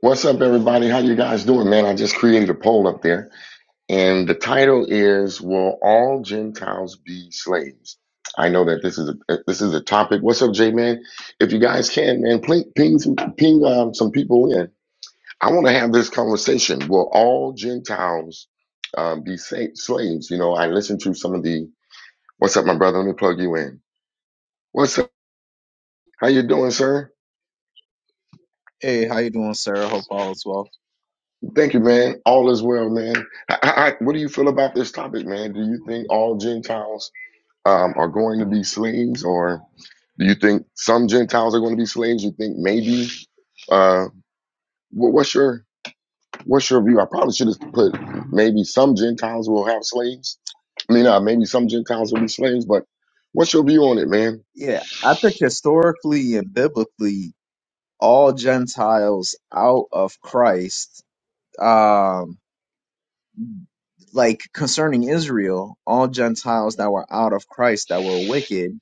What's up, everybody? How you guys doing, man? I just created a poll up there, and the title is "Will All Gentiles Be Slaves?" I know that this is a uh, this is a topic. What's up, J man? If you guys can, man, ping ping some, ping um, some people in. I want to have this conversation. Will all Gentiles um, be sa- slaves? You know, I listened to some of the. What's up, my brother? Let me plug you in. What's up? How you doing, sir? Hey, how you doing, sir? Hope all is well. Thank you, man. All is well, man. I, I, I- what do you feel about this topic, man? Do you think all Gentiles um, are going to be slaves, or do you think some Gentiles are going to be slaves? You think maybe? Uh, what, what's your What's your view? I probably should have put maybe some Gentiles will have slaves. I mean, uh, maybe some Gentiles will be slaves, but what's your view on it, man? Yeah, I think historically and biblically, all Gentiles out of Christ, um, like concerning Israel, all Gentiles that were out of Christ that were wicked,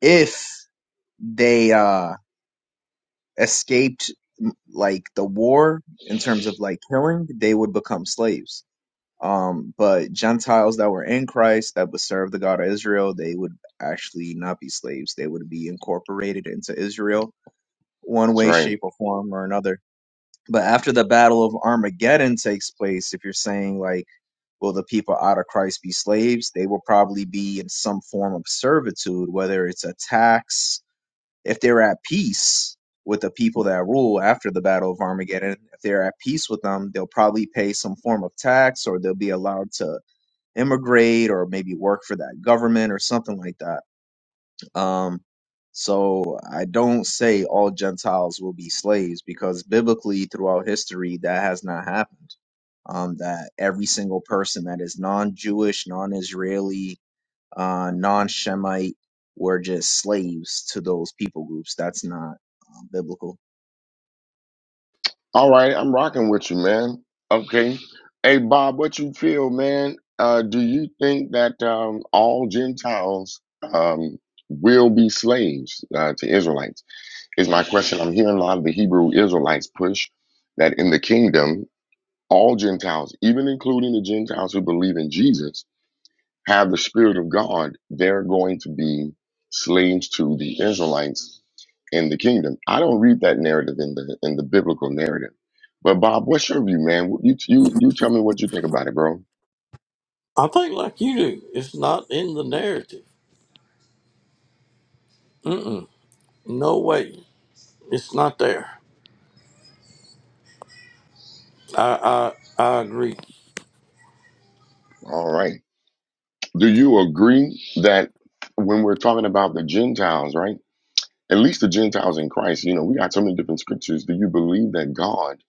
if they uh escaped m- like the war in terms of like killing, they would become slaves. Um, but Gentiles that were in Christ that would serve the God of Israel, they would actually not be slaves. They would be incorporated into Israel one That's way, right. shape, or form or another. But after the battle of Armageddon takes place, if you're saying like, will the people out of Christ be slaves? They will probably be in some form of servitude, whether it's a tax, if they're at peace with the people that rule after the battle of Armageddon, if they're at peace with them, they'll probably pay some form of tax or they'll be allowed to immigrate or maybe work for that government or something like that. Um, so I don't say all Gentiles will be slaves because biblically throughout history that has not happened. Um, that every single person that is non-Jewish, non-Israeli, uh, non-Shemite were just slaves to those people groups. That's not um, biblical. All right, I'm rocking with you, man. Okay. Hey, Bob, what you feel, man? Uh, do you think that um, all Gentiles um, will be slaves uh, to Israelites? Is my question. I'm hearing a lot of the Hebrew Israelites push that in the kingdom, all Gentiles, even including the Gentiles who believe in Jesus, have the Spirit of God, they're going to be slaves to the Israelites in the kingdom. I don't read that narrative in the in the biblical narrative. But Bob, what's your view, man? You you you tell me what you think about it, bro. I think like you do. It's not in the narrative. Mm-mm. No way. It's not there. I I I agree. All right. Do you agree that when we're talking about the Gentiles, right? At least the Gentiles in Christ, you know, we got so many different scriptures. Do you believe that God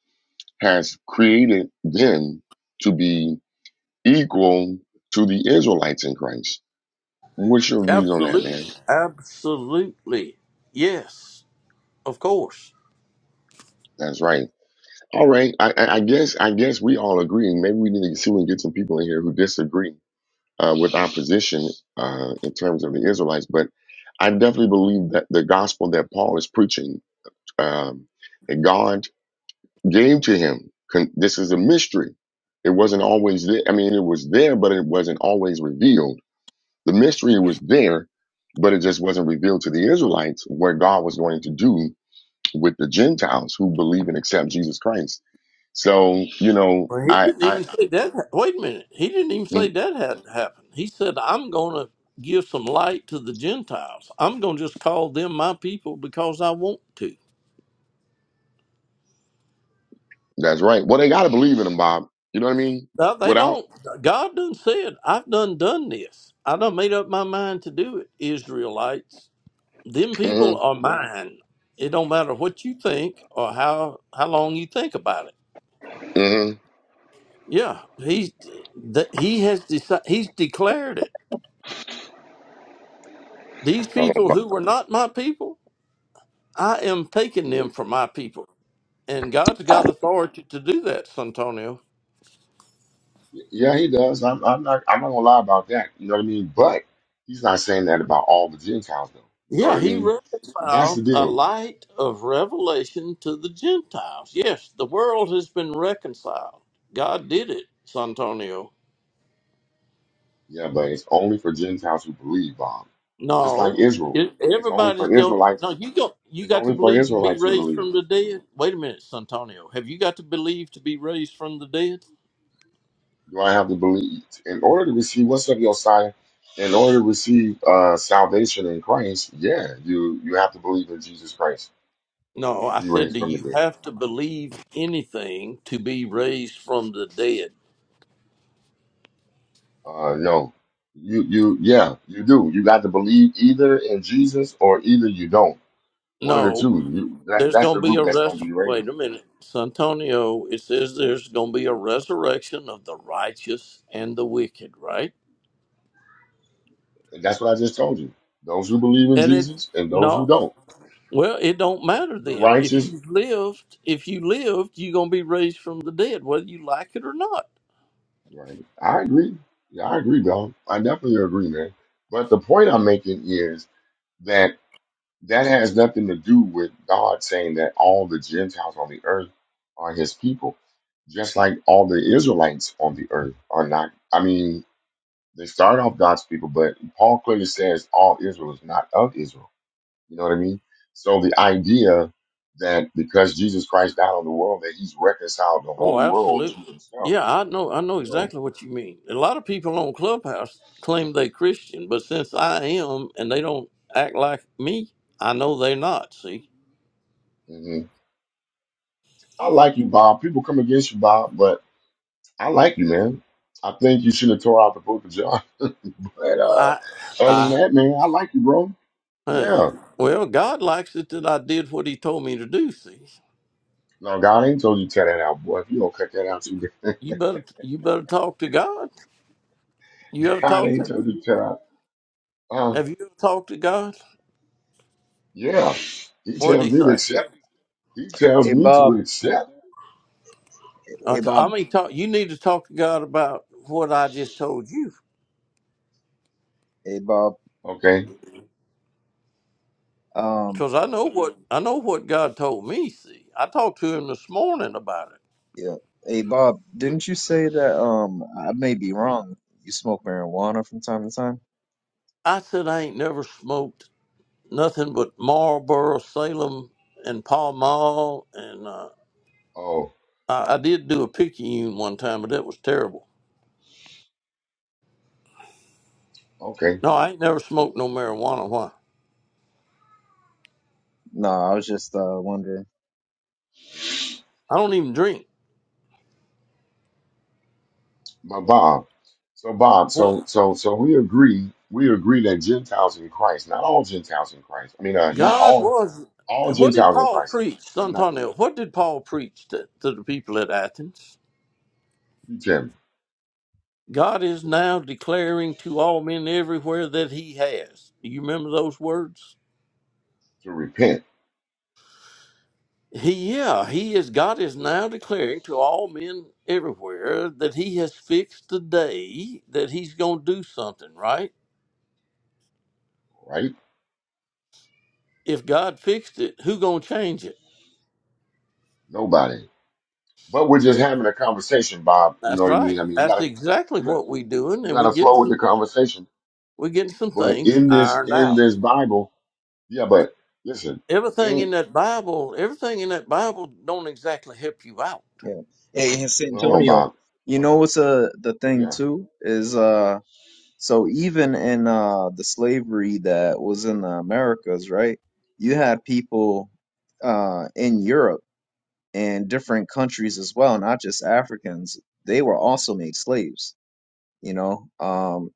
has created them to be equal to the Israelites in Christ? What's your views on that, Absolutely. man? Absolutely. Yes. Of course. That's right. All right. I, I I guess I guess we all agree, and maybe we need to see if we can get some people in here who disagree uh, with our position uh, in terms of the Israelites. But I definitely believe that the gospel that Paul is preaching, um, that God gave to him, con- this is a mystery. It wasn't always there. I mean, it was there, but it wasn't always revealed. The mystery was there, but it just wasn't revealed to the Israelites what God was going to do with the Gentiles who believe and accept Jesus Christ. So, you know, Well, he I, didn't I, even say that. Wait a minute. He didn't even say mm, that hadn't happened. He said, "I'm going to give some light to the Gentiles. I'm going to just call them my people because I want to." that's right. Well, they got to believe in him, Bob. You know what I mean? Now, they Without, don't. God done said, "I've done done this. I done made up my mind to do it, Israelites." Them hmm people are mine. It don't matter what you think or how how long you think about it. hmm Yeah, he's that he has decided. He's declared it. These hold on, people Bob. who were not my people, I am taking them Mhm. for my people, and God's got authority to do that, Santonio. Yeah, he does. I'm, I'm not, I'm not gonna lie about that. You know what I mean? But he's not saying that about all the Gentiles, though. You know what Yeah, I he mean? That's the reconciled a deal. light of revelation to the Gentiles. Yes, the world has been reconciled. God did it, Santonio. Yeah, but it's only for Gentiles who believe, Bob. Just like No, Israel, it, it's only everybody's for go. Israelites. No, you go. You It's got to only for believe to be Israelites who raised believe. from the dead. Wait a minute, Santonio. Have you got to believe to be raised from the dead? Do I have to believe in order to receive what's up, Josiah? In order to receive uh, salvation in Christ, yeah, you you have to believe in Jesus Christ No, to I be said, raised do from the you dead. have to believe anything to be raised from the dead? Uh, no, you you yeah, you do. You got to believe either in Jesus or either you don't. One of the No, two. You, that's there's that's the going to be group a that's res. going to be Wait raised, a minute, Santonio. It says there's going to be a resurrection of the righteous and the wicked, right? and that's what I just told you. Those who believe in And it Jesus and those who no. don't. Well, it don't matter The then. If righteous, you lived, if you lived, you're gonna be raised from the dead, whether you like it or not. right? I agree. Yeah, I agree, dog. I definitely agree, man. But the point I'm making is that That has nothing to do with God saying that all the Gentiles on the earth are his people, just like all the Israelites on the earth are not. I mean, they start off God's people, but Paul clearly says all Israel is not of Israel. You know what I mean? So the idea that because Jesus Christ died on the world, that he's reconciled the whole Oh, world absolutely. to himself, Yeah, I know. I know you know. exactly what you mean. A lot of people on Clubhouse claim they Christian, but since I am, and they don't act like me, I know they're not. See, hmm I like you, Bob. People come against you, Bob, but I like you, man. I think you should have tore out the book of John. But uh, I, other than I, that, man, I like you, bro. hey, Yeah. well, God likes it that I did what He told me to do. See, No, God ain't told you to cut that out, boy. If you don't cut that out, too, good, you better, you better talk to God. You ever God talk ain't to? told you to cut out. Uh, Have you ever talked to God? yeah. He What tells did He me to say? accept. He tells Hey me to Bob. accept. Uh, Hey I Bob. mean, talk, you need to talk to God about what I just told you, Hey Bob. Okay. Um, because I know what I know what God told me. See, I talked to Him this morning about it. Yeah. Hey Bob, didn't you say that um I may be wrong. You smoke marijuana from time to time? I said I ain't never smoked nothing but Marlboro, Salem, and Pall Mall, and uh, Oh, I, I did do a Picayune one time, but that was terrible. okay. No, I ain't never smoked no marijuana. Why? No, I was just uh wondering. I don't even drink. But Bob. So Bob. So What- so so we agree. We agree that Gentiles in Christ, not all Gentiles in Christ. I mean, uh, not God all was. all What did Gentiles in Paul Christ, preach, but not Santonio? What did Paul preach to, to the people at Athens? you tell me God is now declaring to all men everywhere that He has. Do you remember those words? to repent, He, yeah, He is. God is now declaring to all men everywhere that He has fixed the day that He's going to do something. Right? right? If God fixed it, who going to change it? Nobody. But we're just Yeah. having a conversation, Bob. You know That's what I right. mean? I mean, you That's gotta, exactly you, got- what we doing, you and we gotta getting flow with the some. conversation. We getting some But things in this, ironed in out. this Bible, yeah. But listen, Everything in in that Bible, everything in that Bible, don't exactly help you out Yeah. Hey, in San well, hold on, Antonio, Bob. you Hold know on. what's uh the thing Yeah, too is uh so even in uh the slavery that was in the Americas, right? You had people uh in Europe and different countries as well, not just Africans. They were also made slaves. you know um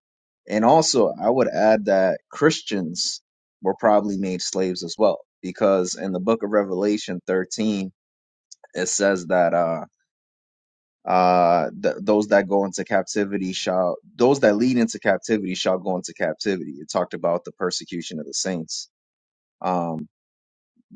and also i would add that christians were probably made slaves as well because in the book of revelation 13 it says that uh uh th- those that go into captivity shall those that lead into captivity shall go into captivity it talked about the persecution of the saints um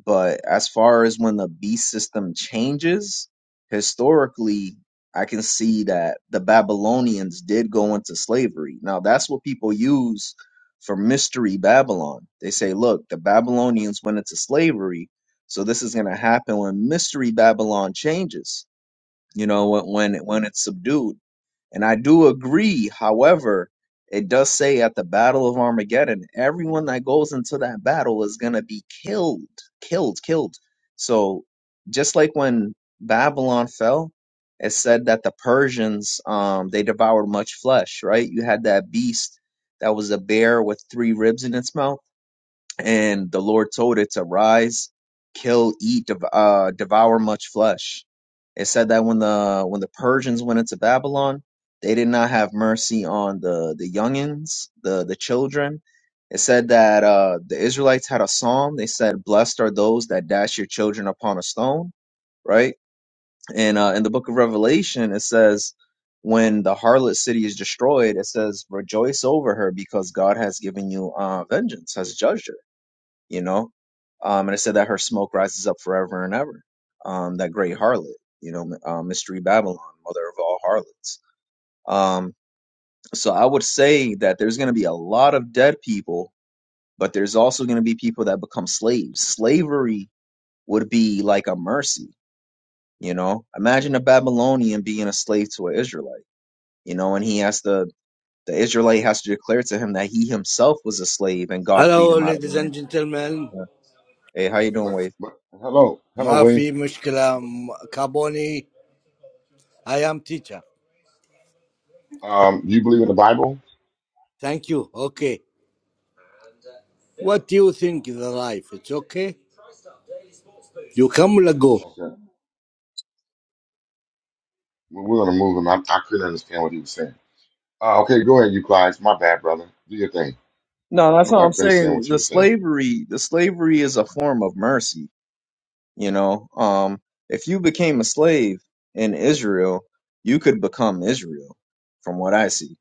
but as far as when the beast system changes, historically, I can see that the Babylonians did go into slavery. Now, that's what people use for mystery Babylon. They say, look, the Babylonians went into slavery, so this is going to happen when mystery Babylon changes, you know, when when, when it's subdued. And I do agree, however, it does say at the Battle of Armageddon, everyone that goes into that battle is going to be killed, killed, killed. So just like when Babylon fell, it said that the Persians, um, they devoured much flesh, right? You had that beast that was a bear with three ribs in its mouth and the Lord told it to rise, kill, eat, dev- uh, devour much flesh. It said that when the when the Persians went into Babylon, they did not have mercy on the the youngins, the the children. It said that uh, the Israelites had a psalm. They said, "Blessed are those that dash your children upon a stone." Right, and uh, in the book of Revelation, it says. When the harlot city is destroyed, it says, "Rejoice over her, because God has given you uh, vengeance, has judged her." you know. Um, and it said that her smoke rises up forever and ever. Um, that great harlot, you know, uh, Mystery Babylon, mother of all harlots. Um, so I would say that there's going to be a lot of dead people, but there's also going to be people that become slaves. Slavery would be like a mercy, you know. Imagine a Babylonian being a slave to an Israelite, you know, and he has to, the Israelite has to declare to him that he himself was a slave and God freed Hello, him but, out of the ladies and land. gentlemen. Yeah. Hey, how you doing, but, Wade? but hello, hello, ما Wayne. في مشكلة م- كابوني I am teacher. Um, you believe in the Bible? Thank you. Okay. What do you think the life? It's okay. You come ولا go? Okay, well, we're gonna move him. I, I couldn't understand what he was saying. Uh, okay, go ahead, you Clyde. My bad, brother. Do your thing. No, that's Go what I'm back, finish saying saying. what you The were saying. slavery, the slavery is a form of mercy. You know, um, if you became a slave in Israel, you could become Israel, from what I see.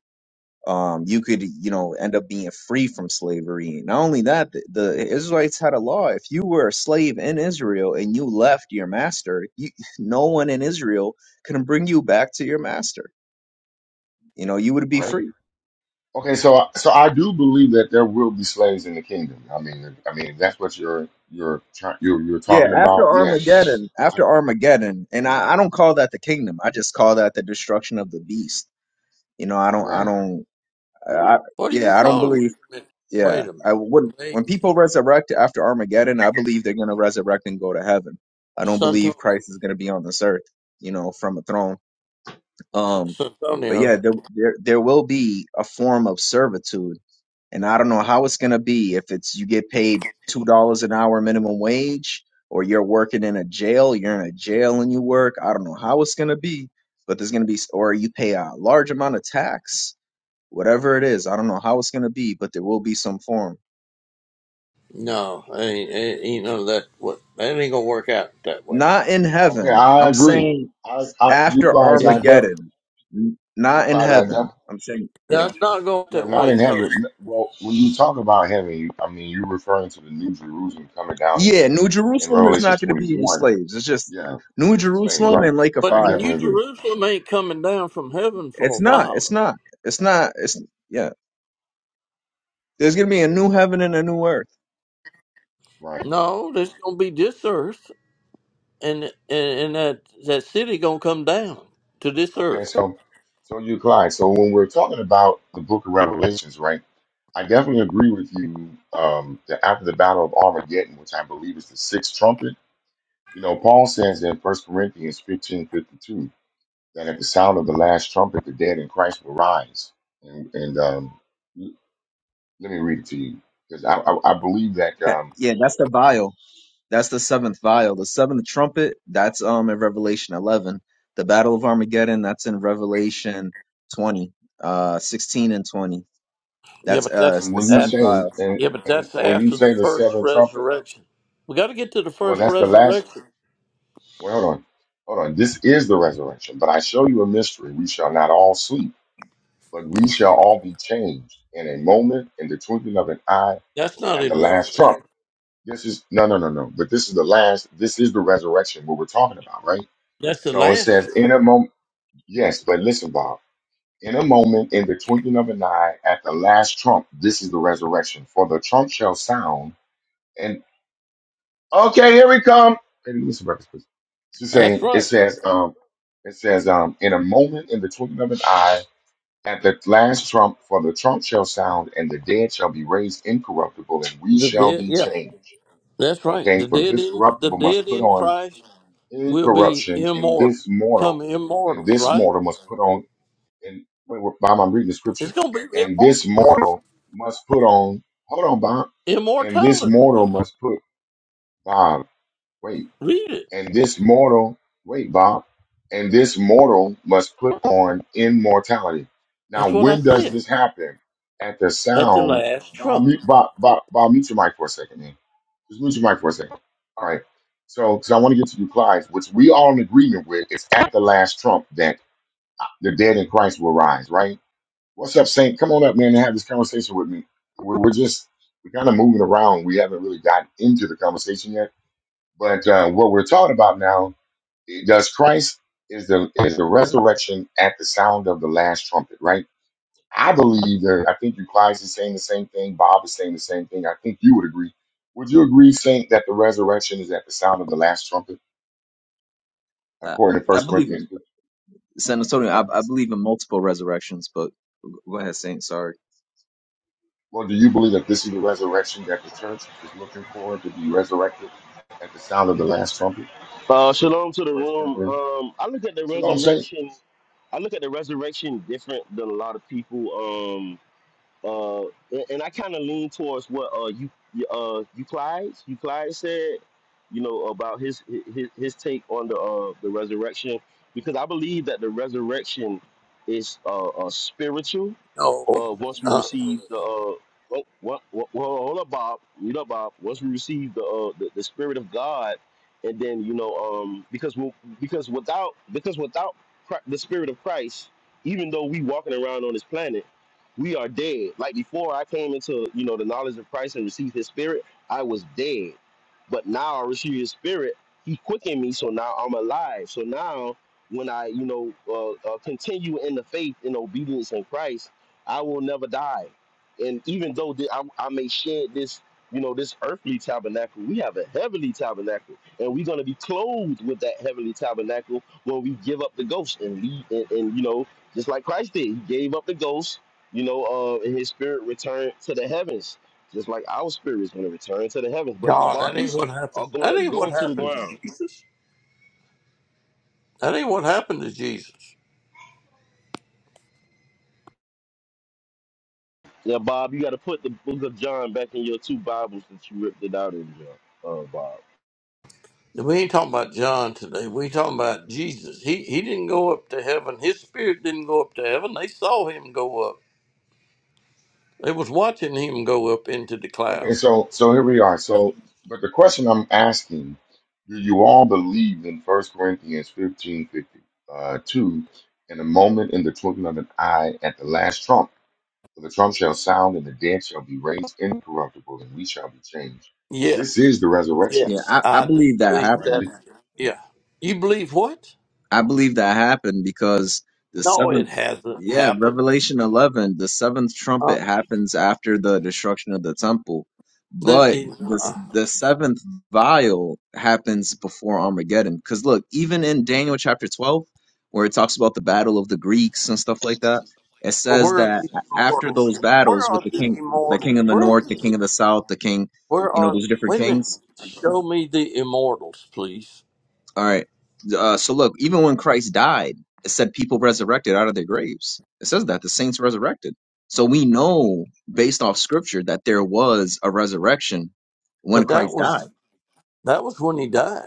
Um, you could, you know, end up being free from slavery. Not only that, the, the Israelites had a law. If you were a slave in Israel and you left your master, you, no one in Israel can bring you back to your master. You know, you would be Right? free Okay, so so I do believe that there will be slaves in the kingdom. I mean, I mean if that's what you're you're try- you're you're Yeah, talking about. after Yeah, Armageddon, I, after Armageddon, and yeah, I, I don't call that the kingdom. I just call that the destruction of the beast. You know, I don't, I right. don't, I, What do you yeah, I don't call it? believe. Wait a minute. Yeah, Wait a minute. I wouldn't. Wait. When people resurrect after Armageddon, I believe they're going to resurrect and go to heaven. I don't Santonio. believe Christ is going to be on this earth. You know, from a throne. S- Um, but Santonio. yeah, there, there, there will be a form of servitude and I don't know how it's going to be if it's you get paid two dollars an hour minimum wage, or you're working in a jail, you're in a jail and you work. I don't know how it's going to be, but there's going to be, or you pay a large amount of tax, whatever it is. I don't know how it's going to be, but there will be some form. No, ain't, ain't, ain't none of that. What? That ain't gonna work out that way. Not in Okay, heaven. I I'm agree. saying I, I you after guys, I It's, def, Armageddon. N- you Not in guys, I def, heaven. I'm saying, yeah. that's not going you're that not way. in 'cause- heaven. N- Well, when you talk about heaven, you, I mean, you're referring to the New Jerusalem coming down in, Yeah, New in Jerusalem is Revelation not going to be any 21. slaves. It's just Yeah, New slaves, Jerusalem right? and Lake of I but Fire. the New definitely agree. Jerusalem ain't coming down from heaven for a It's not. while It's though. not. It's not. It's yeah. There's gonna be a new heaven and a new earth. Right. No, there's gonna be this earth, and and, and that that city gonna come down to this Okay, earth. so so you guys, so when we're talking about the Book of Revelations, right? I definitely agree with you um, that after the Battle of Armageddon, which I believe is the sixth trumpet, you know, Paul says in First Corinthians fifteen fifty two that at the sound of the last trumpet, the dead in Christ will rise. And, and um, l- let me read it to you because I, I, I believe that. That, Um, yeah, that's the vial. That's the seventh vial. The seventh trumpet. That's um in Revelation 11. The Battle of Armageddon. That's in Revelation 20, uh, 16 and 20. Yeah, That's but uh that's it's and the when you seventh say that's vial. and, yeah, but and that's when you after the say the first seventh trumpet, resurrection. We got to get to the well, first that's the last. resurrection. Well, hold on, hold on. This is the resurrection, but I show you a mystery: we shall not all sleep But we shall all be changed in a moment, in the twinkling of an eye, That's not at the in last Revelation. trump. This is no, no, no, no. But this is the last. This is the resurrection. What we're talking about, right? That's the So it last. says, in a moment. Yes, but listen, Bob. In a moment, in the twinkling of an eye, at the last trump. This is the resurrection. For the trump shall sound. And okay, here we come. Baby, listen, brothers, please. She's That's saying it right. says, um, it says, um, in a moment, in the twinkling of an eye At the last trump, for the trump shall sound, and the dead shall be raised incorruptible, and we The shall dead. be Yeah. changed. That's right. Okay, The for dead this in the corruptible dead must put in on Christ will be incorruption, and immortal. this Become mortal, and immortals. this Right. mortal must put on, and wait, wait, Bob, I'm reading the It's scripture, gonna be and this immortal. mortal must put on, hold on, Bob, and this Immortality. mortal must put, Bob, wait, Read it. and this mortal, wait, Bob, and this mortal must put on immortality. Now, That's what I when does said. this happen? At the At the sound, last Bob, trump. mute- Bob, Bob, Bob, mute your mic for a second, man. Just mute your mic for a second. All right. So, because I want to get to replies, which we all in agreement with, it's at the last trump that uh, the dead in Christ will rise, right? What's up, Saint? Come on up, man, and have this conversation with me. We're, we're just, we're kind of moving around. We haven't really gotten into the conversation yet. But uh, what we're talking about now does Christ is the is the resurrection at the sound of the last trumpet, right? I believe that I think you guys is saying the same thing. Bob is saying the same thing. I think you would agree. Would you agree, Saint, that the resurrection is at the sound of the last trumpet, Uh, according to I First believe Corinthians in San Antonio. 15? I, I believe in multiple resurrections, but go ahead, Saint. Sorry. Well, do you believe that this is the resurrection that the church is looking for to be resurrected at the sound of the last trumpet? Uh, shalom to the First room. Corinthians. Um, I look at the You know I'm resurrection. I look at the resurrection different than a lot of people. Um, uh, and, and I kind of lean towards what uh you uh Euclides Euclides said, you know, about his his his take on the uh the resurrection because I believe that the resurrection is uh, uh spiritual No. uh, once we Uh, receive the uh, oh, what, what, well, hold up, Bob, you know, Bob. Once we receive the, uh, the the Spirit of God, and then you know, um, because we because without because without Chri- the Spirit of Christ, even though we walking around on this planet, we are dead. Like before, I came into you know the knowledge of Christ and received His Spirit, I was dead, but now I receive His Spirit. He quickened me, so now I'm alive. So now, when I you know uh, uh, continue in the faith and obedience in Christ I will never die. And even though that I, I may shed this, you know, this earthly tabernacle, we have a heavenly tabernacle, and we're going to be clothed with that heavenly tabernacle when we give up the ghost and leave. And, and you know, just like Christ did, He gave up the ghost. You know, uh, and His spirit returned to the heavens, just like our spirit is going to return to the heavens. But our God, that ain't bodies what happened. are going That to ain't what go to the happened to ground. Jesus. That ain't what happened to Jesus. Yeah, Bob, you got to put the Book of John back in your two Bibles that you ripped it out in, John. Uh, Bob. We ain't talking about John today. We talking about Jesus. He he didn't go up to heaven. His spirit didn't go up to heaven. They saw him go up. They was watching him go up into the cloud. Okay, so so here we are. So, but the question I'm asking, do you all believe in First Corinthians 15, fifty uh, 2, in a moment, in the twinkling of an eye, at the last trump, for the trump shall sound, and the dead shall be raised incorruptible, and we shall be changed. Yes, This is the resurrection, Yeah, yes, I, I I do believe that believe happened. right? that. Yeah, you believe what? I believe that happened because the No, it seventh, hasn't yeah, happened. Revelation 11, the seventh Uh, trumpet happens after the destruction of the temple, that but it, the uh, the seventh vial happens before Armageddon. Because look, even in Daniel chapter 12, where it talks about the battle of the Greeks and stuff like that, it says where are that these after immortals? those Where battles with are the the king, the immortals? king of the Where are north, the the, king of the south, the king, where you know, are? those different Wait a minute. kings Show me the immortals, please. all right. Uh, so look, even when Christ died, it said people resurrected out of their graves. It says that the saints resurrected. So we know based off scripture that there was a resurrection when But that Christ was died. that was when he died.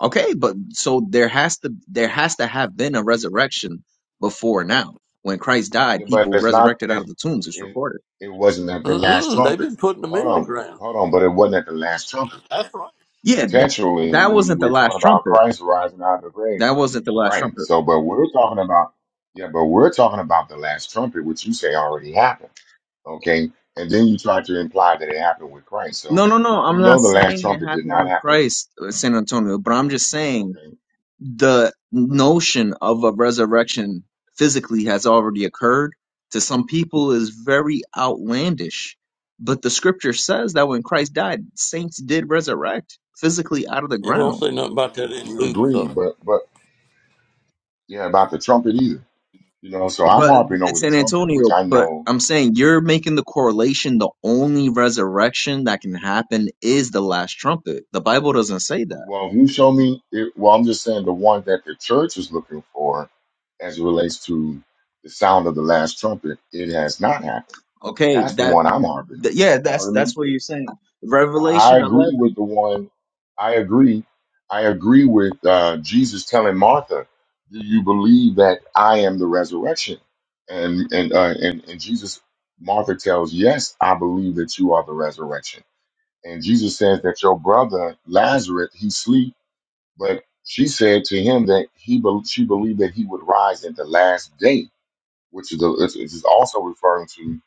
Okay, but so there has to there has to have been a resurrection before now. When Christ died, Yeah, but people it's not. resurrected It, out of the tombs. It's it, recorded. it wasn't at the last Mm-mm, they've trumpet. been putting them Hold in the on, ground. hold on. But it wasn't at the last trumpet. That's right. Yeah, that, Contextually, that when wasn't the we're last talking about trumpet. Christ rising out of the grave. That wasn't the last Right. trumpet. So, but we're talking about, yeah, but we're talking about the last trumpet, which you say already happened. Okay. And then you try to imply that it happened with Christ. So No, no, no. we I'm not know the last saying it trumpet did happened not with happen. Christ, uh, San Antonio, but I'm just saying Okay. the notion of a resurrection physically has already occurred to some people is very outlandish. But the scripture says that when Christ died, saints did resurrect physically out of the It don't We'll, ground. say nothing about that in we'll Luke, agree, though. but, but yeah, about the trumpet either. You know, so I'm But harping over it's the San trumpet, which Antonio, I but know. I'm saying you're making the correlation the only resurrection that can happen is the last trumpet. The Bible doesn't say that. Well, you show me it, well, I'm just saying the one that the church is looking for as it relates to the sound of the last trumpet, it has not happened. Okay, That's the that, one I'm harping on. that yeah, You know what that's I mean? that's what you're saying. I Revelation agree 11. with the one. I agree. I agree with uh, Jesus telling Martha, "Do you believe that I am the resurrection?" And and uh, and and Jesus, Martha tells, "Yes, I believe that you are the resurrection." And Jesus says that your brother Lazarus he sleep, but she said to him that he bel she believed that he would rise at the last day, which is the, which is also referring to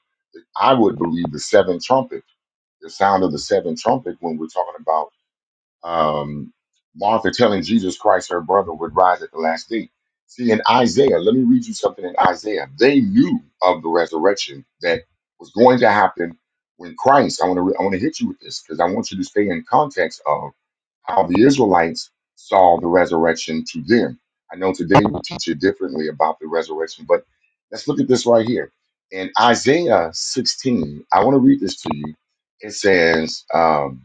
I would believe the seventh trumpet, the sound of the seventh trumpet when we're talking about um, Martha telling Jesus Christ her brother would rise at the last day. See, in Isaiah, let me read you something in Isaiah. They knew of the resurrection that was going to happen when Christ. I want to re- I want to hit you with this because I want you to stay in context of how the Israelites saw the resurrection to them. I know today we teach you differently about the resurrection, but let's look at this right here. In Isaiah 16, I want to read this to you. It says, um,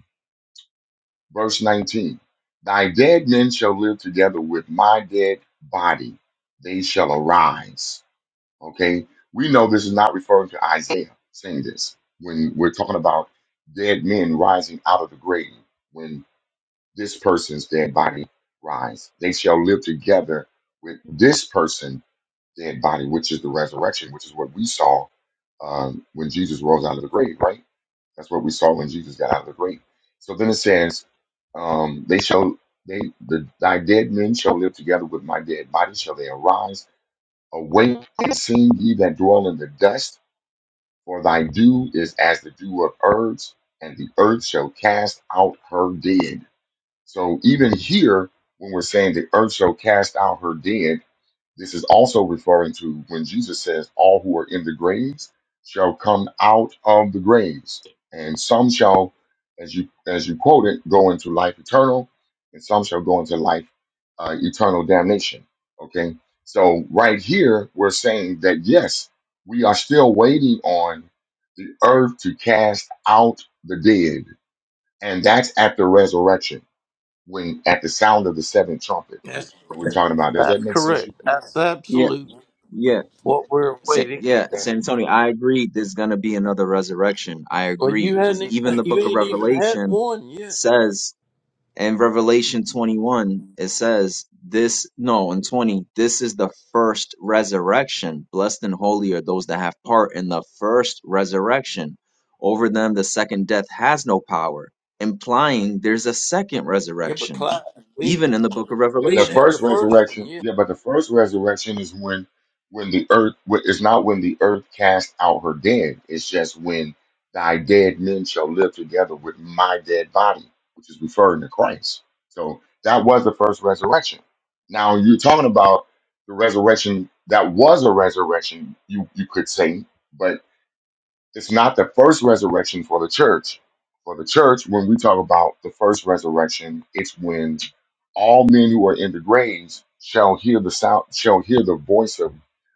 verse 19 thy dead men shall live together with my dead body they shall arise okay we know this is not referring to isaiah saying this when we're talking about dead men rising out of the grave when this person's dead body rise they shall live together with this person's dead body which is the resurrection which is what we saw um, when jesus rose out of the grave right that's what we saw when Jesus got out of the grave. So then it says, um, they shall they the thy dead men shall live together with my dead body shall they arise. Awake and sing ye that dwell in the dust, for thy dew is as the dew of herbs, and the earth shall cast out her dead. So even here, when we're saying the earth shall cast out her dead, this is also referring to when Jesus says, All who are in the graves shall come out of the graves, and some shall, as you as you quote it, go into life eternal, and some shall go into life uh, eternal damnation. Okay. So right here we're saying that yes, we are still waiting on the earth to cast out the dead. And that's at the resurrection, when at the sound of the seventh trumpet That's, that we're talking about. Does that that's make sense? correct. That's Yeah, absolute yeah. what we're Sa- waiting. yeah, Yeah. San Antonio, I agree there's going to be another resurrection. I Well, agree. you hadn't Because even, even the you book of ain't even had Revelation one yet. says, in Revelation 21, it says, this, no, in 20, this is the first resurrection. Blessed and holy are those that have part in the first resurrection. Over them, the second death has no power, implying there's a second Yeah, but resurrection, Clyde, we even in the ain't book of Yeah, We the ain't Revelation. had the first first one resurrection. yet, Yeah, but the first resurrection is when when the earth wh- it's not when the earth cast out her dead. It's just when thy dead men shall live together with my dead body, which is referring to Christ. So that was the first resurrection. Now you're talking about the resurrection that was a resurrection, you you could say, but it's not the first resurrection for the church. For the church, when we talk about the first resurrection, it's when all men who are in the graves shall hear the sound, shall hear the voice of,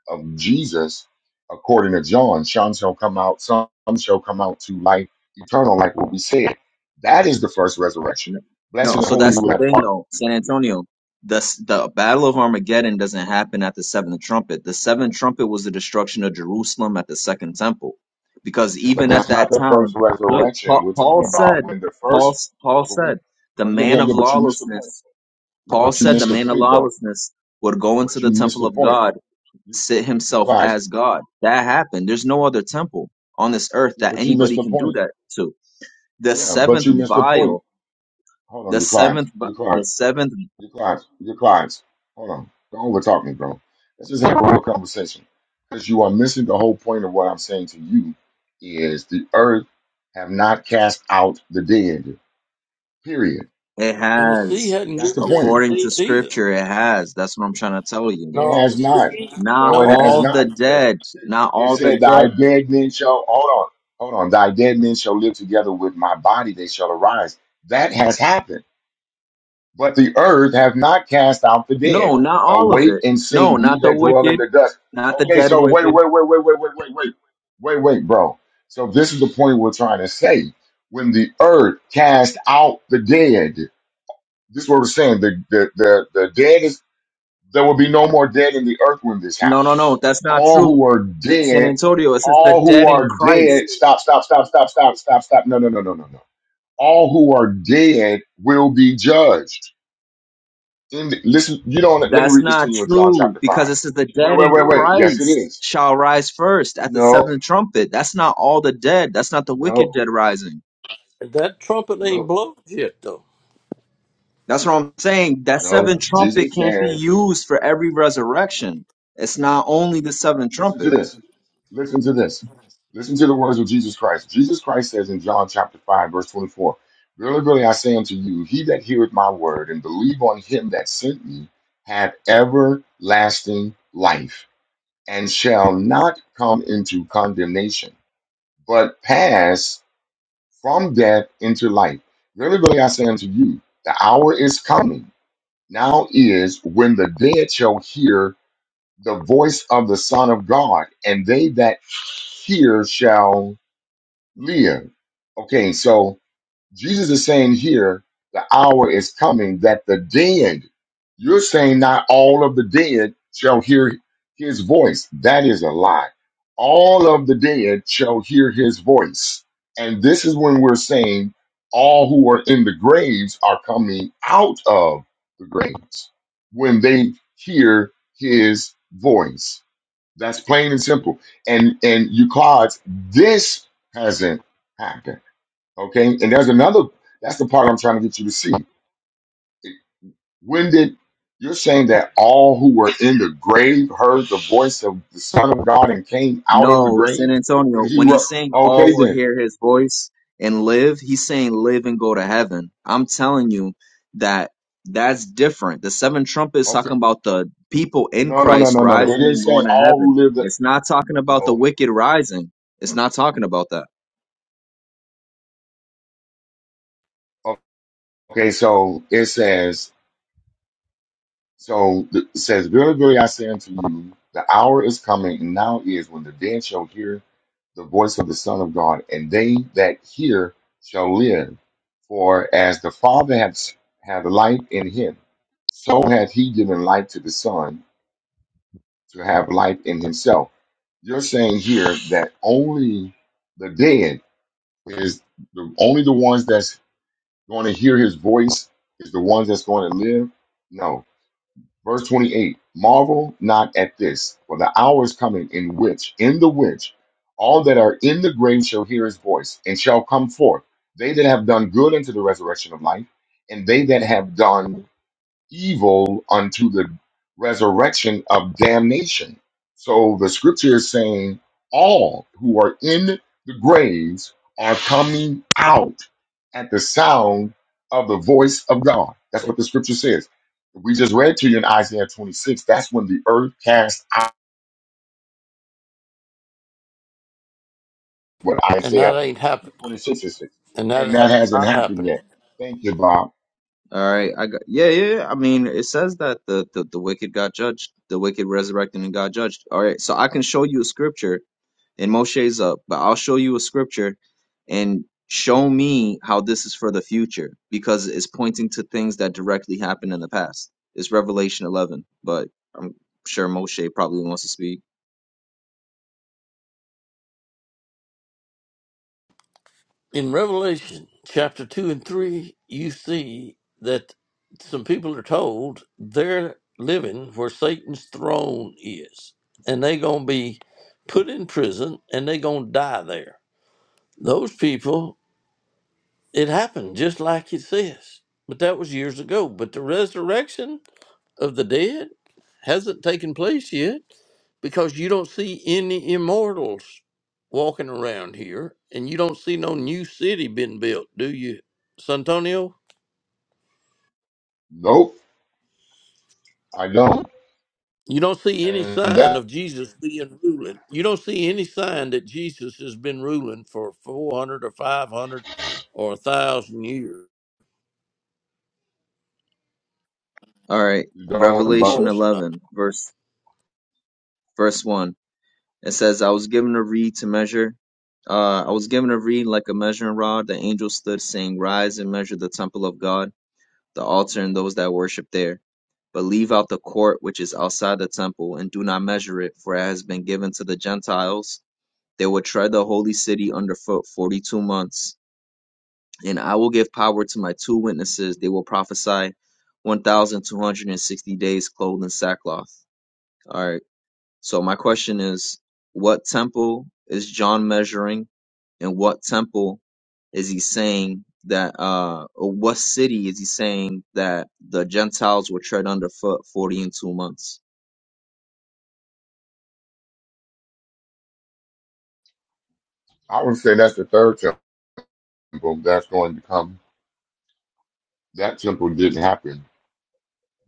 of Jesus, according to John. Some shall come out, some shall come out to life eternal, like what we said. That is the first resurrection. No, Blessed no, and so holy that's who the have thing part. though, San Antonio. The s- the Battle of Armageddon doesn't happen at the seventh trumpet. The seventh trumpet was the destruction of Jerusalem at the second temple, because But even at that's not that the first time, look, resurrection. Paul, We're Paul talking about said, when the Paul first, s- Paul but we, said, the but yeah, yeah, man of yeah, but you missed the point. lawlessness. Paul But you said the missed the man of point though lawlessness would go into But the you missed temple the of point. God, You, sit you himself Clive. as God. That happened. There's Yeah, no but other temple on this earth yeah, that but you missed anybody the can do point. that to. The Yeah, but seventh you missed the vial point. Hold on, the you clients. seventh, bu- You the clients. seventh, You clients. You clients. Hold on. Don't over talk me, bro. Let's just have a real conversation. Because you are missing the whole point of what I'm saying to you is the earth have not cast out the dead. Period. it and the sea has, hadn't That's the given us point. the according to deed either. scripture, it has. That's what I'm trying to tell you. It No, the has not. sea, Not No, no, it it has all hasn't. the not. The, dead, not it all the said, Thy dead. dead men shall, hold on, hold on, thy dead men shall live together with my body, they shall arise. That has happened. But the earth have not cast out the dead. No, not all of Awake it. and No, sing, not ye the that dwell in wicked, the dust. not the Okay, dead so wait, wicked. wait, wait, wait, wait, wait, wait, wait, wait, wait, bro. So this is the point we're trying to say. When the earth cast out the dead, this is what we're saying. The the the, the dead is there will be no more dead in the earth when this No, no, no, happens. that's not All true. who are San dead, Antonio, it says the all who dead in are Christ. dead, stop, stop, stop, stop, stop, stop, stop. No, no, no, no, no, no. All who are dead will be judged. In the, listen, you don't let me That's read this not to you in John true chapter 5. because it says the Wait, dead wait, in wait, wait. Yes, it Christ is. shall rise first at the No, seventh trumpet. That's not all the dead. That's not the wicked no, dead rising. That trumpet ain't no, blown yet though, That's what I'm saying. That no. seventh trumpet Jesus can't be says, used for every resurrection. It's not only the seventh listen to trumpet. this. Listen to this. Listen to the words of Jesus Christ. Jesus Christ says in John chapter 5, verse 24, Verily, verily, I say unto you, he that heareth my word and believe on him that sent me hath everlasting life and shall not come into condemnation, but pass from death into life. Verily, verily, I say unto you, the hour is coming, now is when the dead shall hear the voice of the Son of God, and they that hear shall live. Okay, so Jesus is saying here, the hour is coming that the dead, you're saying not all of the dead shall hear his voice. That is a lie. All of the dead shall hear his voice. And this is when we're saying all who are in the graves are coming out of the graves when they hear his voice that's plain and simple. And and you cards, this hasn't happened. Okay. And there's another that's the part I'm trying to get you to see. When did you're saying that all who were in the grave heard the voice of the Son of God and came out of the No, grave San when Antonio, he when wrote he's saying all okay will then. hear his voice and live, he's saying live and go to heaven. I'm telling you that that's different. The seventh trumpet is Okay. talking about the people in No, no, no, Christ no, no, no. It rising didn't and say going to all heaven. who lived the It's not talking about the no. wicked rising. It's not talking about that. Okay, so it says So th- it says, Verily, verily, I say unto you, the hour is coming, and now is, when the dead shall hear the voice of the Son of God, and they that hear shall live. For as the Father hath, hath life in him, so hath he given life to the Son to have life in himself. You're saying here that only the dead is the only the ones that's going to hear his voice is the ones that's going to live. No, Verse 28 Marvel not at this, for the hour is coming in which, in the which, all that are in the grave shall hear his voice, and shall come forth, they that have done good unto the resurrection of life, and they that have done evil unto the resurrection of damnation. So the scripture is saying all who are in the graves are coming out at the sound of the voice of God. That's what the scripture says. We just read to you in Isaiah 26. That's when the earth cast out what and that Isaiah ain't happened, 26 is. and that And that has hasn't not happened happened. yet. Thank you, Bob. All right, I got yeah, yeah. yeah. I mean, it says that the, the the wicked got judged, the wicked resurrected and got judged. All right, so I can show you a scripture, and Moshe's up, but I'll show you a scripture and show me how this is for the future because it's pointing to things that directly happened in the past. It's Revelation 11, but I'm sure Moshe probably wants to speak. in Revelation chapter 2 and 3, you see that some people are told they're living where Satan's throne is, and they're going to be put in prison and they're going to die there. Those people, it happened just like it says, but that was years ago. But the resurrection of the dead hasn't taken place yet because you don't see any immortals walking around here and you don't see no new city being built, do you, Santonio? Nope, I don't. You don't see any And sign that of Jesus being ruling. You don't see any sign that Jesus has been ruling for 400 or 500 or 1,000 years. All right, you don't, Of Revelation but course not. 11, verse verse 1. It says, I was given a reed to measure. Uh, I was given a reed like a measuring rod. The angel stood, saying, Rise and measure the temple of God, the altar, and those that worship there. But leave out the court which is outside the temple, and do not measure it, for it has been given to the Gentiles. They will tread the holy city underfoot forty two months. And I will give power to my two witnesses. They will prophesy 1,260 days clothed in sackcloth. All right. So my question is, what temple is John measuring, and what temple is he saying that, uh, or what city is he saying that the Gentiles will tread underfoot forty and two months? I would say that's the third time. Well, that's going to come. That temple didn't happen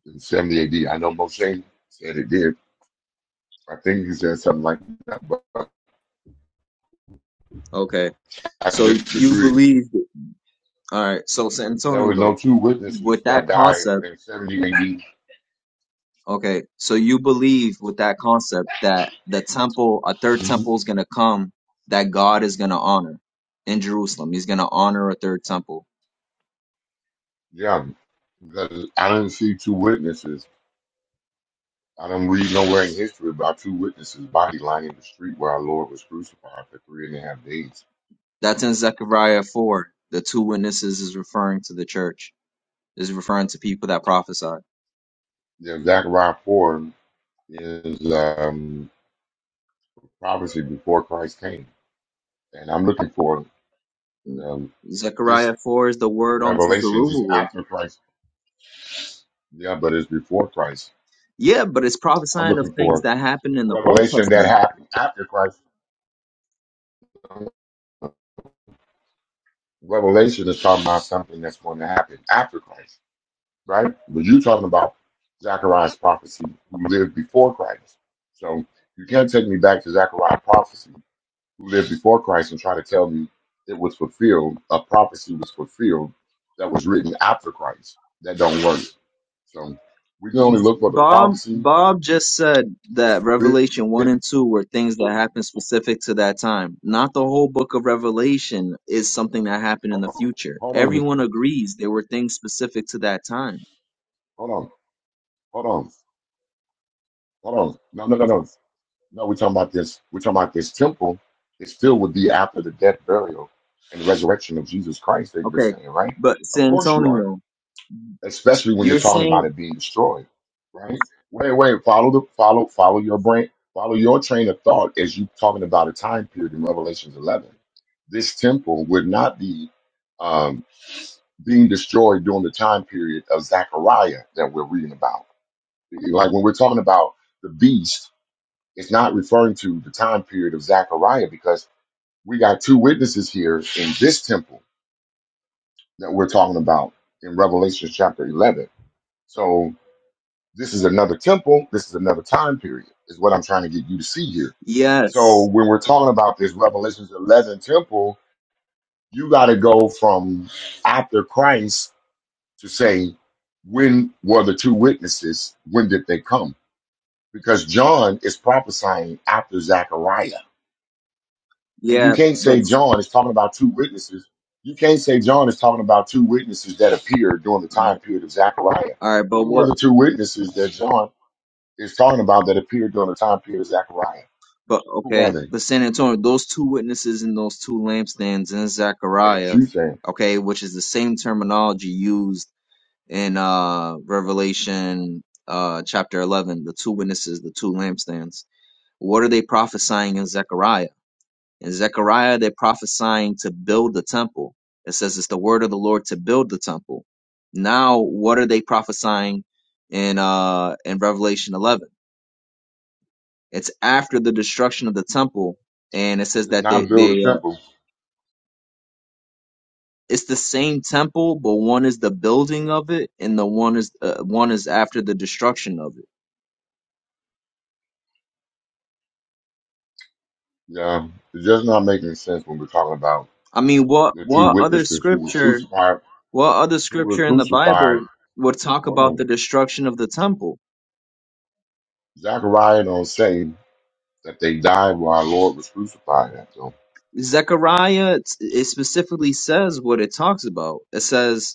in 70 AD. I know Moshe said it did. I think he said something like, Okay, I so you disagree. believe, all right. So San There Antonio, were no though, two witnesses with that that died concept, in 70 AD. okay, so you believe with that concept that the temple, a third Mhm. temple is gonna come that God is gonna honor in Jerusalem. He's gonna honor a third temple. Yeah, because I didn't see two witnesses. I don't read nowhere in history about two witnesses' body lying in the street where our Lord was crucified for three and a half days. That's in Zechariah 4. The two witnesses is referring to the church, is referring to people that prophesied. Yeah, Zechariah 4 is um, prophecy before Christ came. And I'm looking for the this Zechariah 4 is the word unto Revelations is Zerubbabel. after Christ. Yeah, but it's before Christ. Yeah, but it's I'm prophesying of looking things for that happened in the Old revelation that Testament. happened after Christ. Revelation is talking about something that's going to happen after Christ, right? But you're talking about Zechariah's prophecy, who lived before Christ. So you can't take me back to Zechariah's prophecy, who lived before Christ, and try to tell me it was fulfilled. A prophecy was fulfilled that was written after Christ. That don't work. So we can only look for the Bob prophecy Bob just said that's that written Revelation 1 and 2 were things that happened specific to that time. Not the whole book of Revelation is something that happened in Hold the on, future. hold on, dude. Everyone agrees there were things specific to that time. hold on, hold on, hold on. No, no, no, no. No, we're talking about this. We're talking about this temple. It still would be after the death, burial, and resurrection of Jesus Christ that you're Okay, saying, right? but Of San course you are. Antonio, Especially when you're you're talking saying about it being destroyed, right? Wait, wait. Follow the follow, follow your brain, follow your train of thought as you're talking about a time period in Revelations 11. This temple would not be um, being destroyed during the time period of Zechariah that we're reading about Mm-hmm. Like when we're talking about the beast, it's not referring to the time period of Zechariah because we got two witnesses here in this temple that we're talking about in Revelation chapter 11. So this is another temple. This is another time period, is what I'm trying to get you to see here. So Yes. when we're talking about this Revelation 11 temple, you got to go from after Christ to say, when were the two witnesses? When did they come? because John is prophesying after Zechariah. And you Yeah. can't But say John is talking about two witnesses. You can't say John is talking about two witnesses that appeared during the all time right. period of Zechariah. All right. But Who were what? the two witnesses that John is talking about that appeared during the time period of Zechariah? But Who are okay. they? But San Antonio, those two witnesses and those two lampstands in That Zechariah, you saying okay, which is the same terminology used in uh Revelation uh chapter eleven. The two witnesses, the two lampstands. What are they prophesying in Zechariah? In Zechariah, they're prophesying to build the temple. It says it's the word of the Lord to build the temple. Now, what are they prophesying in uh in Revelation 11? It's after the destruction of the temple, and it says is that they not build a they uh, temple. it's the same temple, but one is the building of it, and the one is uh, one is after the destruction of it. Yeah, it's just not making sense when we're talking about I mean, what the two what other witnesses who were scripture, crucified. what other Who were scripture in the crucified? Bible would talk Hold about the on. destruction of the temple? Zechariah don't say. that they died while our Lord was crucified. At. So Zechariah it specifically says what it talks about. It says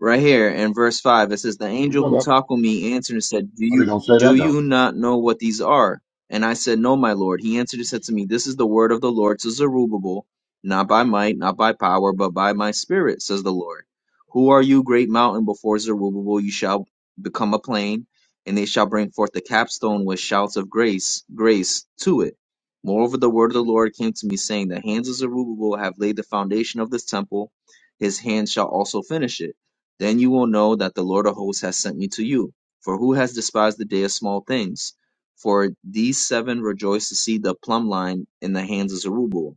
right here in verse 5 it says the we angel know who that. talked with me answered and said do But they you don't say do that though. you not know what these are and i said no my lord he answered and said to me this is the word of the lord to zerubbabel not by might not by power but by my spirit says the lord who are you great mountain before zerubbabel you shall become a plain and they shall bring forth the capstone with shouts of grace grace to it moreover the word of the lord came to me saying the hands of zerubbabel have laid the foundation of this temple his hands shall also finish it then you will know that the Lord of hosts has sent me to you. For who has despised the day of small things? For these seven rejoice to see the plumb line in the hands of Zerubbabel.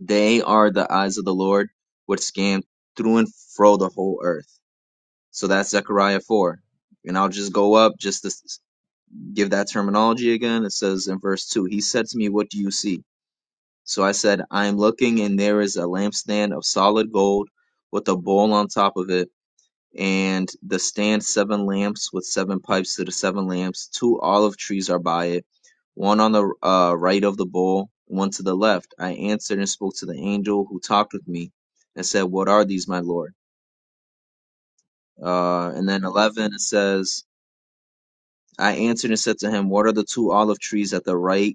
They are the eyes of the Lord, which scan through and fro the whole earth. So that's Zechariah 4. And I'll just go up just to s- give that terminology again. It says in verse 2 He said to me, What do you see? So I said, I am looking, and there is a lampstand of solid gold with a bowl on top of it and the stand seven lamps with seven pipes to the seven lamps. Two olive trees are by it, one on the uh, right of the bowl, one to the left. I answered and spoke to the angel who talked with me, and said, "What are these, my lord?" Uh, and then eleven it says, "I answered and said to him, What are the two olive trees at the right?"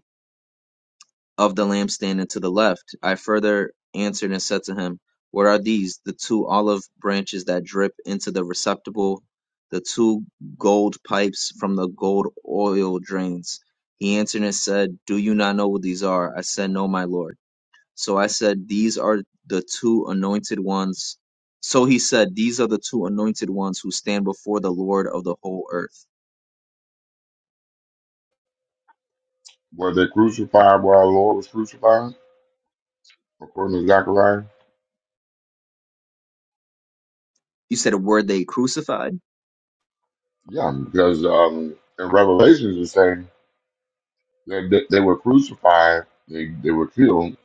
of the lampstand and to the left. I further answered and said to him, What are these? The two olive branches that drip into the receptacle, the two gold pipes from the gold oil drains. He answered and said, Do you not know what these are? I said, No, my lord. So I said, These are the two anointed ones. So he said, These are the two anointed ones who stand before the Lord of the whole earth. Were they crucified while our Lord was crucified? According to Zechariah? You said, Were they crucified? Yeah, because um, in Revelations it saying that that they were crucified, they, they were killed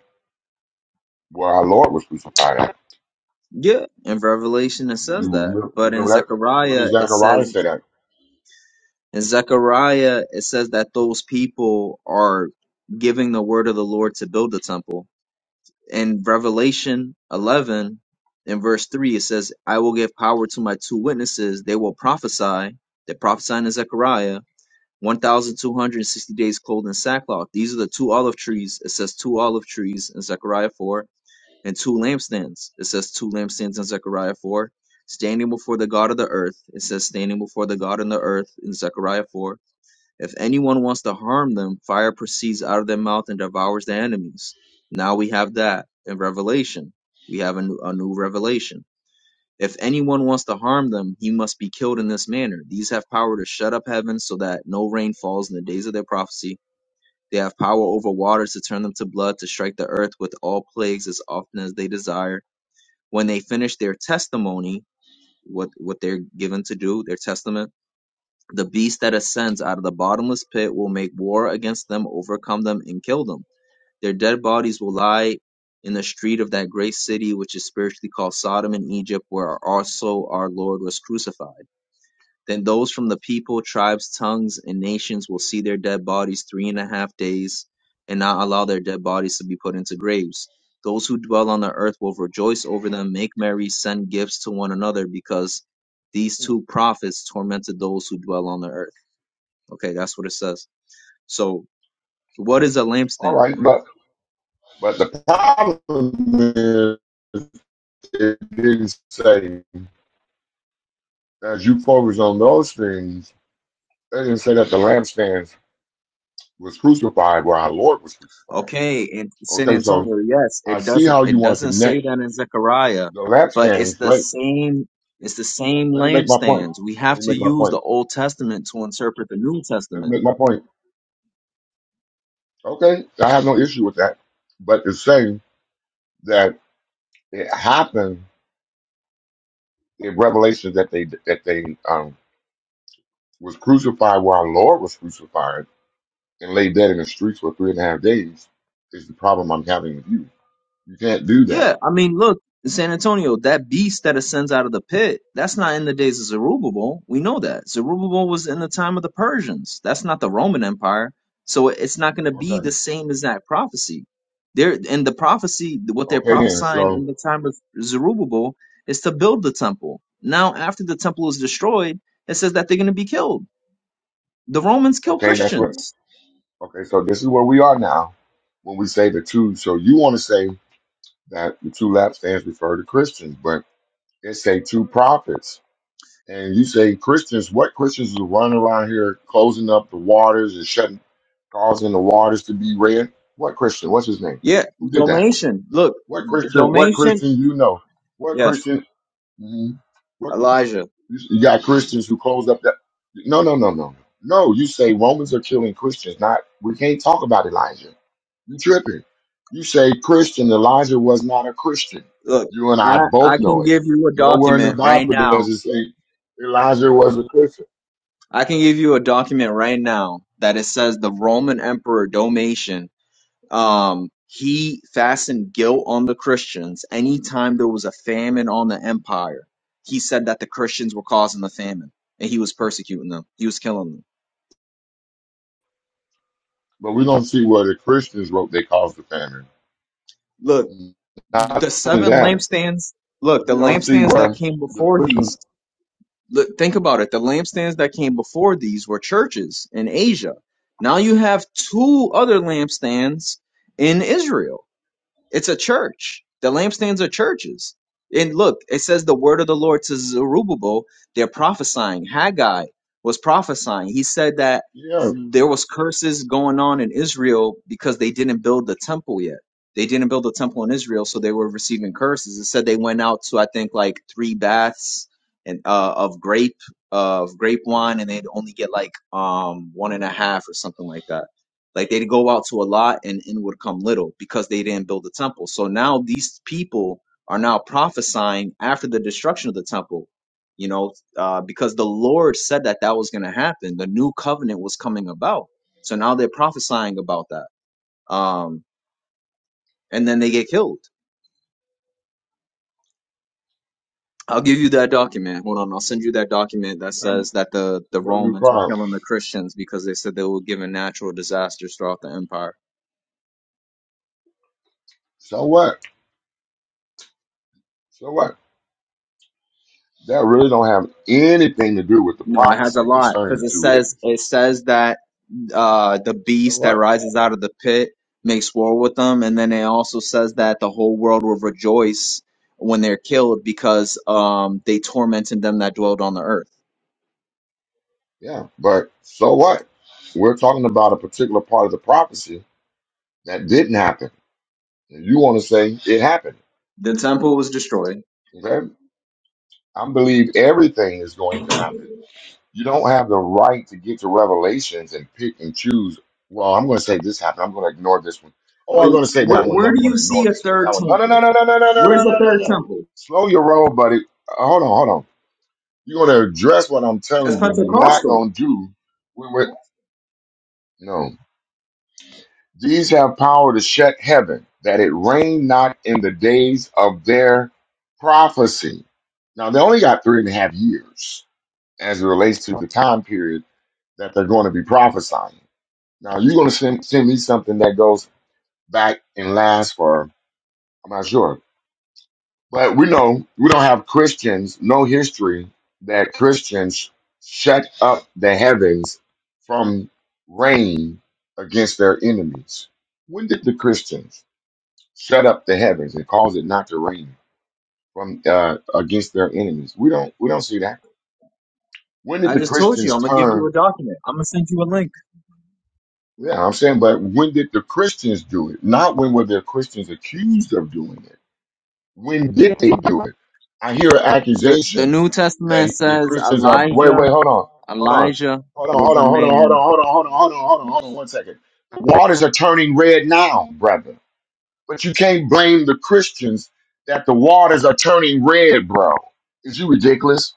where our Lord was crucified at. Yeah, in Revelation it Did says you that, remember, you but in remember that? What does Zechariah it Zechariah says say that? in Zechariah it says that those people are giving the word of the Lord to build the temple. In Revelation 11 in verse 3 it says, "I will give power to my two witnesses; they will prophesy." They're prophesying in Zechariah 1260 days clothed in sackcloth. These are the two olive trees. It says two olive trees in Zechariah 4 and two lampstands. It says two lampstands in Zechariah 4. Standing before the God of the earth. It says standing before the God in the earth in Zechariah 4. If anyone wants to harm them, fire proceeds out of their mouth and devours their enemies. Now we have that in Revelation. We have a new, a new revelation. If anyone wants to harm them, he must be killed in this manner. These have power to shut up heaven so that no rain falls in the days of their prophecy. They have power over waters to turn them to blood, to strike the earth with all plagues as often as they desire when they finish their testimony, what what they're given to do, their testament, the beast that ascends out of the bottomless pit will make war against them, overcome them, and kill them. Their dead bodies will lie in the street of that great city, which is spiritually called Sodom and Egypt, where also our Lord was crucified. Then those from the people, tribes, tongues, and nations will see their dead bodies three and a half days, and not allow their dead bodies to be put into graves. Those who dwell on the earth will rejoice over them, make merry, send gifts to one another, because these Hmm. two prophets tormented those who dwell on the earth. Okay, that's what it says. So, what is a All lampstand? right, but but the problem is it didn't say as you focus on those things, they didn't say that the lampstands was crucified, where our Lord was crucified. Okay, in San Okay, so Antonio, yes, I it see doesn't how you it want to doesn't say connect that in Zechariah, the lap but it's hands. the Great. same it's the same Let me make my point. lampstands. We Let have me to make my use the point. Old Testament to interpret the New Let Testament. me make my point. Okay, I have no issue with that. But it's saying that it happened in Revelation that they that they um was crucified where our Lord was crucified and laid dead in the streets for three and a half days is the problem I'm having with you. You can't do that. Yeah, I mean, look, San Antonio, that beast that ascends out of the pit, that's not in the days of Zerubbabel. We know that. Zerubbabel was in the time of the Persians. That's not the Roman Empire. So it's not going to be Okay. the same as that prophecy. There and the prophecy, what they're Okay then. prophesying So in the time of Zerubbabel is to build the temple. Now, after the temple is destroyed, it says that they're going to be killed. The Romans kill okay, that's what. Christians. Okay, so this is where we are now when we say the two. So you want to say that the two lap stands refer to Christians, but they say two prophets. And you say Christians, what Christians are running around here closing up the waters and shutting, causing the waters to be red? What Christian? What's his name? Yeah, Who did that? Domitian. Look, What Christian? What Domitian. Christian you know? What Yes, Christian? mhm. What Elijah. you got Christians who close up that. No, no, no, no, no. You say Romans are killing Christians. Not we can't talk about Elijah. You tripping? You say Christian. Elijah was not a Christian. Look, You and I I, I both can know it. give you a Nowhere in the document right Bible does now. it say Elijah was a Christian. I can give you a document right now that it says the Roman Emperor Domitian, um, he fastened guilt on the Christians anytime there was a famine on the empire. He said that the Christians were causing the famine and he was persecuting them. He was killing them. But we don't see where the Christians wrote they caused the famine. Look, Not the only seven that, lampstands, look, we the don't see lampstands that where came the before Christians. these. Look, think about it. The lampstands that came before these were churches in Asia. Now you have two other lampstands in Israel. It's a church. The lampstands are churches. And look, it says the word of the Lord to Zerubbabel. They're prophesying. Haggai was prophesying. He said that Yeah, there was curses going on in Israel because they didn't build the temple yet. They didn't build the temple in Israel, so they were receiving curses. It said they went out to I think like three baths and uh, of grape of grape wine, and they'd only get like um one and a half or something like that like they'd go out to a lot and in would come little because they didn't build the temple. So now these people are now prophesying after the destruction of the temple, you know, uh, because the Lord said that that was going to happen. The new covenant was coming about. So now they're prophesying about that. Um, and then they get killed. I'll give you that document. Hold on, I'll send you that document that um, says that the, the but we Romans were cry. killing the Christians because they said they were given natural disasters throughout the empire. So what? So what? That really don't have anything to do with the No, it has a prophecy lot concerning because the it two says witnesses. it says that uh, the So beast that what? rises out of the pit makes war with them, and then it also says that the whole world will rejoice when they're killed because um, they tormented them that dwelled on the earth. Yeah, but so what? We're talking about a particular part of the prophecy that didn't happen. And you want to say it happened. The temple was destroyed, Okay? I believe everything is going to happen. You don't have the right to get to revelations and pick and choose. Well, I'm going to say this happened. I'm going to ignore this one. Oh, but I'm going to say where, that one. where I'm do going you to ignore see a this one. third That one. No, no, temple? no, no, no, no, no, no, Where's no, the no, no. third no. temple? Slow your roll, buddy. Uh, Hold on, hold on. You're going to address what I'm That's telling you. You're not Pentecostal. going to do what, what- no. These have power to shut heaven, that it rain not in the days of their prophecy. Now they only got three and a half years as it relates to the time period that they're going to be prophesying. Now you're going to send, send me something that goes back and lasts for I'm not sure But we know we don't have Christians, no history that Christians shut up the heavens from rain against their enemies. When did the Christians shut up the heavens and cause it not to rain from uh, against their enemies? We don't we don't see that. When did I the just told you. Christians I'm gonna give you a turn? document. I'm gonna send you a link. Yeah, I'm saying, but when did the Christians do it? Not when were the Christians accused of doing it? When did they do it? I hear an The the accusation New Testament that the says Christians are. Wait, Elijah. wait, hold on, hold on, Elijah hold on, was hold on, a hold on, hold man on, hold on, hold on, hold on, hold on, hold on, one second. The waters are turning red now, brother. But you can't blame the Christians that the waters are turning red, bro. Is you ridiculous?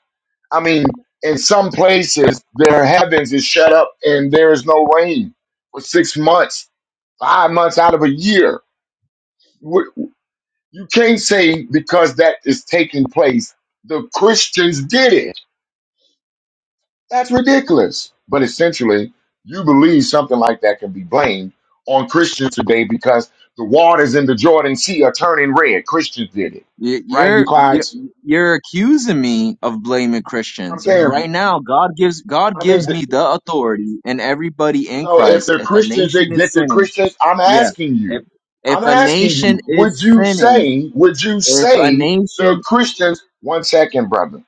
I mean, in some places, their heavens is shut up and there is no rain for six months, five months out of a year you can't say because that is taking place, the Christians did it. That's ridiculous. But essentially, you believe something like that can be blamed on Christians today because the waters in the Jordan Sea are turning red. Christians did it, Y- right? You You're you're guys. you're accusing me of blaming I'm Christians saying. right now. God gives God I mean, gives th- me the authority and everybody in so if Christ. they're If a Christians, that nation they, is they're sinning, Christians, I'm yeah. asking you. If if I'm a asking nation you. is Would you sinning, say? Would you if a say the nation, Christians? One second, brother.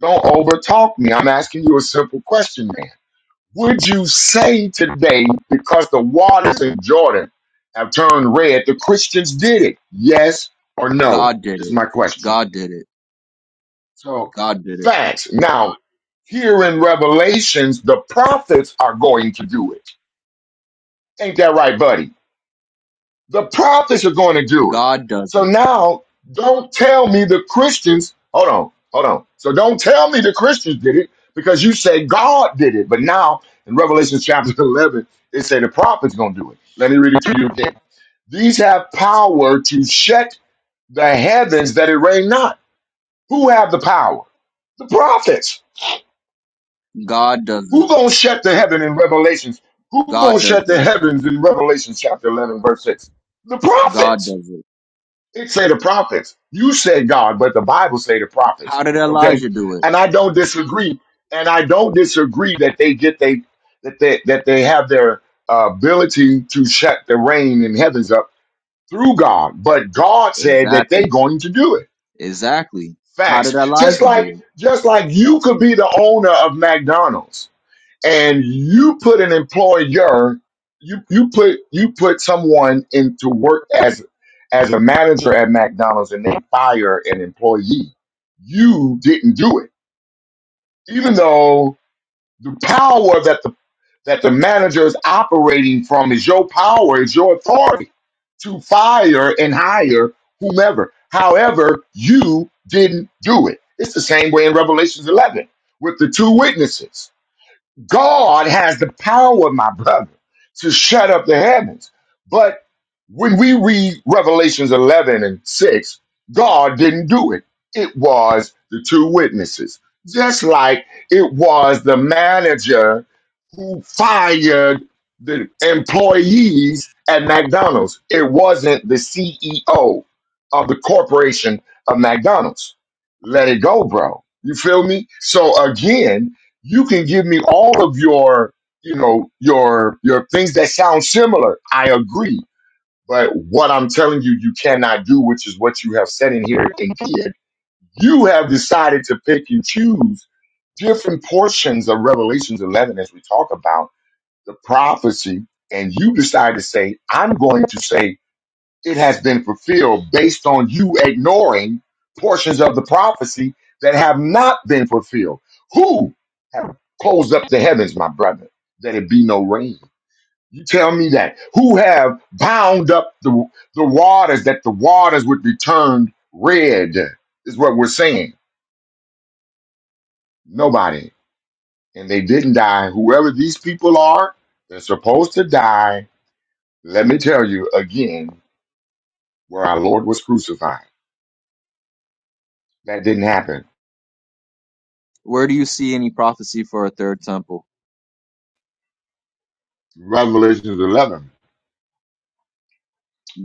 Don't overtalk me. I'm asking you a simple question, man. Would you say today, because the waters in Jordan have turned red, the Christians did it? Yes or no? God did Is it. my question. God did it. So, God did it. facts. Now, here in Revelations, the prophets are going to do it. Ain't that right, buddy? The prophets are going to do it. God does So it. now, don't tell me the Christians. Hold on, hold on. So don't tell me the Christians did it because you say God did it. But now in Revelation chapter 11, it say the prophets going to do it. Let me read it to you again. These have power to shut the heavens that it rain not. Who have the power? The prophets. God does Who it. gonna shut the heaven in Revelations? Who God gonna does shut the it. heavens in Revelation chapter 11, verse 6? The God prophets. does it. It say the prophets. You said God, but the Bible say the prophets. How did Okay, Elijah do it? and I don't disagree, and I don't disagree that they get they that they that they have their uh, ability to shut the rain and heavens up through God, but God said that they are Exactly. going to do it. Exactly. How did Facts. Elijah Just do like it? just like you could be the owner of McDonald's and you put an employer you you put you put someone into work as as a manager at McDonald's and they fire an employee you didn't do it even though the power that the that the manager is operating from is your power is your authority to fire and hire whomever however you didn't do it it's the same way in revelations 11 with the two witnesses God has the power, my brother, to shut up the heavens. But when we read Revelations 11 and 6, God didn't do it. It was the two witnesses, just like it was the manager who fired the employees at McDonald's. It wasn't the CEO of the corporation of McDonald's. Let it go, bro. You feel me? So again, you can give me all of your you know your your things that sound similar i agree but what i'm telling you you cannot do which is what you have said in here and did you have decided to pick and choose different portions of revelations 11 as we talk about the prophecy and you decide to say i'm going to say it has been fulfilled based on you ignoring portions of the prophecy that have not been fulfilled. Who have closed up the heavens, my brother, that it be no rain? You tell me that. Who have bound up the, the waters that the waters would be turned red, is what we're saying. Nobody. And they didn't die. Whoever these people are, they're supposed to die. Let me tell you again where our Lord was crucified. That didn't happen Where do you see any prophecy for a third temple? Revelations 11,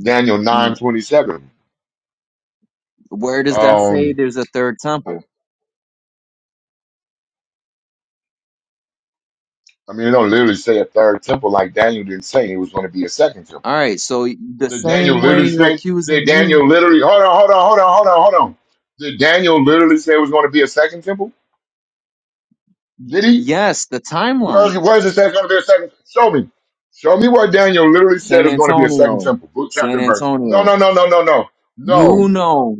Daniel 9:27. N- Where does that say Um, there's a third I, temple? I mean, it don't literally say a third temple like Daniel didn't say it was going to be a second All temple. right, so the Did Daniel same way literally you're say, did accusing me. Daniel literally, hold on, hold on, hold on, hold on, hold on. Did Daniel literally say it was going to be a second temple? Did he? Yes, the Where's, timeline. where's it says going to be a second? Show me. Show me where Daniel literally said it San was going to be a second Antonio. temple. Book, chapter, San and verse. No, Antonio. no, no, no, no, no. No. You know.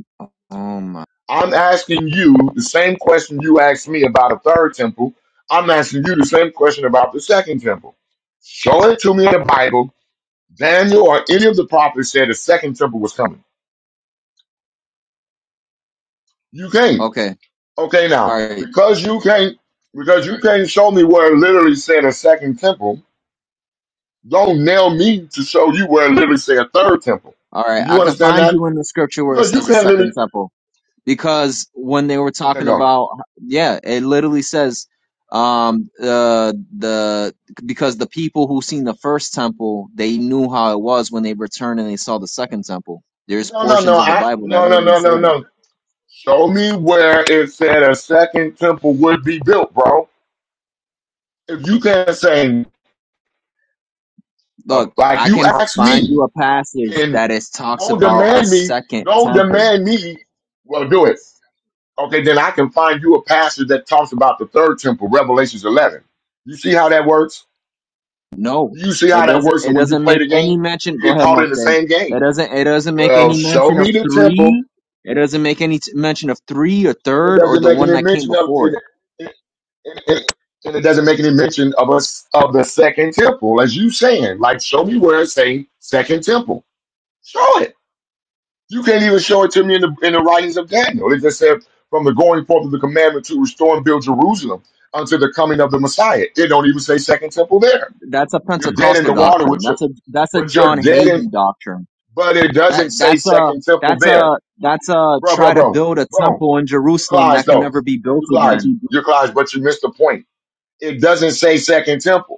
Oh my. I'm asking you the same question you asked me about a third temple. I'm asking you the same question about the second temple. Show it to me in the Bible. Daniel or any of the prophets said the second temple was coming. You can't. Okay. Okay, All now right. because you can't, because you can't show me where it literally said a second temple. Don't nail me to show you where it literally said a third temple. All Do right. I you can understand find that? you in the scripture where it Because you says a can't second literally. temple. because when they were Okay, talking go. about yeah it literally says um uh the because the people who seen the first temple they knew how it was when they returned and they saw the second temple there's No, no, no. portions of the I bible that no, no, literally no, no, say that no. Show me where it said a second temple would be built, bro. If you can't say, uh, look like i you can asked find you me, a passage then that is talks don't about a demand me, second don't temple demand me. Well, do it. Okay, then I can find you a passage that talks about the third temple, Revelations 11. You see how that works? No, You see how it that doesn't. works? It And when you doesn't play make the any game, mention. you Go get ahead, caught in the Moshe. same It game. doesn't. It doesn't make Well, any show mention of me the temple, three. It doesn't make any t- mention of three or and it third or doesn't the make one any that came mention of before it. it. and, and, and it doesn't make any mention of us of the second temple, as you saying. Like, show me where it say second temple. Show it. You can't even show it to me in the in the writings of Daniel. It just said from the going forth of the commandment to restore and build Jerusalem unto the coming of the Messiah. It don't even say second temple there. That's a You're dead in Pentecostal the water doctrine. with your That's a that's a but you're John dead in Hagee doctrine. but it doesn't That say that's a second temple that's there. a that's a Bro, bro, try to bro, build a bro. temple in You Jerusalem lies that can though. never be You built lied. again. You lies, but you missed the point. It doesn't say second temple.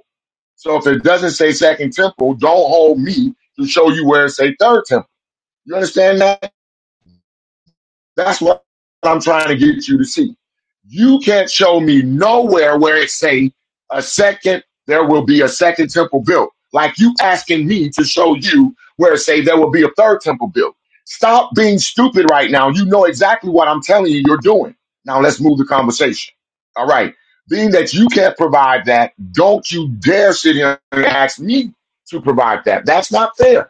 So if it doesn't say second temple, don't hold me to show you where it say third temple. You understand that? That's what I'm trying to get you to see. You can't show me nowhere where it say a second, there will be a second temple built. Like you asking me to show you where it say there will be a third temple built. Stop being stupid right now. You know exactly what I'm telling you you're doing. Now let's move the conversation. All right. Being that you can't provide that, don't you dare sit here and ask me to provide that. That's not fair.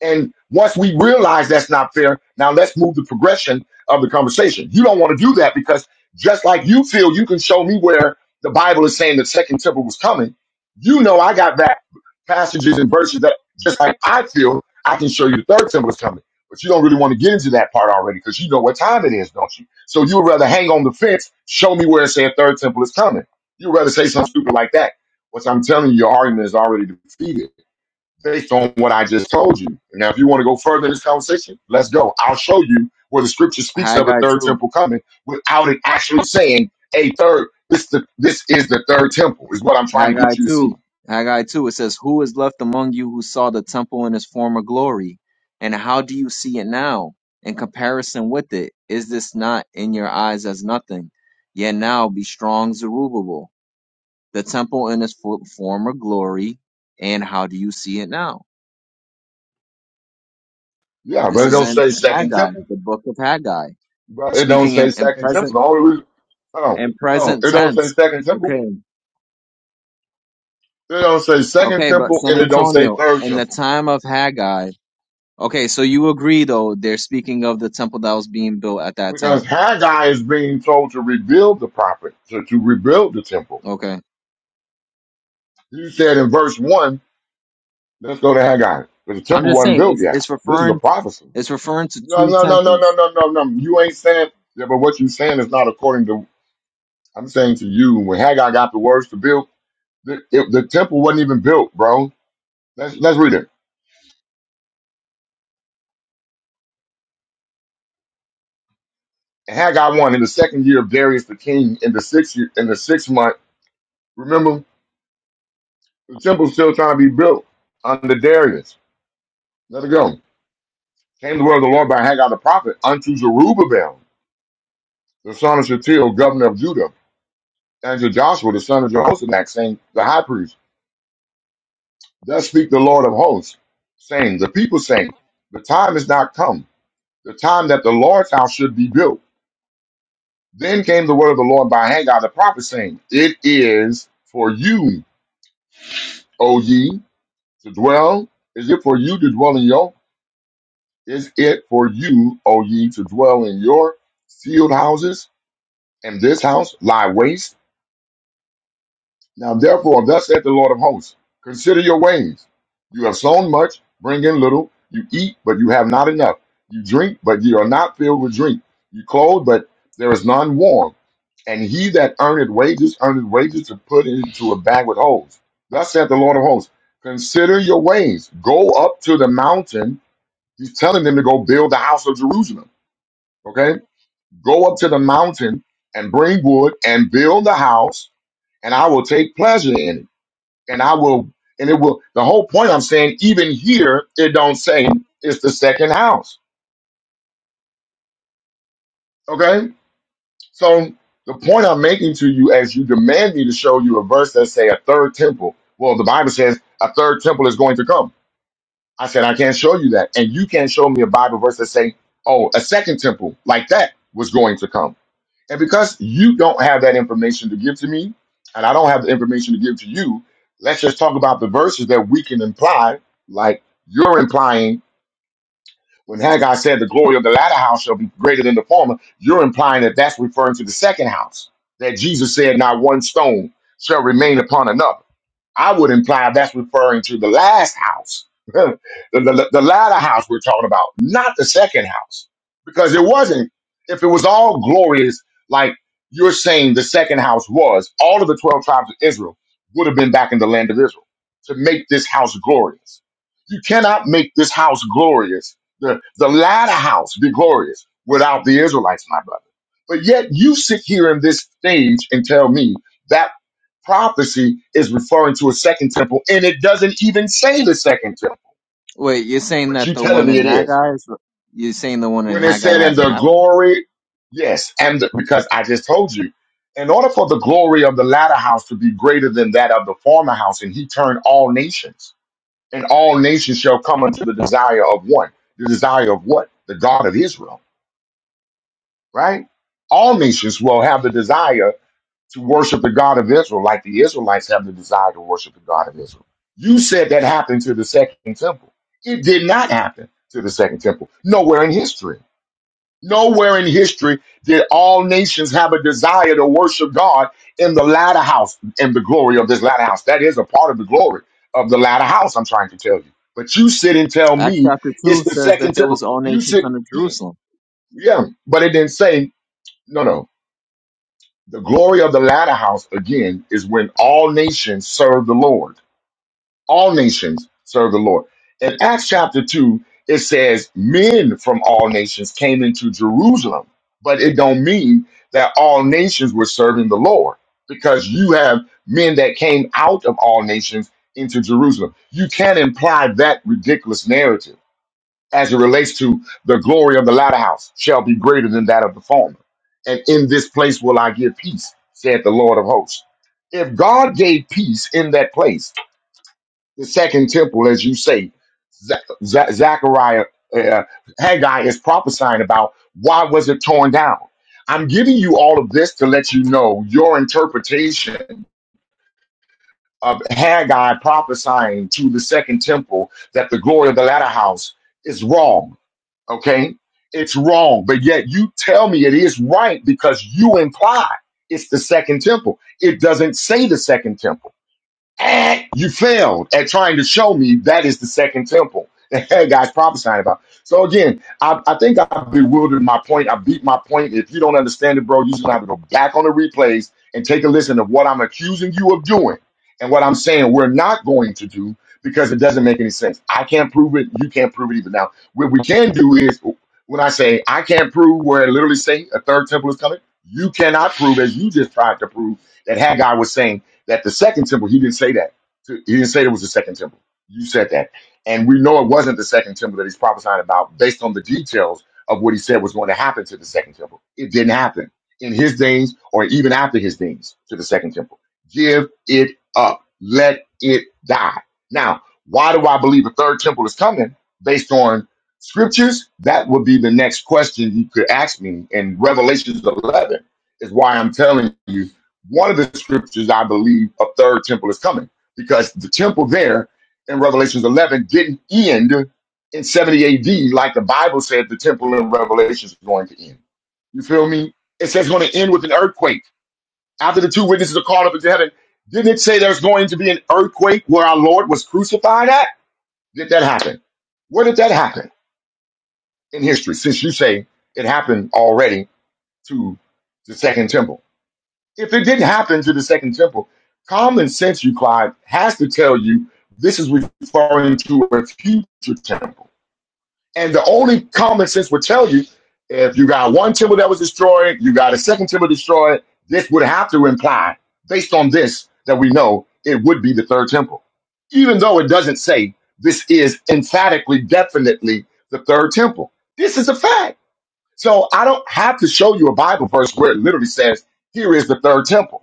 And once we realize that's not fair, now let's move the progression of the conversation. You don't want to do that because just like you feel you can show me where the Bible is saying the second temple was coming, you know I got that passages and verses that just like I feel I can show you the third temple is coming. But you don't really want to get into that part already because you know what time it is, don't you? So you would rather hang on the fence, show me where it said third temple is coming. You'd rather say something stupid like that. What I'm telling you, your argument is already defeated based on what I just told you. Now, if you want to go further in this conversation, let's go. I'll show you where the scripture speaks of a Haggai third too. temple coming without it actually saying a third. This the this is the third temple is what I'm trying to Haggai get you to see. 2. Haggai 2. It says, Who is left among you who saw the temple in its former glory? And how do you see it now? In comparison with it, is this not in your eyes as nothing? Yet now be strong, Zerubbabel, the temple in its fo- former glory, and how do you see it now? Yeah, This but it is don't in say second Haggai, temple. the book of Haggai, But it don't speaking say in, in second temple. present The only reason, hold on, in hold on. present It don't say tense. second temple. Okay, It don't say second okay, but temple, San and it don't say Antonio, third in the temple time of Haggai, Okay, so you agree though, they're speaking of the temple that was being built at that because time. Haggai is being told to rebuild the prophet to, to rebuild the temple. Okay. You said in verse one Let's go to Haggai. But the I'm temple just wasn't saying built it's it's yet. This is a referring prophecy. it's referring to No, two no, no, no, no, temples. no, no, no. You ain't saying, yeah, but what you saying is not according to, I'm saying to you, when Haggai got the words to build, the, it, the temple wasn't even built, bro. Let's, let's read it. Haggai 1, in the second year of Darius the king, in the sixth year, in the sixth month, remember, the temple's still trying to be built under Darius. Let it go. Came the word of the Lord by Haggai the prophet unto Zerubbabel, the son of Shealtiel, governor of Judah And Joshua, the son of Jehozadak, saying, The high priest, thus speak the Lord of hosts, saying, The people saying, The time is not come, the time that the Lord's house should be built. Then came the word of the Lord by Haggai the prophet, saying, It is for you, O ye, to dwell. Is it for you to dwell in your? Is it for you, O ye, to dwell in your sealed houses? And this house lie waste Now therefore, thus saith the Lord of hosts, consider your ways. You have sown much, bring in little. You eat, but you have not enough. You drink, but you are not filled with drink. You clothe, but there is none warm. And he that earneth wages, earneth wages to put into a bag with holes. Thus saith the Lord of hosts, consider your ways. Go up to the mountain. He's telling them to go build the house of Jerusalem. Okay? Go up to the mountain and bring wood and build the house, and I will take pleasure in it and I will, and it will. The whole point I'm saying, even here, it don't say it's the second house. Okay, so the point I'm making to you, as you demand me to show you a verse that say a third temple. Well, the Bible says a third temple is going to come. I said I can't show you that, and you can't show me a Bible verse that say, oh, a second temple like that was going to come. And because you don't have that information to give to me, and I don't have the information to give to you, let's just talk about the verses that we can imply, like you're implying when Haggai said the glory of the latter house shall be greater than the former, you're implying that that's referring to the second house, that Jesus said not one stone shall remain upon another. I would imply that's referring to the last house, the, the, the latter house we're talking about, not the second house. Because it wasn't, if it was all glorious, like you're saying the second house was, all of the 12 tribes of Israel would have been back in the land of Israel to make this house glorious. You cannot make this house glorious, the, the latter house be glorious without the Israelites, my brother. But yet you sit here in this stage and tell me that prophecy is referring to a second temple, and it doesn't even say the second temple. Wait, you're saying But that you the telling one me in it is. Haggai is you're saying the one in When it Haggai said in hasn't the happened? glory, yes, and the, because I just told you, in order for the glory of the latter house to be greater than that of the former house, and he turned all nations, and all nations shall come unto the desire of one. The desire of what? The God of Israel, right? All nations will have the desire to worship the God of Israel, like the Israelites have the desire to worship the God of Israel. You said that happened to the second temple. It did not happen to the second temple. Nowhere in history. Nowhere in history did all nations have a desire to worship God in the latter house, in the glory of this latter house. That is a part of the glory of the latter house, I'm trying to tell you. But you sit and tell Acts me chapter it's two the says that second there was temple. all You nations sit, under you, Jerusalem. yeah, but it didn't say, no, no. The glory of the latter house, again, is when all nations serve the Lord. All nations serve the Lord. In Acts chapter 2, it says men from all nations came into Jerusalem, but it don't mean that all nations were serving the Lord because you have men that came out of all nations into Jerusalem. You can't imply that ridiculous narrative as it relates to the glory of the latter house shall be greater than that of the former. And in this place will I give peace, saith the Lord of hosts. If God gave peace in that place, the second temple, as you say, Za- Za- Zechariah, uh, Haggai is prophesying about, why was it torn down? I'm giving you all of this to let you know your interpretation of Haggai prophesying to the second temple that the glory of the latter house is wrong Okay. It's wrong, but yet you tell me it is right because you imply it's the second temple. It doesn't say the second temple. Eh, you failed at trying to show me that is the second temple that God's prophesying about. So again, I, I think I bewildered my point. I beat my point. If you don't understand it, bro, you just gonna have to go back on the replays and take a listen to what I'm accusing you of doing and what I'm saying we're not going to do because it doesn't make any sense. I can't prove it. You can't prove it either. Now, what we can do is when I say I can't prove where I literally say a third temple is coming, you cannot prove as you just tried to prove that Haggai was saying that the second temple, he didn't say that. He didn't say there was a second temple. You said that. And we know it wasn't the second temple that he's prophesying about based on the details of what he said was going to happen to the second temple. It didn't happen in his days or even after his days to the second temple. Give it up. Let it die. Now, why do I believe the third temple is coming based on scriptures? That would be the next question you could ask me in Revelations 11 is why I'm telling you one of the scriptures, I believe, a third temple is coming because the temple there in Revelations 11 didn't end in 70 AD like the Bible said the temple in Revelation is going to end. You feel me? It says it's going to end with an earthquake. After the two witnesses are called up into heaven, didn't it say there's going to be an earthquake where our Lord was crucified at? Did that happen? Where did that happen in history since you say it happened already to the second temple? if it didn't happen to the second temple, common sense, you Clyde, has to tell you this is referring to a future temple. And the only common sense would tell you if you got one temple that was destroyed, you got a second temple destroyed, this would have to imply, based on this, that we know it would be the third temple. Even though it doesn't say this is emphatically, definitely the third temple. This is a fact. So I don't have to show you a Bible verse where it literally says, here is the third temple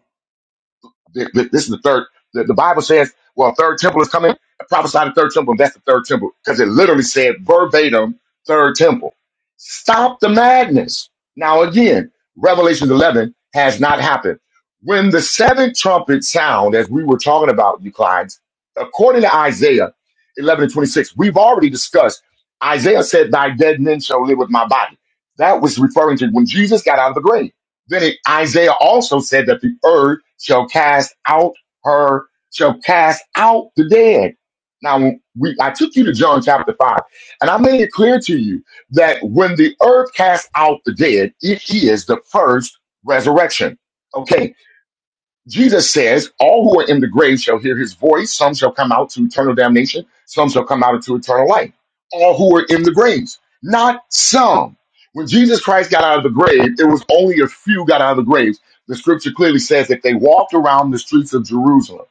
Th- th- This is the third. The, the Bible says, well, third temple is coming. Prophesy the third temple. And That's the third temple because it literally said verbatim, third temple. Stop the madness. Now, again, Revelation 11 has not happened. When the seventh trumpet sound, as we were talking about, you clients, according to Isaiah 11 and 26, we've already discussed. Isaiah said, Thy dead men shall live with my body. That was referring to when Jesus got out of the grave then it- Isaiah also said that the earth shall cast out her, shall cast out the dead. Now, we, I took you to John chapter 5, and I made it clear to you that when the earth casts out the dead, it is the first resurrection. Okay, Jesus says, All who are in the grave shall hear his voice. Some shall come out to eternal damnation, some shall come out into eternal life. All who are in the graves, not some. When Jesus Christ got out of the grave, it was only a few got out of the graves. The scripture clearly says that they walked around the streets of Jerusalem.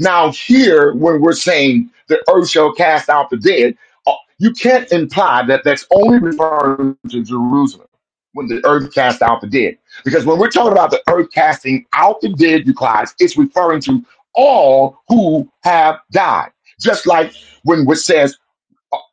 Now, here, when we're saying the earth shall cast out the dead, uh, you can't imply that that's only referring to Jerusalem when the earth cast out the dead. Because when we're talking about the earth casting out the dead, you guys, it's referring to all who have died. Just like when it says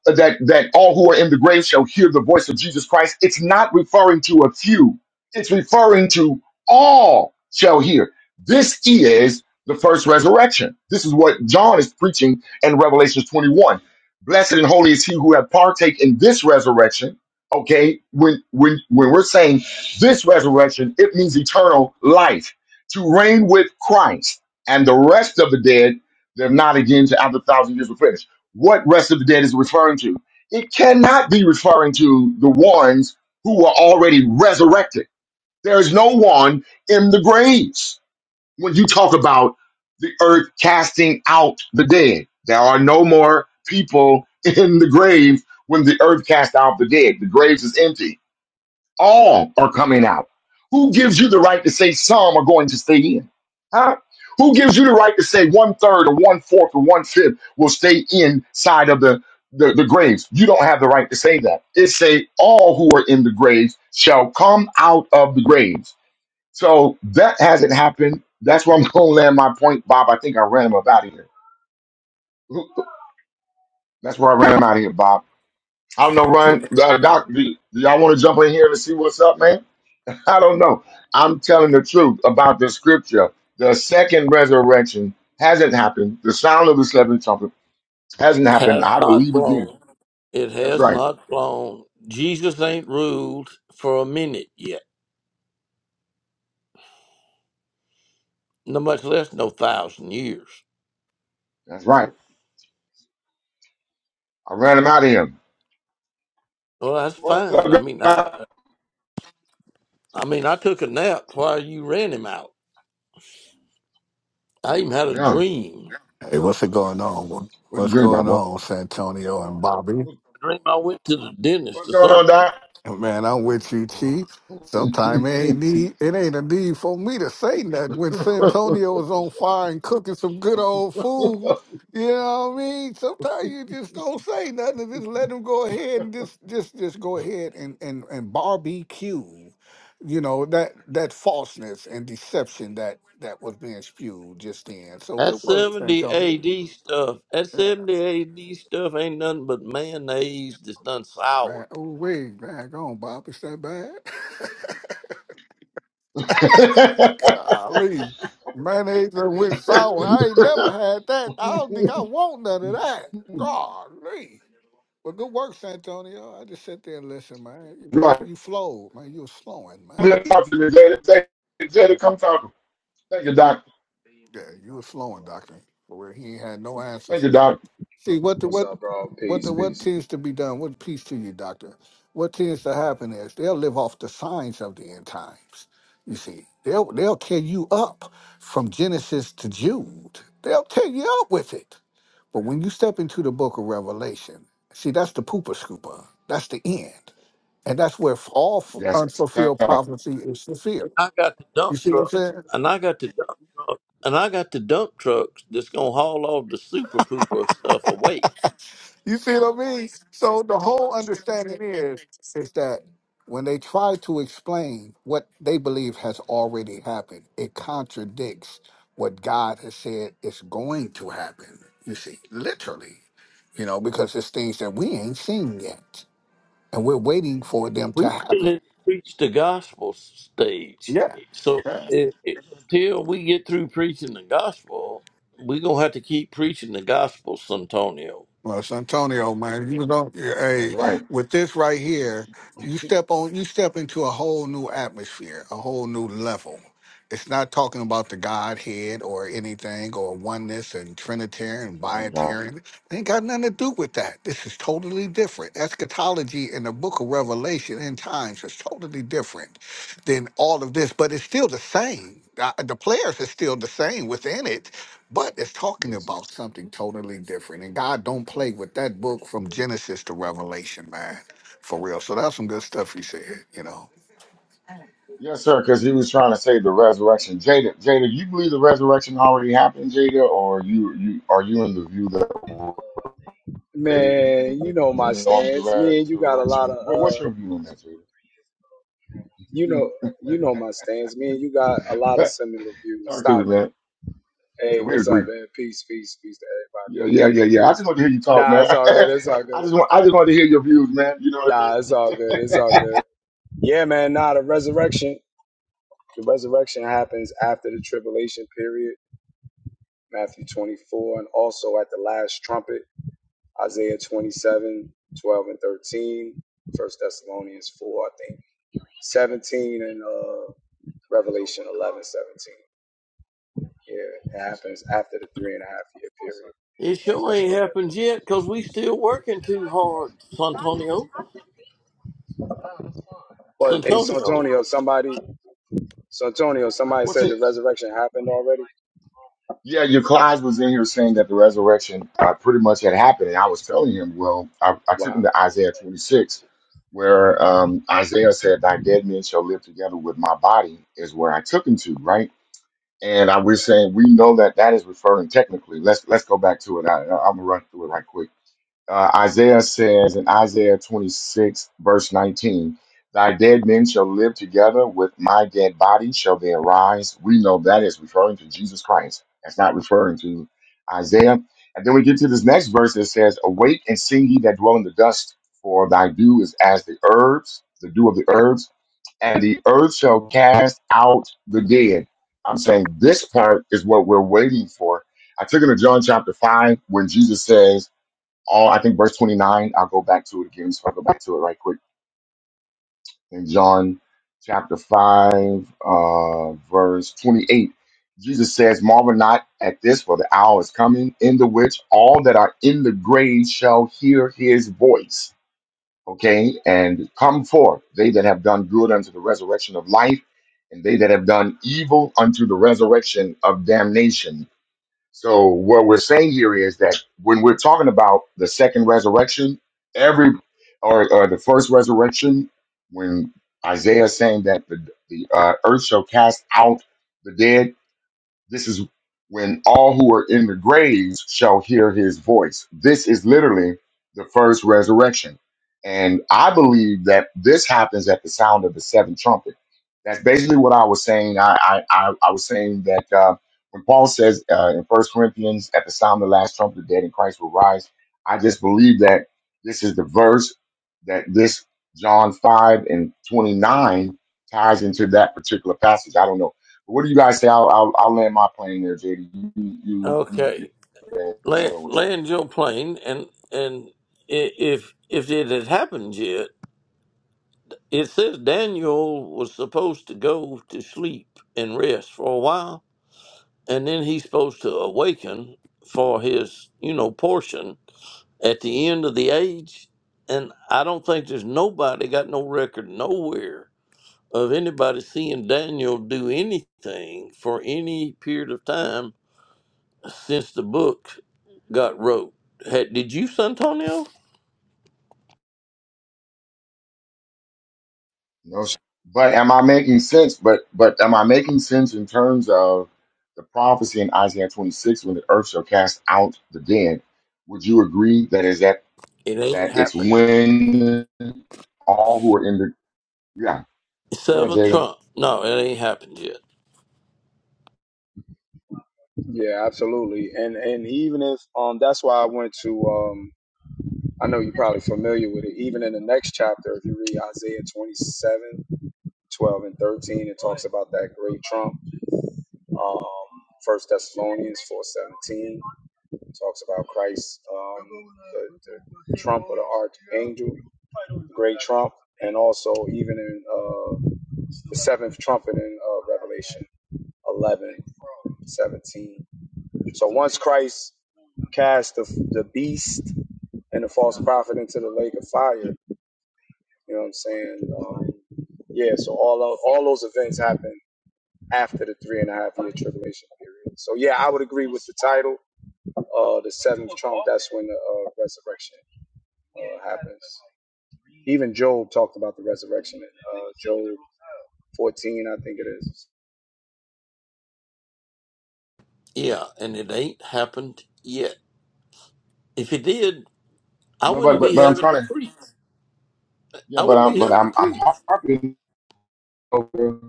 that that all who are in the grave shall hear the voice of Jesus Christ. It's not referring to a few. It's referring to all shall hear. This is the first resurrection. This is what John is preaching in Revelation 21. Blessed and holy is he who have partake in this resurrection. Okay, when when when we're saying this resurrection, it means eternal life to reign with Christ and the rest of the dead. They're not again to after a thousand years of prayer what rest of the dead is referring to. It cannot be referring to the ones who are already resurrected. There is no one in the graves. When you talk about the earth casting out the dead, there are no more people in the grave when the earth cast out the dead. The graves is empty all are coming out. Who gives you the right to say some are going to stay in? Huh? Who gives you the right to say one third or one fourth or one fifth will stay inside of the, the, the graves? You don't have the right to say that. It say all who are in the graves shall come out of the graves. So that hasn't happened. That's where I'm gonna land my point, Bob. I think I ran him about here. That's where I ran him out of here, Bob. I don't know, run uh, Doc. Do, y- do y'all want to jump in here and see what's up, man? I don't know. I'm telling the truth about the scripture. The second resurrection hasn't happened. The sound of the seventh trumpet hasn't It happened. has I not believe again. blown. It That's has right. not blown. Jesus ain't ruled for a minute yet. no much less no thousand years. That's right. I ran him out of him. Well, that's What's up, fine. I mean, I, Doc? I mean, I took a nap while you ran him out. I even had a Yeah. dream. Hey, what's it going on? What you What's dreaming about, going boy? on, Santonio and Bobby? I dream I went to the dentist What's or going on, something. Doc? Man, I'm with you, Chief. Sometimes it ain't need it ain't a need for me to say nothing when Santonio is on fire and cooking some good old food. You know what I mean? Sometimes you just don't say nothing and just let him go ahead and just just just go ahead and and, and barbecue. You know that that falseness and deception that that was being spewed just then. So That good work, seventy Santonio. A.D. stuff. That seventy A.D. stuff ain't nothing but mayonnaise that's done Man, soured. oh wait, man, go on, Bob. It's that bad? Golly, mayonnaise and with sour. I ain't never had that. I don't think I want none of that. Golly. Well, good work, Santonio. I just sit there and listen, man. You right. you flowed, man. You were slowing, man. Come talk to me, Jada. Say- Jada, Yeah, come talk. to me. Thank you, Doc. yeah you were slowing, Doctor. Where he ain't had no answer. Thank you, Doc. See what the What's what up, bro? what Peace, the what peace. tends to be done. What peace to you, doctor? What tends to happen is they'll live off the signs of the end times. You see, they'll they'll tear you up from Genesis to Jude. They'll tear you up with it. But when you step into the Book of Revelation, see that's the pooper scooper. That's the end, and that's where all f- Yes. sir. unfulfilled That's prophecy is fulfilled. I got the You dump see what I'm truck, saying? and I got the dump, and I got the dump trucks that's gonna haul all the super pooper stuff away. You see what I mean? So the whole understanding is is that when they try to explain what they believe has already happened, it contradicts what God has said is going to happen. You see, literally, you know, because it's things that we ain't seen yet, and we're waiting for them we to still have happen. to preach the gospel stage. Yeah. So it, it, until we get through preaching the gospel, we gonna have to keep preaching the gospel, Santonio. Los Antonio, man, you don't. Hey, right. with this right here, you step on, you step into a whole new atmosphere, a whole new level. It's not talking about the Godhead or anything or oneness and That's Trinitarian, right, Doc. Biotarian. It ain't got nothing to do with that. This is totally different. Eschatology in the Book of Revelation and times is totally different than all of this, but it's still the same. Uh, The players are still the same within it but it's talking Yes, about something totally different. And God don't play with that book from Genesis to Revelation, man. For real. So that's some good stuff he said, you know. Yes, sir, because he was trying to say the resurrection. Jada, Jada, you believe the resurrection already happened, Jada, or you, you are you in the view that we're waiting Man, you know my on stance. the Me and you got a lot resurrection? of What, what's uh your view on that, you know Jada? you know my stance. Me and you got a lot of similar views. talk to me, Stop it. man. Yeah, Hey, we what's up, agree. man? Peace, peace, peace to everybody. Yeah, yeah, yeah, yeah. I just want to hear you talk, Nah, man. it's all good, it's all I good. just want, I just want to hear your views, man. You know what I mean? Nah, it's all good, it's all good. Yeah, man, nah, the resurrection. The resurrection happens after the tribulation period, Matthew twenty four, and also at the last trumpet, Isaiah 27, 12 and 13, First Thessalonians four, I think. 17 and uh, Revelation 11 17. Yeah, it happens after the three and a half year period. It sure That's what ain't I read. happened yet because we still working too hard, Santonio. Well, hey, Santonio. Santonio, somebody, Santonio, somebody What's said it? the resurrection happened already. Yeah, your class was in here saying that the resurrection uh, pretty much had happened. And I was telling him, well, I, I took him Wow. to Isaiah 26, where um, Isaiah said, Thy dead men shall live together with my body, is where I took him to, right? And I was saying, we know that that is referring technically. Let's let's go back to it. I, I'm going to run through it right quick uh, Isaiah says in Isaiah 26, verse 19, Thy dead men shall live together, with my dead body shall they arise. We know that is referring to Jesus Christ. That's not referring to Isaiah. And then we get to this next verse that says, Awake and sing ye that dwell in the dust, for thy dew is as the herbs, the dew of the herbs, and the earth shall cast out the dead. I'm saying this part is what we're waiting for. I took it to John chapter 5 when Jesus says, all I think verse 29, I'll go back to it again, so I'll go back to it right quick. In John chapter 5, uh, verse 28, Jesus says, Marvel not at this, for the hour is coming, in the which all that are in the grave shall hear his voice. Okay, and come forth, they that have done good unto the resurrection of life, and they that have done evil unto the resurrection of damnation so what we're saying here is that when we're talking about the second resurrection, every or, or the first resurrection, when Isaiah is saying that the the uh, earth shall cast out the dead, this is when all who are in the graves shall hear his voice. This is literally the first resurrection. And I believe that this happens at the sound of the seventh trumpet. That's basically what I was saying. I, I, I, I was saying that uh, when Paul says uh, in First Corinthians, at the sound of the last trumpet, the dead in Christ will rise. I just believe that this is the verse that this John 5 and 29 ties into that particular passage. I don't know. What do you guys say? I'll I'll, I'll land my plane there, JD. You you you, you you- Okay, land, so, land your plane, and and i- if if it had happened yet, it says Daniel was supposed to go to sleep and rest for a while and then he's supposed to awaken for his you know portion at the end of the age and i don't think there's nobody got no record nowhere of anybody seeing daniel do anything for any period of time since the book got wrote Had, did you santonio no, sh- but am I making sense? But but am I making sense in terms of the prophecy in Isaiah 26 when the earth shall cast out the dead? Would you agree that is that it ain't that it's happened when all who are in the yeah go ahead, seventh Jacob. trump no it ain't happened yet Yeah, absolutely. And and even if um, that's why I went to um, I know you're probably familiar with it. Even in the next chapter, if you read Isaiah 27 12 and 13, it talks about that great trump. Um, First Thessalonians 4:17. It talks about Christ, um, the, the trump or the archangel, the great trump, and also even in uh, the seventh trumpet in uh, Revelation 11 17. So once Christ cast the, the beast and the false prophet into the lake of fire, you know what I'm saying? Um, yeah, so all of, all those events happen after the three and a half year tribulation period. So yeah, I would agree with the title, uh, the seventh trump. That's when the uh, resurrection. uh, happens. Even Job talked about the resurrection. in, Uh, Job 14, I think it is. yeah and it ain't happened yet if it did i No, but wouldn't but be but I'm having to trying to preach yeah, i but wouldn't I'm be but having to I'm I'm preach harping over.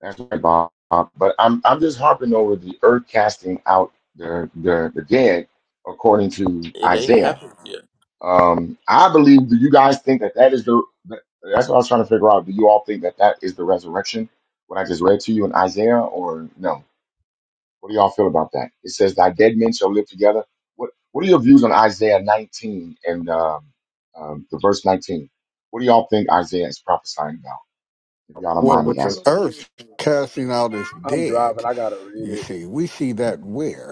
That's right, Bob. But I'm I'm just harping over the earth casting out the the, the dead, according to It ain't Isaiah. happened yet. Um, I believe. Do you guys think that that is the? the- That's what I was trying to figure out. Do you all think that that is the resurrection? What I just read to you in Isaiah, or no? What do y'all feel about that? It says, "Thy dead men shall live together." What What are your views on Isaiah 19 and um, um, the verse 19? What do y'all think Isaiah is prophesying about? If y'all don't Well, mind me with the asking, earth casting out its I'm driving. dead, I gotta read you it. see, we see that where?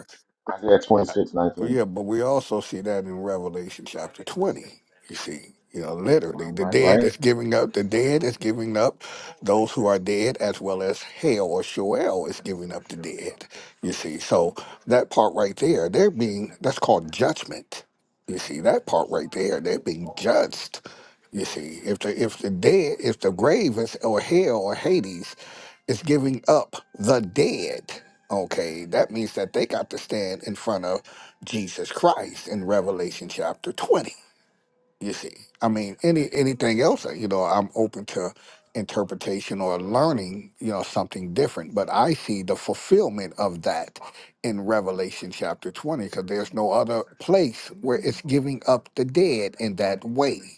Isaiah 26:19. Yeah, but we also see that in Revelation chapter 20. You see, you know, Right, literally, the dead right. is giving up, the dead is giving up those who are dead, as well as hell or Sheol is giving up the dead. You see, so that part right there, they're being, that's called judgment. You see, that part right there, they're being judged. You see, if the if the dead, if the grave is or hell or Hades is giving up the dead. Okay, that means that they got to stand in front of Jesus Christ in Revelation chapter 20. You see, I mean, any anything else, uh, you know, I'm open to interpretation or learning, you know, something different. But I see the fulfillment of that in Revelation chapter 20 because there's no other place where it's giving up the dead in that way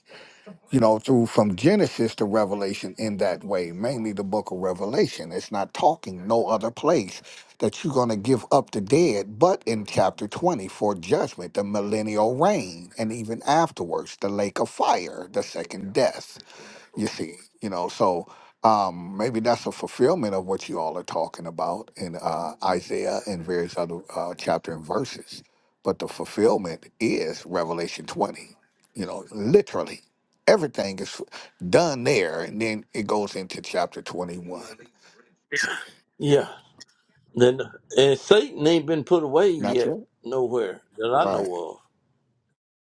you know, through from Genesis to Revelation in that way, mainly the book of Revelation. It's not talking no other place that you're going to give up the dead, but in chapter 20 for judgment, the millennial reign, and even afterwards, the lake of fire, the second death you see you know so um maybe that's a fulfillment of what you all are talking about in uh isaiah and various other uh chapter and verses but the fulfillment is revelation 20 you know literally everything is done there and then it goes into chapter 21 yeah Yeah. Then and Satan ain't been put away not yet yet nowhere that I right know of.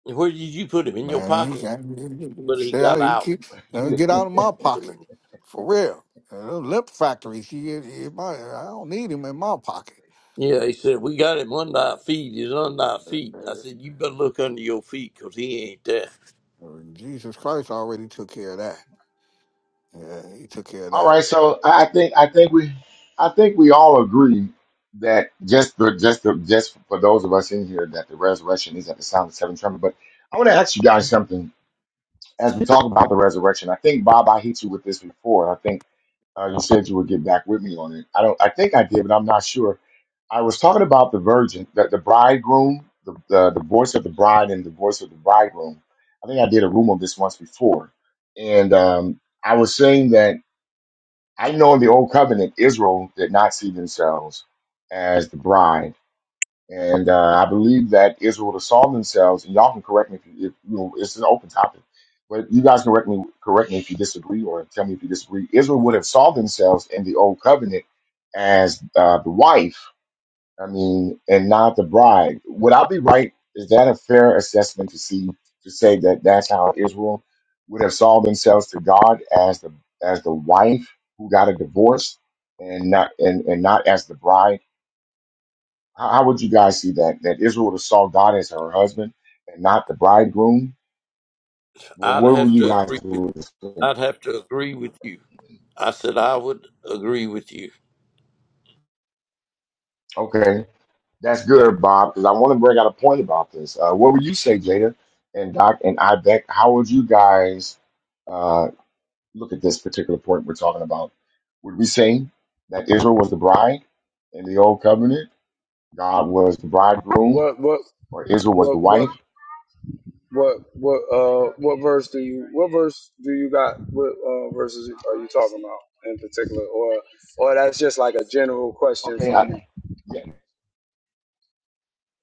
And Where did you put him? In your man you pocket? got- But he stay out got you out. keep- You uh, just get thought out of my you had him pocket in for real uh, lip factories you, you, my, i don't need him in my pocket Yeah, he said, We got him under our feet. He's under our feet. I said, You better look under your feet because he ain't there. Well, Jesus Christ already took care of that. Yeah, he took care of All that. right. So I I think I think we I think we all agree that just the just the just for those of us in here that the resurrection is at the sound of the seventh trumpet. But I want to ask you guys something as we talk about the resurrection. I think Bob, I hit you with this before. I think uh, you said you would get back with me on it. I don't. I think I did, but I'm not sure. I was talking about the virgin, that the bridegroom, the, the the voice of the bride, and the voice of the bridegroom. I think I did a room on this once before, and um, I was saying that I know in the Old Covenant, Israel did not see themselves as the bride. And uh, I believe that Israel saw themselves, and y'all can correct me if, you, if you know, it's an open topic, but you guys can correct me, correct me if you disagree or tell me if you disagree. Israel would have saw themselves in the Old Covenant as uh, the wife I mean, and not the bride. Would I be right? Is that a fair assessment to see to say that that's how Israel would have saw themselves to God as the as the wife who got a divorce and not and, and not as the bride? How, how would you guys see that that Israel would have saw God as her husband and not the bridegroom? Well, I'd where were have you to guys? agree with I'd have to agree with you. I said I would agree with you. Okay, that's good, Bob, because I want to bring out a point about this. Uh, what would you say, Jada and Doc and Ibeck? How would you guys? uh, look at this particular point we're talking about, would we say that Israel was the bride in the old covenant? God was the bridegroom, What what or Israel was the what what wife? what what uh what verse do you what verse do you got? What uh, verses are you talking about in particular, or or that's just like a general question Okay, from you? I, yeah.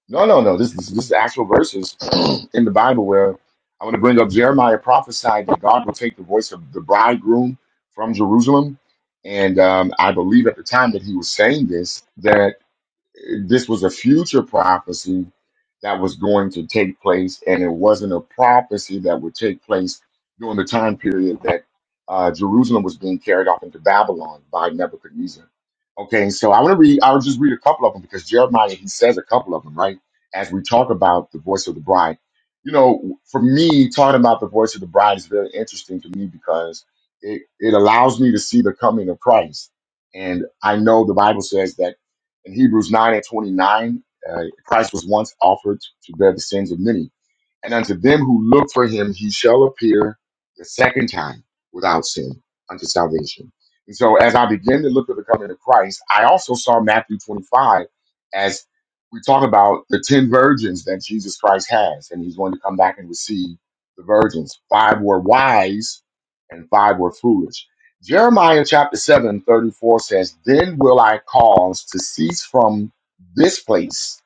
no, no, no. This, this, this is actual verses in the Bible where I want to bring up Jeremiah prophesied that God will take the voice of the bridegroom from Jerusalem. And um, I believe at the time that he was saying this, this was a future prophecy that was going to take place, and it wasn't a prophecy that would take place during the time period that uh, Jerusalem was being carried off into Babylon by Nebuchadnezzar. Okay, so I want to read. I'll just read a couple of them because Jeremiah he says a couple of them, right? As we talk about the voice of the bride, you know, for me talking about the voice of the bride is very interesting to me because it it allows me to see the coming of Christ, and I know the Bible says that. In Hebrews 9 and 29, uh, Christ was once offered to bear the sins of many. And unto them who look for him, he shall appear the second time without sin unto salvation. And so, as I begin to look at the coming of Christ, I also saw Matthew 25 as we talk about the 10 virgins that Jesus Christ has, and he's going to come back and receive the virgins. Five were wise and five were foolish. Jeremiah chapter 7 34 says, Then will I cause to cease from this place,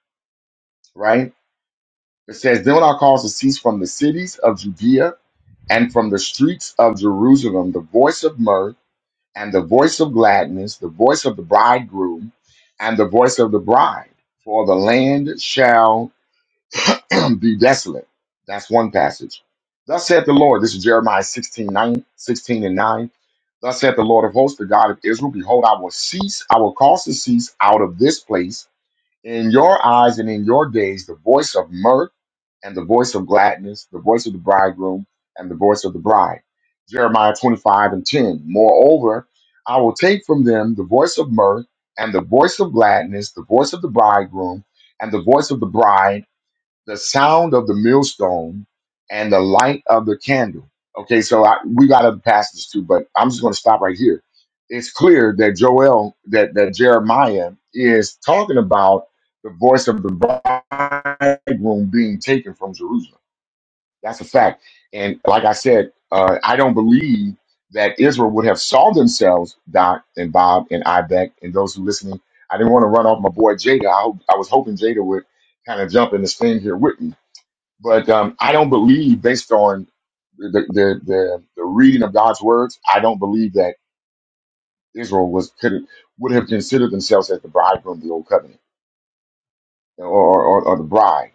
right? It says, Then will I cause to cease from the cities of Judea and from the streets of Jerusalem the voice of mirth and the voice of gladness, the voice of the bridegroom and the voice of the bride. For the land shall be desolate. That's one passage. Thus saith the Lord, this is Jeremiah 16 9 16 and 9. Thus saith the Lord of hosts, the God of Israel, Behold, I will cease, I will cause to cease out of this place in your eyes and in your days the voice of mirth and the voice of gladness, the voice of the bridegroom and the voice of the bride. Jeremiah 25 and 10. Moreover, I will take from them the voice of mirth and the voice of gladness, the voice of the bridegroom and the voice of the bride the sound of the millstone and the light of the candle. Okay, so I, we got other passages too, but I'm just going to stop right here. It's clear that Joel, that, that Jeremiah is talking about the voice of the bridegroom being taken from Jerusalem. That's a fact. And like I said, uh, I don't believe that Israel would have saw themselves, Doc and Bob and Ibeck and those who listening. I didn't want to run off my boy Jada. I, hope- I was hoping Jada would kind of jump in this thing here with me but um, I don't believe, based on the, the the the reading of God's words, I don't believe that Israel was could have, would have considered themselves as the bridegroom of the old covenant or or, or the bride.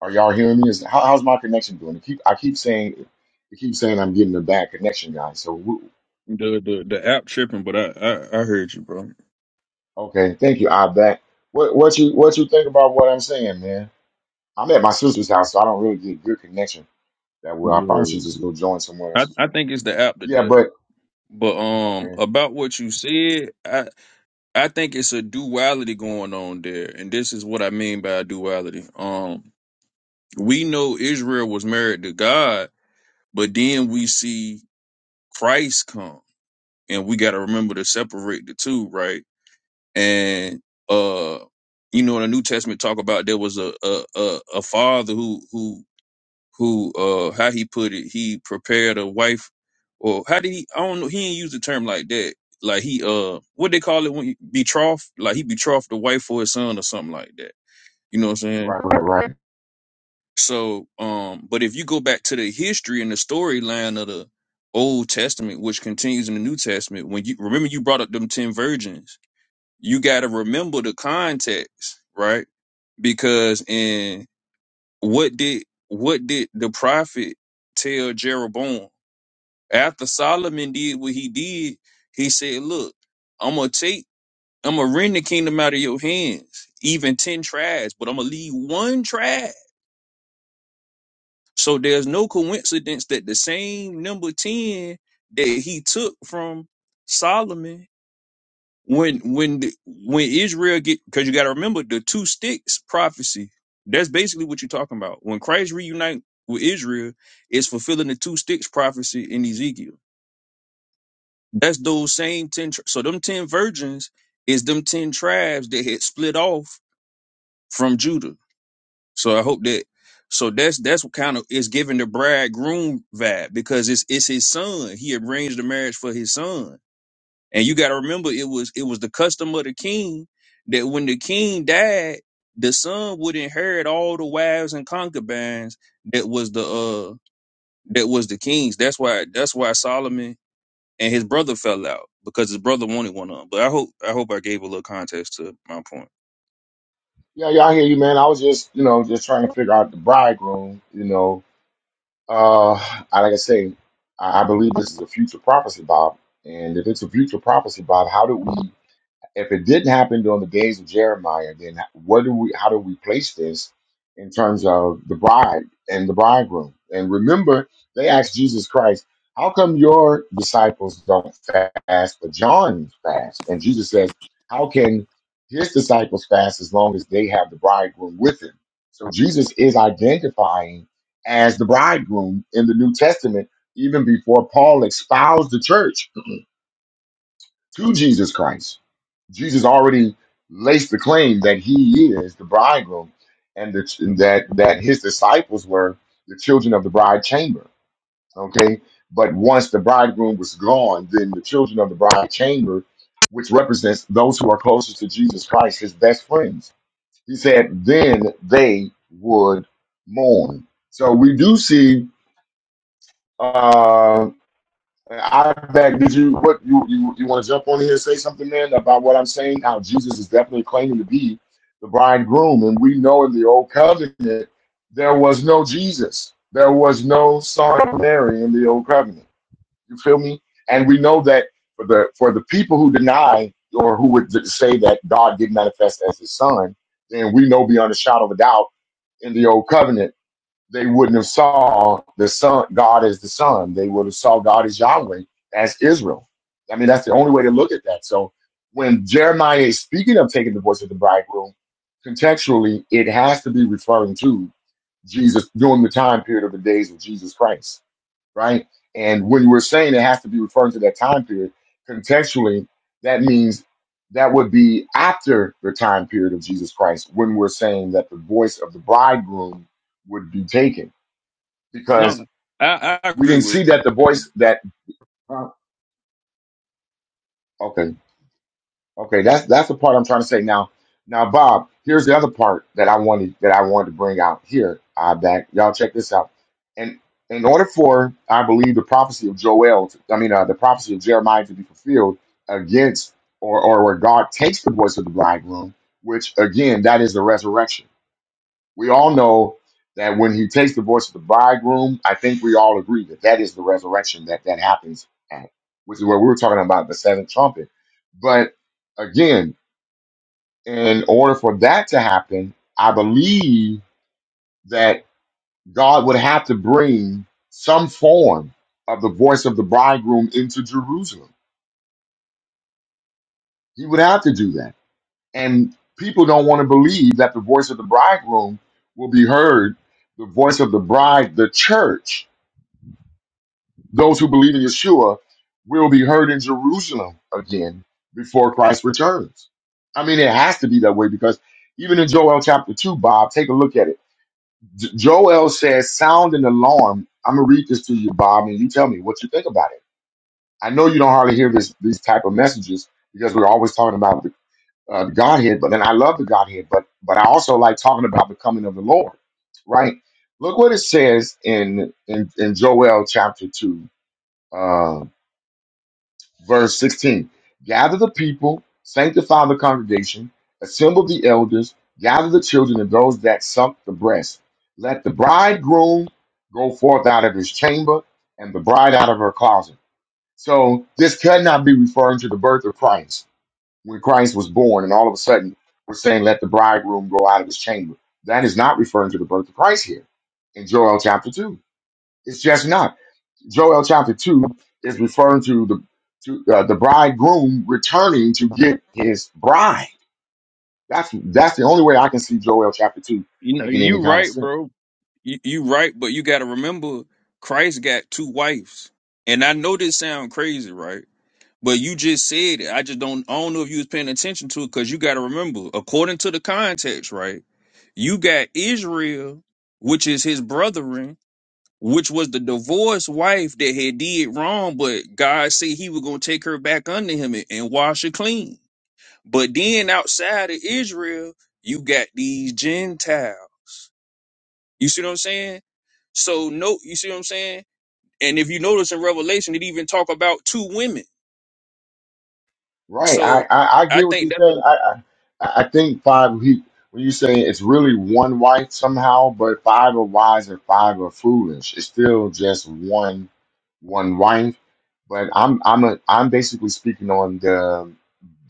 Are y'all hearing me? Is how, how's my connection doing? I keep I keep saying I keep saying I'm getting a bad connection, guys. So woo. The the the app tripping, but I I, I heard you, bro. okay, thank you. I bet. What what you what you think about what I'm saying, man? I'm at my sister's house, so I don't really get good connection that well. I You probably heard it. should just go join someone I else's I room. think it's the app Yeah, today. but But um, okay, about what you said, I I think it's a duality going on there, and this is what I mean by duality. Um, we know Israel was married to God, but then we see Christ come, and we got to remember to separate the two, right? And uh, you know, in the New Testament talk about there was a a a, a father who who who uh how he put it he prepared a wife or how did he i don't know he didn't use the term like that like he uh what they call it when you betrothed like he betrothed the wife for his son or something like that you know what i'm saying right, right, right. so um but if you go back to the history and the storyline of the old testament which continues in the new testament when you remember you brought up them 10 virgins you got to remember the context right because in what did what did the prophet tell jeroboam After Solomon did what he did, he said, Look, I'm gonna take, I'm gonna rend the kingdom out of your hands, even 10 tribes, but I'm gonna leave one tribe. So there's no coincidence that the same number 10 that he took from Solomon when when the, when Israel get because you got to remember the two sticks prophecy. That's basically what you're talking about. When Christ reunite with Israel, it's fulfilling the two sticks prophecy in Ezekiel That's those same ten. Tri- so them ten virgins is them ten tribes that had split off from Judah. So I hope that. So that's that's what kind of is giving the bridegroom vibe because it's it's his son. He arranged the marriage for his son, and you got to remember it was it was the custom of the king that when the king died, the son would inherit all the wives and concubines that was the uh that was the king's. That's why that's why Solomon and his brother fell out because his brother wanted one of them. But I hope I hope I gave a little context to my point. Yeah, yeah, I hear you, man. I was just, you know, just trying to figure out the bridegroom. You know, uh, I like I say, I, I believe this is a future prophecy, Bob. And if it's a future prophecy, Bob, how do we? if it didn't happen during the days of Jeremiah, then what do we? How do we place this in terms of the bride and the bridegroom? And remember, they asked Jesus Christ, "How come your disciples don't fast, but John fast?" And Jesus says, "How can his disciples fast as long as they have the bridegroom with them?" So Jesus is identifying as the bridegroom in the New Testament, even before Paul espoused the church. to Jesus Christ. Jesus already laced the claim that he is the bridegroom and, the, and that, that his disciples were the children of the bride chamber. Okay. But once the bridegroom was gone, then the children of the bride chamber, which represents those who are closest to Jesus Christ, his best friends, he said, then they would mourn. So we do see Uh, I back. Did you what you you, you want to jump on here and say something, man, about what I'm saying? How Jesus is definitely claiming to be the bridegroom, and we know in the old covenant there was no Jesus, there was no Son of Mary in the old covenant. You feel me? And we know that for the for the people who deny or who would say that God did manifest as His Son, then we know beyond a shadow of a doubt in the old covenant they wouldn't have saw the son God as the Son. They would have saw God as Yahweh, as Israel. I mean, that's the only way to look at that. So when Jeremiah is speaking of taking the voice of the bridegroom, contextually, it has to be referring to Jesus during the time period of the days of Jesus Christ right? And when we're saying it has to be referring to that time period, contextually, that means that would be after the time period of Jesus Christ when we're saying that the voice of the bridegroom would be taken No, because no. I, I we agree didn't with see that the that. voice that, huh? okay, Okay, that's that's the part I'm trying to say now. Now, Bob, here's the other part that I wanted that I wanted to bring out here. I back y'all check this out. And in order for I believe the prophecy of Joel, to, I mean uh, the prophecy of Jeremiah to be fulfilled against or or where God takes the voice of the bridegroom, which again that is the resurrection. We all know that when he takes the voice of the bridegroom, I think we all agree that that is the resurrection that that happens at, which is what we were talking about the seventh trumpet. But again, in order for that to happen, I believe that God would have to bring some form of the voice of the bridegroom into Jerusalem. He would have to do that. And people don't want to believe that the voice of the bridegroom will be heard, the voice of the bride, the church Those who believe in Yeshua will be heard in Jerusalem again before Christ returns. I mean, it has to be that way because even in Joel chapter 2, Bob, take a look at it. J- Joel says, Sound an alarm. I'm going to read this to you, Bob, and you tell me what you think about it. I know you don't hardly hear this these type of messages because we're always talking about the, uh, the Godhead, but then I love the Godhead, but but I also like talking about the coming of the Lord, right? Look what it says in in, in Joel chapter two. um, verse 16 gather the people sanctify the congregation assemble the elders gather the children and those that suck the breast let the bridegroom go forth out of his chamber and the bride out of her closet so this could not be referring to the birth of christ when christ was born and all of a sudden we're saying let the bridegroom go out of his chamber that is not referring to the birth of christ here in joel chapter 2 it's just not Joel chapter two is referring to the to uh, the bridegroom returning to get his bride. That's that's the only way I can see Joel chapter two You know, making you any kind of right, sense. bro. You, you right, but you got to remember, Christ got two wives, and I know this sound crazy, right? But you just said it. I just don't. I don't know if you was paying attention to it because you got to remember, according to the context, right? You got Israel, which is his brethren, which was the divorced wife that had did wrong, but God said he was gonna take her back under him and, and wash her clean. But then outside of Israel, you got these Gentiles. You see what I'm saying? So no, you see what I'm saying? And if you notice in Revelation, it even talk about two women. Right? So I I, I get I what think you that's said. a. I I, I I think five. He when you say it's really one wife somehow, but five are wise and five are foolish. It's still just one one wife. But I'm I'm a, I'm basically speaking on the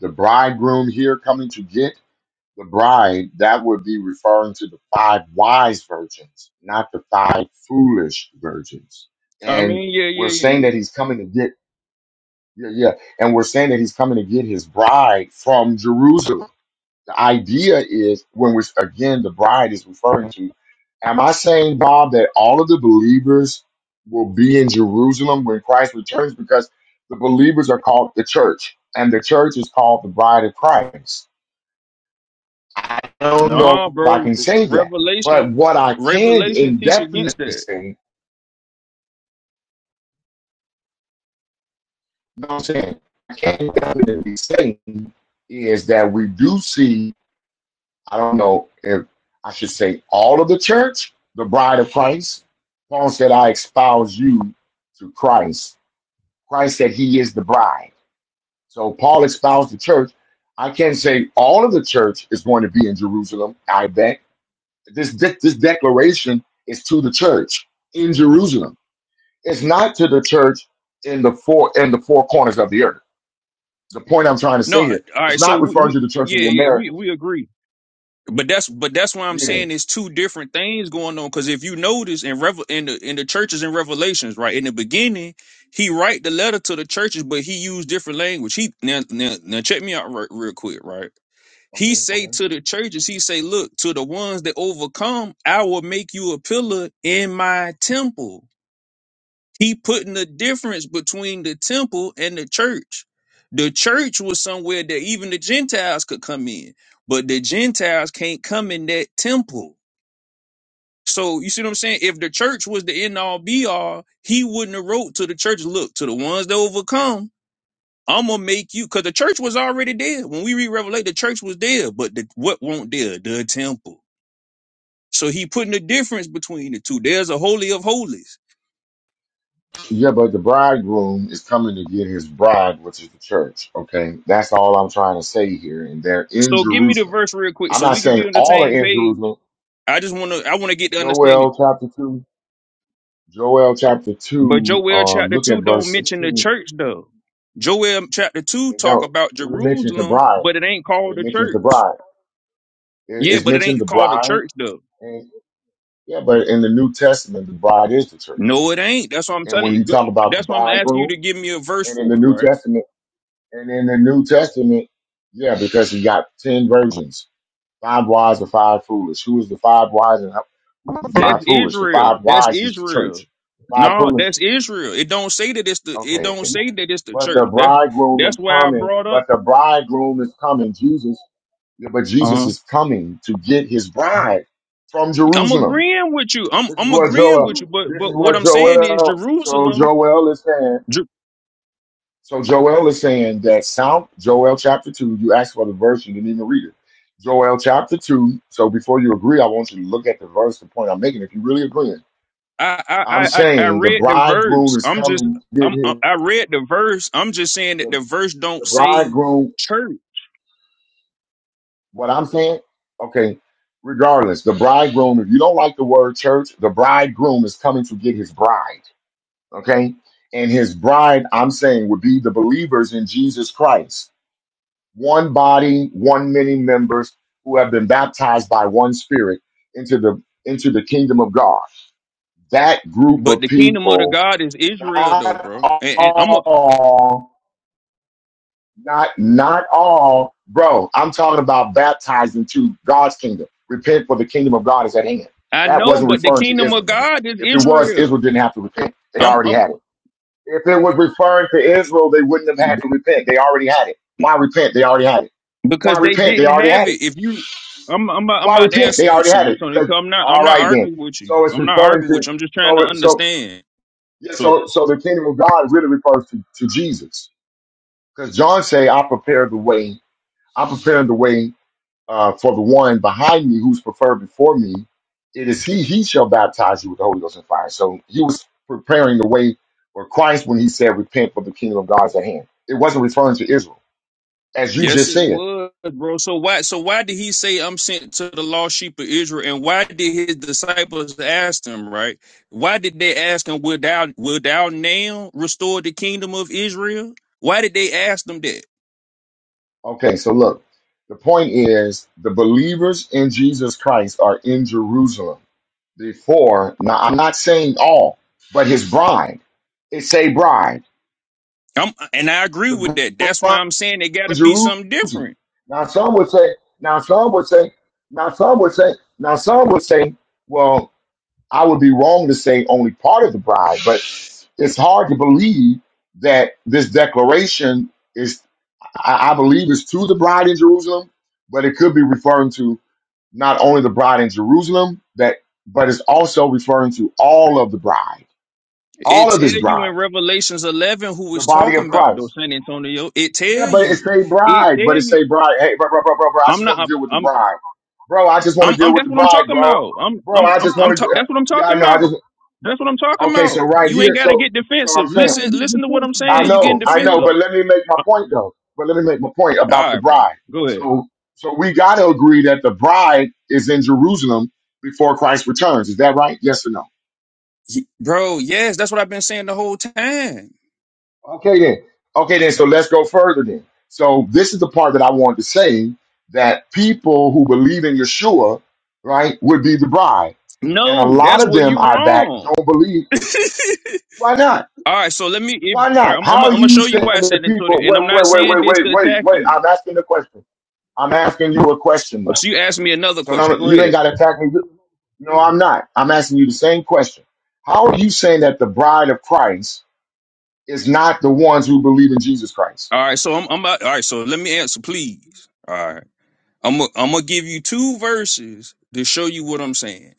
the bridegroom here coming to get. the bride, that would be referring to the five wise virgins, not the five foolish virgins. I And mean, yeah, we're yeah, saying yeah, that yeah. he's coming to get, yeah, yeah. And we're saying that he's coming to get his bride from Jerusalem. The idea is when we're, again, the bride is referring to, am I saying, Bob, that all of the believers will be in Jerusalem when Christ returns? Because the believers are called the church, and the church is called the bride of Christ I don't No, know if I bro, can say that, but Revelation, what I can Revelation teach against indefinitely that. say, you know what I'm saying, I can indefinitely say is that we do see, I don't know if I should say all of the church, the bride of Christ. Paul said, I espouse you to Christ. Christ said he is the bride. So Paul espoused the church. I can't say all of the church is going to be in Jerusalem, I bet. This, this, this declaration is to the church in Jerusalem. It's not to the church in the four in the four corners of the earth. The point I'm trying to No, say all here, it's right. So not we, referring we to the church of yeah, the yeah, we Americas. we agree. But that's but that's why I'm Yeah. saying there's two different things going on. Because if you notice in Revel in the in the churches and Revelations, right in the beginning, he write the letter to the churches, but he used different language. He now now, now check me out re- real quick, right? He Okay. say Okay. to the churches, he say, look to the ones that overcome, I will make you a pillar in my temple. He putting the difference between the temple and the church. The church was somewhere that even the Gentiles could come in, but the Gentiles can't come in that temple. So you see what I'm saying? If the church was the end all be all, he wouldn't have wrote to the church, look, to the ones that overcome, I'm gonna make you because the church was already dead. When we read Revelation, the church was dead, but the, what won't there? The temple. So he putting the difference between the two. There's a holy of holies. Yeah, but the bridegroom is coming to get his bride, which is the church. Okay, that's all I'm trying to say here, and they're in So give me the Jerusalem. verse real quick I'm so not we can saying be on the all are same in page Jerusalem. I just want to I want to get the understanding. Joel chapter two. Joel chapter But two. Joel Um, chapter look at two verse don't mention the sixteen. church though. Joel chapter two It talk don't. about It mentions the Jerusalem, bride. but it ain't called It the mentions the church. bride. It, Yeah, it's but it mentioned the ain't called the bride. church though. Yeah, but in the New Testament, the bride is the church. No, it ain't. That's what I'm And telling when you you. Go- talk about the That's what I'm asking you bridegroom, to give me a verse and in the for it, New right? Testament, and in the New Testament, yeah, because he got ten virgins, five wise and five foolish. Who is the five wise and who is the That's five foolish? The Israel. five That's wise is the Israel. church. The five No, foolish, that's Israel. It don't say that it's the. It okay. don't say that it's the But the church. That's bridegroom that's is why I coming. brought up. But the bridegroom is coming. Jesus, yeah, but Jesus Uh-huh. is coming to get his bride from I'm Jerusalem. agreeing with you. I'm This is I'm what agreeing with you. Joel. But This is but what what I'm saying is Joel. So Jerusalem. Joel is saying. So Joel is saying that South Joel chapter two. You asked for the verse, you didn't even read it. Joel chapter two. So before you agree, I want you to look at the verse. The point I'm making, if you really agreeing, I I I'm I I I saying the read the bridegroom verse. is I'm just coming. to get I'm I his- I read the verse. I'm just saying that The the verse the don't say bridegroom. church, What I'm saying. Okay. Regardless, the bridegroom. If you don't like the word church, the bridegroom is coming to get his bride. okay? And his bride, I'm saying, would be the believers in Jesus Christ. One body, one many members who have been baptized by one spirit into the into the kingdom of God. That group but of the kingdom of the people, God is Israel, though, not bro. And, and I'm a all, not not all, bro. I'm talking about baptized into God's kingdom. Repent for the kingdom of God is at hand. I That know, wasn't but the referring to kingdom Israel, of nigga. God is If it was, Israel. Israel didn't have to repent. They I'm already I'm had it. If it was referring to Israel, they wouldn't have had to repent. They already had it. Why repent? They already had it. Why because they repent? They didn't already have had it. it. If you I'm I'm about, I'm Why about to repent? answer They you, already San had it. Antonio. 'Cause- 'cause I'm not I'm all not right then. arguing with you. So it's I'm not referring arguing with to you. I'm just trying so to it- so understand. yeah, So, so so the kingdom of God really refers to, to Jesus. Because John say, I prepare the way. I'm preparing the way uh, for the one behind me who's preferred before me, it is he, he shall baptize you with the Holy Ghost and fire. So he was preparing the way for Christ when he said, Repent for the kingdom of God is at hand. It wasn't referring to Israel, as you Yes, just it said. was, bro. So why so why did he say I'm sent to the lost sheep of Israel? And why did his disciples ask him, right? Why did they ask him, Will thou will thou now restore the kingdom of Israel? Why did they ask them that? Okay, so look, the point is the believers in Jesus Christ are in Jerusalem. Before, now I'm not saying all, but his bride. It's a bride. I'm, and I agree with The that. That's bride. why I'm saying it gotta be Jerusalem. something different. Now some would say, now some would say, now some would say, now some would say, well, I would be wrong to say only part of the bride, but it's hard to believe that this declaration is, I, I believe, is to the bride in Jerusalem, but it could be referring to not only the bride in Jerusalem, that, but it's also referring to all of the bride, It all of tell His you in bride, Revelations eleven who the is body of talking about Christ. though, San Antonio. It Yeah, tell but it's you. a It bride. But tell it's you. a bride. Hey, bro, bro, bro, bro, bro. I I'm just want to not. deal with the I'm. bride, bro. I just want to I'm, deal I'm. with That's the what I'm bride, talking bro. about. I'm, Bro, I'm, I I'm. just I'm want ta- to. that's what I'm Yeah, I talking know. I just about. That's what I'm talking okay. So about. right You here. ain't got to So get so I'm defensive. You saying. Listen, listen to what I'm I saying. You getting know, I know, what defensive? but what let me make my Uh, point though. But let me make my point about All the right, bro. bride. Go ahead. So, so we got to agree that the bride is in Jerusalem before Christ returns. Is that right? Yes or no? Ye- Bro, yes, that's what I've been saying the whole time. Okay then. Okay then. So let's go further then. So this is the part that I wanted to say that people who believe in Yeshua, right, would be the bride, and a No, lot that's of where them you I back wrong. don't believe. Why not? All right, so let me. If, Why all right, not? I'm, I'm, How gonna- I'm are gonna you show you saying why I that said that, people? Tony. And I'm Wait, not wait, wait, saying wait, this wait, to wait, attack wait. you. I'm asking the question. I'm asking you a question Oh, though. So you asked me another So no, question. no, Go you ain't ahead. got to attack me. No, I'm not. I'm asking you the same question. How are you saying that the bride of Christ is not the ones who believe in Jesus Christ? All right, so I'm, I'm about. All right, so let me answer, please. All right. I'm gonna I'm gonna give you two verses to show you what I'm saying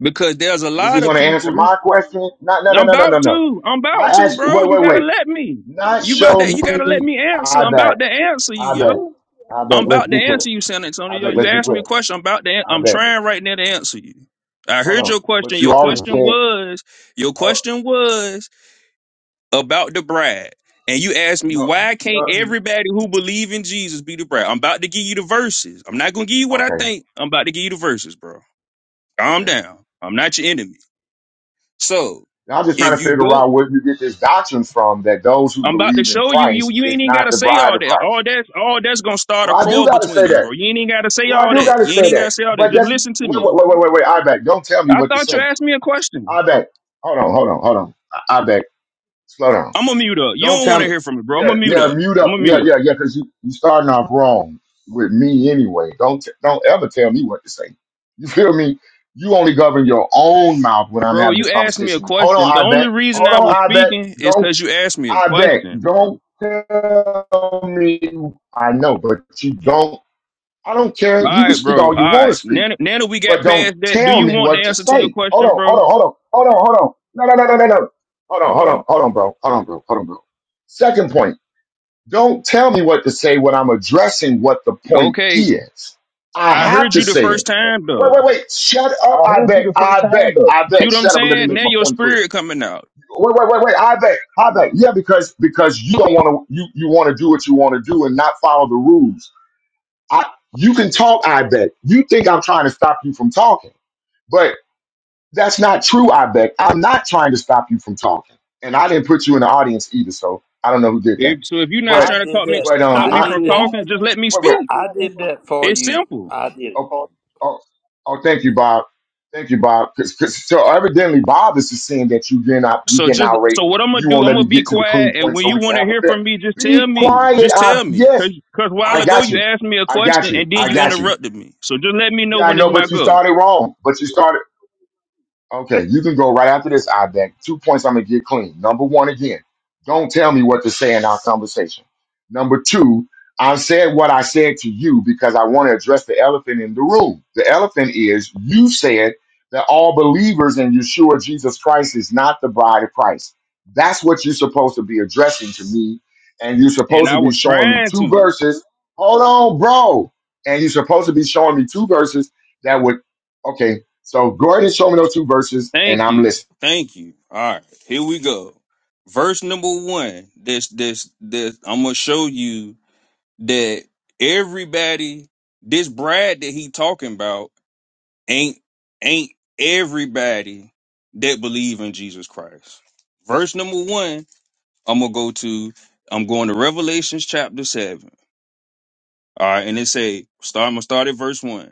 because there's a Is he lot of going to people answer who my question? No, no, no, I'm no, no, no, about no. to I'm about I to asked. bro Wait, you wait, gotta wait. let me Not you about show that you gotta me. let me answer I I'm about bet. to answer you I bet. yo I I'm bet. Let's about to be clear. answer you San I Antonio bet. you Let's be asked me a clear. question I'm about to an- I I'm bet. trying right now to answer you I Hold heard on. your question But you your already question said. was your Oh question was about the bride, and you ask me no. why can't No. everybody who believe in Jesus be the bride? I'm about to give you the verses. I'm not gonna give you what I Okay. think. I'm about to give you the verses, bro. Calm Okay. down. I'm not your enemy. So I'm just trying to if you figure go, out where you get this doctrine from that those who I'm about to believe in show you. You Christ you ain't is even not gotta the say bride all of that. All Christ. that all that's gonna start a Well, I do quarrel got to between say us, that. bro. You ain't even gotta say Well, I all do got that. to You ain't say even that. gotta say all that. But Just that's listen to wait, me. wait, wait, wait, wait, wait. I bet. Don't tell me I what to thought you say asked me a question. I bet. Hold on, hold on, hold on. I, I back. Slow down. I'm gonna mute up. You Don't don't tell want me. to hear from me, bro. I'm Yeah, gonna mute yeah. up. Mute I'm up. gonna mute Yeah, up. yeah, yeah. Because you you starting off wrong with me anyway. Don't t- don't ever tell me what to say. You feel me? You only govern your own mouth when I'm Bro, having a you asked me a conversation with. Hold question. on, The I only bet. reason Hold I on, was I bet. speaking is Don't because you asked me a I bet. question, bro. All Don't tell me. I know, but you don't. I don't care. You can right, speak bro. All all you want to right. speak Now, now that we but got don't past that, do tell you me want the what to answer to your say. Hold question, on, bro? hold on, hold on, hold on, hold on. No, no, no, no, no, no. Hold on, hold on, hold on, bro. Hold on, bro. Hold on, bro. Second point, don't tell me what to say when I'm addressing what the point Okay. is. I I have heard to you the say first it. time, Wait, though. wait, wait. Shut up. I bet. I bet. I See bet. what I'm Shut up and let me saying? make Now my your point clear. spirit coming out. Wait, wait, wait, wait. I bet. I bet. Yeah, because because you don't want to you you want to do what you want to do and not follow the rules. I you can talk, I bet. You think I'm trying to stop you from talking. That's not true, I beg. I'm not trying to stop you from talking. And I didn't put you in the audience either, so I don't know who did that. If, so if you're not I But trying to did talk me, that. but um stop If, I I me if from did you that. had talking, just let me wait wait. speak. I did that for It's you. simple. I did it. Oh oh oh thank you, Bob. Thank you, Bob. Cause, 'cause- so evidently Bob is just saying that you getting out you So getting just outraged. so what I'm gonna You do, won't I'm let me gonna be get to the clean quiet, and point when so you we can want to have a hear fair. from me, just tell Be me. quiet, Just I tell me, yes, cause cause a while I ago got you you. asked me a I got question you. and then I you got you. interrupted me. So just let me know Yeah, I when it's know, my but you go. started wrong. But you started. Okay, you can go right after this, I've Ibeck. Two points I'm going to get clean. Number one, again, don't tell me what to say in our conversation. Number two, I said what I said to you because I want to address the elephant in the room. The elephant is you said that all believers in Yeshua Jesus Christ is not the bride of Christ. That's what you're supposed to be addressing to me. And you're And supposed to I be was showing me trying two to. verses. Hold on, bro. And you're supposed to be showing me two verses that would, okay, so go ahead and show me those two verses, and Thank I'm you, listening. thank you. All right, here we go. Verse number one. This this this. I'm gonna show you that everybody. This Brad that he talking about. Ain't ain't everybody that believe in Jesus Christ. Verse number one, I'm gonna go to I'm going to Revelations chapter seven. All right, and it say start I'm gonna start at verse one.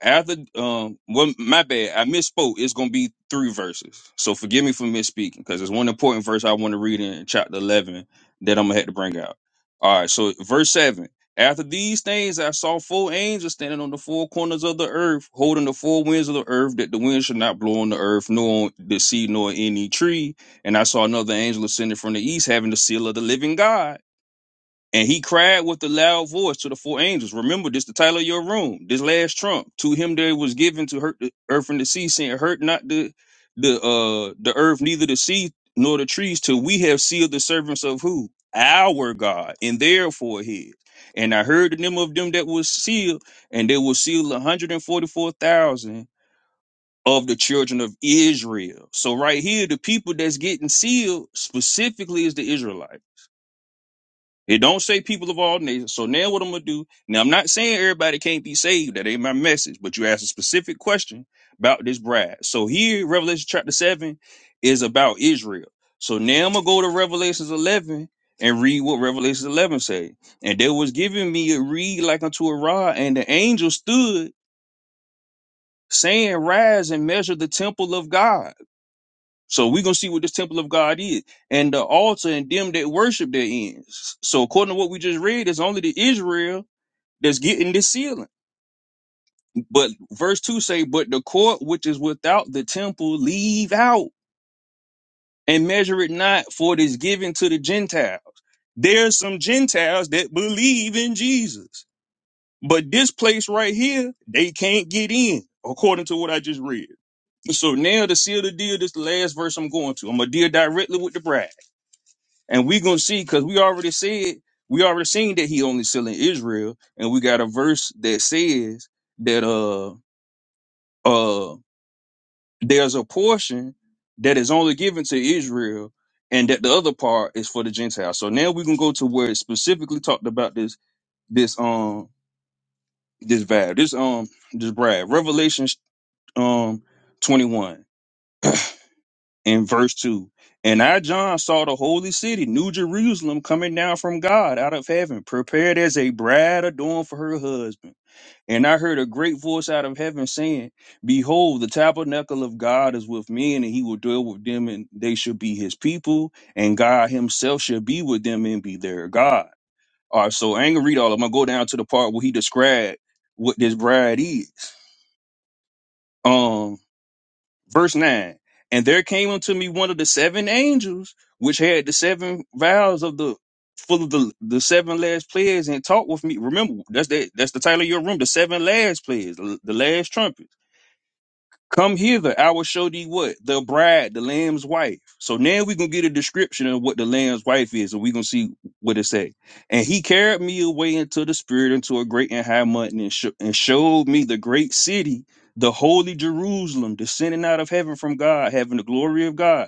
After um, well, my bad, I misspoke. It's gonna be three verses, so forgive me for misspeaking because there's one important verse I want to read in chapter eleven that I'm gonna have to bring out. All right, so verse seven. After these things, I saw four angels standing on the four corners of the earth, holding the four winds of the earth, that the wind should not blow on the earth, nor on the sea, nor any tree. And I saw another angel ascending from the east, having the seal of the living God. And he cried with a loud voice to the four angels. Remember, this the title of your room. This last trump to him that it was given to hurt the earth and the sea, saying, "Hurt not the the uh the earth, neither the sea nor the trees, till we have sealed the servants of who our God and therefore His." And I heard the name of them that was sealed, and they were sealed one hundred and forty four thousand of the children of Israel. So right here, the people that's getting sealed specifically is the Israelites. It don't say people of all nations. So now what I'm gonna do? Now I'm not saying everybody can't be saved. That ain't my message. But you asked a specific question about this bride. So here, Revelation chapter seven is about Israel. So now I'm gonna go to Revelations 11 and read what Revelation 11 say. And there was given me a reed like unto a rod, and the angel stood saying, Rise and measure the temple of God so we're gonna see what this temple of God is, and the altar and them that worship therein. So according to what we just read, it's only the Israel that's getting this sealing. But verse two say, "But the court which is without the temple, leave out and measure it not, for it is given to the Gentiles." There's some Gentiles that believe in Jesus, but this place right here, they can't get in, according to what I just read. So now to seal the deal, this is the last verse I'm going to. I'm gonna deal directly with the bride. And we gonna see because we already said we already seen that he only selling Israel, and we got a verse that says that uh uh there's a portion that is only given to Israel, and that the other part is for the Gentiles. So now we can go to where it specifically talked about this this um this vow this um this bride Revelation um twenty one. in verse 2. And I, John, saw the holy city, New Jerusalem, coming down from God out of heaven, prepared as a bride adorned for her husband. And I heard a great voice out of heaven saying, Behold, the tabernacle of God is with men, and he will dwell with them, and they shall be his people, and God himself shall be with them and be their God. All right, so I ain't gonna read all of them. i go down to the part where he described what this bride is. Um, verse 9 and there came unto me one of the seven angels which had the seven vials of the full of the, the seven last plagues, and talked with me remember that's that that's the title of your room the seven last plagues, the, the last trumpet Come hither, I will show thee what? The bride, the lamb's wife. So now we going to get a description of what the lamb's wife is, and we going to see what it say. And he carried me away into the spirit, into a great and high mountain, and, sho- and showed me the great city, the holy Jerusalem, descending out of heaven from God, having the glory of God.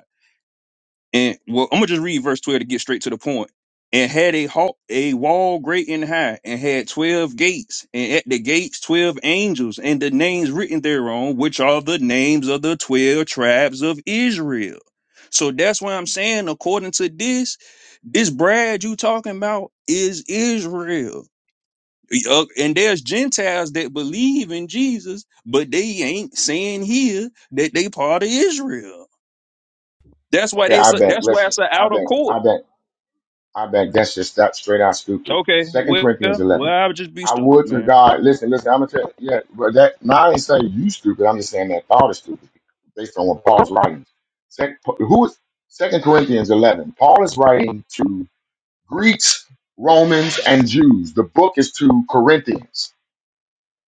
And well, I'm gonna just read verse 12 to get straight to the point. And had a halt, a wall great and high, and had twelve gates, and at the gates twelve angels, and the names written thereon, which are the names of the twelve tribes of Israel. So that's why I'm saying, according to this, this Brad you talking about is Israel. Uh, and there's Gentiles that believe in Jesus, but they ain't saying here that they part of Israel. That's why Okay, they I say bet. that's why Listen, it's an I outer bet. court. I bet. I bet. That's just that straight out stupid. Okay, Second well, Corinthians well, eleven. I would just be I stupid, would to man. God. Listen, listen. I'm gonna tell. Yeah, but that. Now I ain't saying you stupid. I'm just saying that thought is stupid based on what Paul's writing. Second, who is Second Corinthians eleven? Paul is writing to Greeks, Romans, and Jews. The book is to Corinthians.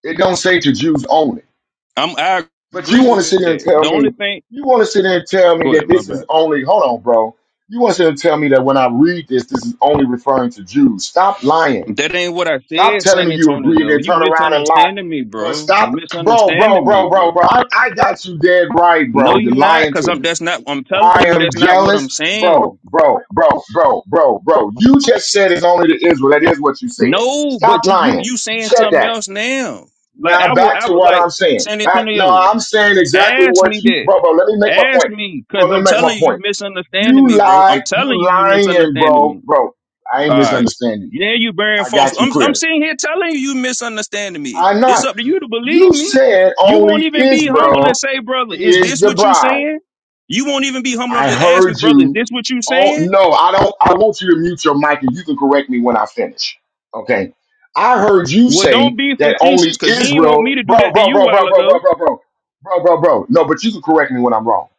It don't say to Jews only. I'm, I But you agree want with to sit there and that. tell The me, only thing, you want to sit there and tell me go that ahead, my this is bad. only, hold on, bro. You want to sit there and tell me that when I read this, this is only referring to Jews. Stop lying. That ain't what I Stop said, telling San me you agree and Antonio. then You turn around and lie. misunderstanding me, But bro. You stop, bro, bro, misunderstanding me, bro, bro, bro. bro. I, I got you dead right, No, bro. You're you not, lying cause to I'm. me. That's not. I'm telling I you, am that's not what I'm jealous, bro, saying. bro, bro, bro, bro, bro. You just said it's only to Israel. That is what you said. No, Stop but you, you, lying. you You saying said something that. else now. Like Now I would, back I to would what like I'm saying. San Back, no, Antonio. I'm saying exactly Ask what me you, that. bro, bro. Let me make my Ask point, me, bro. cause Let me I'm make my telling you, you point. misunderstanding You me, bro. lied, I'm you telling you, you lying, misunderstanding bro, me. bro. I ain't All right. misunderstanding. you. Yeah, you bearing I false. got you I'm I'm clear. sitting here telling you you misunderstanding me. I'm It's not. up to you to believe You me. said You won't only even be humble and Israel say, brother, is is this the what you bride. saying? You won't even be humble enough I to ask me, heard brother, is you. this what you Oh saying? no, I don't. I want you to mute your mic, and you can correct me when I finish. Okay. I heard you Well, say don't be that facetious, only cause you ain't want Israel, me to bro, do that to bro, you a bro, while bro, bro, ago. bro, bro, bro, bro, bro, bro. No, but you can correct me when I'm wrong.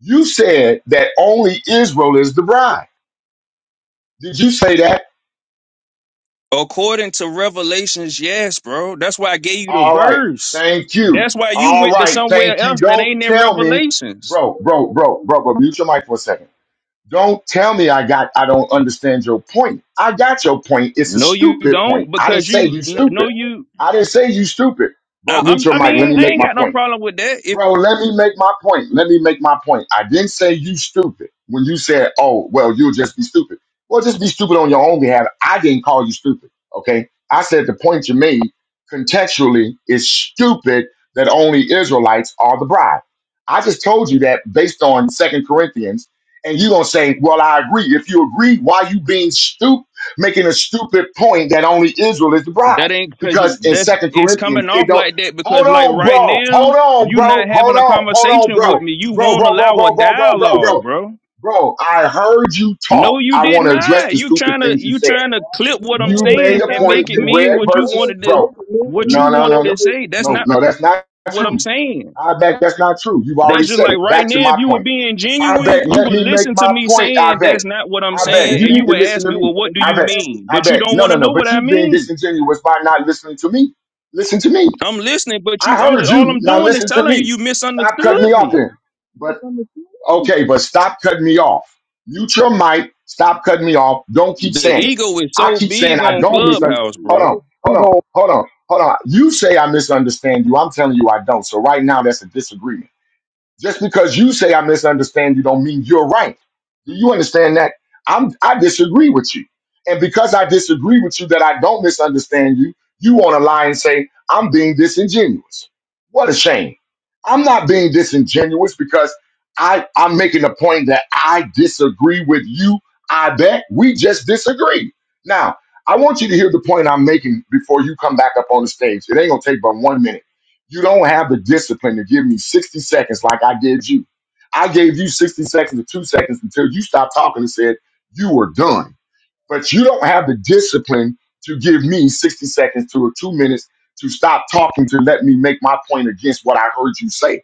You said that only Israel is the bride. Did you say that? According to Revelations, yes, bro. That's why I gave you the All right. verse. Thank you. That's why you All went to right. somewhere Thank you. else that Don't ain't in tell me, Revelations. bro, bro, bro, bro, bro. Mute your mic for a second. Don't tell me I got I don't understand your point. I got your point. It's a No, you stupid point. don't, I didn't because say you you no stupid. no, you I didn't say you stupid. I, Bro, I'm, mute your I mic. Let mean, me I make ain't my got no point. problem with that. If Bro, let me make my point. Let me make my point. I didn't say you stupid when you said, oh, well, you'll just be stupid. Well, just be stupid on your own behalf. I didn't call you stupid. Okay. I said the point you made contextually is stupid that only Israelites are the bride. I just told you that based on Second Corinthians. And you're going to say, well, I agree. If you agree, why you being stupid, making a stupid point that only Israel is the bride? that ain't because Because you, in that Second it's Corinthians, coming it off don't. like that Hold because like on, right bro. now Hold on, you bro. not Hold having a on. Hold on, conversation bro. with me. You Bro, won't bro, bro, allow a bro, bro, bro, bro, bro. dialogue, bro. Bro, I heard you talk. No, you I did want to address not. the You stupid trying to things you you said. trying to clip what I'm You made saying a and point. make it You mean read what you verses, wanted to bro. what No, you no, no, wanted no, to say. That's no, not no. That's not what true. I'm saying. I bet that's not true. You've That's already just said like it. right Back to now. If my you were point. being I genuine, bet. you Let would me make listen to my me point. I saying bet. that's not what I'm I bet. saying, You and need you to what would listen ask me, to me. well, what do I bet. you mean? I But you bet. don't No, want no, to no. know what But I you being mean. disingenuous by not listening to me. Listen to me. I'm listening, but I you, I'm heard just all you. I'm Now doing is listen to telling you me. you Stop misunderstood cutting me off me. then. But okay, but stop cutting me off. Mute your mic. Stop cutting me off. Don't keep The saying it. ego is I so keep saying big I on don't misunderstand. Clubhouse, Hold bro. on, hold on, hold on, hold on. You say I misunderstand you. I'm telling you I don't. So right now that's a disagreement. Just because you say I misunderstand you don't mean you're right. Do you understand that? I'm I disagree with you. And because I disagree with you that I don't misunderstand you, you want to lie and say, I'm being disingenuous. What a shame. I'm not being disingenuous because I, I'm making the point that I disagree with you. I bet we just disagree. Now, I want you to hear the point I'm making before you come back up on the stage. It ain't gonna take but one minute you don't have the discipline to give me 60 seconds like I gave you. I gave you 60 seconds or two seconds until you stopped talking and said you were done. But you don't have the discipline to give me 60 seconds to a two minutes to stop talking to let me make my point against what I heard you say.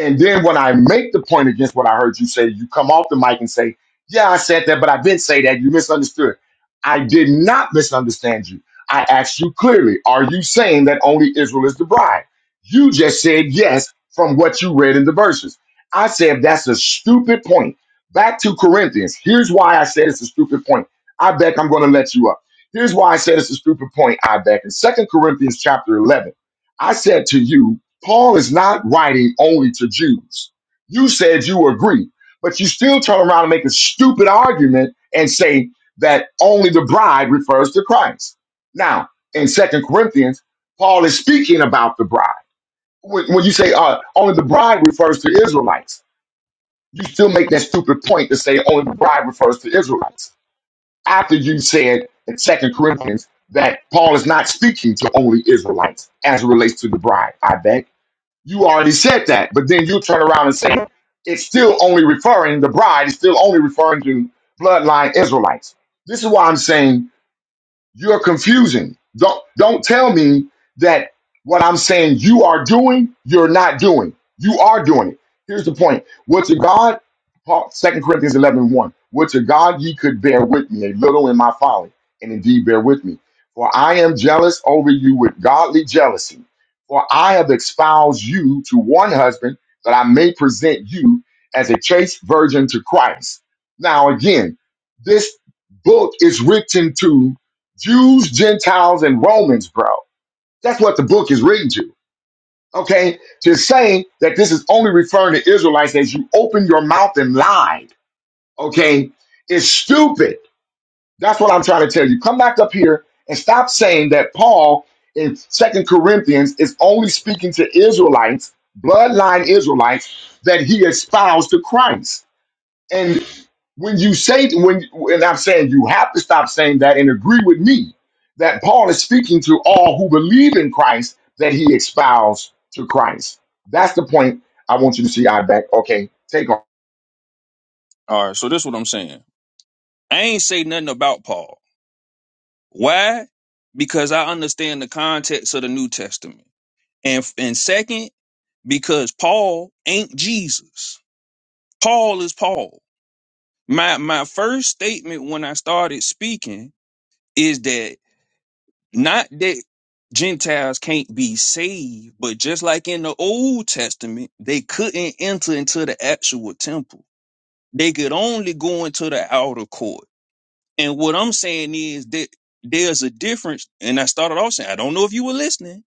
And then when I make the point against what I heard you say, you come off the mic and say, Yeah, I said that, but I didn't say that. You misunderstood. I did not misunderstand you. I asked you clearly, Are you saying that only Israel is the bride? You just said yes from what you read in the verses. I said that's a stupid point. Back to Corinthians. Here's why I said it's a stupid point. I bet I'm going to let you up. Here's why I said it's a stupid point. I bet in Second Corinthians chapter 11, I said to you. Paul is not writing only to Jews. You said you agree, but you still turn around and make a stupid argument and say that only the bride refers to Christ. Now, in Second Corinthians, Paul is speaking about the bride. When, when you say uh, only the bride refers to Israelites, you still make that stupid point to say only the bride refers to Israelites. After you said in Second Corinthians that Paul is not speaking to only Israelites as it relates to the bride, I bet. You already said that, but then you turn around and say it's still only referring, the bride is still only referring to bloodline Israelites. This is why I'm saying you're confusing. Don't don't tell me that what I'm saying you are doing, you're not doing. You are doing it. Here's the point. What to God, Paul, 2 Corinthians eleven one. 1. What to God ye could bear with me a little in my folly, and indeed bear with me. For I am jealous over you with godly jealousy. For I have espoused you to one husband, that I may present you as a chaste virgin to Christ. Now again, this book is written to Jews, Gentiles, and Romans, bro. That's what the book is written to. Okay? To say that this is only referring to Israelites as you opened your mouth and lied, okay, is stupid. That's what I'm trying to tell you. Come back up here and stop saying that Paul in Second Corinthians is only speaking to Israelites, bloodline Israelites, that he espoused to Christ when you say when and I'm saying you have to stop saying that and agree with me that Paul is speaking to all who believe in Christ that he espoused to Christ. That's the point I want you to see. I back. Okay, take on. All right, so this what I'm saying. I ain't say nothing about Paul. Why? Because I understand the context of the New Testament, and and second, because Paul ain't Jesus. Paul is Paul. My my first statement when I started speaking is that. Not that Gentiles can't be saved, but just like in the Old Testament, they couldn't enter into the actual temple. They could only go into the outer court. And what I'm saying is that there's a difference. And I started off saying, I don't know if you were listening.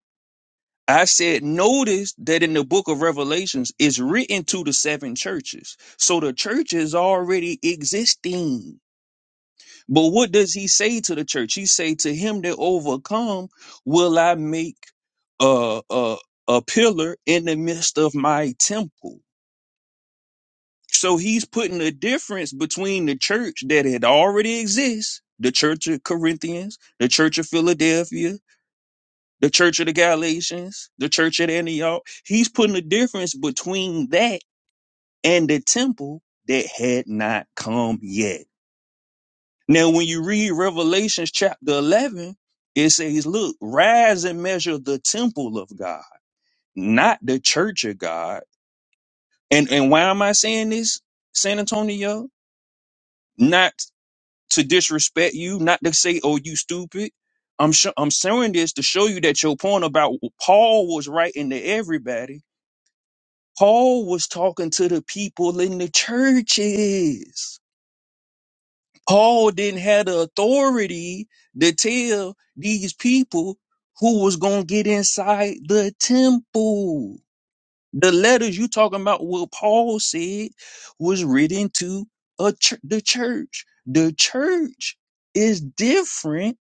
I said, notice that in the book of Revelations, it's written to the seven churches. So the church is already existing but what does he say to the church? He say to him that overcome, will I make a a, a pillar in the midst of my temple? So he's putting a difference between the church that had already exists, the church of Corinthians, the church of Philadelphia, the church of the Galatians, the church at Antioch. He's putting a difference between that and the temple that had not come yet. Now, when you read Revelations chapter 11, it says, look, rise and measure the temple of God, not the church of God. And, and why am I saying this, San Antonio? Not to disrespect you, not to say, oh, you stupid. I'm sure I'm saying this to show you that your point about Paul was writing to everybody. Paul was talking to the people in the churches. Paul didn't have the authority to tell these people who was going to get inside the temple. The letters you talking about, what Paul said was written to a chur- the church. The church is different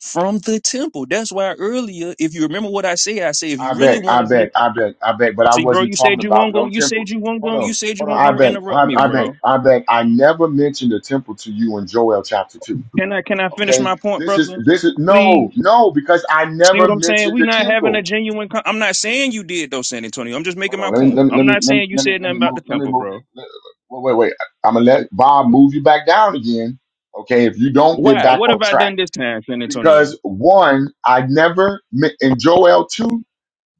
from the temple. That's why earlier, if you remember what I say, I say if I you really back. want I to be, back. I back. I back. But I see, bro, wasn't you talking said you about won't go, no you temple. said you won't Hold go, you on. said you Hold on. won't I go back. interrupt I, me, I back. bro. I back. I never mentioned the temple to you in Joel chapter two. Can I can I finish Okay. my point, This is brother? this is Please. no no because I See never what I'm saying? mentioned We the not temple. having a genuine. Con- I'm not saying you did though, San Antonio. I'm just making Hold my on. Let me let point. me I'm let me not let me saying you let me, said let nothing me about move. the Let me temple, move. You. bro. let- Wait, wait, wait. I'm gonna let Bob move you back down again. Okay, if you don't get Why? back What on have I track, done this time, San Antonio? because one, I never met in Joel two,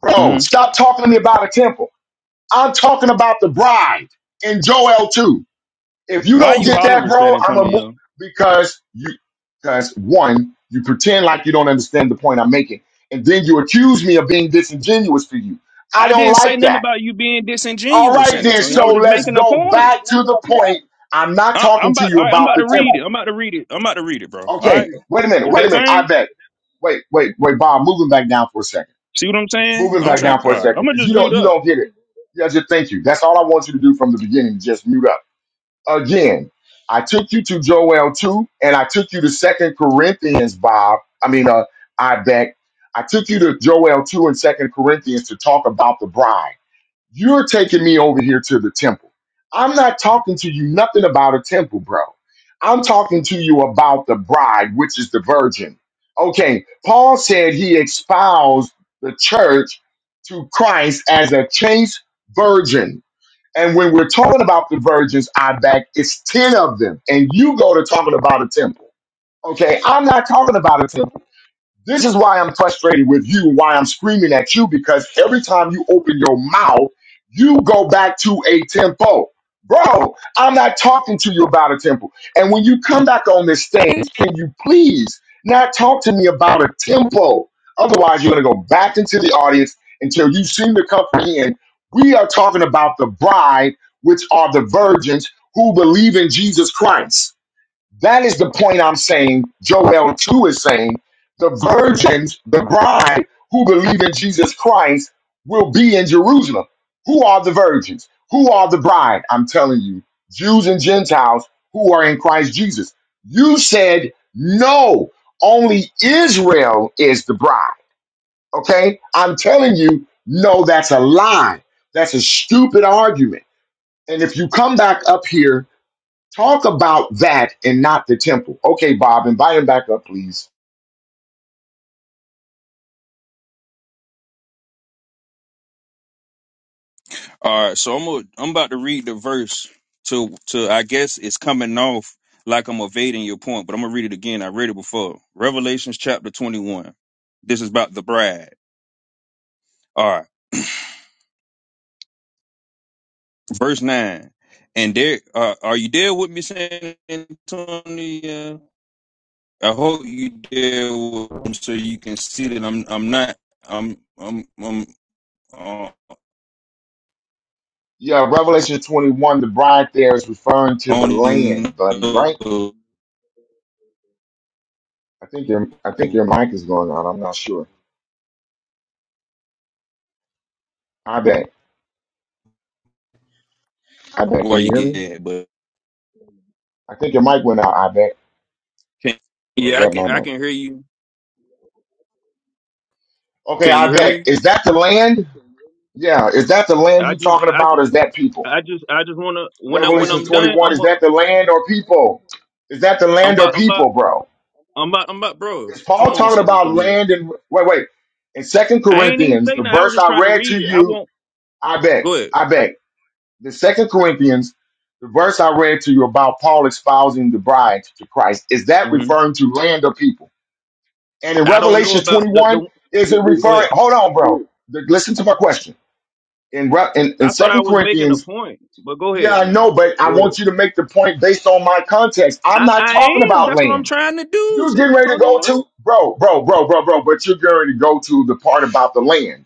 bro, hmm stop talking to me about a temple. I'm talking about the bride in Joel two. If you Why don't you get that, hollering, San bro, I'm gonna move Antonio? because you because one, you pretend like you don't understand the point I'm making, and then you accuse me of being disingenuous to you. I I don't didn't say like nothing that. about you being All disingenuous, right, San then. Antonio. I So was just let's making a go point. back to the point. I'm not I- I'm talking to about. All you right, I'm about about the to read it. temple. I'm about to read it. I'm about to read it, bro. All Okay, right, wait a minute. is Wait a that minute. I fine? bet. Wait, wait, wait, Bob. Moving back down for a second. See what I'm saying? Moving I'm back down trying. for a All right, I'm second gonna because you just mute don't you up. don't get it. Yeah, just thank you. That's all I want you to do from the beginning. Just mute up. Again, I took you to Joel two, and I took you to Second Corinthians, Bob. I mean, uh, I bet. I took you to Joel two and Second Corinthians to talk about the bride. You're taking me over here to the temple. I'm not talking to you nothing about a temple, bro. I'm talking to you about the bride, which is the virgin. Okay, Paul said he espoused the church to Christ as a chaste virgin. And when we're talking about the virgins, I back, it's 10 of them. And you go to talking about a temple. Okay, I'm not talking about a temple. This is why I'm frustrated with you why I'm screaming at you because every time you open your mouth, you go back to a tempo. Bro, I'm not talking to you about a tempo. And when you come back on this stage, can you please not talk to me about a tempo? Otherwise, you're going to go back into the audience until you seem to comprehend. We are talking about the bride, which are the virgins who believe in Jesus Christ. That is the point I'm saying. Joel 2 is saying the virgins, the bride who believe in Jesus Christ will be in Jerusalem. Who are the virgins? Who are the bride? I'm telling you, Jews and Gentiles who are in Christ Jesus. You said no, only Israel is the bride. Okay? I'm telling you, no, that's a lie. That's a stupid argument. And if you come back up here Talk about that and not the temple. Okay, Bob, invite him back up, please. All right, so I'm a, I'm about to read the verse to to I guess it's coming off like I'm evading your point, but I'm gonna read it again. I read it before. Revelations chapter 21. This is about the bride. All right, verse nine. And there, uh, are you there with me, San Antonio? I hope you there with me so you can see that I'm I'm not I'm I'm I'm uh, Yeah, Revelation 21, the bride there is referring to I the don't even land, buddy, right? know I think your I think your mic is going out. I'm not sure. I bet. I bet. why Can you you hear get me? that, but I think your mic went out, I bet. can, Or is yeah, I that my can I mic? can hear you. Okay, Can you I hear bet. me? Is that the land? Yeah, is that the land I you just, talking I about? or just, Is that people? I just, I just wanna when I when Revelation I'm done, 21, I'm is a, that the land or people? Is that the I'm land or about, I'm about, people, bro? I'm about, I'm about, bro. Is Paul Come on, talking San about Antonio. land and wait, wait. In Second I ain't even Corinthians, say the nothing. I was verse just I trying to read read to it. I you, won't. I bet, Go ahead. I bet. The Second Corinthians, the verse I read to you about Paul espousing the bride to Christ, is that hmm referring to land or people? And in I don't know Revelation about the, 21, the. is it Go referring? ahead. Hold on, bro. The- listen to my question. In, Re- in I in thought I Second was making a Corinthians, point, but go yeah, ahead, I know, man. but I Go want ahead. you to make the point based on my context. I'm I, not I talking am. about That's what I'm land. trying to do, You're San getting ready to go Antonio. to, bro, bro, bro, bro, bro, but you're going to go to the part about the land.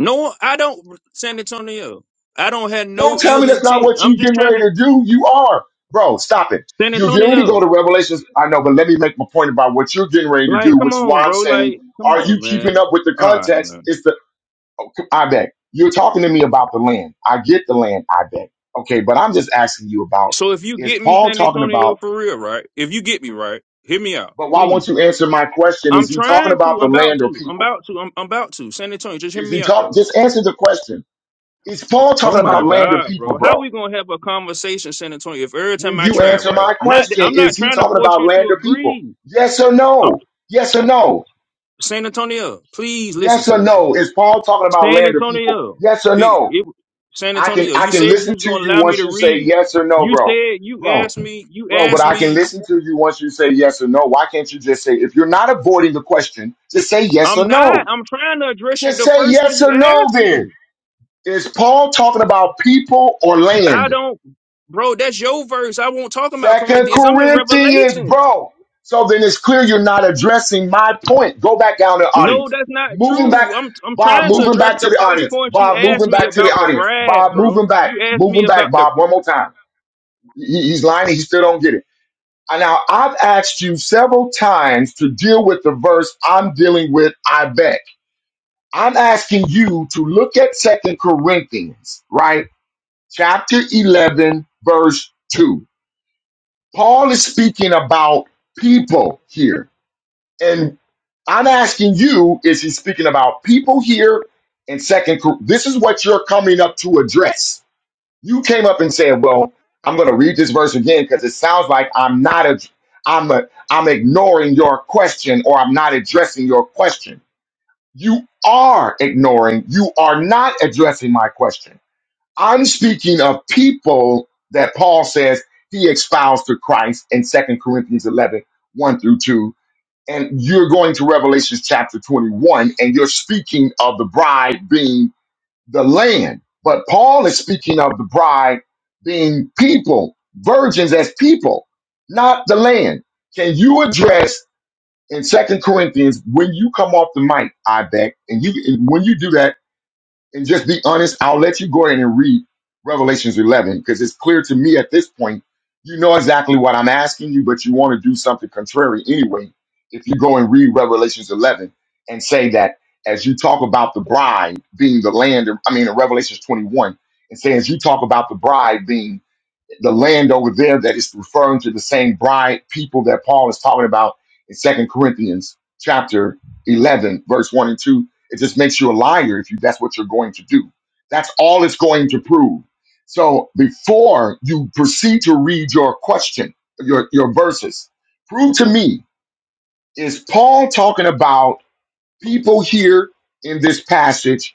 No, I don't, San Antonio. I don't have Don't no tell me ill that's not intent. what you're I'm just getting trying ready to, to do. You are, bro, stop it. San You're getting ready to go to Antonio. Revelations. I know, but let me make my point about what you're getting ready to Like, do, come which is why on, I'm bro. saying, Like, come are you on, keeping man. up with the All right, context? man. It's the, okay, I bet. You're talking to me about the land. I get the land, I bet. Okay, but I'm just asking you about, So if you is get me Paul San talking Antonio about, for real, right? If you get me right, hear me out, but why please. won't you answer my question? Is I'm he talking trying about to. the I'm about land or to. I'm people? about to. I'm, I'm about to. San Antonio, just hear Is he me out, talking, though. just answer the question. Is Paul Oh talking my about land or God, people, bro. How bro? we gonna have a conversation, San Antonio? If every time When I you try, answer right? my Not. that- question, I'm not is he trying to talking force about you land to or people? agree. Yes or I'm no? Yes or no? San Antonio. Please listen Yes to or me, bro. no? Is Paul talking about San land or people? Antonio. Yes or Be, no? it, San I can Antonio, I you can said you listen was to gonna you allow me once to you say read. yes or no, You bro. said you Bro, asked me. You bro, but asked I can me. listen to you once you say yes or no. Why can't you just say if you're not avoiding the question, just say yes or I'm not. no. I'm trying to address you. Just The say first one yes you or no asked then. me. Is Paul talking about people or land? I don't, bro. That's your verse. I won't talk about Second Corinthians. I'm in Corinthians, Revelations. bro. So then it's clear you're not addressing my point. Go back down to the No, audience. that's not Moving back, true. I'm I'm Bob, trying to moving address back to the the first audience. point you Bob, asked moving me back to the about the audience. bride, Bob, moving bro. back, You asked me moving about back, the. Bob, one more time. He- he's lying, he still don't get it. And Now, I've asked you several times to deal with the verse I'm dealing with, I bet. I'm asking you to look at Second Corinthians, right? Chapter 11, verse 2 Paul is speaking about people here. And I'm asking you, is he speaking about people here in second Cor- this is what you're coming up to address. You came up and said, Well, I'm gonna read this verse again because it sounds like I'm not a I'm a I'm ignoring your question or I'm not addressing your question. You are ignoring, you are not addressing my question. I'm speaking of people that Paul says he espoused to Christ in Second Corinthians eleven one through 2. And you're going to Revelation chapter 21, and you're speaking of the bride being the land. But Paul is speaking of the bride being people, virgins as people, not the land. Can you address in Second Corinthians when you come off the mic, I beg, and you and when you do that? and just be honest, I'll let you go in and read Revelations 11 because it's clear to me at this point. You know exactly what I'm asking you, but you want to do something contrary anyway. If you go and read Revelations 11 and say that as you talk about the bride being the land, I mean, in Revelations 21, and say as you talk about the bride being the land over there that is referring to the same bride people that Paul is talking about in Second Corinthians chapter 11, verse 1 and 2. It just makes you a liar if you that's what you're going to do. That's all it's going to prove. So before you proceed to read your question, your, your verses, prove to me, is Paul talking about people here in this passage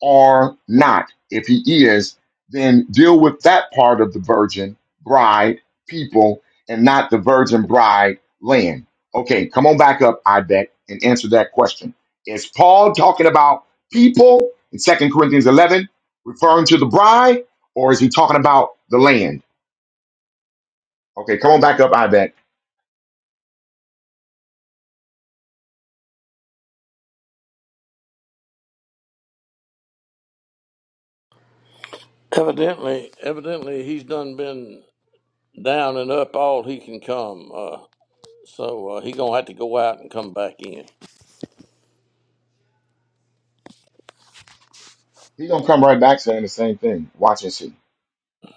or not. If he is, then deal with that part of the virgin bride people and not the virgin bride land. Okay, come on back up, I bet, and answer that question. Is Paul talking about people in Second Corinthians 11, referring to the bride, or is he talking about the land? Okay, come on back up, I bet. Evidently, evidently, he's done been down and up all he can come. Uh, so uh, he gonna have to go out and come back in. He's going to come right back saying the same thing. Watch and see.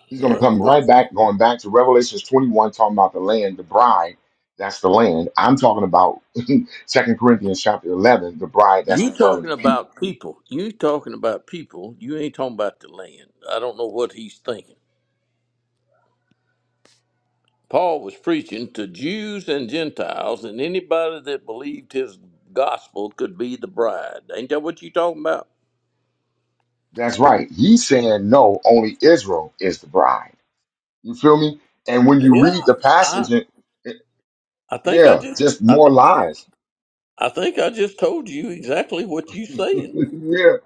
He's going to Yeah. come right back, going back to Revelations 21, talking about the land, the bride. That's the land. I'm talking about Second Corinthians chapter 11, the bride that's You referring talking to people. about people? You talking about people? You ain't talking about the land. I don't know what he's thinking. Paul was preaching to Jews and Gentiles, and anybody that believed his gospel could be the bride. Ain't that what you talking about? That's right. He's saying, no, only Israel is the bride. You feel me? And when you Yeah, read the I passage, it, it- I think I yeah, just just I, more th- lies. I think I just told you exactly what you saying. yeah,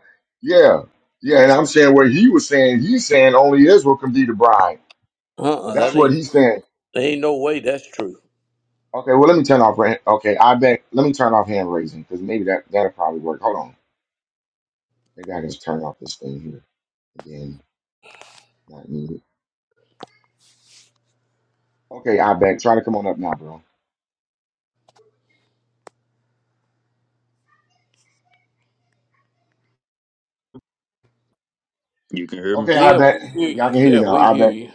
yeah, yeah. And I'm saying what he was saying, he's saying only Israel can be the bride. Uh-uh, That's that what ain't he's saying. there ain't no way that's true. Okay, well, let me turn off. ra- Okay, I bet. Let me turn off hand raising because maybe that that'll probably work. Hold on. Maybe I can just turn off this thing here again. Not needed. Okay, I bet. Try to come on up now, bro. You can hear me. Okay, I Yeah, bet. we hear you. Y'all can hear you Yeah, now. we I hear bet. you.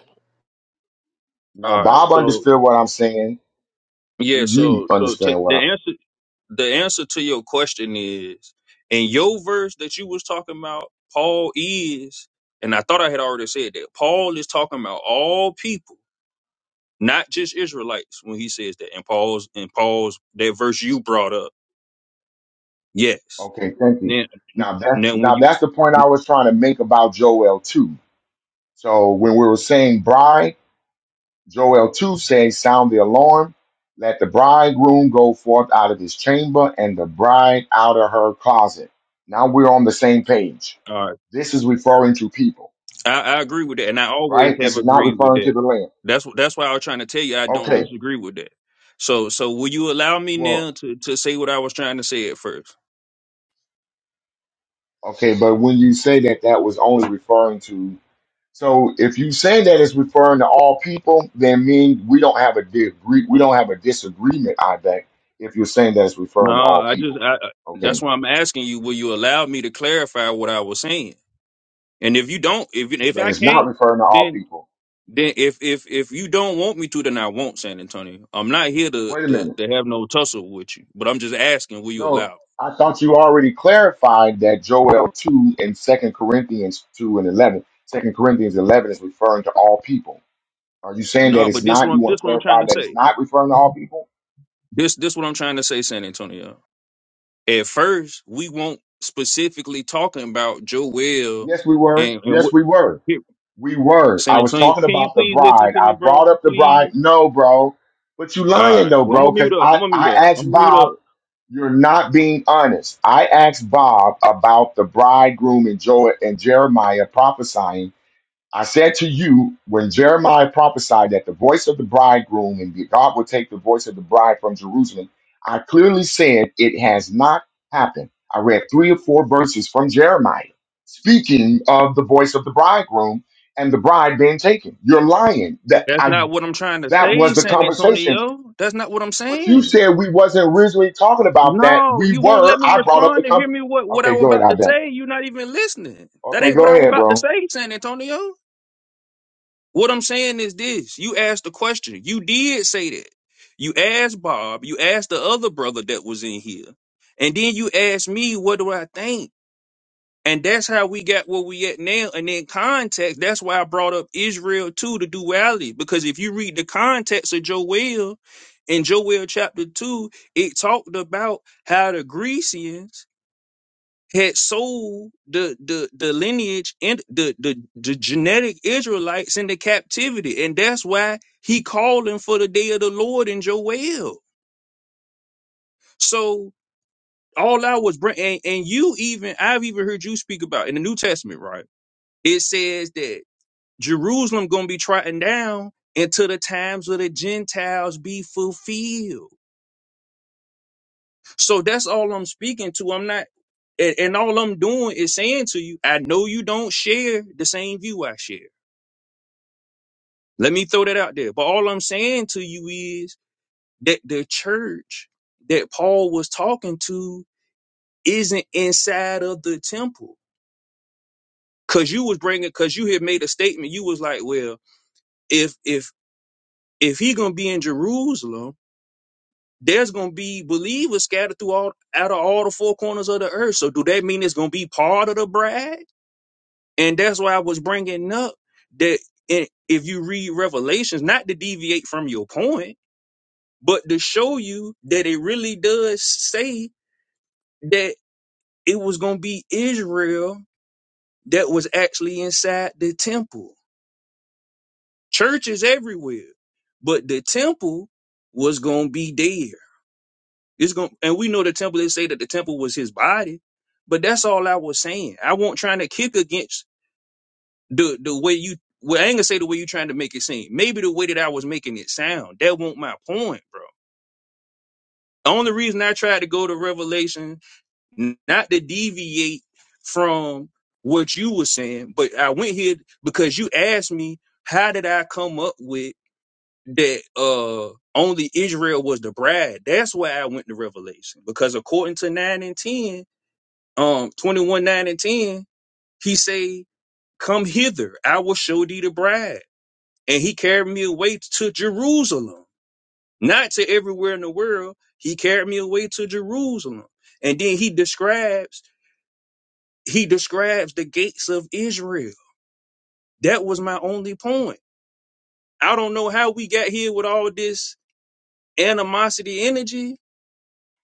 Now, All right. Bob So understood what I'm saying. Do yeah. you So so to, understand what the answer. the answer to your question is in your verse that you was talking about paul is and i thought i had already said that paul is talking about all people not just israelites when he says that and paul's and paul's that verse you brought up I'm? yes Okay, thank you. then Now that now when now you that's the point I was trying to make about Joel too. So when we were saying bride. Joel 2 says, Sound the alarm. Let the bridegroom go forth out of his chamber and the bride out of her closet. Now we're on the same page. all right This is referring to people, I, I agree with that and i always right? This have is not agreed with referring to that the land. that's wh- that's why i was trying to tell you i don't Okay, disagree with that so so will you allow me well, now to to say what i was trying to say at first okay, but when you say that, that was only referring to. So if you say that it's referring to all people, then mean we don't have a degree, we don't have a disagreement on that. If you're saying that it's No, referring to all I just people, I, that's okay, why I'm asking you. Will you allow me to clarify what I was saying? And if you don't, if if that I is not can't, referring to all then people. then if if if you don't want me to, then I won't, San Antonio. I'm not here to Wait a to, minute. to have no tussle with you. But I'm just asking, will you allow? No, me? I thought you already clarified that Joel 2 and Second Corinthians 2 and 11. 2 Corinthians 11 is referring to all people. Are you saying that No, it's but this not? You one want to this what I'm trying clarify to that it's say. not referring to all people? This this what I'm trying to say, San Antonio. At first, we won't specifically talking about Joel Yes, we were. and and Yes, what. we were. Here, We were. I San was Antonio, talking can you about the please listen bride. to I me, bro? brought up the Please. bride. No, bro. But you All lying right. though, Well, I'm bro, gonna because mute up. I, I'm gonna mute I up. I'm asked gonna mute up. Bob, you're not being honest. I asked Bob about the bridegroom and Joel and Jeremiah prophesying I said to you, when Jeremiah prophesied that the voice of the bridegroom and God will take the voice of the bride from Jerusalem, I clearly said it has not happened. I read three or four verses from Jeremiah speaking of the voice of the bridegroom and the bride being taken. You're lying. That That's I not what I'm trying to that say, was the San conversation. Antonio. That's not what I'm But you saying. said we wasn't originally talking about that. No, We you won't were. let me I brought up the respond to com- hear me what what I Okay, was go ahead, about I to bet. say. You're not even listening. That Okay, ain't what go I was ahead, about to bro. say, San Antonio. What I'm saying is this: you asked the question. You did say that. You asked Bob. You asked the other brother that was in here, and then you asked me, "What do I think?" And that's how we got where we at now. And in context, that's why I brought up Israel too, the duality. Because if you read the context of Joel, in Joel chapter 2, it talked about how the Grecians had sold the the, the lineage and the, the the genetic Israelites into captivity. And that's why he calling for the day of the Lord in Joel. So all I was bringing, and, and you even, I've even heard you speak about in the New Testament, right? It says that Jerusalem gonna be trodden down until the times of the Gentiles be fulfilled. So that's all I'm speaking to. I'm not, and, and all I'm doing is saying to you, I know you don't share the same view I share. Let me throw that out there. But all I'm saying to you is that the church that Paul was talking to isn't inside of the temple. Cause you was bringing, cause you had made a statement. You was like, well, if if if he gonna be in Jerusalem there's going to be believers scattered through all out of all the four corners of the earth. So do that mean it's going to be part of the bride? And that's why I was bringing up that i- if you read Revelations, not to deviate from your point, but to show you that it really does say that it was going to be Israel that was actually inside the temple. Churches everywhere, but the temple was going to be there. It's going and we know the temple, they say that the temple was his body. But that's all I was saying. I won't trying to kick against the the way you well, I ain't gonna say the way you trying to make it seem. Maybe the way that I was making it sound. That won't my point, bro. The only reason I tried to go to Revelation, n- not to deviate from what you were saying, but I went here because you asked me how did I come up with that uh only Israel was the bride. That's why I went to Revelation. Because according to 9 and 10, um 21 9 and 10 he say come hither i will show thee the bride and he carried me away to jerusalem not to everywhere in the world he carried me away to jerusalem and then he describes he describes the gates of israel that was my only point i don't know how we got here with all this animosity energy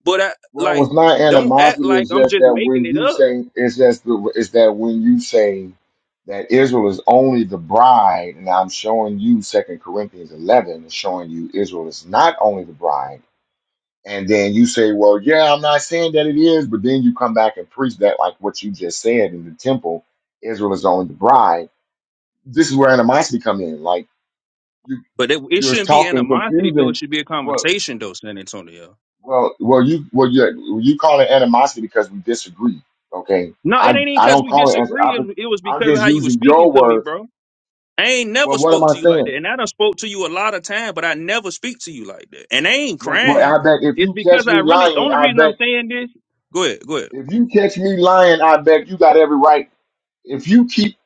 but i Well, like with my don't act animosity, like it's i'm just just that making when it you up say it's just the, it's that when you say that Israel is only the bride, and I'm showing you Second Corinthians 11 and showing you Israel is not only the bride, and then you say, well, yeah, I'm not saying that it is, but then you come back and preach that like what you just said in the temple, Israel is only the bride. This is where animosity come in. Like you, but it, it you're shouldn't be talking animosity though it confusing. should be a Well, conversation though san antonio Well, well, you well you you call it animosity because we disagree. Okay, No, it I ain't even I because don't we call it answer. disagree. It, I'm, it was I'm because of just how you was using speaking your to me, words. bro. I ain't Well, never what am spoke I to you like that, saying? and I done spoke to you a lot of time, but I never speak to you like that. And I ain't Well, well, crying. I bet if It's you because catch I me really. The lying, only I reason I'm bet saying this. Go ahead, go ahead. if you catch me lying, I bet you got every right. If you keep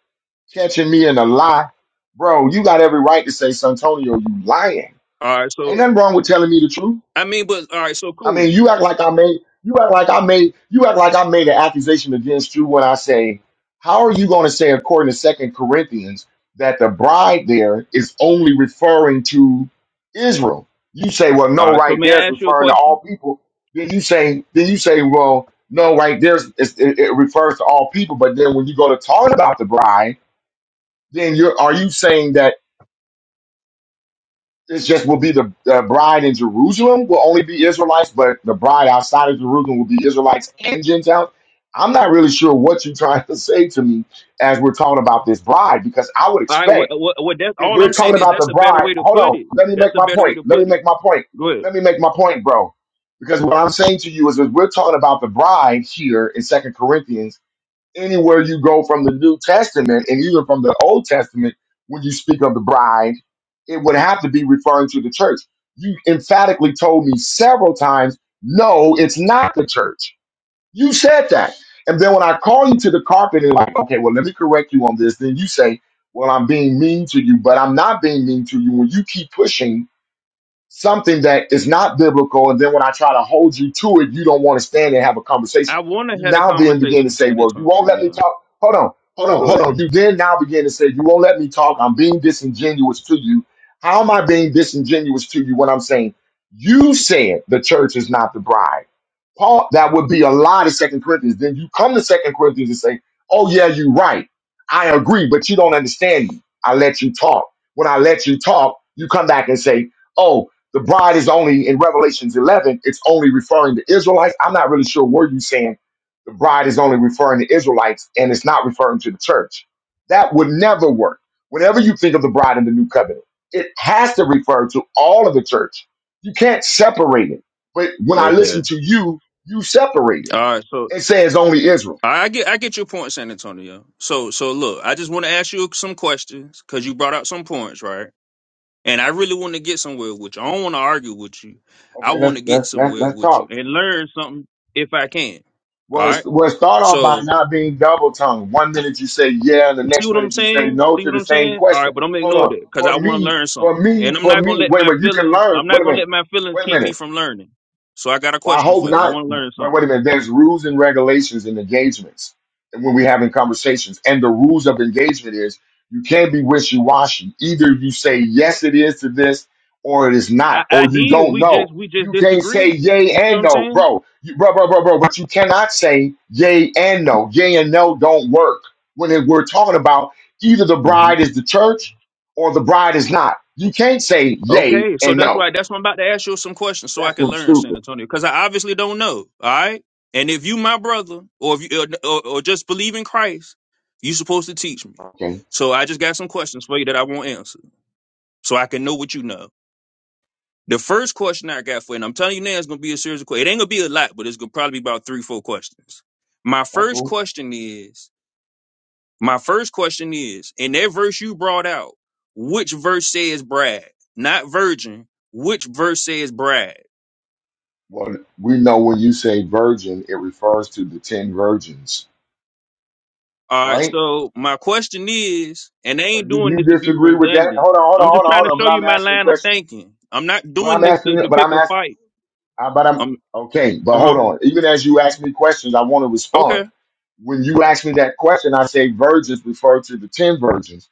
catching me in a lie, bro, you got every right to say, Santonio, you lying. All right, Ain't so nothing wrong with telling me the truth. I mean, but all right, so I cool. mean, you act like I made you act like I made you act like I made an accusation against you when I say, how are you going to say, according to Second Corinthians, that the bride there is only referring to Israel? You say, well, All no, right, so right may there I it's ask you a referring to question? all people. Then you say, then you say, well, no, right there it's, it, it refers to all people. But then when you go to talk about the bride, then you're are you saying that? It just will be the, the bride in Jerusalem will only be Israelites, but the bride outside of Jerusalem will be Israelites and Gentiles. I'm not really sure what you're trying to say to me as we're talking about this bride, because I would All right, what, expect what, what? That's if all we're I'm talking saying is about the that's a better bride, way to hold put on, it. let me make That's a my better way point. to Let me put it. make my point. Go ahead. Let me make my point, bro. Because what I'm saying to you is, is we're talking about the bride here in Second Corinthians anywhere you go from the New Testament and even from the Old Testament, when you speak of the bride, it would have to be referring to the church. You emphatically told me several times, no, it's not the church. You said that. And then when I call you to the carpet and like, okay, well, let me correct you on this, then you say, well, I'm being mean to you, but I'm not being mean to you when you keep pushing something that is not biblical, and then when I try to hold you to it, you don't want to stand and have a I conversation. want to You have a now then begin to conversation, say, San "Well, you Antonio. won't let me Yeah. talk." Hold on, hold on, Go hold ahead. on. You then now begin to say, "You won't let me talk. I'm being disingenuous to you." How am I being disingenuous to you when I'm saying you said the church is not the bride? Paul, that would be a lie to Second Corinthians. Then you come to Second Corinthians and say, "Oh yeah, you're right. I agree, but you don't understand me. I let you talk. When I let you talk, you come back and say, "Oh, the bride is only in Revelations 11. It's only referring to Israelites. I'm not really sure where you saying the bride is only referring to Israelites and it's not referring to the church. That would never work. Whenever you think of the bride in the new covenant, it has to refer to all of the church. You can't separate it. But when I Okay. listen to you, you separated. All right. So It says only Israel. I get I get your point, San Antonio. So so look, I just want to ask you some questions because you brought out some points, right? And I really want to get somewhere with you. I don't want to argue with you. Okay, I let's want to get let's let's, somewhere let's with you talk. and learn something if I can. Well, All it's, right. well, start off by So not being double tongued. One minute you say yeah, and the see next what I'm minute you say saying? no See to what the I'm same saying? All right, question. but I'm gonna Hold ignore on. that because I For want to me, learn for something, me, and I'm for not gonna me. let Wait, my wait. You can feelings. learn. I'm Wait not a gonna minute. let my feelings Wait a keep minute. me from learning. So I got a Well, I question hope for you. I not. want to learn Wait, wait something. a minute. There's rules and regulations in engagements and when we're having conversations. And the rules of engagement is you can't be wishy washy. Either you say yes, it is to this, or it is I, not, or I you did. don't We know. just we just You can't say disagreed. yay You see what and I'm no, bro. You, bro, bro, bro, bro. But you cannot say yay and no. Yay and no don't work when it- we're talking about either the saying? bride is the church or the bride is not. You can't say yay Okay, so and that's no. why that's why I'm about to ask you some questions so I That's can learn, San stupid. Antonio, because I obviously don't know. All right, and if you my brother, or if you or, or, or just believe in Christ, you supposed to teach me. Okay, So I just got some questions for you that I won't answer, so I can know what you know. The first question I got for you, and I'm telling you now, it's gonna be a series of questions. It ain't gonna be a lot, but it's gonna probably be about three, four questions. My that's first cool. question is. My first question is in that verse you brought out, which verse says bride? Not virgin. Which verse says bride? Well, we know when you say virgin, it refers to the ten virgins, All right. right? So my question is, and I ain't You, doing you this to be disagree with that? redundant. Hold on, hold on, I'm hold just on, trying to hold on. But show you I'm my asking a line of question. thinking. I'm not But doing I'm this to, asking. to But pick I'm a asking. fight. But I'm I'm okay. But hold uh on. Even as you ask me questions, I want to huh. respond. When you ask me that question, I say virgins refer to the ten virgins.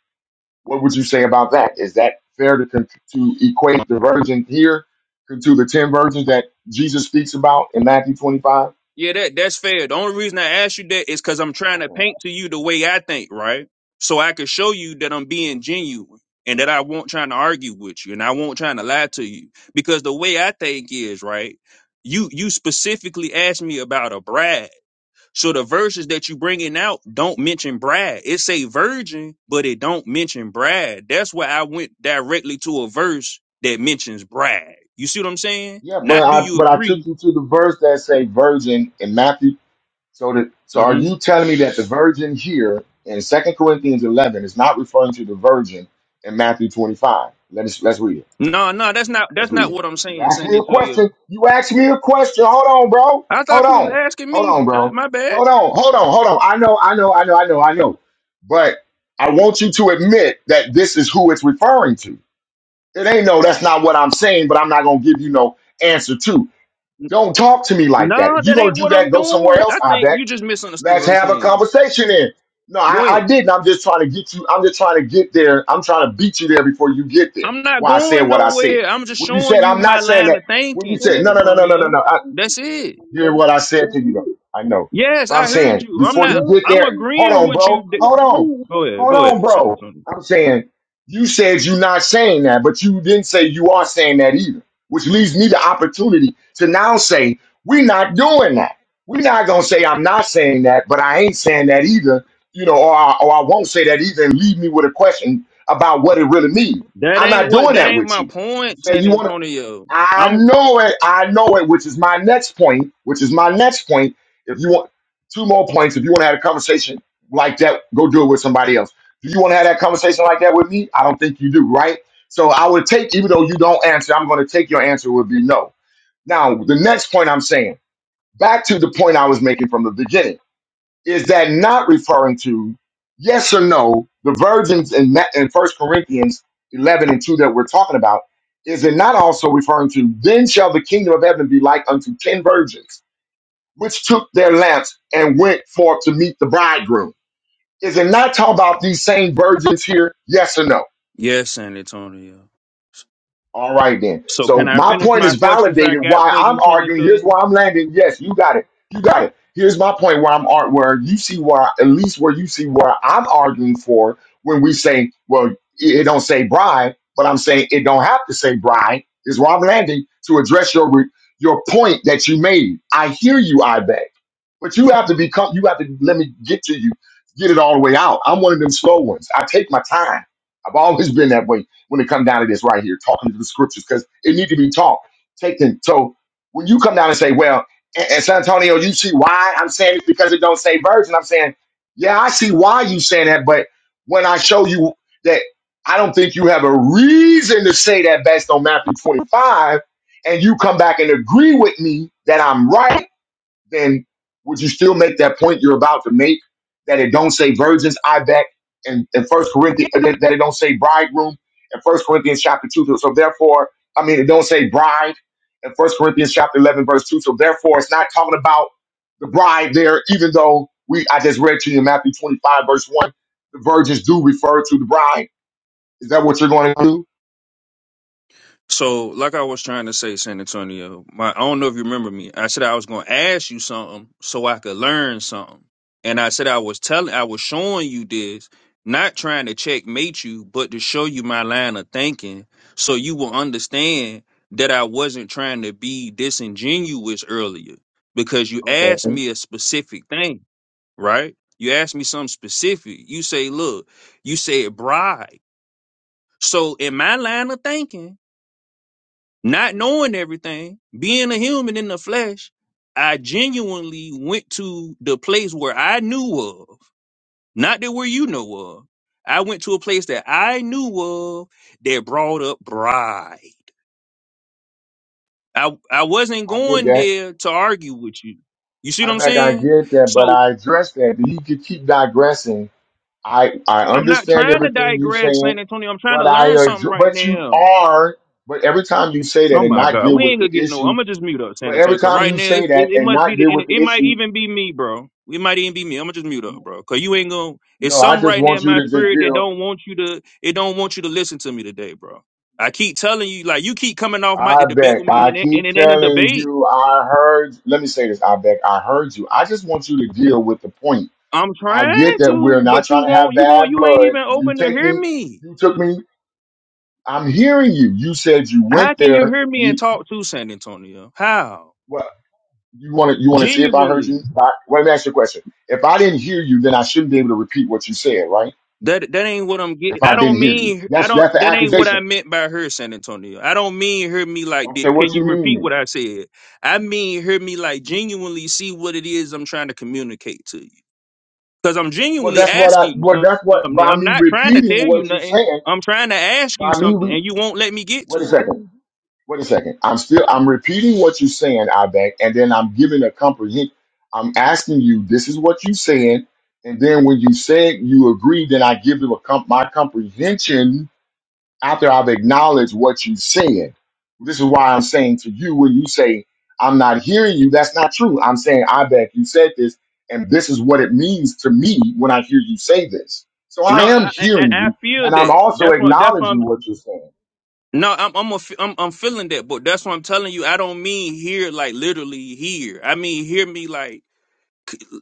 What would you say about that? Is that fair to con- to equate the virgin here to the ten virgins that Jesus speaks about in Matthew 25? Yeah, that that's fair. The only reason I asked you that is because I'm trying to Okay. paint to you the way I think, right? So I can show you that I'm being genuine and that I won't trying to argue with you and I won't trying to lie to you. Because the way I think is, right, you you specifically asked me about a bride. So the verses that you bringing out don't mention bride. It say virgin, but it don't mention bride. That's why I went directly to a verse that mentions bride. You see what I'm saying? Yeah, but Not do I you but I took agree? you to the verse that say virgin in Matthew. So that so are you telling me that the virgin here in Second Corinthians eleven is not referring to the virgin in Matthew twenty five? Let us let's read it. No, no, that's not Let's that's read not it. what I'm You saying. asked me Sending a to question. you. You asked me a question. Hold on, bro. I Hold thought you was on. asking Hold me. on, Uh, bro. my bad. Hold on. Hold on. Hold on. I know. I know. I know. I know. I know. But I want you to admit that this is who it's referring to. It ain't no. That's not what I'm saying. But I'm not gonna give you no answer to. Don't talk to me like that. No, If you're that gonna ain't do what that, I'm go somewhere doing. else, I I think bet. you just misunderstood what Let's I'm have a saying. conversation then. No, I, Go ahead. I didn't. I'm just trying to get you, I'm just trying to get there. I'm trying to beat you there before you get there. I'm not Why I said going what I said. nowhere. I'm just When you showing said, you I'm not my saying line that. of When you thinking, said, San no, no, no, no, no, no, Antonio. no. That's it. Hear what I said to you though. I know. Yes, But I'm I heard saying you. I'm before not. you get I'm there, hold agreeing on, with bro. you. th- Hold on. Go ahead. Hold Go on, ahead, San bro. Antonio. I'm saying you said you're not saying that, but you didn't say you are saying that either, which leaves me the opportunity to now say we're not doing that. We're not gonna say I'm not saying that, but I ain't saying that either, you know, or I, or I won't say that either, and leave me with a question about what it really means. That I'm ain't not what. doing That that ain't with my you. You point, say San you want to Antonio. I I'm. know it. I know it, which is my next point, which is my next point. If you want two more points, if you want to have a conversation like that, go do it with somebody else. Do you want to have that conversation like that with me? I don't think you do, right? So I would take, even though you don't answer, I'm going to take your answer would be no. Now, the next point I'm saying, back to the point I was making from the beginning is that not referring to yes or no? The virgins in that in First Corinthians eleven and two that we're talking about is it not also referring to then shall the kingdom of heaven be like unto ten virgins which took their lamps and went forth to meet the bridegroom? Is it not talking about these same virgins here? Yes or no? Yes, San Antonio. All right then. So can So I my finish point my is questions I validated. got Why for I'm you, San arguing? Here's Antonio? why I'm landing. Yes, you got it. You got it. Here's my point where I'm art where you see where at least where you see where I'm arguing for when we say well it it don't say bride, but I'm saying it don't have to say bride. Is where I'm landing to address your re- your point that you made. I hear you. I beg, but you have to become. You have to let me get to you. Get it all the way out. I'm one of them slow ones. I take my time. I've always been that way when it comes down to this right here, talking to the scriptures, because it needs to be taught, taken. So when you come down and say, well, and, and San Antonio, you see why I'm saying it's because it don't say virgin. I'm saying, yeah, I see why you saying that, but when I show you that I don't think you have a reason to say that based on Matthew 25, and you come back and agree with me that I'm right then would you still make that point you're about to make that it don't say virgins I bet and in First Corinthians that that it don't say bridegroom in First Corinthians chapter two. So therefore, I mean, it don't say bride in First Corinthians chapter eleven verse two. So therefore, it's not talking about the bride there, even though we I just read to you in Matthew twenty five verse one, the virgins do refer to the bride. Is that what you're going to do? So like I was trying to say, San Antonio, my I don't know if you remember me. I said I was gonna ask you something so I could learn something. And I said I was telling I was showing you this, not trying to checkmate you, but to show you my line of thinking so you will understand that I wasn't trying to be disingenuous earlier because you asked me a specific thing, right? You asked me something specific. You say, look, you said bride. So in my line of thinking, not knowing everything, being a human in the flesh, I genuinely went to the place where I knew of, not that where you know of. I went to a place that I knew of that brought up pride. I I wasn't I get going that. there to argue with you. You see I what I'm think I saying? get that, but So I addressed that. You could keep digressing I I I'm not understand trying to everything you're digress, saying, San Antonio. I'm trying but to I learn something adr- right but you now. are but every time you say that Oh and my not God, deal we with ain't the gonna get no. issue, I'm gonna just mute up but San every Antonio. Cause time right you now say it, it, that it and must be not the. deal inter- with the It might issue, even be me, bro. It might even be me. I'm gonna just mute up, bro. Cause you ain't gonna. It's no, I some just right now want in you my to just spirit that deal. don't want you to. It don't want you to listen to me today, bro. I keep telling you, like you keep coming off mic I to debate beg. with me, I and it, and keep it ain't a telling debate. you. I heard. Let me say this. I beg. I heard you. I just want you to deal with the point. I'm I trying get that we're to, not but you trying to won't. have You bad won't. You ain't blood. even You open to take hear me. me. You took me. I'm hearing you. You said you went How can you there. hear me and You talk to San Antonio? How? well, You want to you want to see if I heard Genuinely. you? I, well, let me ask you a question. If I didn't hear you, then I shouldn't be able to repeat what you said, right? That that ain't what I'm getting. If I I don't didn't hear you, mean I that's don't. that's the That ain't what I accusation. meant by her, San Antonio. I don't mean her me like. I said, Did, can "What you you mean?" repeat Then? what I said? I mean her me like genuinely see what it is I'm trying to communicate to you. Because I'm Well, genuinely that's what I. asking you Well, some- that's what something. by I'm me not trying to repeating tell you what you are nothing. saying. I'm trying to ask you By me, something, re, and you won't let me get to wait a it. second. Wait a second. I'm still I'm repeating what you're saying, Ibeck, and then I'm giving a comprehend. I'm asking you, this is what you saying, and then when you said you agree, then I give you a comp, my comprehension after I've acknowledged what you said. This is why I'm saying to you when you say, I'm not hearing you, that's not true. I'm saying, I bet you said this, and this is what it means to me when I hear you say this. So I No, am I I, I hearing I you, feel and I'm that. also That's why. That's why I'm. acknowledging what you're saying. No, I'm I'm, a, I'm I'm feeling that, but that's what I'm telling you. I don't mean here like literally here. I mean hear me like.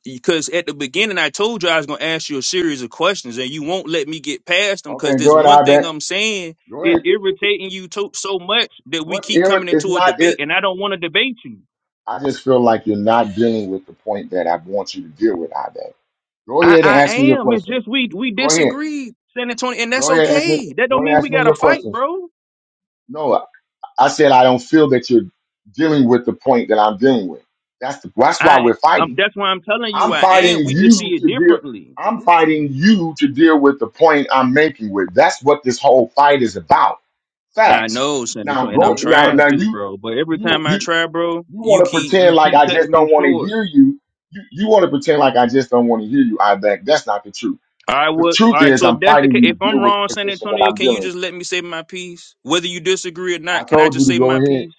because at the beginning I told you I was gonna ask you a series of questions, and you won't let me get past them because Okay, this go ahead, one I thing bet. I'm saying Go ahead. is irritating you to- so much that we What's keep ir- coming It's into a not debate, it. and I don't want to debate you. I just feel like you're not dealing with the point that I want you to deal with, I bet. Go I, ahead and I ask me your am. It's question. just we we Go ahead. disagree, San Antonio, and that's Go ahead, ask me. okay. That Go don't ahead mean and we ask me got to your fight, questions. bro. No, I said I don't feel that you're dealing with the point that I'm dealing with. That's the, that's why I we're um, fighting. that's why I'm telling you I'm I fighting am. We just see you it to deal. differently. I'm fighting you to deal with the point I'm making with. That's what this whole fight is about. I Facts. know, San Now Antonio, and I'm go now trying now to, you bro. But every you time I you try, bro, you want you to keep pretend you like keep I just cutting me don't want to short. hear you. You you want to pretend like I just don't want to hear you. I back. That's not the truth. I The would. All truth right. is So if I'm that's the fighting case, you to if I'm deal with wrong, the San position that Antonio, I'm can you dealing. with. just let me say my piece? Whether you disagree or I not, can I told you just to say go my ahead piece?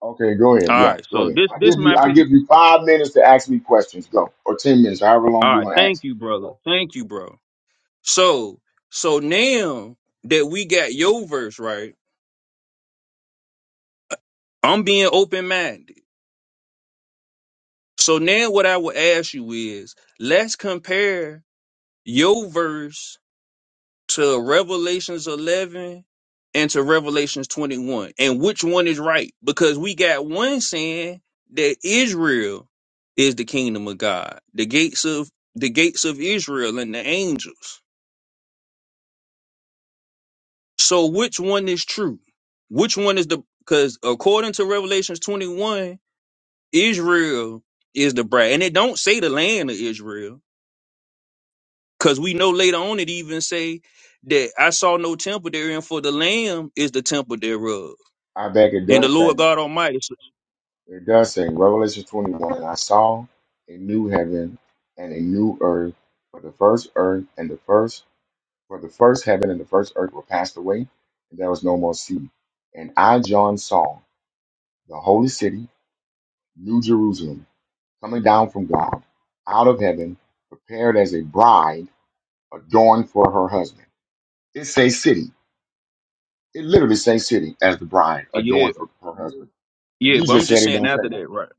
Okay, go All ahead. Yeah, right. go So ahead. this I this give you my I piece. give you five minutes to ask me questions. Go. Or ten minutes, however long All you right. want to Thank ask. you, brother. Go. Thank you, bro. So so now that we got your verse right, I'm being open minded. So now what I would ask you is, let's compare your verse to Revelations 11 and to Revelations 21. And which one is right? Because we got one saying that Israel is the kingdom of God, the gates of the gates of Israel and the angels. So which one is true? Which one is the because according to Revelations 21, Israel is the bride. And it don't say the land of Israel. Cause we know later on it even say that I saw no temple therein, for the Lamb is the temple thereof. I back it And the does say. Lord God Almighty. s- It does say Revelation twenty one and I saw a new heaven and a new earth for the first earth and the first for the first heaven and the first earth were passed away, and there was no more sea. And I John saw the holy city, New Jerusalem, coming down from God, out of heaven, prepared as a bride adorned for her husband. It say city. It literally say city as the bride Yeah, adorned for her husband. And yeah. you But I'm just said just it saying don't say after that. that, right?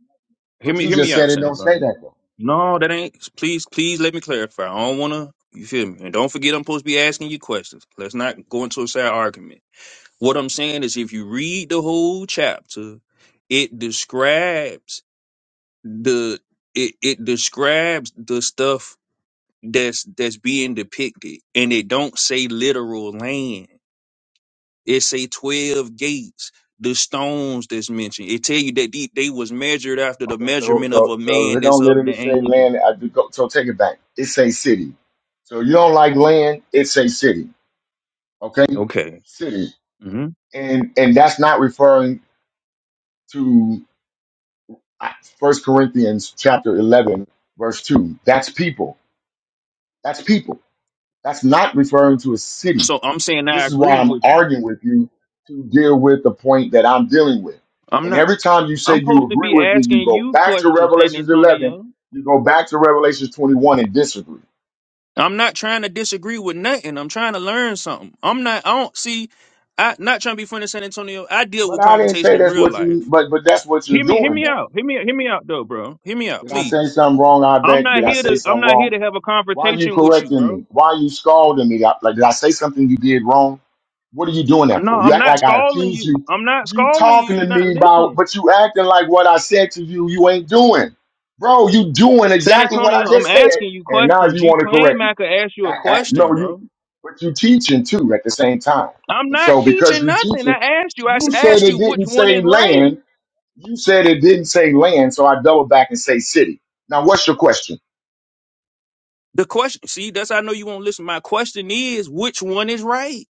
Hear But me, you hear me just said out, it San don't say Antonio. that though. No, that ain't. Please, please let me clarify. I don't wanna. You feel me? And don't forget, I'm supposed to be asking you questions. Let's not go into a side argument. What I'm saying is, if you read the whole chapter, it describes the it it describes the stuff that's that's being depicted, and it don't say literal land. It say twelve gates. The stones that's mentioned. It tell you that they, they was measured after the Okay, so measurement of so a so if man it that's don't of the literally say angel. land, I do go, so take it back. It say city. So you don't like land, it say city. Okay? Okay. City. hmm And and that's not referring to uh, First Corinthians chapter eleven, verse two. That's people. That's people. That's not referring to a city. So I'm saying I This is why agree I'm with you. arguing with you to deal with the point that I'm dealing with. I'm And not. every time you say I'm you supposed to agree be with me, you asking go you back to questions, San Revelations 11, Antonio. you go back to Revelations 21 and disagree. I'm not trying to disagree with nothing. I'm trying to learn something. I'm not. I don't see. I not trying to be funny, San Antonio. I deal But with I didn't conversation say in that's real what life. you, but but that's what you're Hear me. Hear doing me though. out. Hear me. Hear me out, though, bro. Hear me out, Did I say please. something wrong, I I'm not Did I here say to. I'm something not here wrong? to have a Why are you confrontation with you, correcting bro. me? Why are you scolding me? Like, like, did I say something you did wrong? What are you doing that No, for? You I'm act not like I scolding accused you. you. I'm not You scolding you. talking to You're not me about, listening. but you acting like what I said to you, you ain't doing. Bro, you doing San exactly what I Antonio, I'm just said, asking you and now questions. you You want to claim correct me. I could ask you a I, I, no, question, you, bro. but you teaching too at the same time. I'm And not so because teaching you nothing. teaching, I asked you. I s- you said asked it you which didn't one say is right. land. You said it didn't say land, so I double back and say city. Now, what's your question? The question, see, that's how I know you won't listen. My question is, which one is right?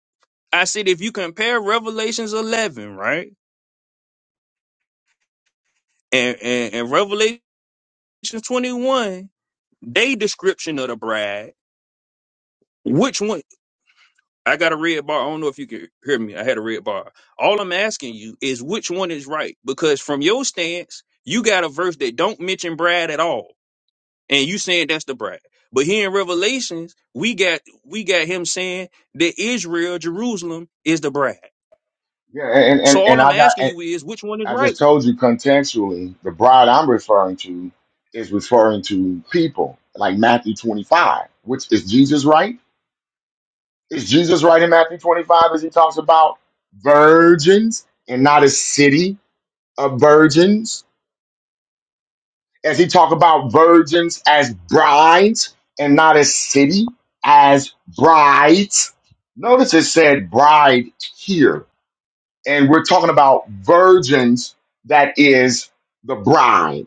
I said, if you compare Revelations 11, right, and and, and Revelations 21, they description of the bride, which one? I got a red bar. I don't know if you can hear me. I had a red bar. All I'm asking you is which one is right, because from your stance, you got a verse that don't mention Brad at all, and you saying that's the Brad. But here in Revelations, we got we got him saying that Israel, Jerusalem, is the Brad. Yeah, and and, So all and I'm I got and, asking you is which one is I just right. told you contextually, the bride I'm referring to is referring to people, like Matthew 25, which is Jesus right? Is Jesus right in Matthew 25 as he talks about virgins and not a city of virgins? As he talk about virgins as brides and not a city as brides? Notice it said bride here, and we're talking about virgins that is the bride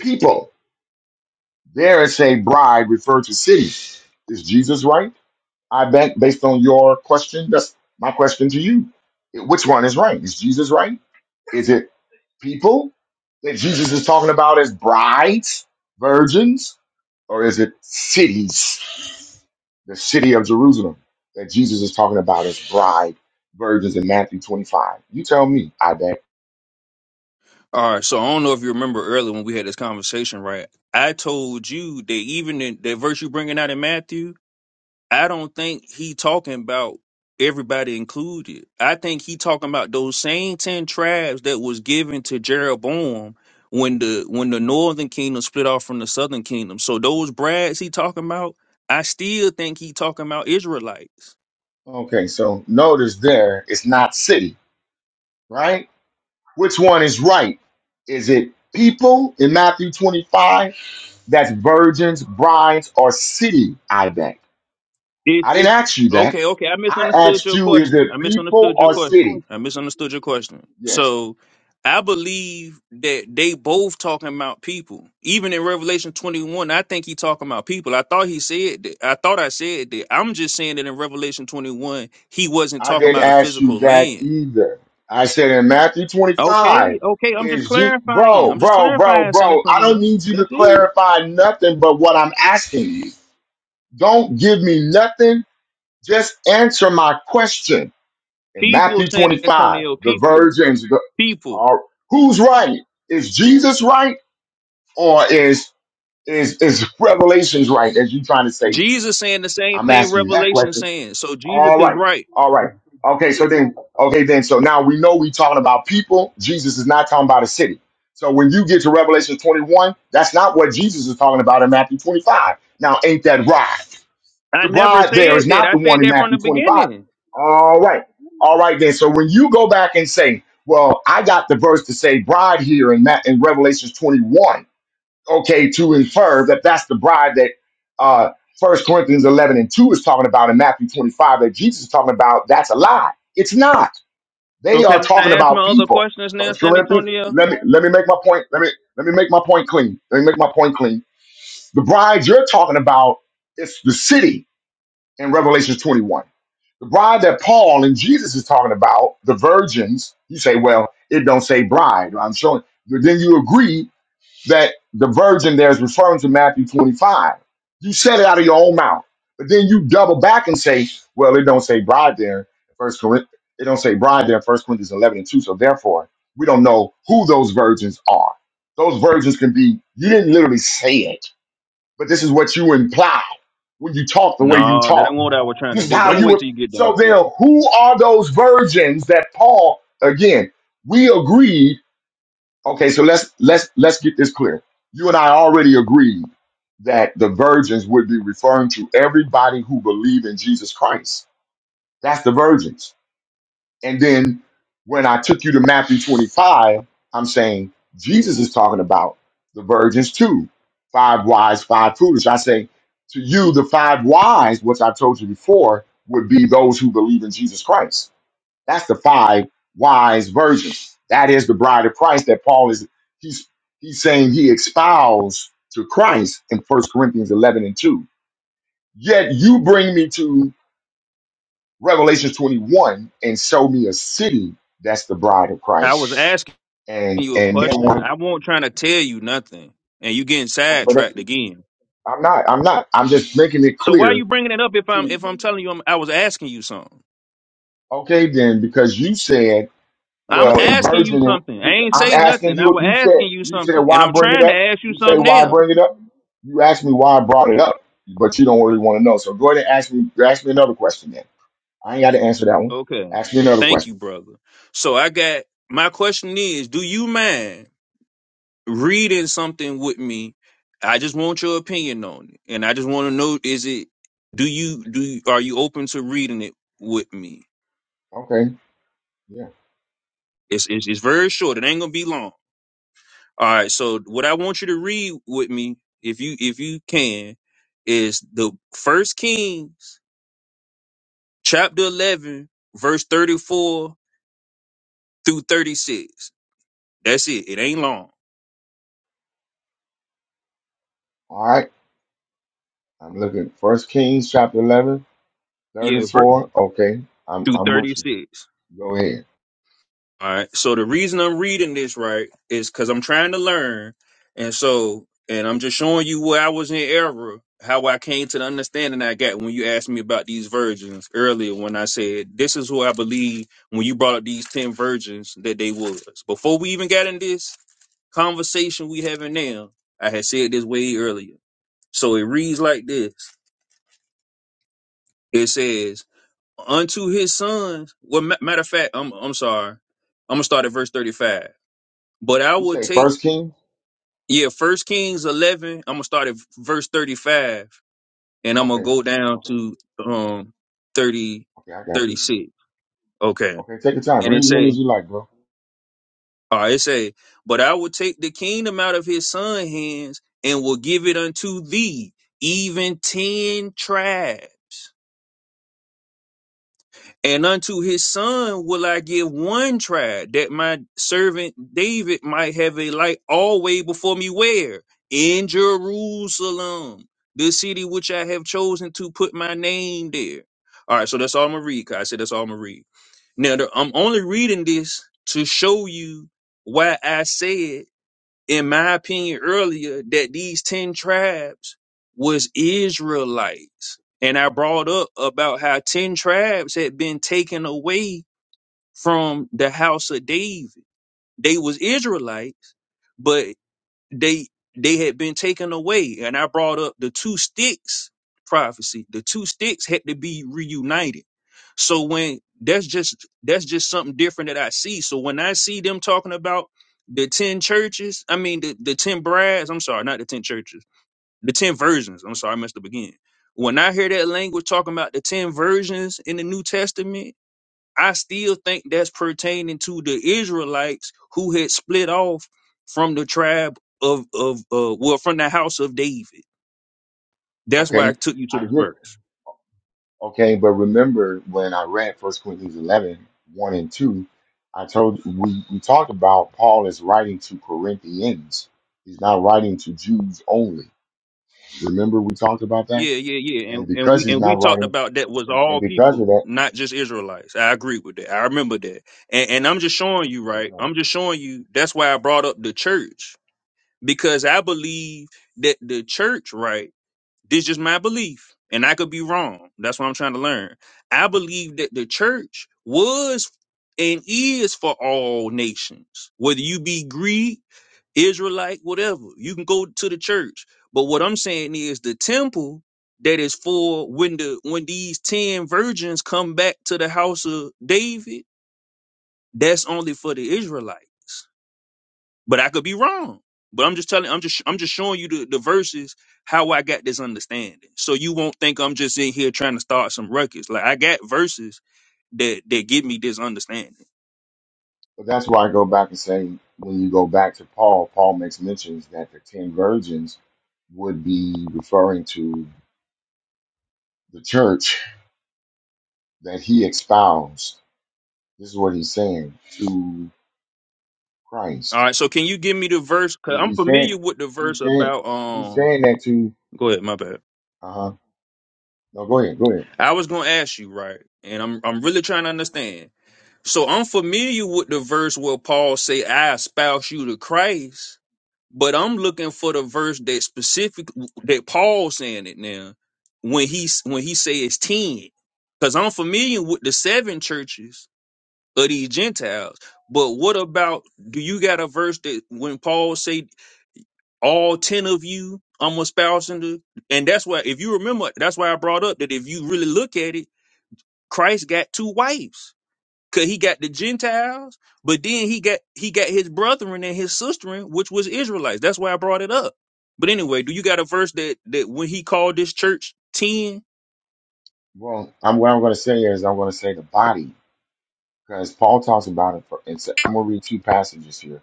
people. There is a bride referred to city. Is Jesus right? I bet based on your question, that's my question to you. Which one is right? Is Jesus right? Is it people that Jesus is talking about as brides, virgins, or is it cities? The city of Jerusalem that Jesus is talking about as bride, virgins in Matthew 25. You tell me, I bet. All right. So I don't know if you remember earlier when we had this conversation, right? I told you that even in the verse you bringing out in Matthew, I don't think he talking about everybody included. I think he talking about those same ten tribes that was given to Jeroboam when the when the northern kingdom split off from the southern kingdom. So those brads he talking about, I still think he talking about Israelites. Okay, so notice there, it's not city, right? Which one is right? Is it people in Matthew 25? That's virgins, brides, or city, I bet. It's I didn't it's ask you that. okay, okay. I I misunderstood asked your you, is it question. I people misunderstood your or question. city? I misunderstood your question. Yes. So I believe that they both talking about people. Even in Revelation 21, I think he talking about people. I thought he said that. I thought I said that. I'm just saying that in Revelation 21, he wasn't I talking didn't about a ask you physical that land. either. I said in Matthew Okay, 25, okay. I'm just is G- clarifying. bro, I'm just bro, bro, clarifying, San bro, I don't Antonio. need you to That's it. clarify nothing but what I'm asking you. Don't give me nothing. Just answer my question. in People, Matthew San 25, Antonio. the People, virgins people. are who's right? Is Jesus right or is is is Revelations right? As you trying to say, Jesus saying the same I'm thing asking you that Revelation question. saying. So Jesus All is right. right. All right. Okay, so then okay then so now we know we're talking about people. Jesus is not talking about a city. So when you get to Revelation 21, that's not what Jesus is talking about in Matthew 25. Now ain't that right? I The never bride there is said that. not I the one said in that from Matthew the 25. beginning. All right. All right then. So when you go back and say, well, I got the verse to say bride here in, Ma- in Revelations 21, okay, to infer that that's the bride that uh, 1 Corinthians 11 and 2 is talking about in Matthew 25 that Jesus is talking about, that's a lie. It's not. So They are can talking I ask about my other people. questions now, First San Corinthians, Antonio? let me let me make my point. Let me let me make my point clean. Let me make my point clean. The bride you're talking about is the city in Revelation 21. The bride that Paul and Jesus is talking about, the virgins, you say, well, it don't say bride. I'm showing. But then you agree that the virgin there is referring to Matthew 25. You said it out of your own mouth. But then you double back and say, well, it don't say bride there. First Corinthians, it don't say bride there, First Corinthians 11 and 2. So therefore, we don't know who those virgins are. Those virgins can be, you didn't literally say it, but this is what you imply when you talk the way you No, that talk ain't what I was trying to this is do. But how I'm gonna you wait till would. you get done. So then, who are those virgins that Paul? Again, we agreed. Okay, so let's let's let's get this clear. You and I already agreed that the virgins would be referring to everybody who believe in Jesus Christ. That's the virgins. And then when I took you to Matthew 25, I'm saying Jesus is talking about the virgins too. Five wise, five foolish. I say to you, the five wise, which I told you before, would be those who believe in Jesus Christ. That's the five wise virgins. That is the bride of Christ that Paul is he's he's saying he espoused to Christ in First Corinthians 11 and 2. Yet you bring me to Revelation 21 and show me a city that's the bride of I was Christ. asking And you a and then question. I want won't trying to tell you nothing, and you getting but that's, sidetracked again. I'm not I'm not I'm just making it So why are you clear bringing it up if I'm to if I'm telling you I'm, I was asking you something? okay then because you said I'm well in asking you virgin something. I ain't I'm say asking nothing. I you was you said asking you you said something, and why I'm bring it trying to up ask you you say something why now. bring it up you asked me why I brought it up but you don't really want to know so go ahead and ask me ask me another question then I ain't got to answer that one Okay. ask me another Thank question you, brother. So I got my question is, do you mind reading something with me? I just want your opinion on it. And I just want to know is it do you do you, are you open to reading it with me? okay yeah It's, it's it's very short. It ain't going to be long. All right. So what I want you to read with me if you if you can is the first Kings chapter 11 verse 34 through 36. That's it. It ain't long. all right I'm looking First Kings chapter 11 Third Yeah, is ver- four. Okay, I'm through I'm with you. 36. Go ahead. All right. So the reason I'm reading this right is because I'm trying to learn, and so and I'm just showing you where I was in error, how I came to the understanding I got when you asked me about these virgins earlier. When I said this is who I believe when you brought up these ten virgins that they was before we even got in this conversation we having now. I had said this way earlier. So it reads like this. It says. unto his sons. Well, ma- matter of fact, I'm I'm sorry. I'm gonna start at verse 35. But I You will say take First King. yeah, First Kings 11. I'm gonna start at verse 35, and I'm gonna Okay, go down okay, to um 30 okay. I 36. got you. Okay, Okay, take your time. and Read it as many say, as you like, bro. all right, it say, but I will take the kingdom out of his son hands and will give it unto thee, even ten tribes. And unto his son will I give one tribe, that my servant David might have a light always before me. Where? In Jerusalem, the city which I have chosen to put my name there. All right, so that's all I'm going to read. 'cause I said that's all I'm going to read. Now, the, I'm only reading this to show you why I said in my opinion earlier that these 10 tribes was Israelites. And I brought up about how 10 tribes had been taken away from the house of David. They was Israelites, but they they had been taken away and i brought up the two sticks prophecy the two sticks had to be reunited so when that's just that's just something different that i see so when i see them talking about the 10 churches i mean the, the 10 brides i'm sorry not the 10 churches the 10 versions i'm sorry i messed up again when i hear that language talking about the 10 versions in the new testament I still think that's pertaining to the Israelites who had split off from the tribe of of uh well from the house of David. That's why I Okay, took you to I this get. verse. Okay, but remember when I read First Corinthians eleven one and two, I told we we talked about Paul is writing to Corinthians. He's not writing to Jews only. Remember we talked about that. Yeah, yeah, yeah. And And and we because he's and we not talked writing, about that was and, and all because people, of that, not just Israelites. I agree with that. I remember that. And and I'm just showing you, that's right? right. I'm just showing you that's why I brought up the church. Because I believe that the church, right? This is my belief, and I could be wrong. That's what I'm trying to learn. I believe that the church was and is for all nations, whether you be Greek, Israelite, whatever. You can go to the church, but what I'm saying is the temple that is for when the when these ten virgins come back to the house of David. That's only for the Israelites but I could be wrong. But I'm just telling, I'm just, I'm just showing you the, the verses how I got this understanding, so you won't think I'm just in here trying to start some ruckus. Like I got verses that that give me this understanding. But that's why I go back and say when you go back to Paul, Paul makes mentions that the ten virgins would be referring to the church that he espoused. This is what he's saying to All Christ. right, so can you give me the verse? Cause He, I'm he's saying familiar with the verse he's saying about he's um. saying that to Go ahead, my bad. uh huh. No, go ahead, go ahead. I was gonna ask you right, and I'm I'm really trying to understand. So I'm familiar with the verse where Paul say, "I espouse you to Christ," but I'm looking for the verse that specific that Paul saying it now when he when he says ten, because I'm familiar with the seven churches of these Gentiles. But what about do you got a verse that when Paul say all ten of you I'm espousing to, and that's why if you remember that's why I brought up that if you really look at it, Christ got two wives Cause he got the Gentiles, but then he got he got his brethren and his sisterin, which was Israelites. That's why I brought it up. But anyway, do you got a verse that that when he called this church ten? Well, I'm what I'm going to say is I'm going to say the body because Paul talks about it. For, it's, I'm going to read two passages here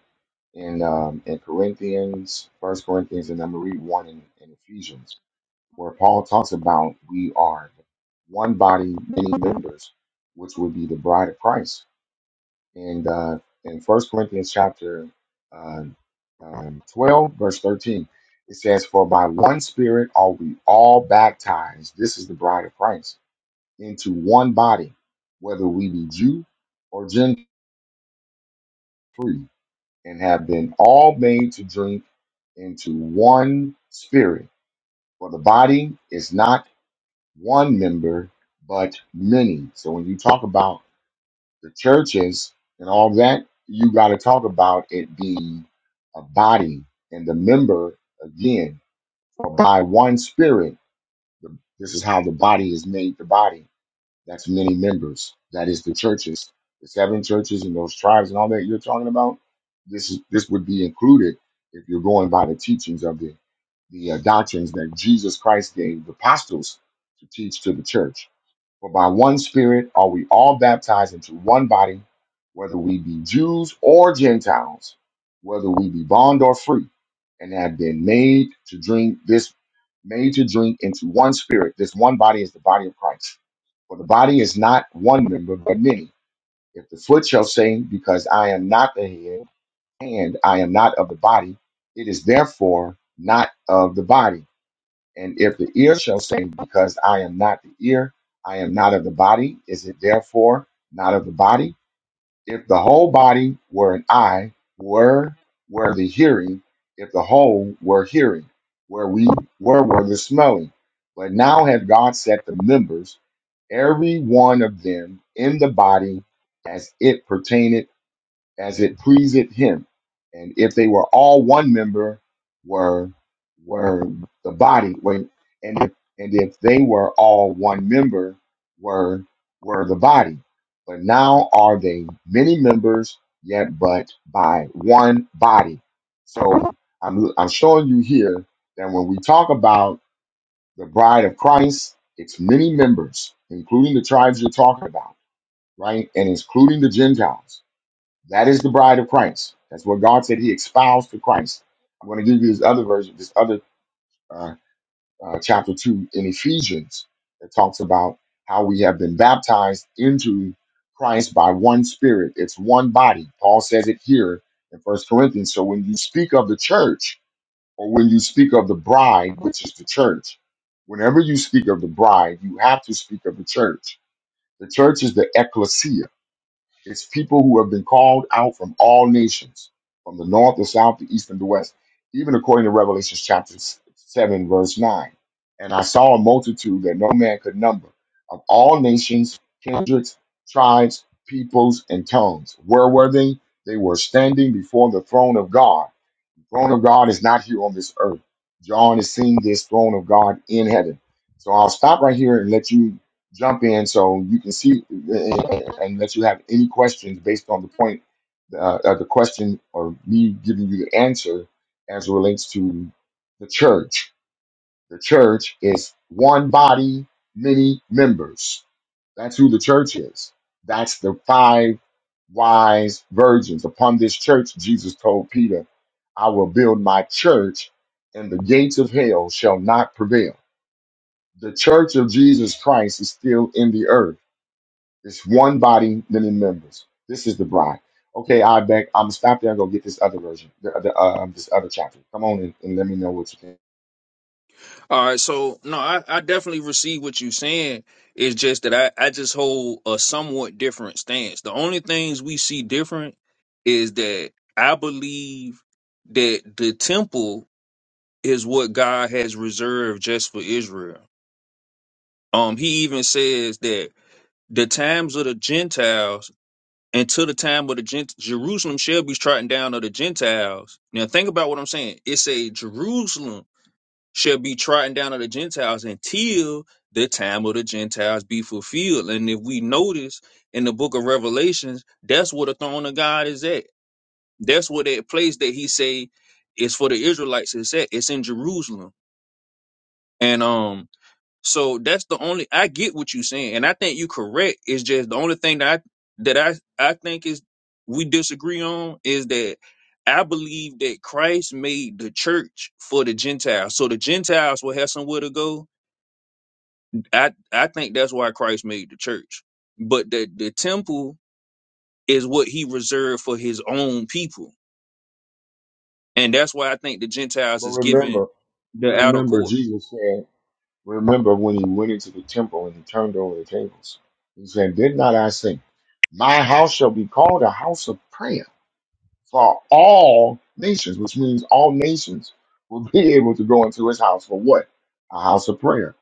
in um, in Corinthians, First Corinthians, and I'm going to read one in, in Ephesians where Paul talks about we are one body, many members, which would be the bride of Christ. And uh, in First Corinthians chapter uh, um, 12, verse 13, it says, For by one spirit are we all baptized, this is the bride of Christ, into one body, whether we be Jew or Gentile, free, and have been all made to drink into one spirit. For the body is not one member, but many. So when you talk about the churches and all that, you got to talk about it being a body and the member again. For by one spirit, the- this is how the body is made the body. That's many members. That is the churches, the seven churches and those tribes and all that you're talking about. This is this would be included if you're going by the teachings of the the uh, doctrines that Jesus Christ gave the apostles to teach to the church. For by one Spirit are we all baptized into one body, whether we be Jews or Gentiles, whether we be bond or free, and have been made to drink this, made to drink into one Spirit. This one body is the body of Christ. For the body is not one member, but many. If the foot shall say, Because I am not the head, and I am not of the body, it is therefore not of the body. And if the ear shall say, Because I am not the ear, I am not of the body, is it therefore not of the body? If the whole body were an eye, where were the hearing? If the whole were hearing, where we where were the smelling? But now hath God set the members, every one of them, in the body, as it pertaineth as it pleaseth him. And if they were all one member, were were the body. Wait, and if and if they were all one member, were were the body. But now are they many members, yet but by one body. So I'm I'm showing you here that when we talk about the bride of Christ, it's many members, including the tribes you're talking about, right? And including the Gentiles that is the bride of Christ. That's what God said. He espoused to Christ. I'm going to give you this other version, this other uh, uh, chapter two in Ephesians that talks about how we have been baptized into Christ by one Spirit. It's one body. Paul says it here in First Corinthians. So when you speak of the church, or when you speak of the bride, which is the church, whenever you speak of the bride, you have to speak of the church. The church is the ecclesia it's people who have been called out from all nations, from the north, the south, the east, and the west, even according to Revelation chapter 7, verse 9. And I saw a multitude that no man could number of all nations, kindreds, tribes, peoples, and tongues. Where were they? They were standing before the throne of God throne of God is not here on this earth. John is seeing this throne of God in heaven. So I'll stop right here and let you jump in so you can see and and let you have any questions based on the point, uh, uh, the question, or me giving you the answer as it relates to the church. The church is one body, many members. That's who the church is. That's the five wise virgins. Upon this church, Jesus told Peter, I will build my church, and the gates of hell shall not prevail. The church of Jesus Christ is still in the earth. It's one body, many members. This is the bride. Okay, I beg. I'm gonna stop there and go get this other version, the, the, uh, this other chapter. Come on in and let me know what you think. All right, so no, I, I definitely receive what you're saying. It's just that I, I just hold a somewhat different stance. The only things we see different is that I believe that the temple is what God has reserved just for Israel. Um, he even says that the times of the Gentiles until the time of the Gent Jerusalem shall be trodden down of the Gentiles. Now think about what I'm saying. It say Jerusalem shall be trodden down of the Gentiles until the time of the Gentiles be fulfilled. And if we notice in the book of Revelations, that's where the throne of God is at. That's where that place that he say is for the Israelites is at. It's in Jerusalem. And um so that's the only I get what you're saying, and I think you correct. It's just the only thing that I that I I think is we disagree on is that I believe that Christ made the church for the Gentiles, so the Gentiles will have somewhere to go. I I think that's why Christ made the church, but the the temple is what He reserved for His own people, and that's why I think the Gentiles But is given remember, the outer remember, court. Jesus said. Remember when he went into the temple and he turned over the tables. He said, Did not I say, My house shall be called a house of prayer for all nations, which means all nations will be able to go into his house for what? A house of prayer,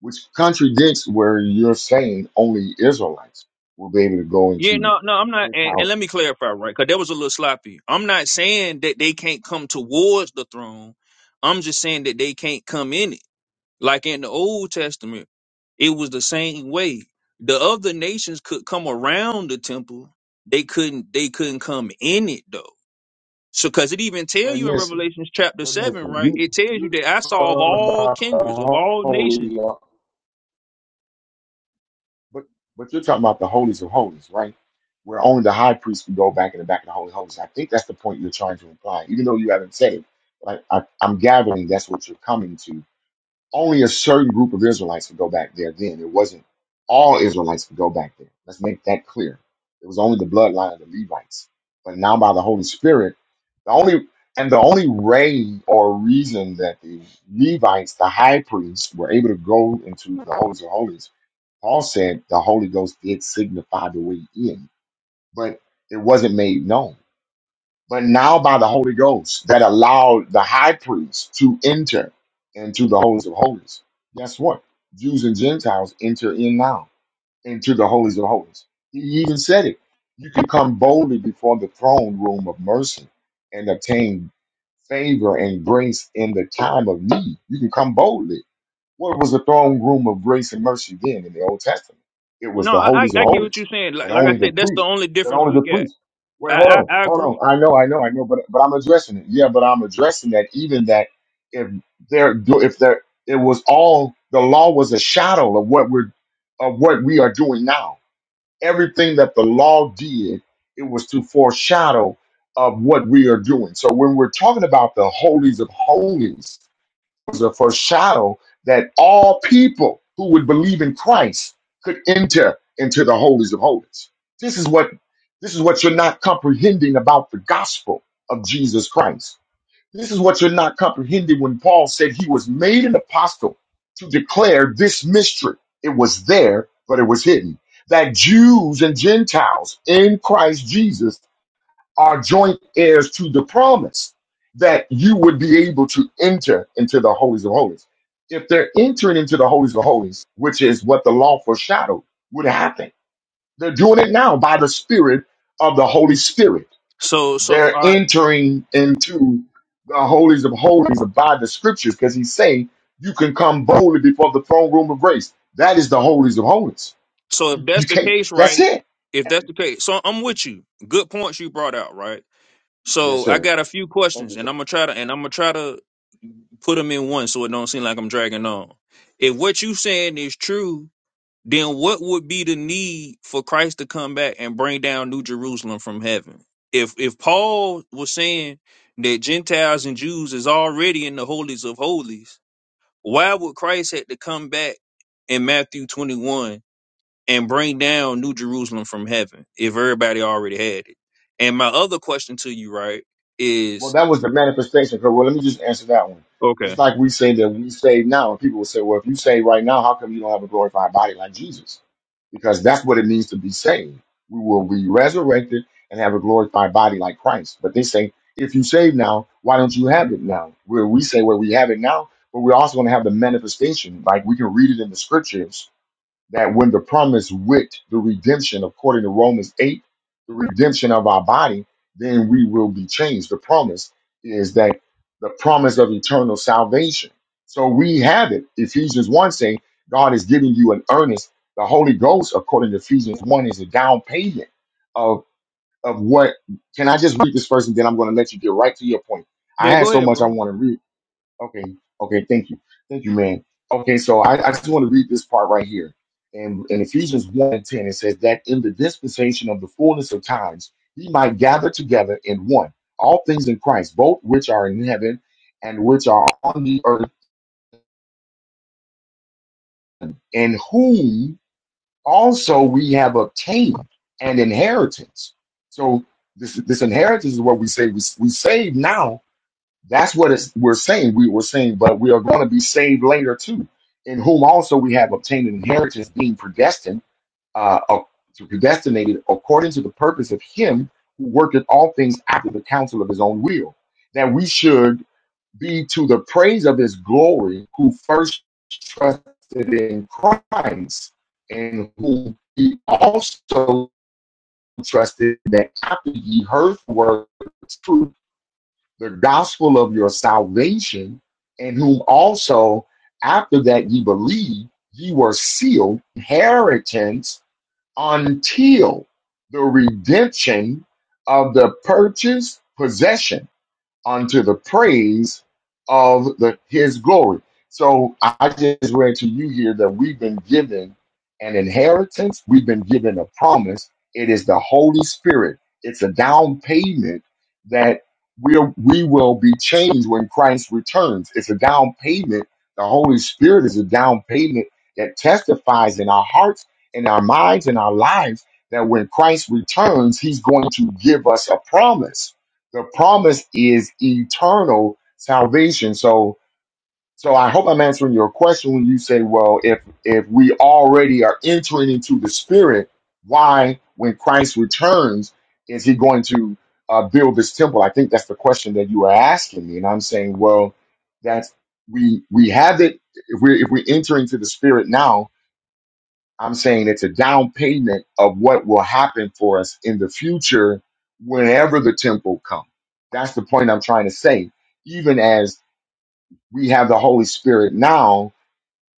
which contradicts where you're saying only Israelites will be able to go Yeah, into no, no, I'm not. his And, and house. let me clarify, right? Because that was a little sloppy. I'm not saying that they can't come towards the throne. I'm just saying that they can't come in it. Like in the Old Testament, it was the same way. The other nations could come around the temple. They couldn't. They couldn't come in it though. So, because it even tell But you in listen, Revelations chapter but seven, listen, right? you, It tells you that I you're saw of talking all about the kindreds, of all whole nations. But but you're talking about the holies of holies, right? Where only the high priest can go back in the back of the holy of holies. I think that's the point you're trying to imply, even though you haven't said it. Like I, I, I'm gathering, that's what you're coming to. Only a certain group of Israelites could go back there. Then it wasn't all Israelites could go back there. Let's make that clear. It was only the bloodline of the Levites. But now by the Holy Spirit, the only and the only way or reason that the Levites, the high priests, were able to go into the holies of holies Paul said the Holy Ghost did signify the way in, but it wasn't made known. But now by the Holy Ghost that allowed the high priest to enter into the holies of holies. Guess what? Jews and Gentiles enter in now into the holies of holies. He even said it. You can come boldly before the throne room of mercy and obtain favor and grace in the time of need. You can come boldly what was the throne room of grace and mercy then in the Old Testament? It was No, the I, I holies of I get what holies, you're saying. Like, and like I only the said, that's the priest, only that difference only we the got. priest. Wait, hold I, I, on, I agree. hold on. I know, I know, I know, but but I'm addressing it. Yeah, but I'm addressing that even that if there if there it was all the law was a shadow of what we're of what we are doing now. Everything that the law did, it was to foreshadow of what we are doing. So when we're talking about the holies of holies, was a foreshadow that all people who would believe in Christ could enter into the holies of holies. This is what this is what you're not comprehending about the gospel of Jesus Christ. This is what you're not comprehending when Paul said he was made an apostle to declare this mystery. It was there, but it was hidden. That Jews and Gentiles in Christ Jesus our joint heirs to the promise that you would be able to enter into the holies of holies. If they're entering into the holies of holies, which is what the law foreshadowed would happen, they're doing it now by the Spirit of the Holy Spirit. So so They're all right. entering into the holies of holies by the Scriptures because He's saying you can come boldly before the throne room of grace. That is the holies of holies. So You, if that's you the can't. case, That's right? it. If that's the case, so I'm with you. Good points you brought out, right? Yes, So I sir. got a few Thank you, questions, sir. and I'm gonna try to and I'm gonna try to put them in one, so it don't seem like I'm dragging on. If what you saying is true, then what would be the need for Christ to come back and bring down New Jerusalem from heaven? If if Paul was saying that Gentiles and Jews is already in the holies of holies, why would Christ had to come back in Matthew 21 and bring down New Jerusalem from heaven if everybody already had it? And my other question to you, right, Well, is that was the manifestation. Cause, well, let me just answer that one. okay. Just like we say that we save now, and people will say, well, if you save right now, how come you don't have a glorified body like Jesus? Because that's what it means to be saved. We will be resurrected and have a glorified body like Christ. But they say, if you save now, why don't you have it now? Where we say, well, we have it now, but we're also going to have the manifestation. Like we can read it in the scriptures that when the promise with the redemption, according to Romans 8, the redemption of our body, then we will be changed. The promise is that the promise of eternal salvation. So we have it. Ephesians 1 saying God is giving you an earnest. The Holy Ghost, according to Ephesians 1, is a down payment of, of what. Can I just read this first and then I'm going to let you get right to your point? I Yeah, had go so ahead, much I bro. want to read Okay. Okay. Thank you. Thank you, man. Okay. So I, I just want to read this part right here. And in in Ephesians 1 and 10, it says that in the dispensation of the fullness of times, he might gather together in one all things in Christ, both which are in heaven and which are on the earth, in whom also we have obtained an inheritance. So this, this inheritance is what we say we, we save now That's what it's, we're saying. We were saying, but we are going to be saved later too, in whom also we have obtained an inheritance, being predestined, uh, ac- predestinated according to the purpose of Him who worketh all things after the counsel of His own will, that we should be to the praise of His glory, who first trusted in Christ, and who He also trusted that after He heard the word of truth the gospel of your salvation, in whom also after that ye believe, ye were sealed inheritance until the redemption of the purchased possession unto the praise of the his glory. So I just read to you here that we've been given an inheritance, we've been given a promise. It is the Holy Spirit. It's a down payment that we'll, we will be changed when Christ returns. It's a down payment. The Holy Spirit is a down payment that testifies in our hearts, in our minds, in our lives that when Christ returns, he's going to give us a promise the promise is eternal salvation. So, so I hope I'm answering your question when you say, well, if if we already are entering into the Spirit, why, when Christ returns, is He going to uh, build this temple? I think that's the question that you are asking me, and I'm saying, well, that's we we have it. If we if we enter into the Spirit now, I'm saying it's a down payment of what will happen for us in the future whenever the temple comes. That's the point I'm trying to say. Even as we have the Holy Spirit now,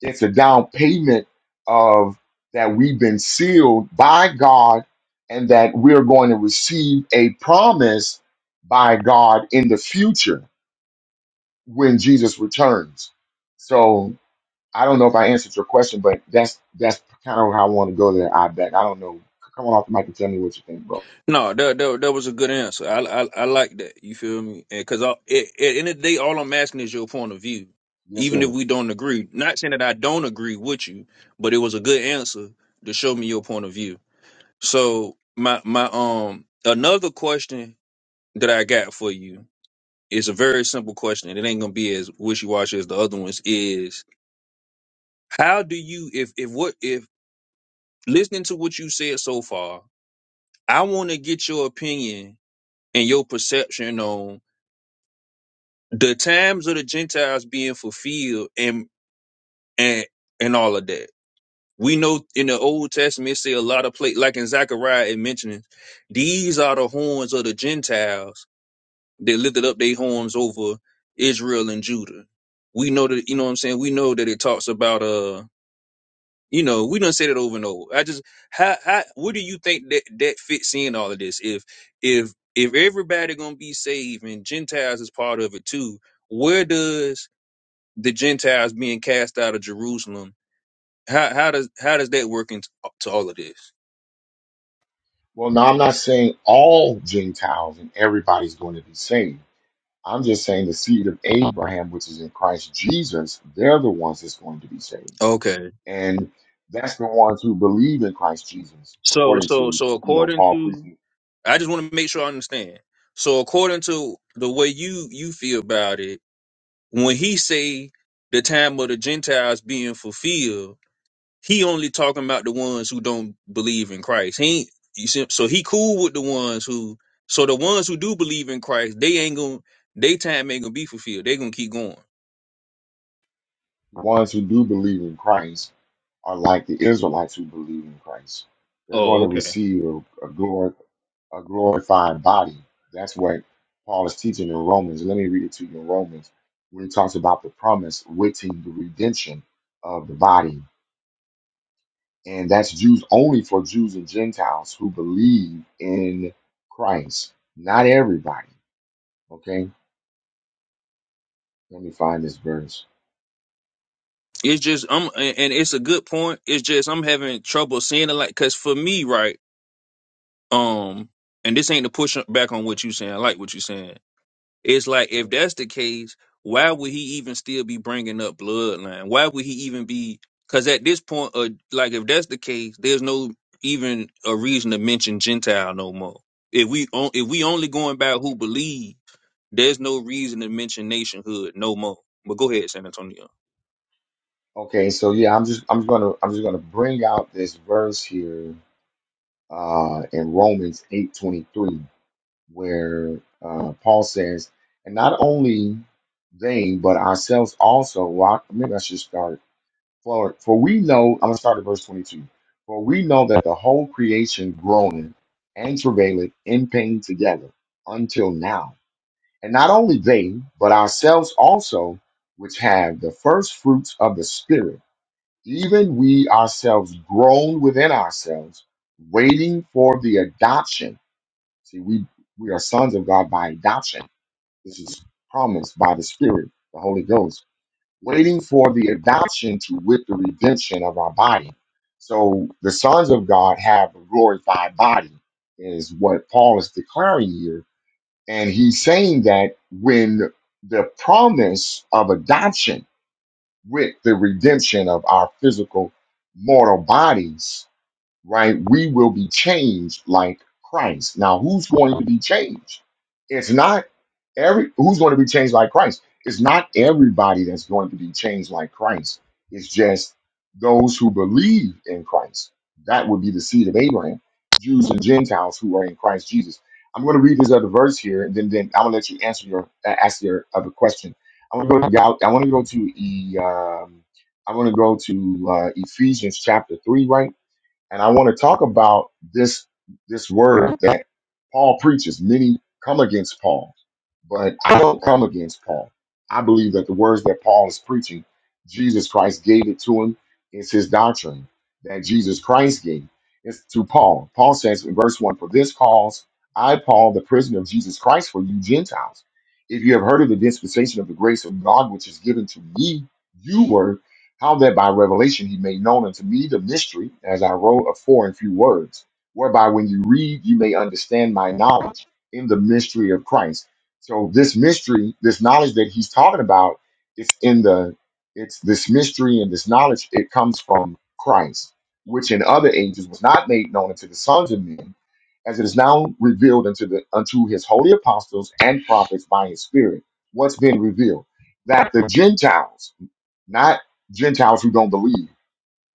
it's a down payment of that we've been sealed by God and that we're going to receive a promise by God in the future when Jesus returns. So. I don't know if I answered your question, but that's that's kind of how I want to go there. I bet. I don't know. C- Come on off the mic and tell me what you think, bro. No, that that, that was a good answer. I, I I like that. You feel me? Because at, at the end of the day, all I'm asking is your point of view, Yes, even if sir. we don't agree. Not saying that I don't agree with you, but it was a good answer to show me your point of view. So my my um another question that I got for you It's a very simple question, and it ain't gonna be as wishy washy as the other ones. Is how do you if if what if listening to what you said so far, I want to get your opinion and your perception on the times of the Gentiles being fulfilled and and and all of that. We know in the Old Testament, it say a lot of place like in Zechariah, it mentions these are the horns of the Gentiles They lifted up their horns over Israel and Judah. We know that, you know what I'm saying? We know that it talks about, uh, you know, we done said it over and over. I just, how, how, what do you think that, that fits in all of this? If, if, if everybody gonna be saved and Gentiles is part of it too, where does the Gentiles being cast out of Jerusalem, how, how does, how does that work into to all of this? Well, no, I'm not saying all Gentiles and everybody's going to be saved. I'm just saying the seed of Abraham, which is in Christ Jesus, they're the ones that's going to be saved, Okay. and that's the ones who believe in Christ Jesus, So, according so, to so you know according Paul to, preaching I just want to make sure I understand. So according to the way you you feel about it, when he say the time of the Gentiles being fulfilled, he only talking about the ones who don't believe in Christ. He ain't, you see, so he cool with the ones who so the ones who do believe in Christ, they ain't gonna they time ain't gonna be fulfilled. They gonna keep going. The ones who do believe in Christ are like the Israelites who believe in Christ. They're going Oh, to okay. receive a, a, glor- a glorified body. That's what Paul is teaching in Romans. Let me read it to you in Romans when he talks about the promise, which is the redemption of the body. And that's Jews only for Jews and Gentiles who believe in Christ. Not everybody. Okay? Let me find this verse. It's just I'm and and it's a good point. It's just I'm having trouble seeing it like cause for me, right? Um, and this ain't to push back on what you saying. I like what you saying It's like if that's the case, why would he even still be bringing up bloodline? Why would he even be? Because at this point, uh, like if that's the case, there's no even a reason to mention Gentile no more. If we on, if we only going by who believe, there's no reason to mention nationhood no more. But go ahead, San Antonio. Okay, so yeah, I'm just I'm gonna I'm just gonna bring out this verse here uh in Romans 8:23 where uh Paul says, and not only they but ourselves also well, I- maybe I should start for for we know I'm gonna start at verse 22. For we know that the whole creation groaneth and travaileth in pain together until now. And not only they, but ourselves also, which have the first fruits of the Spirit even we ourselves groan within ourselves, waiting for the adoption. See, we, we are sons of God by adoption. This is promised by the Spirit, the Holy Ghost, waiting for the adoption to with the redemption of our body. So the sons of God have a glorified body, is what Paul is declaring here. And he's saying that when the promise of adoption, with the redemption of our physical mortal bodies right? We will be changed like Christ. Now, who's going to be changed? It's not every who's going to be changed like Christ. It's not everybody that's going to be changed like Christ. It's just those who believe in Christ. That would be the seed of Abraham, Jews and Gentiles who are in Christ Jesus. I'm going to read this other verse here, and then then I'm going to let you answer your uh, ask your other question. I want to go to Gal- I want to go to E. Um, I want to go to uh, Ephesians chapter three, right? and I want to talk about this this word that Paul preaches. Many come against Paul, but I don't come against Paul. I believe that the words that Paul is preaching, Jesus Christ gave it to him. It's his doctrine that Jesus Christ gave. It's to Paul. Paul says in verse one, "For this cause I, Paul, the prisoner of Jesus Christ, for you Gentiles, if you have heard of the dispensation of the grace of God which is given to me, you were." how that by revelation he made known unto me the mystery, as I wrote afore in few words, whereby when you read, you may understand my knowledge in the mystery of Christ. So this mystery, this knowledge that he's talking about, it's in the, it's this mystery and this knowledge, it comes from Christ, which in other ages was not made known unto the sons of men, as it is now revealed unto the unto his holy apostles and prophets by his spirit. What's been revealed? That the Gentiles not Gentiles who don't believe,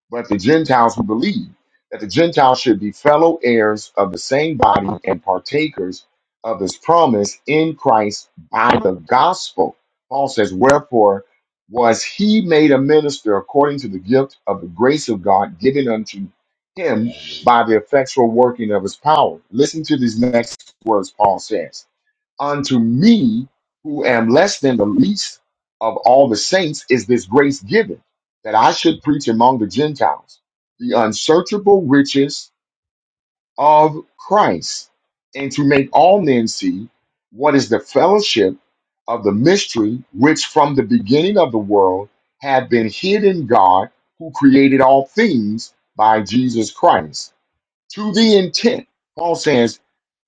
but the Gentiles who believe, that the Gentiles should be fellow heirs of the same body and partakers of his promise in Christ by the gospel. Paul says, Wherefore was he made a minister according to the gift of the grace of God given unto him by the effectual working of his power? Listen to these next words Paul says unto me who am less than the least of all the saints is this grace given that I should preach among the Gentiles the unsearchable riches of Christ and to make all men see what is the fellowship of the mystery which from the beginning of the world had been hid in God who created all things by Jesus Christ to the intent Paul says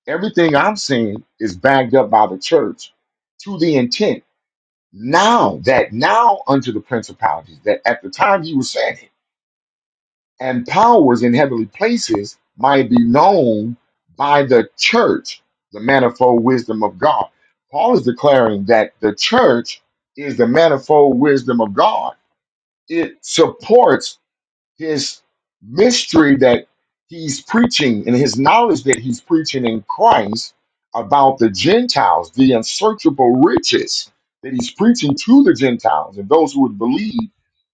Everything I've seen is backed up by the church to the intent now that now unto the principalities that at the time he was saying it and powers in heavenly places might be known by the church, the manifold wisdom of God. Paul is declaring that the church is the manifold wisdom of God. It supports his mystery that he's preaching and his knowledge that he's preaching in Christ about the Gentiles, the unsearchable riches that he's preaching to the Gentiles and those who would believe.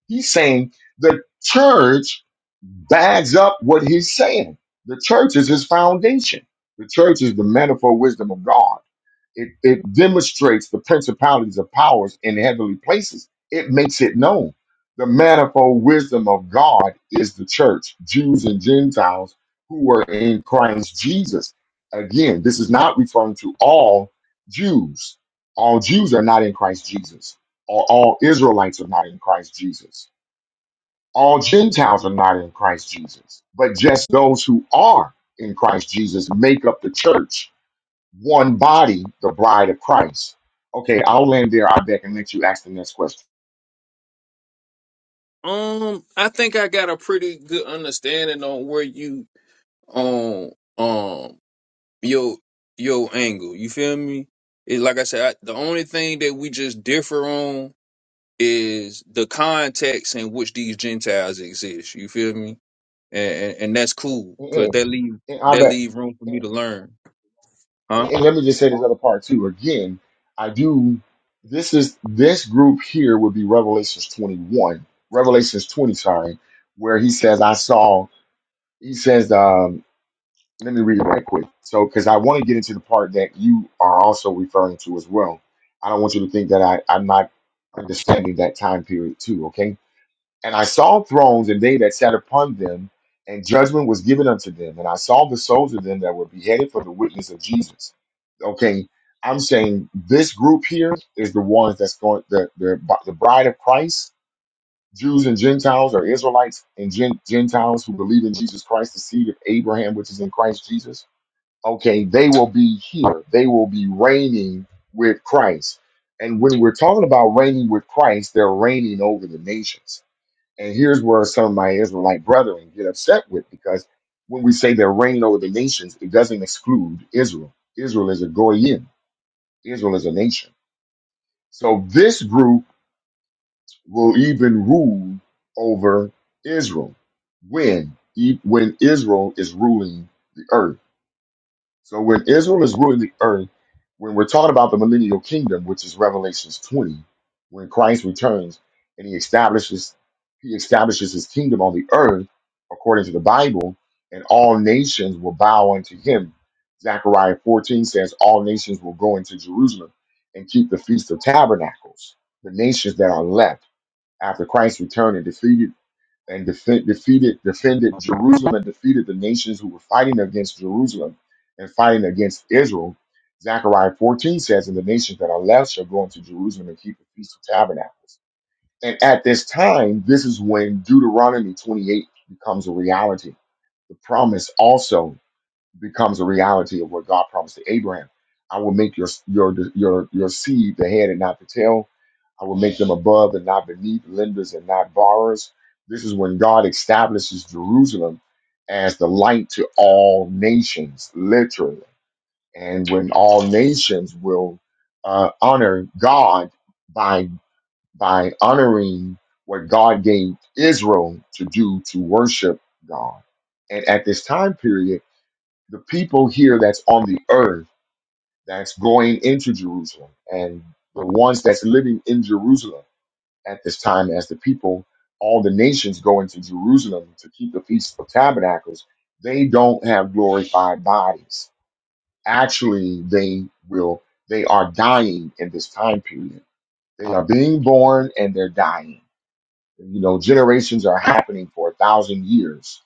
He's saying the church backs up what he's saying. The church is his foundation. The church is the manifold wisdom of God it, it demonstrates the principalities of powers in heavenly places. It makes it known. The manifold wisdom of God is the church, Jews and Gentiles who are in Christ Jesus. Again, this is not referring to all Jews. All Jews are not in Christ Jesus, or all Israelites are not in Christ Jesus. All Gentiles are not in Christ Jesus, but just those who are in Christ Jesus make up the church one body, the bride of Christ. Okay, I'll land there, I bet, and let you ask the next question. Um, I think I got a pretty good understanding on where you um um Your your angle. You feel me? It, like I said, I, the only thing that we just differ on is the context in which these Gentiles exist. You feel me? And and, and that's cool because Mm-mm, that leave And I that bet. leave room for me And to learn, huh? and let me just say this other part too. Again, I do. This is this group here would be Revelations 21, Revelations 20, sorry, where he says, "I saw." He says, um, "Let me read it right quick." So, because I want to get into the part that you are also referring to as well. I don't want you to think that I, I'm not understanding that time period too. Okay And I saw thrones and they that sat upon them, and judgment was given unto them. And I saw the souls of them that were beheaded for the witness of Jesus. Okay, I'm saying this group here is the ones that's going the the, the bride of Christ, Jews and Gentiles, or Israelites and Gen, Gentiles who believe in Jesus Christ, the seed of Abraham, which is in Christ Jesus. Okay, they will be here. They will be reigning with Christ. And when we're talking about reigning with Christ, they're reigning over the nations and here's where some of my Israelite brethren get upset with because when we say they're reigning over the nations, it doesn't exclude Israel. Israel is a goyim. Israel is a nation. So this group will even rule over Israel when e- when Israel is ruling the earth. So when Israel is ruling the earth, when we're talking about the millennial kingdom, which is Revelations 20, when Christ returns and he establishes he establishes his kingdom on the earth according to the Bible, and all nations will bow unto him. Zechariah 14 says, All nations will go into Jerusalem and keep the feast of tabernacles, the nations that are left after Christ returned and defeated and defe- defeated defended Jerusalem and defeated the nations who were fighting against Jerusalem and fighting against Israel. Zechariah 14 says, And the nations that are left shall go into Jerusalem and keep the Feast of Tabernacles. And at this time, this is when Deuteronomy 28 becomes a reality. The promise also becomes a reality of what God promised to Abraham. I will make your your your your seed the head and not the tail I will make them above and not beneath, lenders and not borrowers. This is when God establishes Jerusalem as the light to all nations, literally. And when all nations will uh, honor God by, by honoring what God gave Israel to do to worship God. And at this time period, the people here that's on the earth that's going into Jerusalem and the ones that's living in Jerusalem at this time as the people, all the nations go into Jerusalem to keep the Feast of Tabernacles, they don't have glorified bodies. Actually, they will, they are dying in this time period. They are being born and they're dying. You know, generations are happening for a thousand years.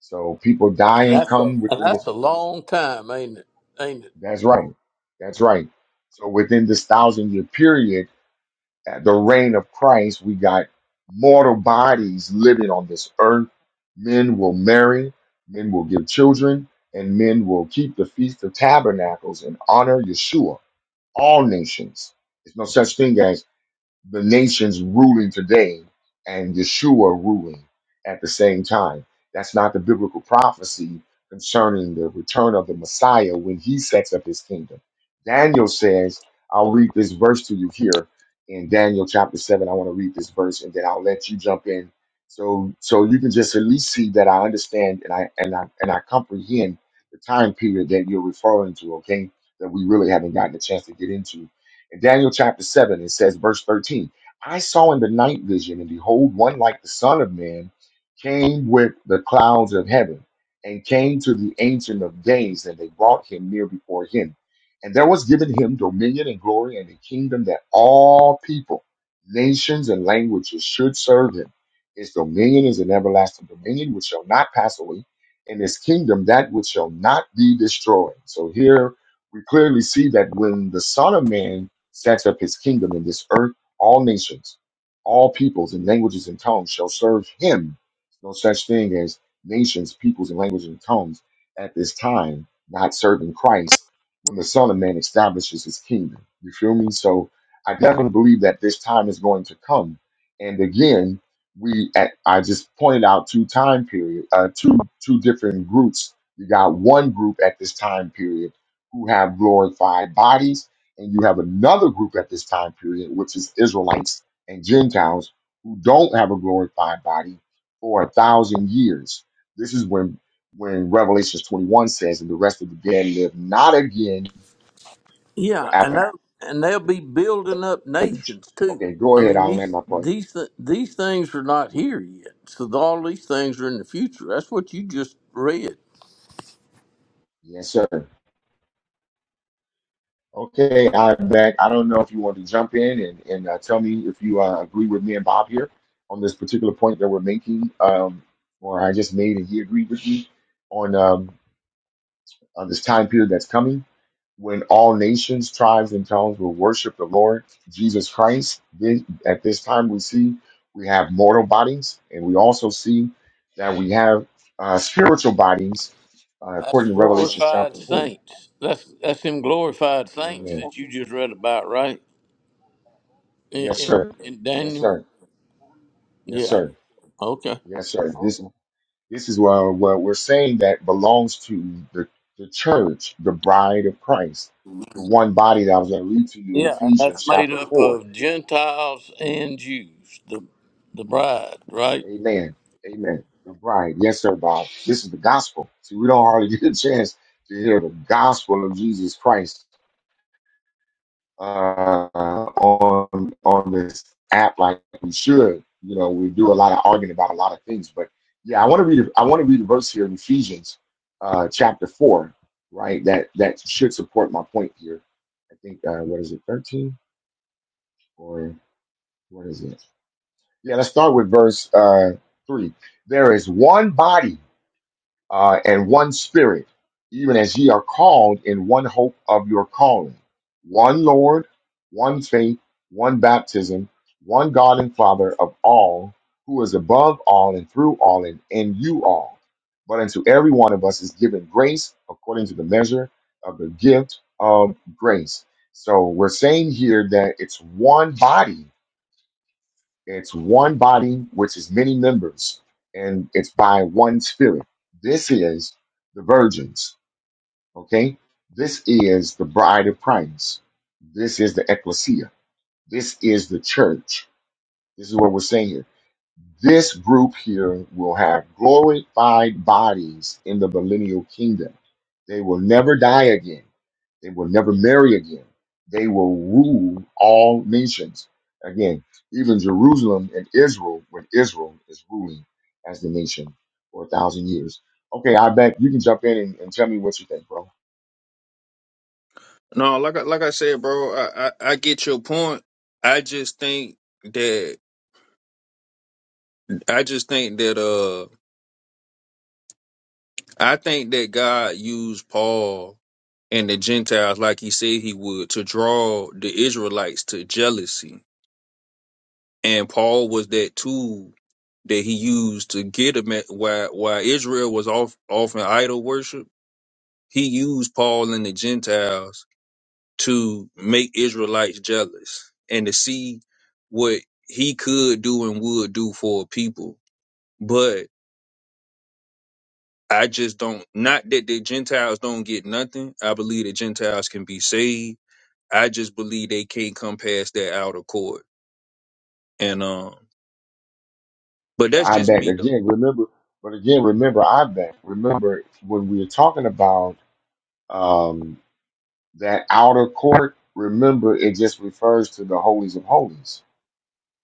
So people die And and that's a come and within this. that's a long time, ain't it? Ain't it? That's right. That's right. So within this thousand year period, At the reign of Christ, we got mortal bodies living on this earth. Men will marry, men will give children, and men will keep the Feast of Tabernacles and honor Yeshua, all nations. There's no such thing as the nations ruling today and Yeshua ruling at the same time. That's not the biblical prophecy concerning the return of the Messiah when he sets up his kingdom. Daniel says, I'll read this verse to you here in Daniel chapter 7. I want to read this verse and then I'll let you jump in. So so you can just at least see that I understand and I and I and I comprehend the time period that you're referring to, okay? That we really haven't gotten a chance to get into in Daniel chapter 7, it says, verse 13, I saw in the night vision, and behold, one like the Son of Man came with the clouds of heaven and came to the Ancient of Days, and they brought him near before him. And there was given him dominion and glory and a kingdom that all people, nations, and languages should serve him. His dominion is an everlasting dominion which shall not pass away, and his kingdom that which shall not be destroyed. So here we clearly see that when the Son of Man sets up his kingdom in this earth, all nations, all peoples and languages and tongues shall serve him. No such thing as nations, peoples, and languages and tongues at this time not serving Christ when the Son of Man establishes his kingdom. You feel me? So I definitely believe that this time is going to come. And again, we at, I just pointed out two time period, uh, two two different groups. You got one group at this time period who have glorified bodies and you have another group at this time period, which is Israelites and Gentiles who don't have a glorified body for a thousand years. This is when when Revelation 21 says, and the rest of the dead live not again Yeah, to and after the that, and they'll be building up finish. nations too. Okay, go I ahead. mean I'll land these my plane. these th- these things are not here yet, so all these things are in the future. That's what you just read. Yes, sir. Okay, I'm back. I don't know if you want to jump in and, and uh, tell me if you uh, agree with me and Bob here on this particular point that we're making, um, or I just made and he agreed with me on. Um, uh, this time period that's coming when all nations, tribes, and tongues will worship the Lord Jesus Christ. Then at this time, we see we have mortal bodies, and we also see that we have uh, spiritual bodies, uh, according That's to Revelation glorified chapter 20. saints. That's that's them glorified saints Amen. that you just read about, right? In, Yes, in, sir. in Yes, Daniel. sir. Yes, Yeah. sir. Yes, sir. This this is what, what we're saying that belongs to the, the church, the bride of Christ, the one body that I was going to read to you in Yeah, and that's Ephesians made chapter up 4 of Gentiles and Jews, the the bride, right? Amen. Amen. Right. Yes, sir, Bob. This is the gospel. See, we don't hardly get a chance to hear the gospel of Jesus Christ uh, on on this app like we should. You know, we do a lot of arguing about a lot of things, but yeah, I want to read. I want to read a verse here in Ephesians, uh, chapter four, right? That that should support my point here. I think uh, what is it, thirteen or what is it? Yeah, let's start with verse uh, three. There is one body uh, and one spirit, even as ye are called in one hope of your calling, one Lord, one faith, one baptism, one God and Father of all, who is above all and through all and in you all. But unto every one of us is given grace according to the measure of the gift of grace. So we're saying here that it's one body it's one body, which is many members, and it's by one spirit. This is the virgins, okay? This is the bride of Christ. This is the ecclesia. This is the church. This is what we're saying here. This group here will have glorified bodies in the millennial kingdom. They will never die again. They will never marry again. They will rule all nations. Again, even Jerusalem and Israel, when Israel is ruling as the nation for a thousand years. Okay, I bet you can jump in and, and tell me what you think, bro. No, like I, like I said, bro, I, I I get your point. I just think that I just think that uh I think that God used Paul and the Gentiles like he said he would to draw the Israelites to jealousy and Paul was that tool that he used to get him at why why Israel was off off in idol worship. He used Paul and the Gentiles to make Israelites jealous and to see what he could do and would do for a people. But I just don't not that the Gentiles don't get nothing. I believe the Gentiles can be saved. I just believe they can't come past that outer court. And um but But that's I just bet me though. again, remember, but again, remember, I bet, remember when we are talking about um, That outer court, remember, it just refers to the holies of holies.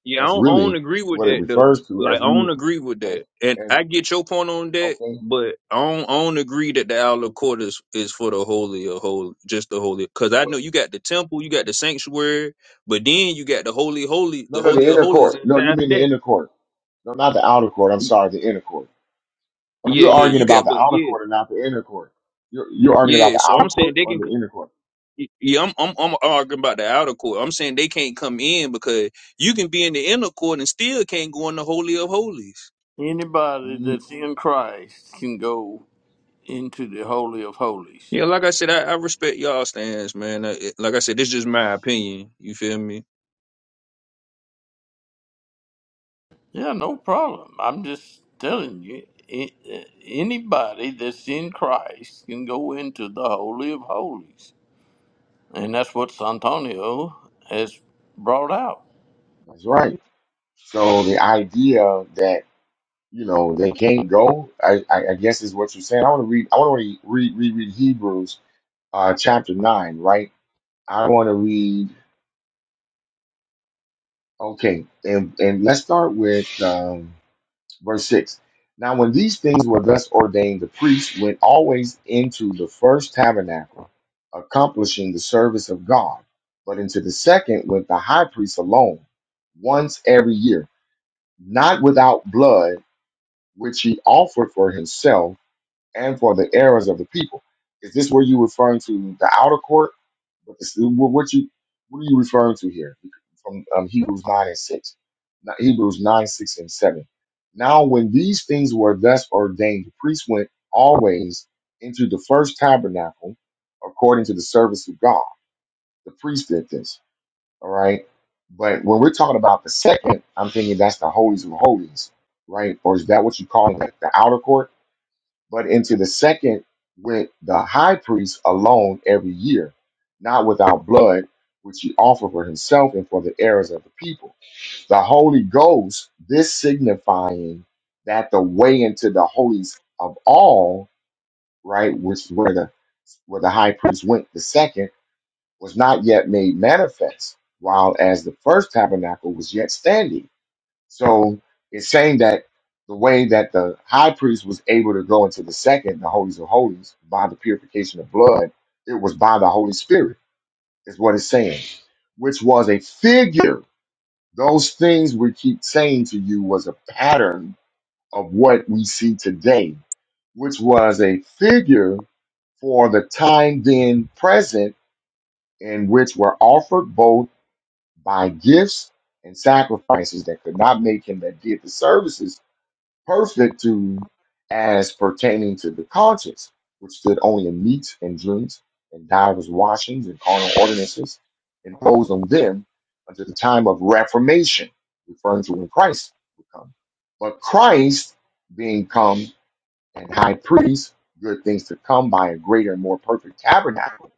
Yeah, I That's don't, I don't really agree with what it that though. refers to Like as I we, don't agree with as, that, and as, I get your point on that, okay. but I don't, I don't agree that the outer court is, is for the holy of holy, just the holy. Because I What, know you got the temple, you got the sanctuary, but then you got the holy, holy, no, the no, holy the of inner holies court. No, you inside of mean the that. inner court. No, not the outer court. I'm Y- sorry, the inner court. Oh, Yeah, you're yeah, arguing you about got, the but outer yeah, court and not the inner court. You're, you're arguing about yeah. the So outer I'm saying court they or can. the inner court. c- Yeah, I'm I'm, I'm arguing about the outer court. I'm saying they can't come in because you can be in the inner court and still can't go in the holy of holies. Anybody Mm, that's in Christ can go into the holy of holies. Yeah, like I said, I, I respect y'all stance, man. Uh, it- Like I said, this just my opinion. You feel me? Yeah, no problem. I'm just telling you, a- a- anybody that's in Christ can go into the holy of holies, and that's what Santonio has brought out. That's right. So the idea that you know they can't go, I, I, I guess is what you're saying. I want to read. I want to read read read Hebrews uh, chapter nine, right? I want to read. Okay, and and let's start with um, verse six. Now, when these things were thus ordained, the priests went always into the first tabernacle, accomplishing the service of God. But into the second went the high priest alone, once every year, not without blood, which he offered for himself and for the errors of the people. Is this where you referring to the outer court? But this, what what you what are you referring to here? From um, Hebrews nine and six, Not- Hebrews nine six and seven. Now, when these things were thus ordained, the priest went always into the first tabernacle according to the service of God. The priest did this. All right. But when we're talking about the second, I'm thinking that's the holies of holies, right? Or is that what you call it, the outer court? But into the second went the high priest alone every year, not without blood, which he offered for himself and for the errors of the people. The Holy Ghost, this signifying that the way into the holies of all, right, which is where the where the high priest went the second, was not yet made manifest, while as the first tabernacle was yet standing so it's saying that the way that the high priest was able to go into the second, the holies of holies, by the purification of blood, it was by the Holy Spirit, is what it's saying, which was a figure. Those things we keep saying to you was a pattern of what we see today, which was a figure for the time being present, in which were offered both by gifts and sacrifices that could not make him that did the services perfect to as pertaining to the conscience, which stood only in meats and drinks and divers washings and carnal ordinances imposed on them until the time of reformation, referring to when Christ would come. But Christ being come and high priest, good things to come by a greater and more perfect tabernacle,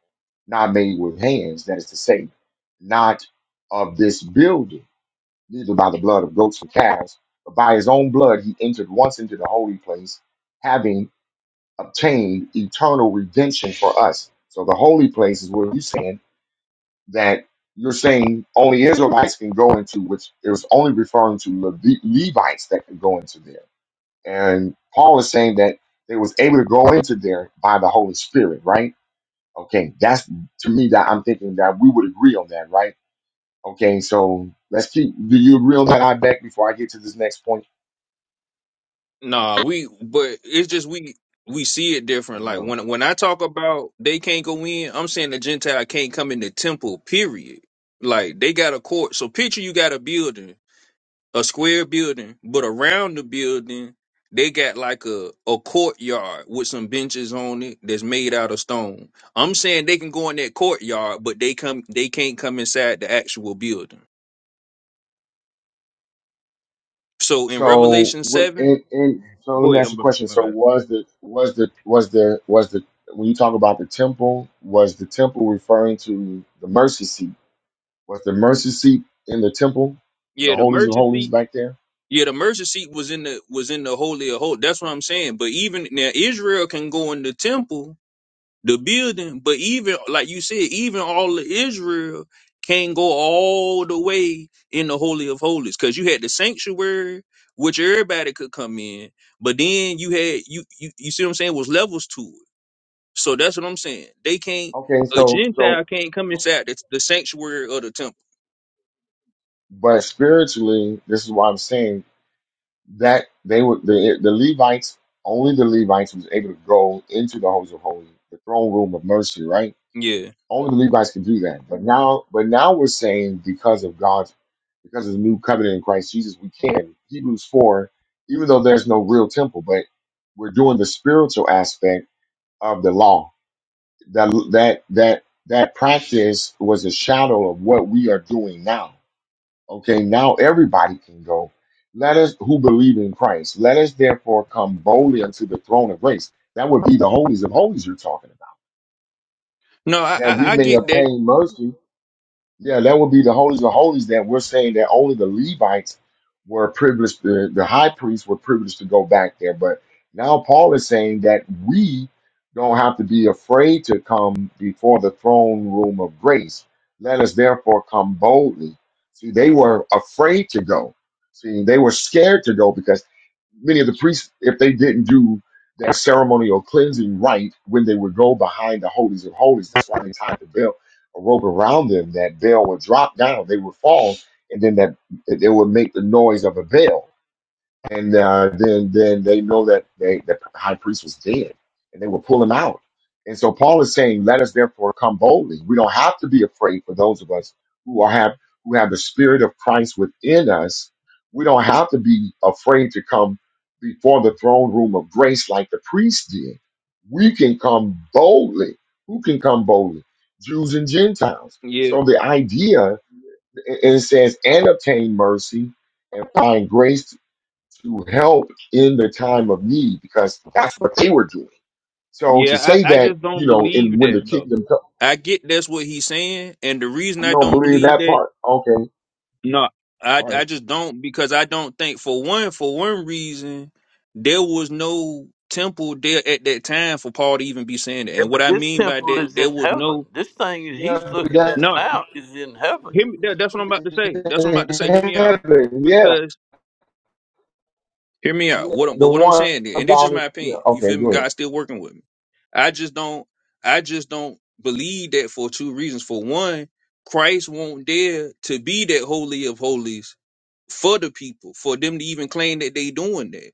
not made with hands, that is to say, not of this building neither by the blood of goats or calves, but by his own blood he entered once into the holy place, having obtained eternal redemption for us. So the holy place is where you're saying that you're saying only Israelites can go into, which it was only referring to Levi- Levites that could go into there. And Paul is saying that they was able to go into there by the Holy Spirit, right? Okay, that's to me that I'm thinking that we would agree on that, right? Okay, so let's keep. Do you agree on that, I back before I get to this next point? Nah, we, but it's just we we see it Or different. Like no. when when I talk about they can't go in, I'm saying the Gentile can't come in the temple. Period. Like they got a court. So picture you got a building, a square building, but around the building they got like a a courtyard with some benches on it that's made out of stone. I'm saying they can go in that courtyard, but they come they can't come inside the actual building. So in So Revelation what? seven, And, and so let go me ahead. ask you I'm, a question. my So bad. was the was the was the was the when you talk about the temple, was the temple referring to the mercy seat? Was the mercy seat in the temple, the Yeah, the holies of mercy holies seat. back there? Yeah, the mercy seat was in the was in the holy of holies. That's what I'm saying. But even now, Israel can go in the temple, the building. But even like you said, even all of Israel can't go all the way in the holy of holies because you had the sanctuary, which everybody could come in. But then you had you you you see what I'm saying was levels to it. So that's what I'm saying. They can't Okay. a So, Gentile can't come so- inside the, the sanctuary of the temple. but spiritually, this is why I'm saying that they were the the Levites. Only the Levites was able to go into the holies of holies, the throne room of mercy, right? Yeah. Only the Levites could do that. But now, but now we're saying because of God's, because of the new covenant in Christ Jesus, we can. Hebrews four, even though there's no real temple, but we're doing the spiritual aspect of the law. That that that that practice was a shadow of what we are doing now. Okay, now everybody can go. Let us who believe in Christ, let us therefore come boldly unto the throne of grace. That would be the holies of holies you're talking about. No, I, That I we I may get that. obtain mercy Yeah, that would be the holies of holies that we're saying that only the Levites were privileged, the, the high priests were privileged to go back there. But now Paul is saying that we don't have to be afraid to come before the throne room of grace. Let us therefore come boldly. See, they were afraid to go. See, they were scared to go because many of the priests, if they didn't do their ceremonial cleansing right when they would go behind the holies of holies, that's why they tied the belt a rope around them that bell would drop down, they would fall, and then that they would make the noise of a bell and uh, then then they know that they, the high priest was dead, and they will pull him out. And so Paul is saying, "Let us therefore come boldly. We don't have to be afraid for those of us who are have who have the Spirit of Christ within us. We don't have to be afraid to come before the throne room of grace like the priest did. We can come boldly. Who can come boldly? Jews and Gentiles. Yeah. So the idea, and it says, and obtain mercy and find grace to help in the time of need because that's what they were doing. So Yeah. to say I, I that, just you don't know, in believe when the that though. kingdom comes, I get that's what he's saying, and the reason you I don't don't believe believe that that, part. Okay, no, I all right. I just don't because I don't think for one for one reason there was no temple there at that time for Paul to even be saying that. Yeah, And what but I this mean by temple that, is in there was heaven. no This thing he's Yeah, but looking at that's no. now is in heaven. Hear me, that, that's what I'm about to say. That's what I'm about to say. Hear me heaven. Yeah, out. Hear me out. yeah, What I'm- the but what I'm one saying, and this is about it. my Yeah, opinion. You okay, feel me? go ahead. God's still working with me. I just don't I just don't believe that for two reasons. For one, Christ won't dare to be that holy of holies for the people, for them to even claim that they doing that.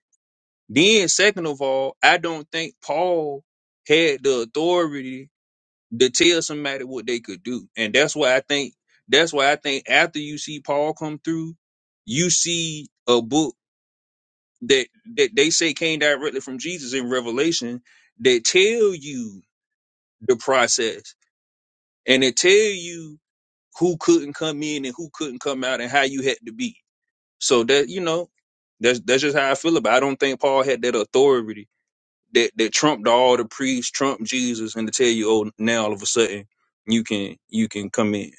Then second of all, I don't think Paul had the authority to tell somebody what they could do. And that's why I think that's why I think after you see Paul come through, you see a book that that they say came directly from Jesus in Revelation that tell you the process and it tell you who couldn't come in and who couldn't come out and how you had to be. So that you know, that's that's just how I feel about. It. I don't think Paul had that authority that that trumped all the priests, trumped Jesus, and to tell you, oh, now all of a sudden you can you can come in.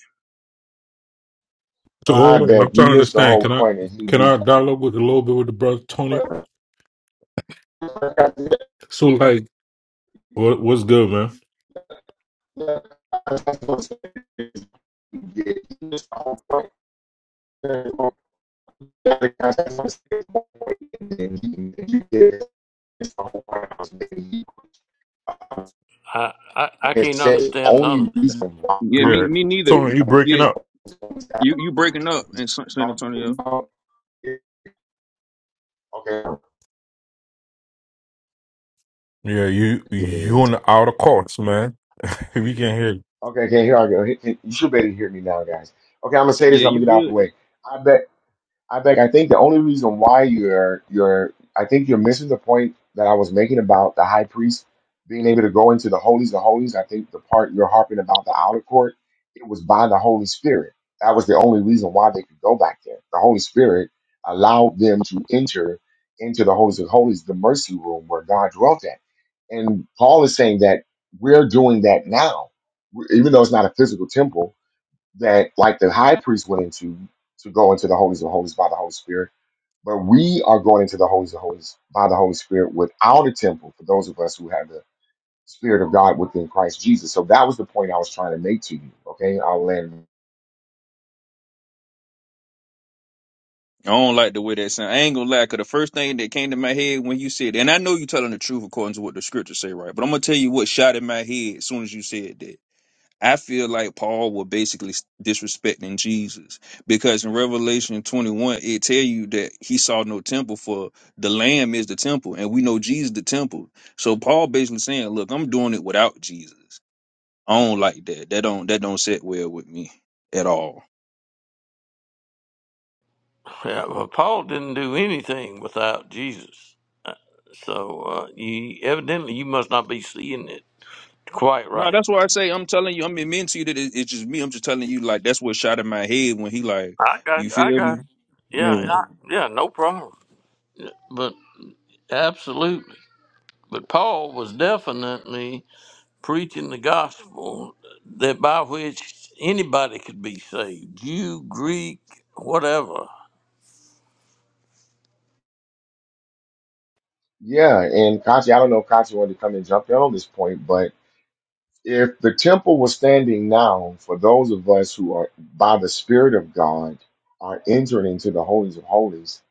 But So I hold on, I'm bet you trying to missed the understand. whole Can I point in can Hebrews. I dialogue with a little bit with the brother Tony? Well, like I said, So like, what what's good, man? yeah, that's what I'm saying. You missed the whole point. That's what I'm saying. It's warehouse, baby. I, I, I It can't says the understand none only of this. reason why Yeah, me Yeah, me neither. they Tony, you want breaking Yeah, up? to you you breaking up in San San Antonio. about Okay. Yeah, you you on the outer courts, man. We can not hear. You. Okay, okay, here I go. You should be able to hear me now, guys. Okay, I'm gonna say this Yeah, and I'm you gonna get out of the good. way. I bet I beg. I think the only reason why you're you're I think you're missing the point that I was making about the high priest being able to go into the holies of holies. I think the part you're harping about the outer court, it was by the Holy Spirit. That was the only reason why they could go back there. The Holy Spirit allowed them to enter into the holies of holies, the mercy room where God dwelt at. And Paul is saying that we're doing that now, even though it's not a physical temple that like the high priest went into to go into the holies of holies by the Holy Spirit, but we are going into the holies of holies by the Holy Spirit without a temple for those of us who have the Spirit of God within Christ Jesus. So that was the point I was trying to make to you. Okay, I'll land. I don't like the way that sound. I ain't gonna lie, cause the first thing that came to my head when you said, and I know you telling the truth according to what the scriptures say, right? But I'm gonna tell you what shot in my head as soon as you said that. I feel like Paul was basically disrespecting Jesus because in Revelation 21 it tell you that he saw no temple for the Lamb is the temple, and we know Jesus the temple. So Paul basically saying, look, I'm doing it without Jesus. I don't like that. That don't that don't sit well with me at all. Yeah, well, Paul didn't do anything without Jesus. So uh, you evidently you must not be seeing it quite No, right. that's why I say I'm telling you. I am admitting to you that it, it's just me. I'm just telling you, like that's what shot in my head when he like, I got you you, I feel got me? you. Yeah, Yeah, yeah, yeah, no problem. But absolutely. But Paul was definitely preaching the gospel that by which anybody could be saved, Jew, Greek, whatever. Yeah, and Kachi, I don't know if Kachi wanted to come and jump in on this point, but if the temple was standing now for those of us who are by the Spirit of God are entering into the holies of holies,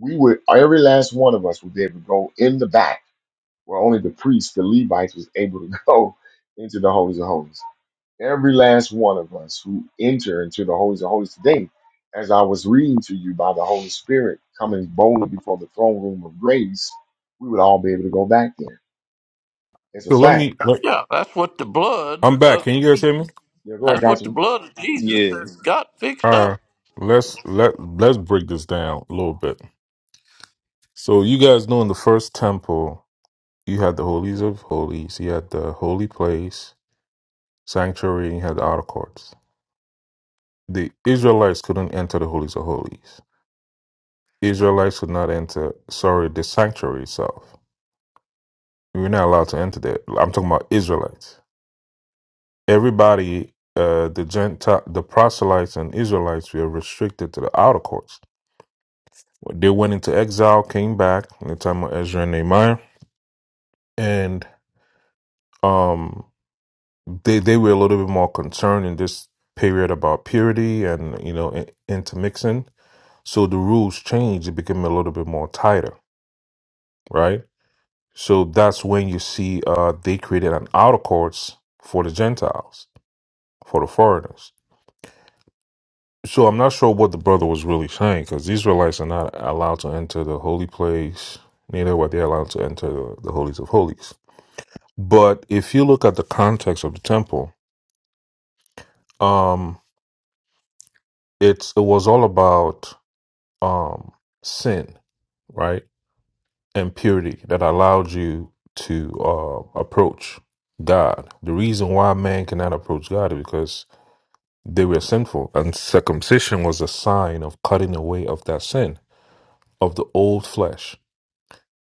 we would every last one of us would be able to go in the back where only the priests, the Levites, was able to go into the holies of holies. Every last one of us who enter into the holies of holies today, as I was reading to you by the Holy Spirit coming boldly before the throne room of grace, we would all be able to go back there. It's a So let fact. me. Let, Yeah, that's what the blood I'm back. of Can you guys hear me? Yeah, go ahead, that's what the Godfrey. blood of Jesus yeah. has got fixed All up. right. Let's let let's break this down a little bit. So you guys know in the first temple, you had the holies of holies, you had the holy place, sanctuary, and you had the outer courts. The Israelites couldn't enter the holies of holies Israelites could not enter, sorry, the sanctuary itself. We were not allowed to enter there. I'm talking about Israelites. Everybody, uh, the Gentile, the proselytes and Israelites were restricted to the outer courts. They went into exile, came back in the time of Ezra and Nehemiah, and um, they they were a little bit more concerned in this period about purity and you know in- intermixing. So the rules changed; it became a little bit more tighter, right? So that's when you see uh, they created an outer courts for the Gentiles, for the foreigners. So I'm not sure what the brother was really saying because the Israelites are not allowed to enter the holy place, neither were they allowed to enter the, the holies of holies. But if you look at the context of the temple, um, it's it was all about um, sin, right, and purity that allowed you to uh, approach God. The reason why man cannot approach God is because They were sinful, and circumcision was a sign of cutting away of that sin, of the old flesh.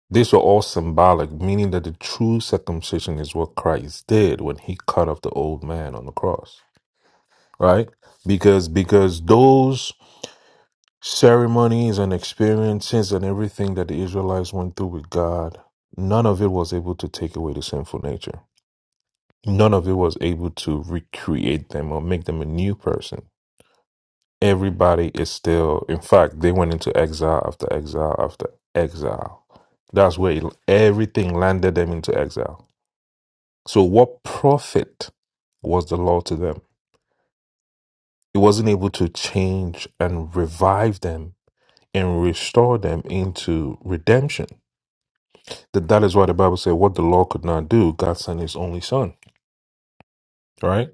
These were all symbolic, meaning that the true circumcision is what Christ did when he cut off the old man on the cross. Right? Because because those ceremonies and experiences and everything that the Israelites went through with God, none of it was able to take away the sinful nature. None of it was able to recreate them or make them a new person everybody is still in fact they went into exile after exile after exile that's where it, everything landed them into exile so what profit was the law to them it wasn't able to change and revive them and restore them into redemption that that is why the bible said what the law could not do god sent his only son right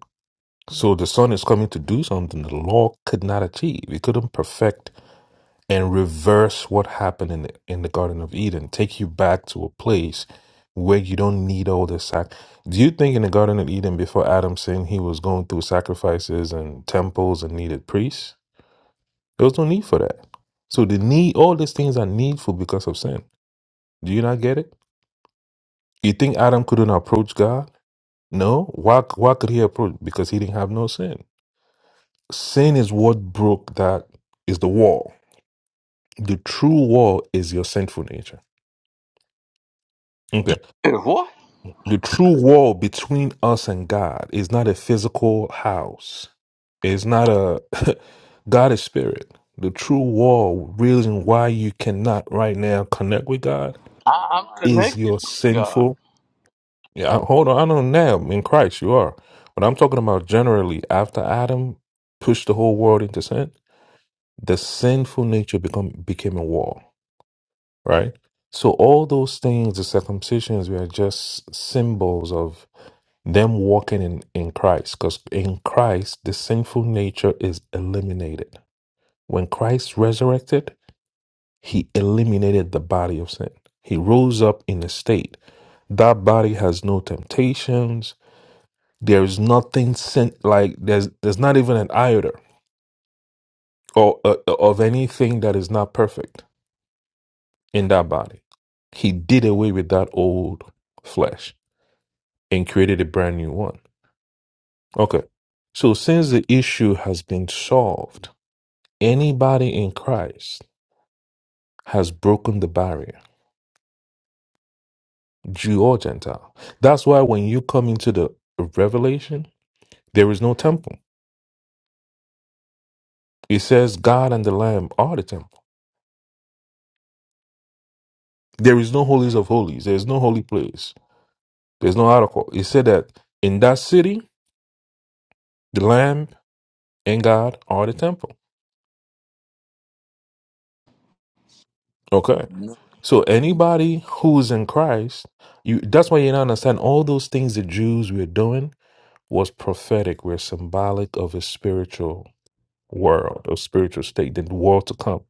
so the son is coming to do something the law could not achieve it couldn't perfect and reverse what happened in the, in the Garden of Eden, take you back to a place where you don't need all this sac. Do you think in the Garden of Eden before Adam sinned, he was going through sacrifices and temples and needed priests? There was no need for that. So the need, all these things are needful because of sin. Do you not get it? You think Adam couldn't approach God? No. Why? Why could he approach? Because he didn't have no sin. Sin is what broke that is the wall. The true wall is your sinful nature. Okay. Hey, What? The true wall between us and God is not a physical house. It's not a God is spirit. The true wall reason why you cannot right now connect with God I, I'm is connected your with God. sinful. Yeah, I- hold on. I know now in Christ you are, but I'm talking about generally after Adam pushed the whole world into sin, the sinful nature become became a wall, right? So all those things, the circumcisions, were just symbols of them walking in, in Christ. Because in Christ, the sinful nature is eliminated. When Christ resurrected, he eliminated the body of sin. He rose up in a state. That body has no temptations. There's nothing sin like there's there's not even an iota or uh, of anything that is not perfect in that body. He did away with that old flesh and created a brand new one. Okay. So since the issue has been solved, Anybody in Christ has broken the barrier, Jew or Gentile. That's why when you come into the revelation, there is no temple. It says God and the Lamb are the temple. There is no holies of holies. There's no holy place. There's no article. It said that in that city, the Lamb and God are the temple. Okay. No. So anybody who's in Christ, you that's why you don't understand all those things the Jews were doing was prophetic, were symbolic of a spiritual world or spiritual state, the world to come.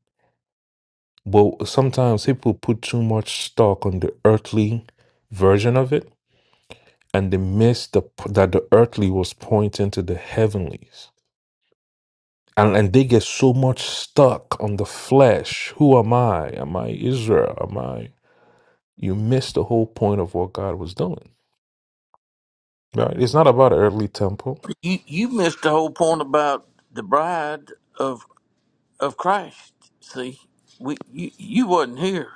But sometimes people put too much stock on the earthly version of it, and they miss the that the earthly was pointing to the heavenlies. And, and they get so much stuck on the flesh. Who am I? Am I Israel? Am I? You miss the whole point of what God was doing. Right? It's not about an earthly temple. You you missed the whole point about the bride of of Christ. See, we you, you wasn't here.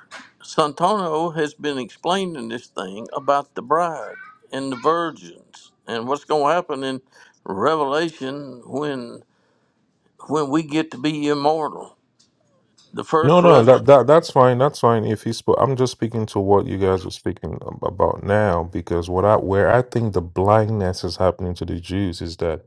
Santano has been explaining this thing about the bride and the virgins and what's going to happen in Revelation when when we get to be immortal. The first No, no, that resurrection. that that's fine. That's fine. If he spoke, I'm just speaking to what you guys are speaking ab- about now, because what I where I think the blindness is happening to the Jews is that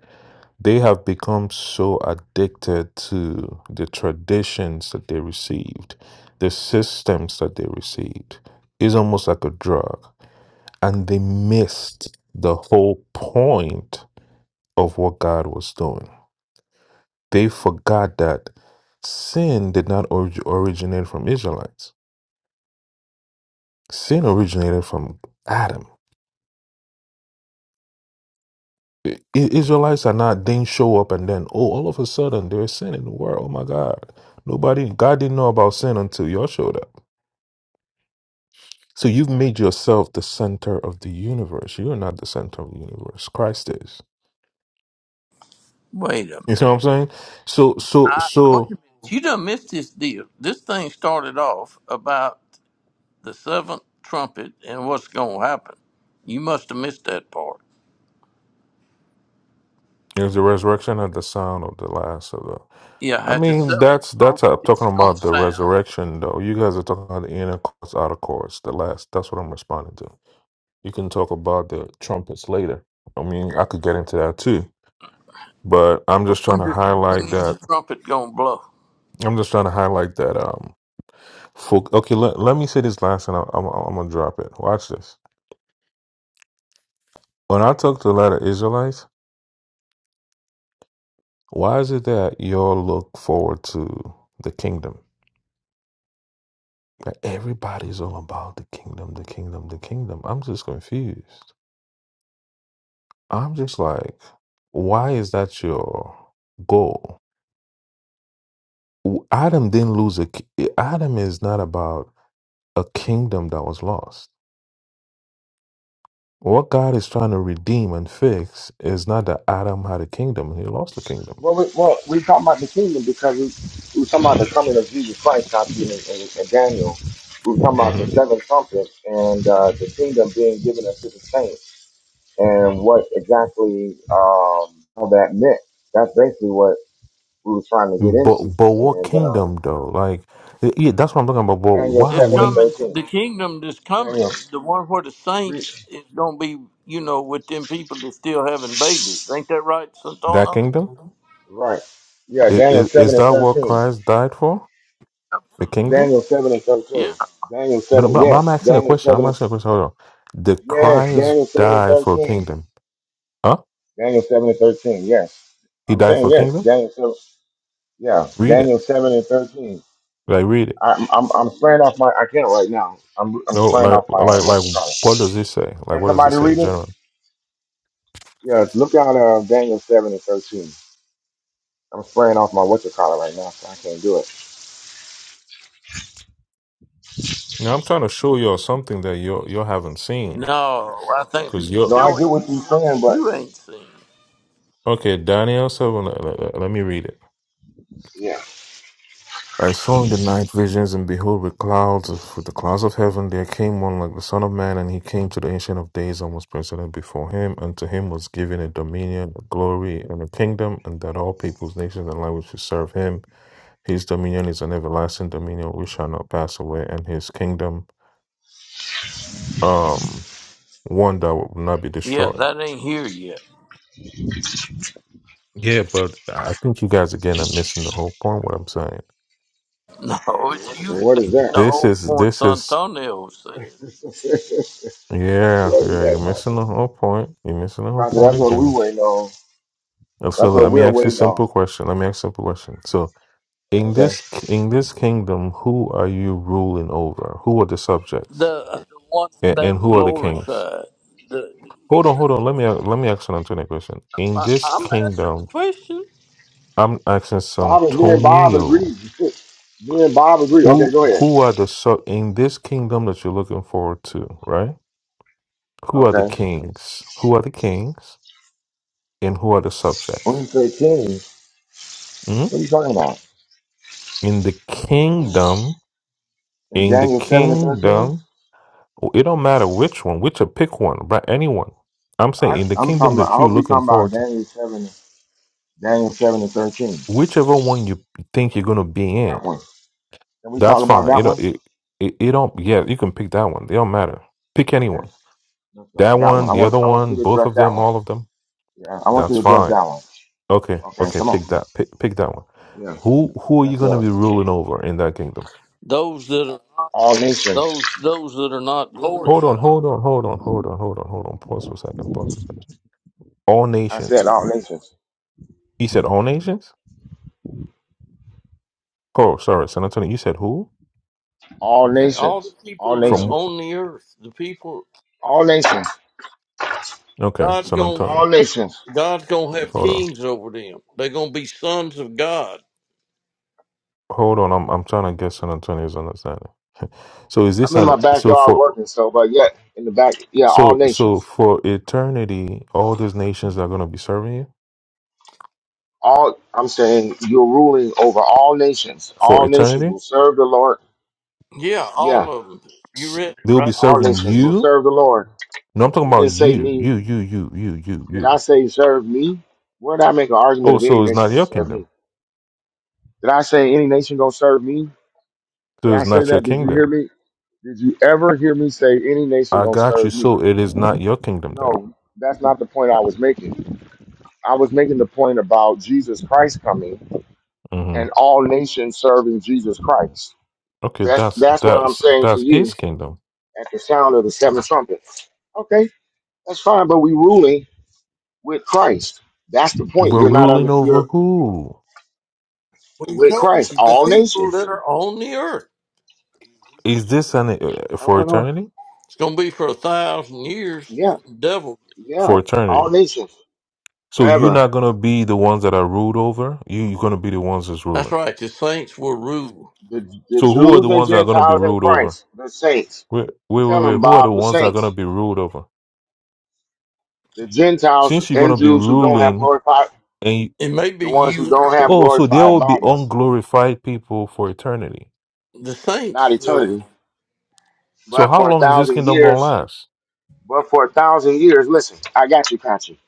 they have become so addicted to the traditions that they received, the systems that they received. It's almost like a drug, and they missed the whole point of what God was doing. They forgot that sin did not orig- originate from Israelites Sin originated from Adam. I- I- Israelites are not didn't show up and then oh all of a sudden there is sin in the world. Oh my God, nobody God didn't know about sin until y'all showed up. So you've made yourself the center of the universe. You are not the center of the universe. Christ is. Wait a You see what I'm minute. saying? So so I, wait a so minute. You done missed this deal. This thing started off about. the seventh trumpet and what's going to happen. You must have missed that part. is the resurrection at the sound of the last of the. Yeah, I at the mean seventh that's that's trumpet, uh, it's talking going about to the sound. resurrection though. You guys are talking about the inner course, outer course, the last. That's what I'm responding to. You can talk about the trumpets later. I mean, I could get into that too, but I'm But just trying when, to did, when highlight is that. the trumpet going to blow? I'm just trying to highlight that. Um, folk, okay, let, let me say this last, and I'm, I'm I'm gonna drop it. Watch this. When I talk to a lot of Israelites, why is it that y'all look forward to the kingdom? That everybody's all about the kingdom, the kingdom, the kingdom. I'm just confused. I'm just like, why is that your goal? Adam didn't lose a. ki- Adam is not about a kingdom that was lost. What God is trying to redeem and fix is not that Adam had a kingdom, he lost a kingdom. Well, we, well, we talking about the kingdom because we, we were talking about the coming of Jesus Christ, copy and, and, and Daniel. We were talking about the hmm seven trumpets and uh, the kingdom being given unto the saints. and what exactly um, all that meant. That's basically what we were trying to get But into. but what And uh, kingdom though? Like y- yeah, that's what I'm talking about. But Daniel why are This 7 and we coming, 13. the kingdom that's coming, Daniel, the one where the read. saints is going to be, you know, with them people that's still having babies. Ain't that right, that Santona? kingdom? Right. Yeah, Is, Daniel is, 7 is and that what 13. Christ died for? The Absolutely. kingdom? Daniel 7 and Yeah. 13. Daniel But, 7, but but I'm yes. asking a Daniel question. I'm 7 and, asking a question. Hold on. Did yes. Christ Daniel 7 and die for a 13. kingdom? Huh? Daniel 7 and 13, yes. He I'm died for saying a yes. kingdom? Daniel 7, yeah. Read it. Daniel 7 and 13. Like read it. I'm, I'm, I'm spraying off my, I can't right now. I'm, I'm No, spraying like off my, um, like like what's it called? what does it say? Like Can what does it somebody say read it? General. Yes, look out uh, Daniel 7 and 13. I'm spraying off my what's collar right now, so I can't do it. Now I'm trying to show y'all something that you all you all haven't seen, No, I think cause you we No, y'all I showing get you what you're something saying, but you ain't seen. okay. Daniel seven. Let, let- let me read it. yeah. I saw in the night visions, and behold, with clouds, of- with the clouds of heaven, there came one like the Son of Man, and he came to the Ancient of Days and was presented before him. And to him was given a dominion, a glory, and a kingdom, and that all peoples, nations, and languages should serve him. His dominion is an everlasting dominion which shall not pass away, and his kingdom, um, one that will not be Yeah, destroyed. that ain't here yet. Yeah, but I think you guys again are missing the whole point. What I'm saying, No, it's you And what is missing that? the this whole is point this is Santonio said. what yeah, is yeah. You're that, Doctor? missing the whole point. You're missing the whole Doctor, that's point what we again. waiting on. And So That's what let me we're ask you a waiting on. simple question. Let me ask you a simple question. So in Okay. this in this kingdom, who are you ruling over? Who are the subjects, the the ones that and, and ain't who are the Well, kings? glorified, the, the Hold on, human hold on. Let me being. let me ask San Antonio a question. In I, this I'm answering the kingdom, question. I'm asking San Bob is me and Bob Antonio. agree. me and Bob agree. Okay, Who go ahead. who are the sub in this kingdom that you're looking forward to, right? Who are the Okay. kings? Who are the kings? And who are the When you subjects? say 10, what Hmm? are you talking about? In the When kingdom, In in the Daniel 7 and 13? kingdom, oh, it don't matter which one, which a pick one, right? Anyone. I'm saying I, in the I'm kingdom talking about, I that you're hope you're looking talking about forward to, Daniel 7, Daniel 7 and 13. whichever one you think you're gonna be in, That one. Can we that's talk about fine. that It one? don't, it, it, it don't. Yeah, you can pick that one. They don't matter. Pick Okay, anyone. let's go. That That one. one, I the want other I want you one, to both address of that them, one. all of them. Yeah, I want you That's to address fine. that one. Okay, Okay, okay. come on. Pick that. Pick pick that one. Yeah, Who who are you that's the gonna one. be ruling over in that kingdom? Those that are All nations. those those that are not Hold on, glorified. hold on, hold on, hold on, hold on, hold on. Pause for a second. Pause for a second. All I said nations. all nations. He said all nations? Oh, sorry, San Antonio. You said who? All Yeah, All the nations. All people that- From nations. wh- on the earth, the people All nations. okay, God's San gonna All Antonio. nations. God's gonna have Hold on. kings over them. They're gonna be sons of God. Hold on. I'm I'm trying to get San Antonio's understanding. So is I'm this in an my so backyard for working, so but yet in the back, yeah, all so so nations. for eternity, all these nations are gonna be serving you? All I'm saying, you're ruling over all nations. For All nations eternity? will serve the Lord. Yeah, all Yeah, of them. You S- read it They'll be right there. all serving nations will you? serve the Lord. No, I'm talking It about didn't say you. me. You, you, you, you, you, Did I you. say serve me? Where did I make an argument Oh, of any so it's nation not will your serve me? kingdom. Did I say any nation gonna serve me? Did So I it's say not your that? Did you kingdom. hear me? Did you ever hear me say any nation I gonna got you. serve me? So it is not your kingdom then. No, that's not the point I was making. I was making the point about Jesus Christ coming hmm and all nations serving Jesus Christ. Okay, That's that's that's what I'm that's saying to that's you his kingdom. at the sound of the seventh trumpet. Okay, that's fine, but we ruling with Christ. That's the point. We're You're not under ruling over you're who? We with told Christ. you the All people that nations. are on the earth. Is this an uh, I for don't know. eternity? It's gonna be for a thousand years. Yeah, Devil. yeah. For eternity. All nations. So you're Forever. not gonna be the ones that are ruled over. You you're gonna be the ones that's That's ruling. right. The saints will rule. The, the So who are Jews the and ones that are gonna be Gentiles in ruled over? Christ, the saints. Wait wait wait Tell him, wait. Who are the Bob, the ones that are gonna saints. be ruled over? The Gentiles Since you're and gonna be Jews who don't have ruling glorified, and you, And maybe the ones who you, don't have oh, so there glorified will be bodies, unglorified people for eternity. and the saints, not will. eternity. So But how for a long is this thousand kingdom gonna years, last? but for a thousand years, listen, I got you, Patrick.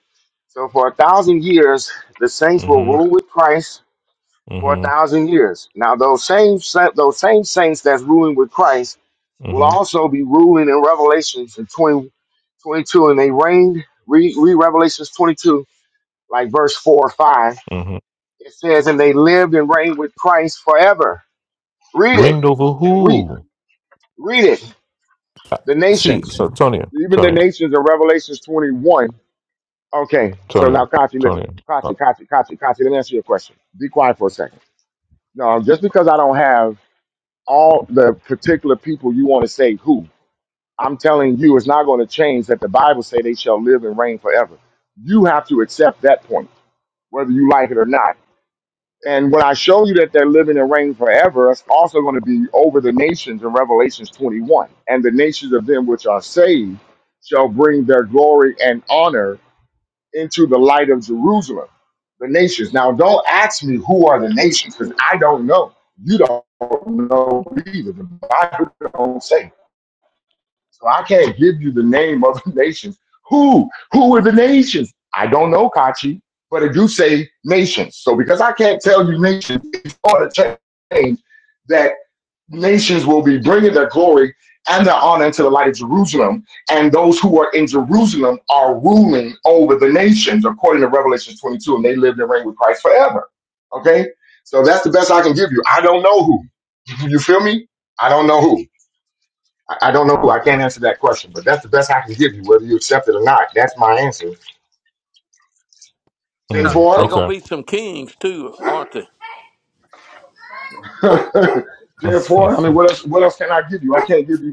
So for a thousand years, the saints will Mm-hmm. rule with Christ for a mm-hmm. thousand years. Now those same sa- those same saints that's ruling with Christ will hmm also be ruling in Revelations in 20 22, and they reigned. Read, read Revelations 22, like verse 4 or 5. hmm It says, And they lived and reigned with Christ forever. Read it Ringed over and weep. who? Read it. Uh, The See, nations, so Tonya, even the Tonya, nations in Revelations 21. Okay, so now, Tonya, Kachi, listen. Tonya. Uh, Kachi, Kachi, Kachi, Kachi, let me answer your question. Be quiet for a second. No, just because I don't have all the particular people you want to say who, I'm telling you, it's not going to change that the Bible say they shall live and reign forever. You have to accept that point, whether you like it or not. And when I show you that they're living and reigning forever, it's also going to be over the nations in Revelations 21. And the nations of them which are saved shall bring their glory and honor into the light of Jerusalem, the nations. Now, don't ask me who are the nations, because I don't know. You don't know either. The Bible don't say. So I can't give you the name of the nations. Who? Who are the nations? I don't know, Kachi, but it do say nations. So because I can't tell you nations, it's going to change that nations will be bringing their glory and their honor into the light of Jerusalem, and those who are in Jerusalem are ruling over the nations, according to Revelation 22, and they live and reign with Christ forever. Okay? So that's the best I can give you. I don't know who. You feel me? I don't know who. I don't know who. I can't answer that question, but that's the best I can give you, whether you accept it or not. That's my answer. Ten Yeah, mm, they're four, going to okay. be some kings too, aren't they? ten four. I mean, what else? What else can I give you? I can't give you.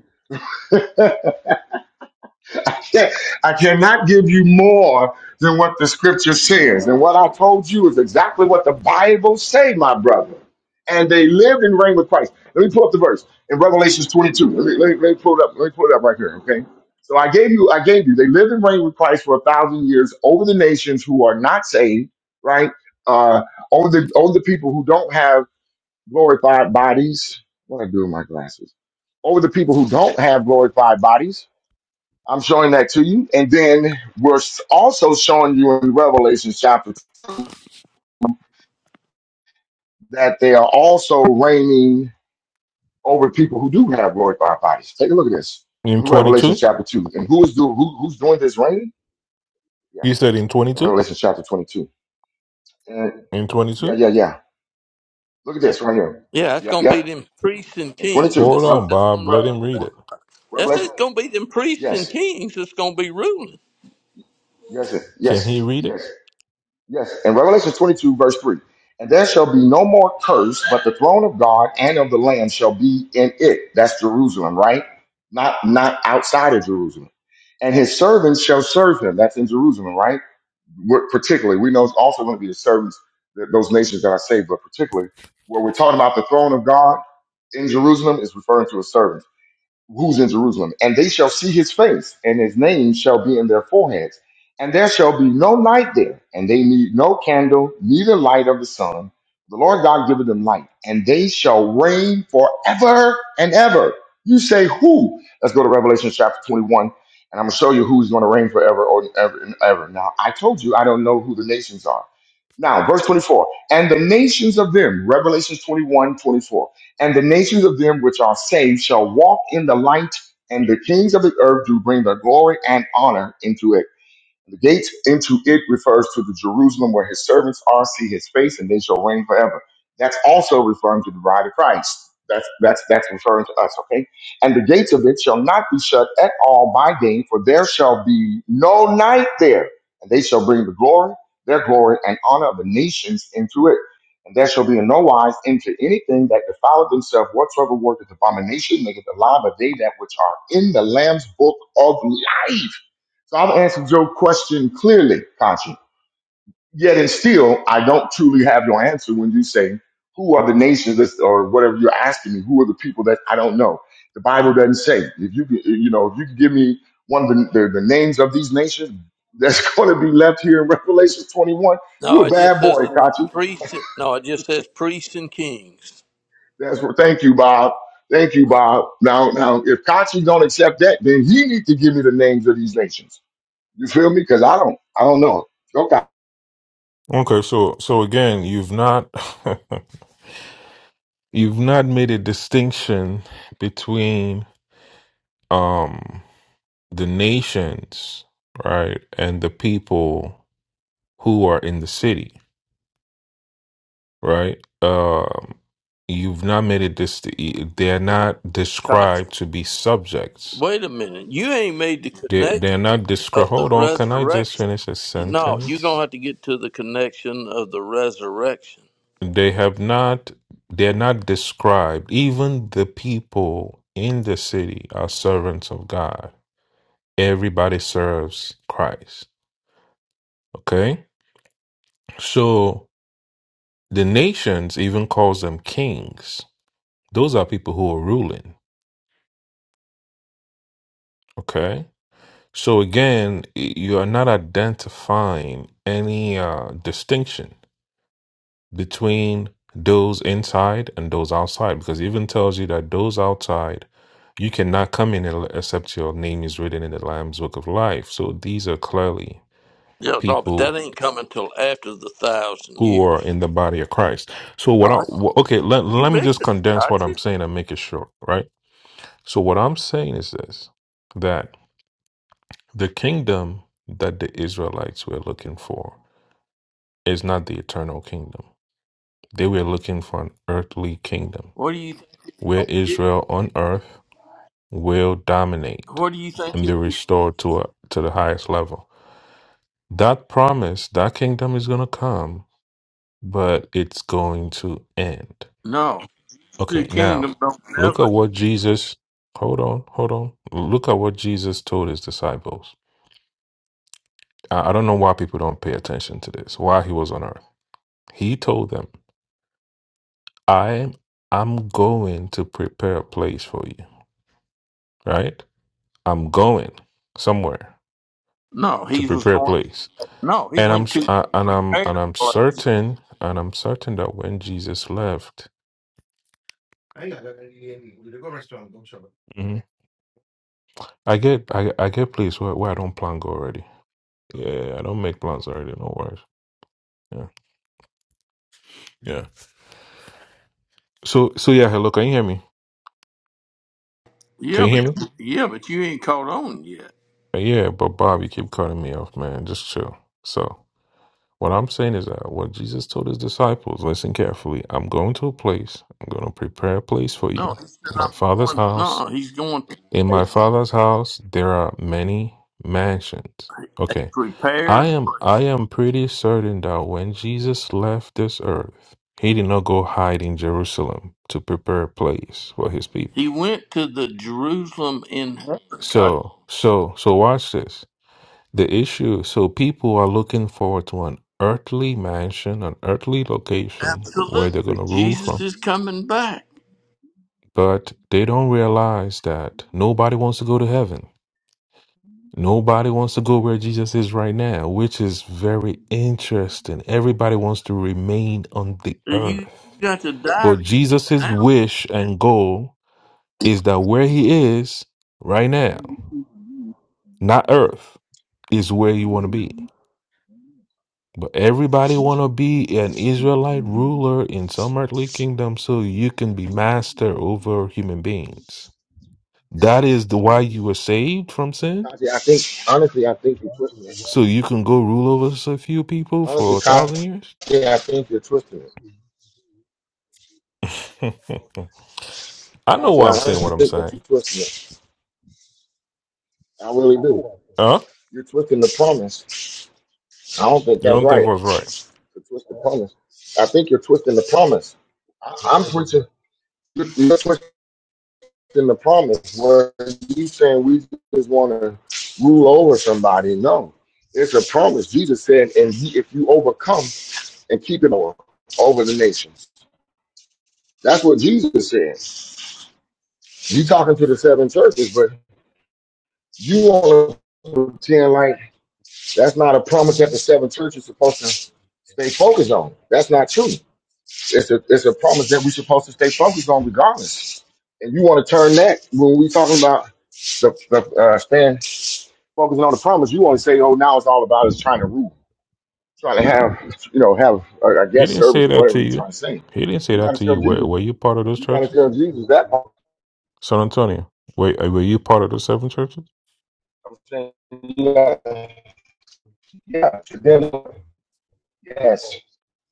Yeah, I cannot give you more than what the scripture says. And what I told you is exactly what the Bible say, my brother. And they lived and reigned with Christ. Let me pull up the verse in Revelations 22. Let me, let me, let me pull it up. Let me pull it up right here, okay? So I gave you, I gave you, they lived and reigned with Christ for a thousand years over the nations who are not saved, right? Uh, over the over the people who don't have glorified bodies. What do I do with my glasses? Over the people who don't have glorified bodies I'm showing that to you. And then we're s- also showing you in Revelation chapter 2 that they are also reigning over people who do have glorified bodies. Take a look at this. in Revelation 22? chapter 2. And who is do, who, who's doing this reigning? Yeah. You said in 22? Revelation chapter 22. And In yeah, 22? yeah, yeah. Look at this right here. Yeah, that's Yep, going to be yep. them priests and And kings. 22. Hold That's Rev, on, that's Bob. going to Rev- Let be, him read it. that's Revelation. it's going to be them priests and Yes. kings that's going to be ruling. Yes. Can he Yes. read it? Yes. Yes, in Revelation 22, verse 3. And there shall be no more curse, but the throne of God and of the Lamb shall be in it. That's Jerusalem, right? Not not outside of Jerusalem. And his servants shall serve him. That's in Jerusalem, right? We're, particularly, we know it's also going to be the servants, th- those nations that are saved, but particularly where we're talking about the throne of God in Jerusalem is referring to a servant who's in Jerusalem, and they shall see his face, and his name shall be in their foreheads. And there shall be no night there, and they need no candle, neither light of the sun. The Lord God giveth them light, and they shall reign forever and ever. You say who? Let's go to Revelation chapter 21, and I'm going to show you who's going to reign forever or ever and ever. Now, I told you I don't know who the nations are. Now, verse 24, and the nations of them, Revelation 21 24. And the nations of them which are saved shall walk in the light, and the kings of the earth do bring their glory and honor into it. The gate into it refers to the Jerusalem where his servants are, see his face, and they shall reign forever. That's also referring to the bride of Christ. That's that's that's referring to us, okay? And the gates of it shall not be shut at all by day, for there shall be no night there, and they shall bring the glory, their glory, and honor of the nations into it. And there shall be in no wise into anything that defileth himself whatsoever worketh abomination, maketh alive a day that which are in the Lamb's book of life so I've answered your question clearly, Kachi. Yet and still, I don't truly have your answer when you say, who are the nations that, or whatever you're asking me, who are the people that I don't know? The Bible doesn't say. If you, you know, if you can give me one of the, the, the names of these nations that's going to be left here in Revelation 21, No, you're a it just bad says boy, the Kachi. priests. and- No, it just says priests and kings. That's what, thank you, Bob. Thank you, Bob. Now, now, if Kachi don't accept that, then he needs to give me the names of these nations. You feel me? Because I don't, I don't know. Okay. Okay, so so again, you've not you've not made a distinction between um the nations, right, and the people who are in the city. right? Um, you've not made it this. They're Wait a not Gotcha. described to be subjects. Wait a minute. You ain't made the They they're connection not described. of the Hold on, can I just resurrection. finish a No, you're going sentence? to have to get to the connection of the resurrection. They have not. They're not described. Even the people in the city are servants of God. Everybody serves Christ. Okay, so the nations even calls them kings. Those are people who are ruling. Okay So again, you are not identifying any uh, distinction between those inside and those outside, because it even tells you that those outside, you cannot come in el- except your name is written in the Lamb's Book of Life. So these are clearly Yeah, no, but that people ain't coming till after the thousand who are years. in the body of Christ. So No, what I that's- wh- okay, let you let me just missing it, condense what I'm Kachi. saying and make it short, right? So what I'm saying is this: that the kingdom that the Israelites were looking for is not the eternal kingdom. They were looking for an earthly kingdom What do you where Israel on earth will dominate What do you think? and He, be restored to a, to the highest level. That promise, that kingdom is going to come, but it's going to end. no, the Okay, kingdom now don't look at never. what Jesus. Hold on, hold on. Look at what Jesus told his disciples. I, I don't know why people don't pay attention to this. Why he was on earth, he told them I'm I'm going to prepare a place for you, right? I'm going somewhere No, to he was prepare a going. place, No, he and I'm went s- to uh, a and I'm and prepared I'm place. certain and I'm certain that when Jesus left, Mhm. I get I, I get place where, where I don't plan go already. Yeah, I don't make plans already. No worries. Yeah, yeah. So so yeah. Hello, can you hear me? Can Yeah, you hear but me? yeah, but you ain't caught on yet. Uh, Yeah, but Bob, you keep cutting me off, man. Just chill. So. What I'm saying is that what Jesus told his disciples, listen carefully, I'm going to a place, I'm going to prepare a place for No, you. he said My I'm father's going. house. No, he's going to In my a, father's house there are many mansions. a Okay. I prepared am I place. am pretty certain that when Jesus left this earth, he did not go hide in Jerusalem to prepare a place for his He people. went to the Jerusalem in heaven, Kachi. So so so watch this. The issue, so people are looking forward to an earthly mansion, an earthly location where they're Absolutely, going to rule Jesus from, is coming back. but they don't realize that nobody wants to go to heaven. Nobody wants to go where Jesus is right now, which is very interesting. Everybody wants to remain on the You earth. got to die But Jesus' now. wish and goal is that where he is right now, not earth, is where you want to be. But everybody want to be an Israelite ruler in some earthly kingdom so you can be master over human beings. That is the why you were saved from sin. Katya, I think honestly, I think you're twisting it. So you can go rule over s- a few people Honestly, for a thousand Katya, years. I think you're twisting it. I know Katya, I why I'm saying honestly what I'm think that you're saying. twisting it. I really do. Huh? You're twisting the promise. I don't think You that's don't think right. I was right. To twist the promise, I think you're twisting the promise. I, I'm preaching. You're, you're twisting the promise. Where you saying we just want to rule over somebody? No, it's a promise. Jesus said, and he, if you overcome and keep it over over the nations, that's what Jesus said. You talking to the seven churches, but you want to pretend like that's not a promise that the seven churches supposed to stay focused on. That's not true. It's a it's a promise that we're supposed to stay focused on regardless. And you want to turn that when we talking about the, the uh, staying focusing on the promise, you want to say, oh, now it's all about us trying to rule, trying to have you know have uh, I He guess didn't service say or that whatever to you're trying you. to say. He didn't Well, say you got that to to tell you. Were, Jesus. were you part of those You got to churches? tell Jesus that part. San Antonio. Wait, were you part of the seven churches? I'm saying, yeah, yeah, to them, yes.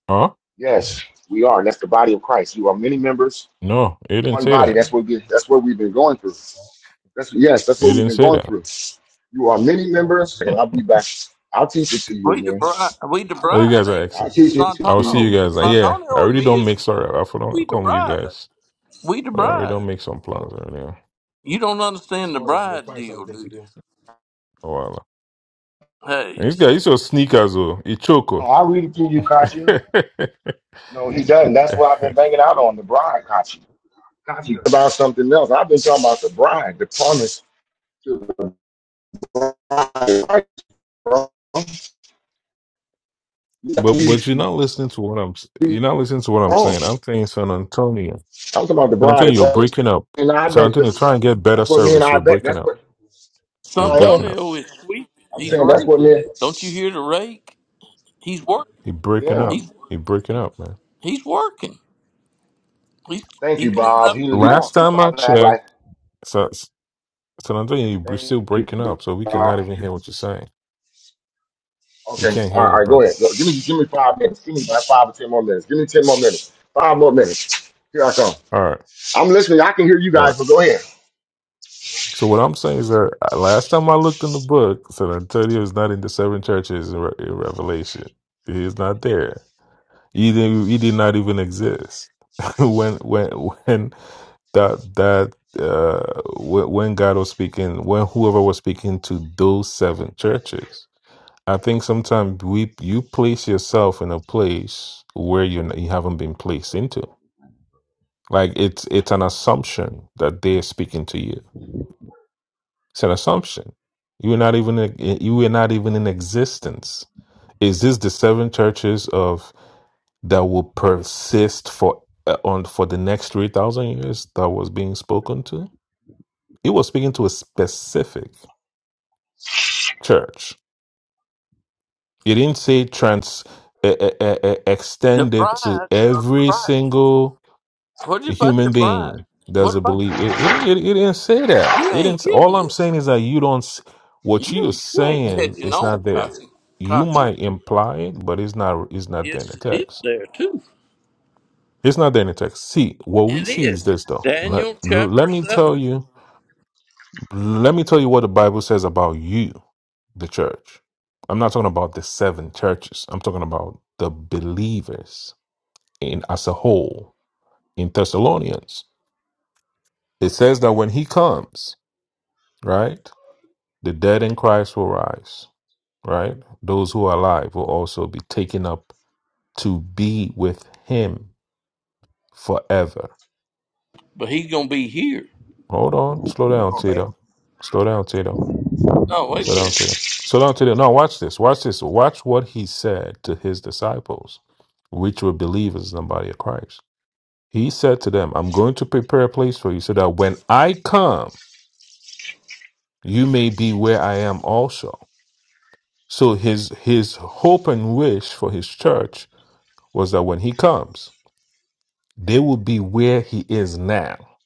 Huh? Yes, we are. And that's the body of Christ. You are many members, No, it didn't one say body. that. That's what we, that's what we've been going through. That's yes, that's It what we've didn't been say going that. through. You are many members, and I'll be back. I'll teach it to you We the again. bride. We the Oh, you bride. guys are Ain't we? I'll excellent. teach it to I will see you Santano, you. guys. Uh, No, Yeah, I Santonio, and really me don't make. is Sorry, I forgot we to the come with you bride. guys, We the but I really bride. don't make some plans earlier. You don't understand the Tomorrow we'll bride find deal, something do to you? do. Oh, wow. Hey, And This guy, he's your sneakers, oh, he choco. I'll read it to you, Kachi. but No, he doesn't. That's what I've been banging out on the bride, Kachi. Kachi about something else. I've been talking about the bride, the promise to the bride. bro. You got me but you're not listening to what I'm. s- You're not listening to what I'm wrong. saying. I'm I'm saying San Antonio. talking about the San bride Antonio, of you're Christ. breaking up. And I San bet Antonio, try this. and get better That's what me and service. I You're bet. breaking That's up. what Yeah, You're I am. breaking up. Santonio is sweeping. I'm He's saying that's what raking. man. Don't you hear the rake? He's working. You're breaking Yeah. up. He's You're breaking up, man. he's working. He's Thank he you, cleaning Bob. up He, the he yard. Last he's time trying I to act like checked. So Antonio, you- you're thank still you, breaking up, so we cannot Bob. even hear what you're saying. We Okay. All right, can't all hear you, right go brother. ahead. Go, give me give me five minutes. Give me like five or ten more minutes. Give me ten more minutes. Five more minutes. Here I come. All right, I'm listening. I can hear you all right. guys, but go ahead. So what I'm saying is that uh, last time I looked in the book, San Antonio is not in the seven churches in, Re- in Revelation. He is not there. He did, he did not even exist when when when that that uh wh- when God was speaking, when whoever was speaking to those seven churches, I think sometimes we you place yourself in a place where you you haven't been placed into. Like it's it's an assumption that they're speaking to you. It's an assumption. You were not even you were not even in existence. Is this the seven churches of that will persist for uh, on for the next three thousand years that was being spoken to? He was speaking to a specific church. He didn't say trans uh, uh, uh, The extend it to bride of every Christ. single What about the human bride? being that's What a about the? believer. It, it, it, it didn't say that. You It didn't. ain't s- getting All I'm this. saying is that you don't. s- What you're You you ain't saying catching is on, not there. Kachi. You Kachi. might imply it, but it's not. It's not there in Yes, the it is text. there too. It's not there in the text. See, what we It see is is. this, though. Let, Daniel let chapter me seven. tell you. Let me tell you what the Bible says about you. the church. I'm not talking about the seven churches. I'm talking about the believers in as a whole in Thessalonians. It says that when he comes, right, the dead in Christ will rise, right? Those who are alive will also be taken up to be with him forever. But he's gonna be here. Hold on, slow down, Oh, hell. Tito. Slow down, Tito. No, wait Slow a down, minute. Tito. Slow down, Tito. Now watch this. Watch this. Watch what he said to his disciples, which were believers in the body of Christ. He said to them, I'm going to prepare a place for you so that when I come, you may be where I am also. So his his hope and wish for his church was that when he comes, they will be where he is now,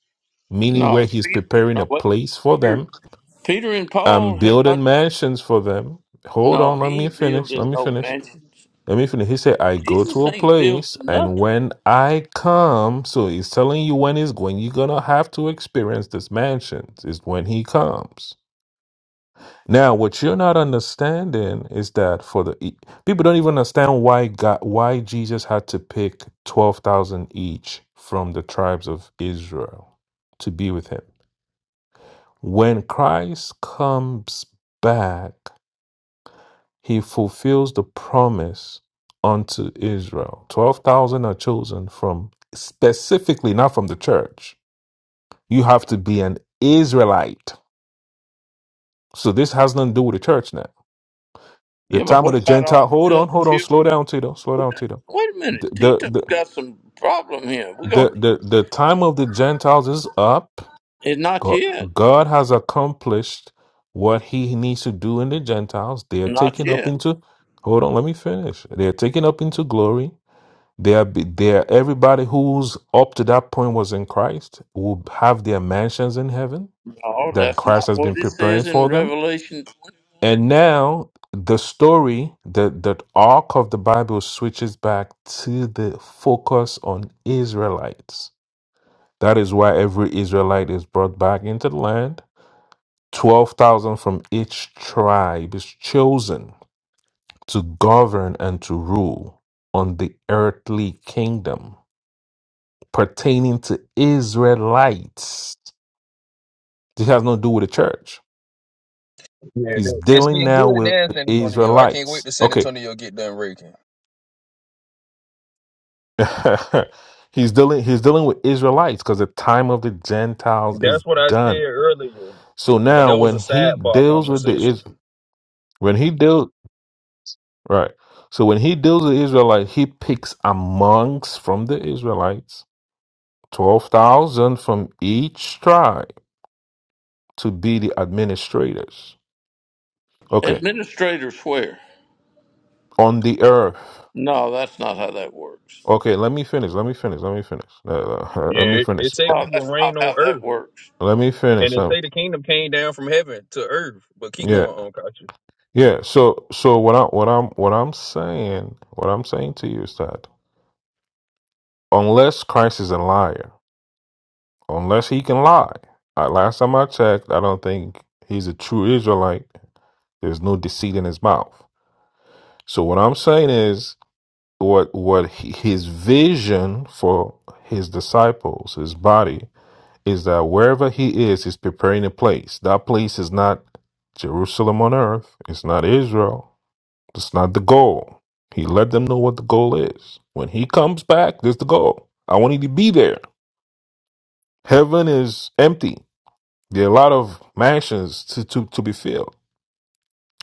meaning where No. he's Peter preparing no a wait place for a minute. them. Peter Peter and I'm Paul had building not mansions for them. Hold no, on, let he me ain't finish. building Let me no finish. mansions. Let me finish. He said, I go Jesus to a ain't building place, and nothing. when I come, so he's telling you when he's going, you're going to have to experience this mansion, is when he comes. Now, what you're not understanding is that for the e- people don't even understand why God, why Jesus had to pick 12,000 each from the tribes of Israel to be with him. When Christ comes back, he fulfills the promise unto Israel. 12,000 are chosen from specifically, not from the church. You have to be an Israelite. So this has nothing to do with the church now. The Yeah, but time of what the about all Gentile, these hold other on, hold on, children? slow down, Tito, slow We down, got, Tito. wait a The, minute, the, Tito's the, got some problem here. We're the, gonna the, time of the Gentiles is up. and not God, yet. God has accomplished what he needs to do in the Gentiles. They are Not taken up yet. into, hold on, let me finish. They are taken up into glory There, be- there, everybody who's up to that point was in Christ will have their mansions in heaven No, that that's Christ not has what been it preparing says in for them. Revelation. And now the story, the, the arc of the Bible switches back to the focus on Israelites. That is why every Israelite is brought back into the land. 12,000 from each tribe is chosen to govern and to rule on the earthly kingdom pertaining to Israelites. This has nothing to do with the church. Yeah, He's that- it's dealing getting now good with now in San Antonio. I can't wait Israelites. to San Okay. Antonio get done raking. he's dealing he's dealing with Israelites because the time of the Gentiles is That's what I said done. earlier, So but now that was when a he sidebar deals with the conversation. is when he deals right. So when he deals with Israelites, he picks amongst from the Israelites twelve thousand from each tribe to be the administrators. Okay. Administrators swear. On the earth. No, that's not how that works. Okay, let me finish. Let me finish. Let me finish. Uh, uh, let me Yeah, it, it finish. say No, we will that's not reign on how that earth, works. Let me and finish. it Um, say the kingdom came down from heaven to earth. But keep going yeah, on, Kachi. yeah. So, so what I am what I'm what I'm saying what I'm saying to you is that unless Christ is a liar, unless he can lie. Uh, last time I checked, I don't think he's a true Israelite. There's no deceit in his mouth. So what I'm saying is what what he, his vision for his disciples, his body is that wherever he is, he's preparing a place. That place is not Jerusalem on earth, it's not Israel, it's not the goal. He let them know what the goal is. When he comes back, there's the goal. I want you to be there. Heaven is empty. There are a lot of mansions to, to, to be filled.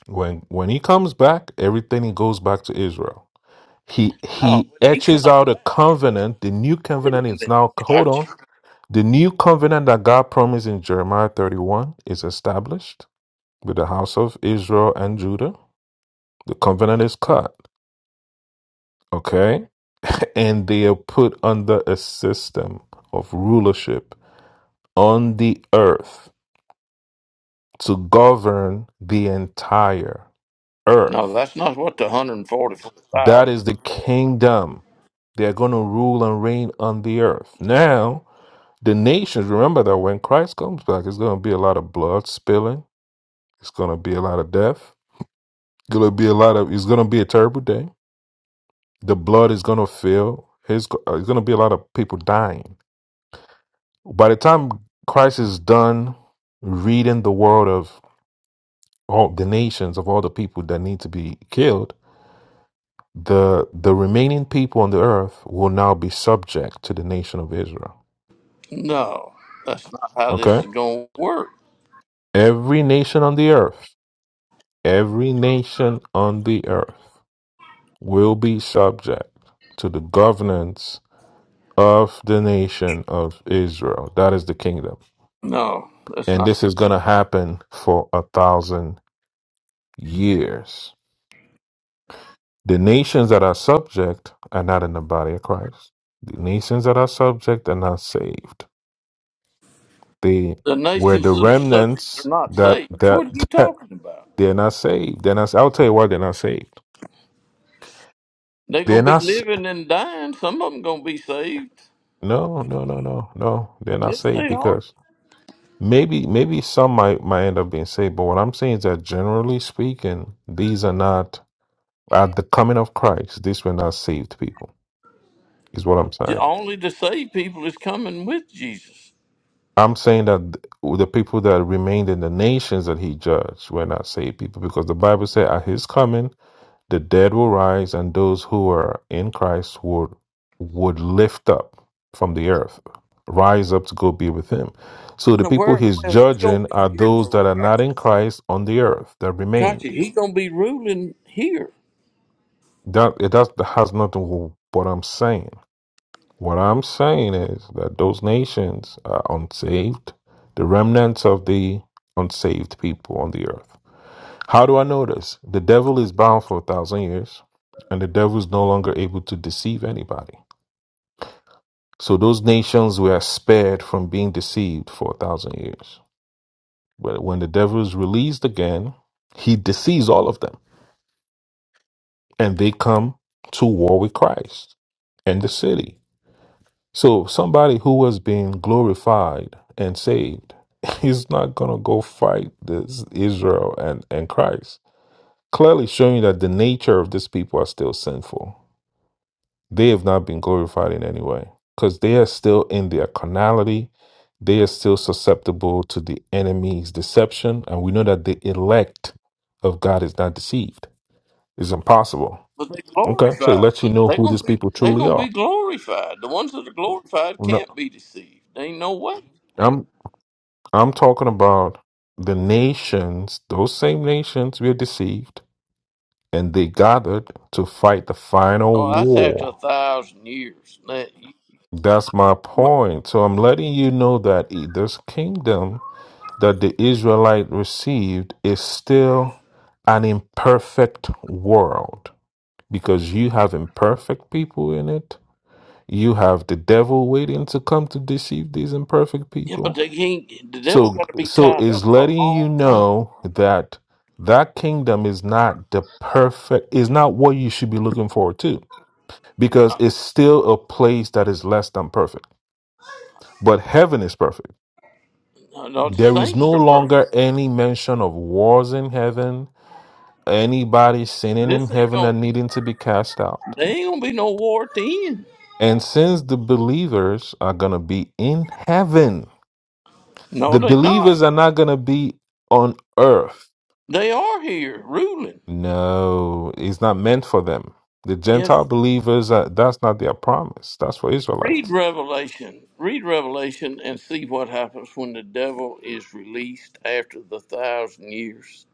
When when he comes back, everything goes back to Israel. He No, he when he etches comes out a back, covenant. The new wait a covenant is minute. now hold Gotcha. on. The new covenant that God promised in Jeremiah 31 is established with the house of Israel and Judah. The covenant is cut, okay? And they are put under a system of rulership on the earth to govern the entire No, earth. that's not what the That 144,000 is are the for. kingdom. They are going to rule and reign on the earth. Now, the nations, remember that when Christ comes back, it's going to be a lot of blood spilling, it's going to be a lot of death Gonna be a lot of. It's gonna be a terrible day. The blood is gonna fill. It's, go- uh, it's gonna be a lot of people dying. By the time Christ is done reading the world of all the nations of all the people that need to be killed, the the remaining people on the earth will now be subject to the nation of Israel. No, that's not how this Okay, is going to work. every nation on the earth, every nation on the earth will be subject to the governance of the nation of Israel. That is the kingdom. No, that's And not. this is going to happen for a thousand years. The nations that are subject are not in the body of Christ. The nations that are subject are not saved. They The were nations the that are subject are remnants not that saved. that What are you that talking about? they're not saved. They're not. I'll tell you why they're not saved. They're They're going to not. be s- living and dying. Some of them going to be saved. No, no, no, no, no. They're not Yes, saved they are. because maybe maybe some might might end up being saved but what i'm saying is that generally speaking these are not At the coming of Christ, these were not saved people, is what I'm saying. only the saved people is coming with Jesus. I'm saying that the people that remained in the nations that he judged were not saved people because the Bible said at his coming the dead will rise and those who are in Christ would would lift up from the earth, rise up to go be with him. So the No, people where he's well he's gonna judging be are here those that though. are not in Christ on the earth that Gotcha. remained. He's gonna be ruling here, That it does that has nothing to do with what I'm saying. What I'm saying is that those nations are unsaved, the remnants of the unsaved people on the earth. How do I know this? The devil is bound for a thousand years, and the devil is no longer able to deceive anybody. So those nations were spared from being deceived for a thousand years. But when the devil is released again, he deceives all of them, and they come to war with Christ and the city. So somebody who was being glorified and saved is not going to go fight this Israel and, and Christ. Clearly showing that the nature of these people are still sinful. They have not been glorified in any way because they are still in their carnality. They are still susceptible to the enemy's deception. And we know that the elect of God is not deceived. It's impossible. but they Okay. So it glorified. lets you know They're who gonna these be people they're truly gonna are. be glorified. The ones that are glorified No, can't be deceived. There ain't no way. I'm. I'm talking about the nations, those same nations were deceived and they gathered to fight the final Oh, that's after a war. thousand years. That- That's my but- point. So I'm letting you know that i- this kingdom that the Israelite received is still an imperfect world because you have imperfect people in it. You have the devil waiting to come to deceive these imperfect yeah, people but they can't. The devil So, got to be so tied is up for a letting you long time. know that that kingdom is not the perfect, is not what you should be looking forward to because it's still a place that is less than perfect. But heaven is perfect. No, no, the There is saints no are perfect. longer any mention of wars in heaven, anybody sinning in This ain't heaven gonna. and needing to be cast out. There ain't gonna be no war at the end. And since the believers are going to be in heaven, No, the they not. believers are not going to be on earth They are here ruling. No, it's not meant for them. The Gentile Yes. believers, uh, that's not their promise. That's for Read Israelites. Revelation. Read Revelation and see what happens when the devil is released after the thousand years.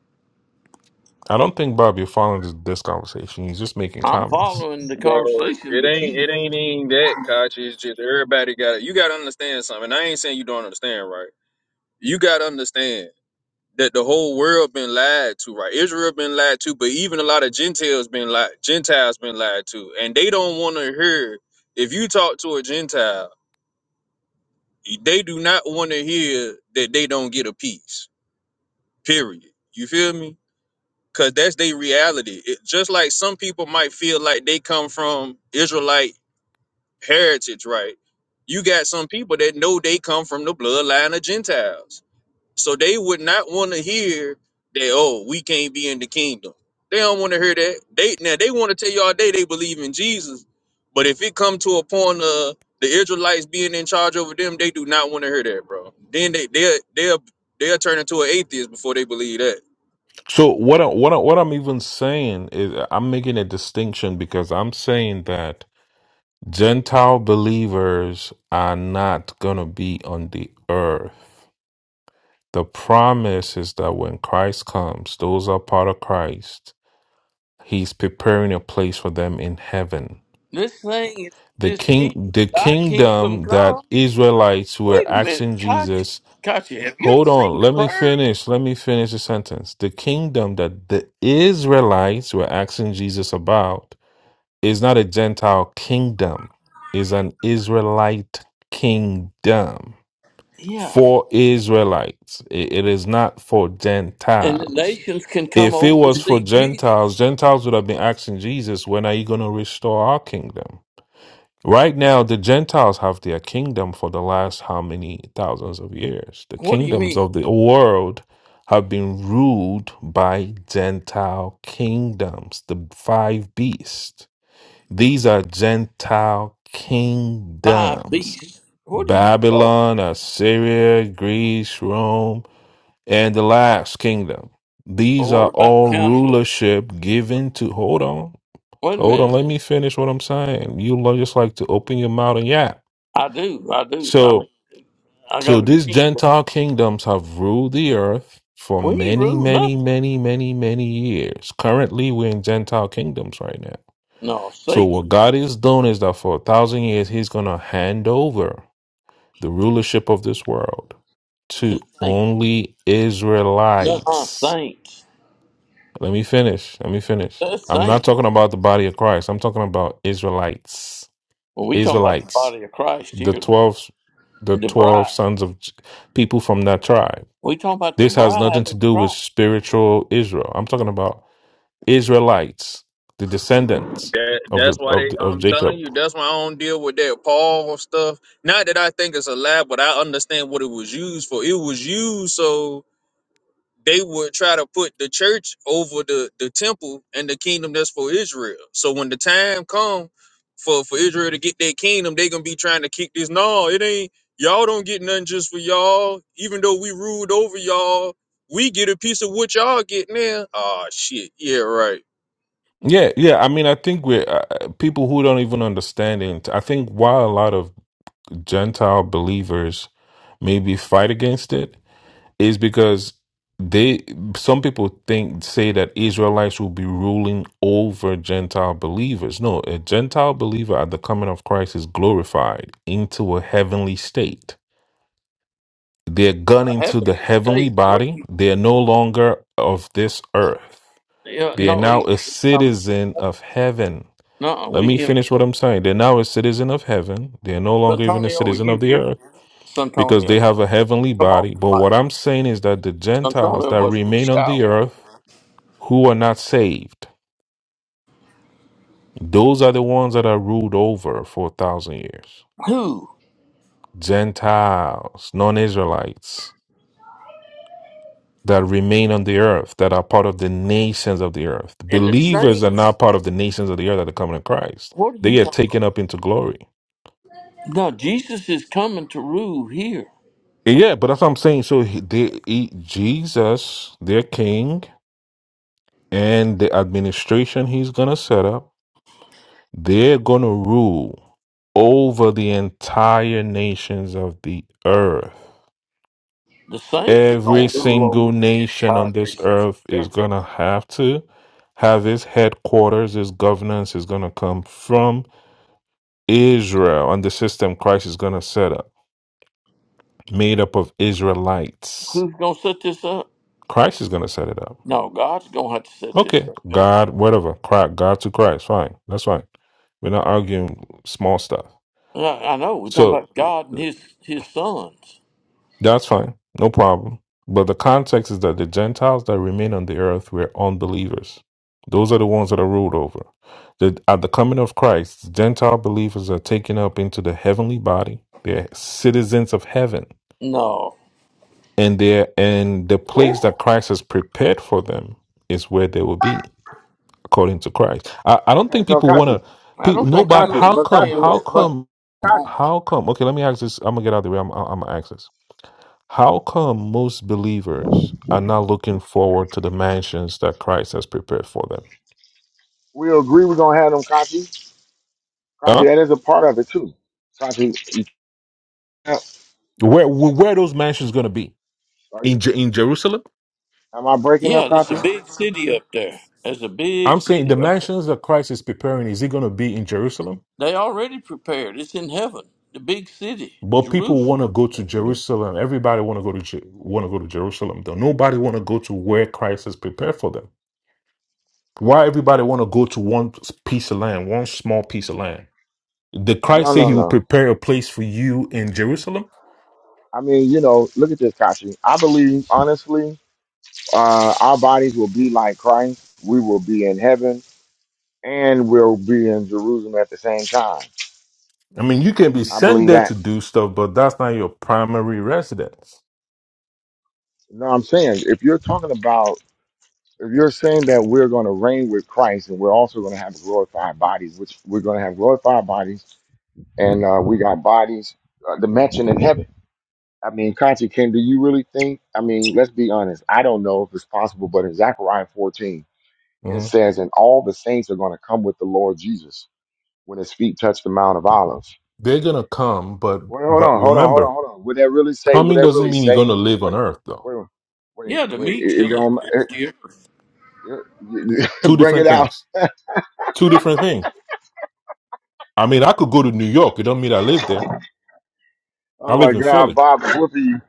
I don't think, Bob, you're following this, this conversation. You're just making I'm comments. following the Bro, conversation, it but ain't you, it ain't even that, Kachi. It's just everybody got You got to understand something. I ain't saying you don't understand, right? you got to understand that the whole world been lied to, right? Israel been lied to, but even a lot of Gentiles been lied, Gentiles been lied to, and they don't want to hear. If you talk to a Gentile, they do not want to hear that they don't get a piece. Period. You feel me? Cause that's their reality. It, just like some people might feel like they come from Israelite heritage, right? You got some people that know they come from the bloodline of Gentiles So they would not want to hear that, oh, we can't be in the kingdom. They don't want to hear that. They now they want to tell you all day they believe in Jesus. But if it come to a point of the Israelites being in charge over them, they do not want to hear that, bro. Then they they they'll they'll turn into an atheist before they believe that. So what I, what I, what I'm even saying is uh, I'm making a distinction because I'm saying that Gentile believers are not going to be on the earth. The promise is that when Christ comes, those are part of Christ. He's preparing a place for them in heaven. this thing, is The this king, kingdom, the thy kingdom kingdom come. that Israelites were Wait a minute, asking Kachi. Jesus, Kachi, have you ever hold seen on, the let me prayer? finish, let me finish the sentence. The kingdom that the Israelites were asking Jesus about is not a Gentile kingdom, is an Israelite kingdom. Yeah. for Israelites. It, it is not for And the Gentiles. nations can come If it over to was for see Jesus. Gentiles, Gentiles would have been asking Jesus, when are you going to restore our kingdom? Right now, the Gentiles have their kingdom for the last how many thousands of years? The What do you kingdoms mean? of the world have been ruled by Gentile kingdoms, the five beasts. These are Gentile Five kingdoms. beasts. What are you talking? Babylon, Assyria, Greece, Rome, and the last kingdom. These Or are what about all Canada? rulership given to. Hold on. Wait a Hold on. minute. Let me finish what I'm saying. You lo- just like to open your mouth and yap. I do. I do. I mean, So, I so got a these green. Gentile kingdoms have ruled the earth for We ain't many, ruled many, nothing. many, many, many years. Currently, we're in Gentile kingdoms right now. No, So, Satan what God is doing is that for a thousand years, He's going to hand over. the rulership of this world to to saints. only No, uh, Israelites. saints. Let me finish. Let me finish. That's I'm saints. not talking about the body of Christ. I'm talking about Israelites. Well, we talking about the Israelites. body of Christ The here, though. 12 the The 12 bride. sons of J- people from that tribe. We talking about the This has nothing bride to of do with Christ, spiritual Israel. I'm talking about Israelites, the descendants That of that's the why of they the, of I'm telling Jacob. you, that's why I don't deal with that Paul stuff. Not that I think it's a lie, but I understand what it was used for. It was used so they would try to put the church over the the temple and the kingdom that's for Israel. So when the time come for for Israel to get their kingdom, they gonna be trying to kick this. No, it ain't. Y'all don't get nothing just for y'all. Even though we ruled over y'all, we get a piece of what y'all get now. Oh shit. Yeah, right. Yeah, yeah. I mean, I think we're uh, uh, people who don't even understand it. I think while a lot of Gentile believers maybe fight against it, is because they some people think say that Israelites will be ruling over Gentile believers. No, a Gentile believer at the coming of Christ is glorified into a heavenly state. They're gone a into the heavenly heavenly state. What? do body. you- They are no longer of this earth. Yeah, They are no, now he a we come citizen immortal. of heaven. No, Let we me finish what immortal. I'm saying. They're now a citizen of heaven. They are no longer even a Santonio, were citizen you of the here? earth because Santonio, they have a heavenly come off body. the But what mic. I'm saying is that the Gentiles Santonio that must be remain on the shouting. earth who are not saved, those are the ones that are ruled over for a thousand years. Who? Gentiles, non Israelites that remain on the earth, that are part of the nations of the earth. And the Believers are saints. not part of the nations of the earth that are coming to Christ. What are you They are talking taken up into glory. about? No, Jesus is coming to rule here. Yeah, but that's what I'm saying. So he, they, he, Jesus, their king, and the administration he's going to set up They're going to rule over the entire nations of the earth. The saints are Every going to rule single over the nation on entire this nation. earth is going to have to have its headquarters, its governance is going to come from Israel, and the system Christ is going to set up, made up of Israelites. Who's going to set this up? Christ is going to set it up. No, God's going to have to set this Okay, thing up. God, whatever, Cri- God to Christ, fine. That's fine. We're not arguing small stuff. I, I know. We're talking So. about God and his, his sons. That's fine. No problem. But the context is that the Gentiles that remain on the earth were unbelievers. Those are the ones that are ruled over. The, at the coming of Christ, Gentile believers are taken up into the heavenly body. They're citizens of heaven. No, And they're and the place that Christ has prepared for them is where they will be, according to Christ. I, I don't Okay, think so people Kachi. wanna I people don't So think nobody you Kachi, how but come understand how Kachi, what's going but come Kachi, on. how come okay let me ask this I'm gonna get out of the way I'm I'm gonna ask this how come most believers are not looking forward to the mansions that Christ has prepared for them? we agree we're gonna have them Kachi. Kachi, Huh? that is a part of it too. Kachi, you can't, Where where where are those mansions going to be? are you- In Je- in Jerusalem? am I breaking up, Yeah, there's a Kachi? big city up there. There's a big I'm saying city the up there. mansions that Christ is preparing is it going to be in Jerusalem? They already prepared. It's in heaven. The big city, But people Jerusalem. want to go to Jerusalem. Everybody want to go to Je- want to go to Jerusalem. Though nobody want to go to where Christ has prepared for them. Why everybody want to go to one piece of land, one small piece of land? Did Christ No, say no, He will no. prepare a place for you in Jerusalem? I mean, you know, look at this, Kashi. I believe, honestly, uh, our bodies will be like Christ. We will be in heaven and we'll be in Jerusalem at the same time. I mean, you can be I sent believe there that. to do stuff, but that's not your primary residence. No, I'm saying, if you're talking about, if you're saying that we're going to reign with Christ and we're also going to have glorified bodies, which we're going to have glorified bodies and uh, we got bodies, uh, the mansion in heaven. I mean, Kachi, can do you really think? I mean, let's be honest. I don't know if it's possible, but in Zechariah 14, It Mhm. says, and all the saints are going to come with the Lord Jesus when his feet touch the Mount of Olives. They're gonna come, but Wait, hold but on, hold on, hold remember, on, hold on. Would that really say? Would coming that doesn't really mean you're gonna say? live on Wait, Earth, though. wait, wait, Yeah, the wait. meek It, shall it inherit don't. It, the earth. it, Two bring it different out. things. Two different things. I mean, I could go to New York. It don't mean I live there. I Oh my live in God, Philly. Bob is whooping you.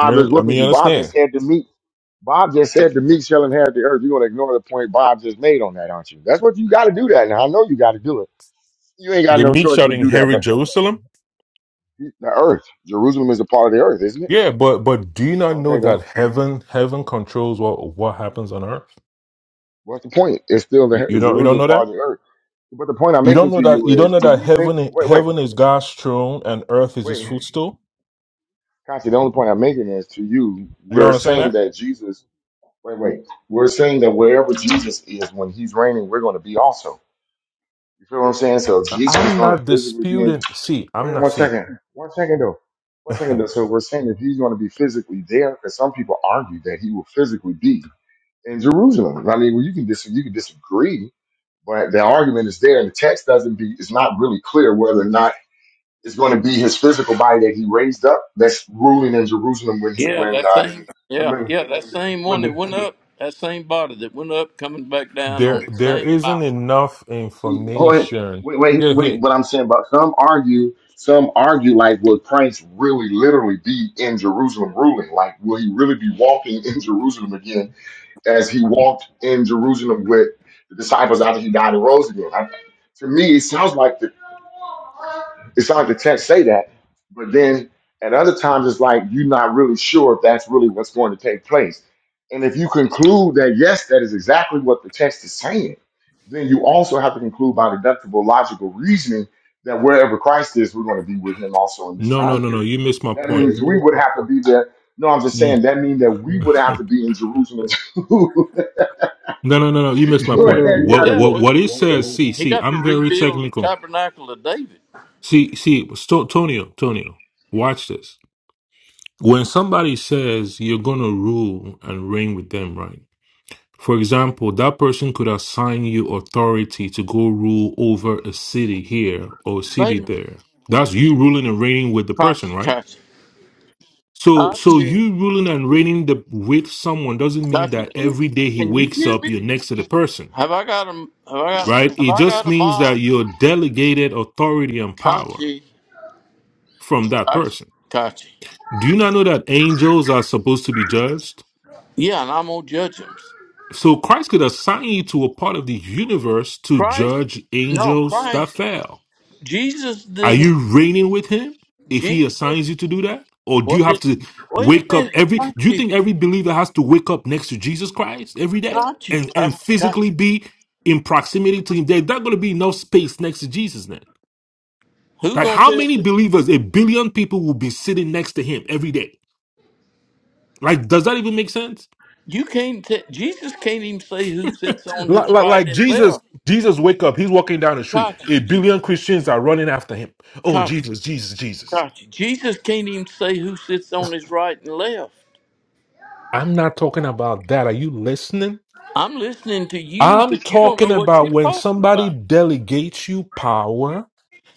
You is know, I whooping mean, you you. Bob just understand? said to me. Bob just said the meek shall inherit the earth. You're gonna ignore the point Bob just made on that, aren't you? That's what you got to do. That now I know you got to do it. You ain't got The no meek choice shall but do that. inherit But Jerusalem. the earth, Jerusalem is a part of the earth, isn't it? Yeah, but but do you not Okay, know then. that heaven heaven controls what what happens on Earth? What's the point? It's still You, the you don't you don't Jerusalem know part that? of the earth. But the point I'm You don't making know to that you you don't is, know do that you think? heaven Wait, wait, heaven is God's throne and earth is His wait, footstool. Kachi. The only point I'm making is to you. You don't We're understand saying that? that Jesus. Wait, wait. We're saying that wherever Jesus is when He's reigning, we're going to be also. You feel what I'm saying? So Jesus is I'm going to not physically be in. disputing. See, I'm Wait not one see. second. One second though. One second though. So we're saying that He's going to be physically there because some people argue that He will physically be. in Jerusalem. I mean, well, you can dis- you can disagree, but the argument is there, and the text doesn't be. It's not really clear whether or not it's going to be his physical body that he raised up that's ruling in Jerusalem when he, Yeah, when that uh, same. the Yeah, men- yeah, that same one when that the went up, that same body that went up, coming back down on there, the there same isn't mountain. enough see hold on. information. wait wait Here, here. wait. What I'm saying about some argue some argue like will Christ really literally be in Jerusalem ruling? Like will he really be walking in Jerusalem again? as he walked in Jerusalem with the disciples after he died and rose again. I, to me, it sounds like the it sounds like the text say that, but then at other times it's like you're not really sure if that's really what's going to take place. And if you conclude that yes, that is exactly what the text is saying, then you also have to conclude by deductible logical reasoning that wherever Christ is, we're going to be with him also in this No, no, time no, no. period. You missed my That point. means we would have to be there. No, I'm just Mm. saying that means that we would have no, to be in Jerusalem no, no, no. You missed my No, no, no, point. you What, Yeah, what, well, what it says. See, he see. got to I'm very rebuild the technical. tabernacle of David. See, see. Sto- Tonio, Tonio. Watch this. When somebody says you're gonna rule and reign with them, right? For example, that person could assign you authority to go rule over a city here or a Made city him there. That's you ruling and reigning with the person, Kachi, right? Kachi, So, so Kachi, you ruling and reigning the, with someone doesn't mean Kachi. that Can you every day he can you wakes hear up, me? you're next to the person, Have I got a have I got right? have It I just got a means mod? that you're delegated authority and power Kachi, from that Kachi, person. Kachi. Do you not know that angels are supposed to be judged? Yeah, and I'm gonna judge him. So Christ could assign you to a part of the universe to Christ? judge No, angels that Christ. fell Jesus Are didn't. you reigning with him if Jesus. he assigns you to do that? Or do What you have did? to Wait a wake up minute, every do you Kachi. think every believer has to wake up next to Jesus Christ every day Got you. and Got and you. got you. physically be in proximity to him? There's not going to be enough space next to Jesus then. Who Like gonna how tell? many believers, a billion people will be sitting next to him every day? Like, does that even make sense? You can't. T- Jesus can't even say who sits on Like, his like, right like and Jesus, left. Jesus wake up, he's walking down the street. Got you. A billion Christians are running after him. Oh, Got you. Jesus, Jesus, Jesus. Got you. Jesus can't even say who sits on his right and left. I'm not talking about that. Are you listening? I'm listening to you, I'm but you don't talking know what about you're when talking somebody about. delegates you power,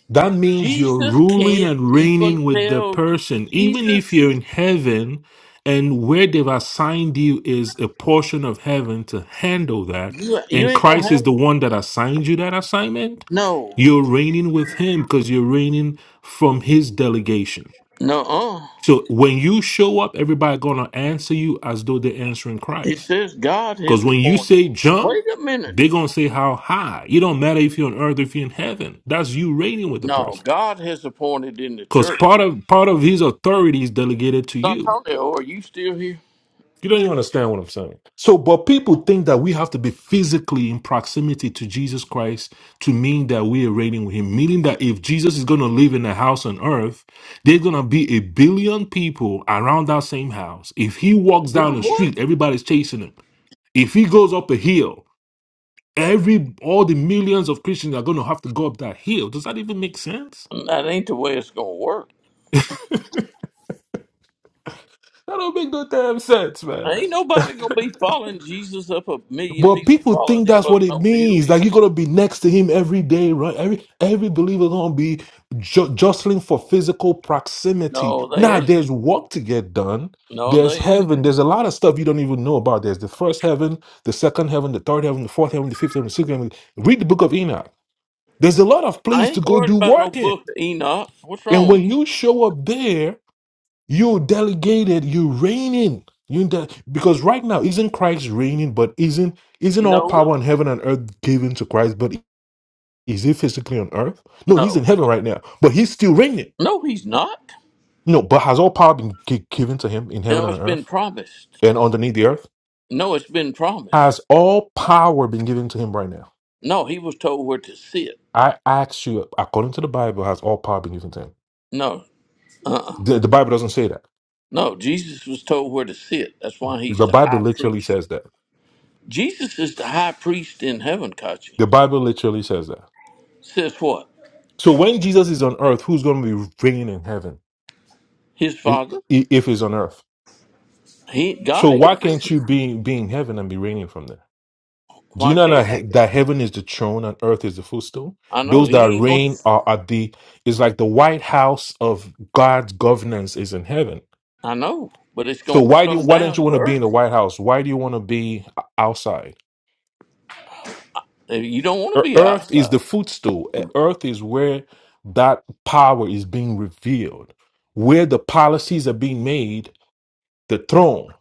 that means you're Jesus ruling can't and even reigning with the tell you. person. Even if Jesus, you're in heaven and where they've assigned you is a portion of heaven to handle that, you you and ain't gonna Christ have is the one that assigned you that assignment, no, you're reigning with him because you're reigning from his delegation. no. Uh, So when you show up, everybody gonna answer you as though they're answering it Christ. says God has Because when you appointed. say jump, Wait a minute. they're gonna say how high. It don't matter if you're on earth or if you're in heaven. That's you reigning with the No, person. God has appointed in the Because church. part of part of his authority is delegated to you. Antonio, are you still here? You don't even understand what I'm saying. So, but people think that we have to be physically in proximity to Jesus Christ to mean that we are reigning with him. Meaning that if Jesus is gonna live in a house on earth, there's gonna be a billion people around that same house. If he walks down Do the what? street, everybody's chasing him. If he goes up a hill, Every all the millions of Christians are going to have to go up that hill. Does that even make sense? That ain't the way it's gonna work. That don't make no damn sense, man. Ain't nobody gonna be following Jesus up a million But people people following think him that's up what it no hill. means. Like you're gonna be next to him every day, right? Every every believer gonna be ju- jostling for physical proximity. No, they Now ain't. there's work to get done. No, There's they ain't. heaven. There's a lot of stuff you don't even know about. There's the first heaven, the second heaven, the third heaven, the fourth heaven, the fifth heaven, the sixth heaven. Read the book of Enoch. There's a lot of I place to ain't go worried do about no work in. book of Enoch. What's And wrong with when you show up there, You delegated, you reigning. You de- because right now isn't Christ reigning, but isn't isn't you? all No, power in heaven and earth given to Christ? But is he physically on earth? No, he's no, in heaven right now, but he's still reigning. no. He's not. No, but has all power been gi- given to him in heaven No, and it's on been earth promised. and underneath the earth? No, it's been promised. Has all power been given to him right now? No, he was told where to sit. I ask you, according to the Bible, has all power been given to him? No, uh-uh. The, the Bible doesn't say that. No, Jesus was told where to sit. That's why he's The the Bible high literally priest. says that. Jesus is the high priest in heaven, Kachi. The Bible literally says that. Says what? So when Jesus is on earth, who's going to be reigning in heaven His i- father? i- if he's on earth? He God So ain't. why can't you be, be in heaven and be reigning from there? Do you Why not know can't that, I? he- that heaven is the throne and earth is the footstool? I know Those he that ain't going to. reign are at the is like the White House of God's governance is in heaven. I know, but it's So going to why do come why don't you down to want to be in the earth. White House? Why do you want to be o- outside? You don't E- want to be Earth is outside. the footstool. E- Earth is where that power is being revealed, where the policies are being made the throne.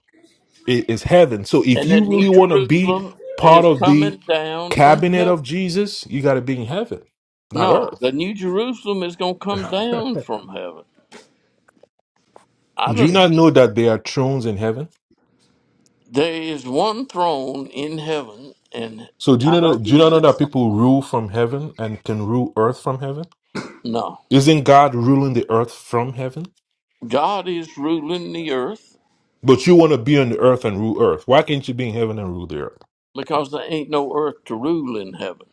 i- is heaven. So if And you that New really want to be Jerusalem part is of the coming down from cabinet heaven. of Jesus, you got to be in heaven, not No, earth. the New Jerusalem is going to come down from heaven. I Do you don't. not know that there are thrones in heaven? There is one throne in heaven, and So do you I not know do who you not know that sits on. it. people rule from heaven and can rule earth from heaven? No, Isn't God ruling the earth from heaven? God is ruling the earth But you want to be on the earth and rule earth. Why can't you be in heaven and rule the earth? because there ain't no earth to rule in heaven.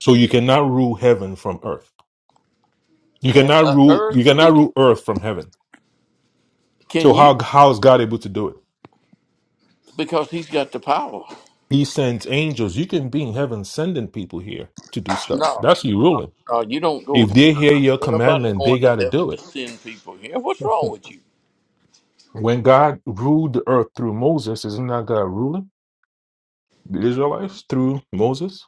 So you cannot rule heaven from earth. You And cannot uh, rule you Earth, cannot it, rule earth from heaven. can So you? how how is God able to do it? Because he's got the power. He sends angels. You can be in heaven sending people here to do stuff. No, That's you ruling. uh, you don't go. If they hear your Ain't nobody commandment, they going to got to heaven do to it. send people here. What's That's wrong it. with you? When God ruled the earth through Moses, isn't that God ruling the Israelites through Moses?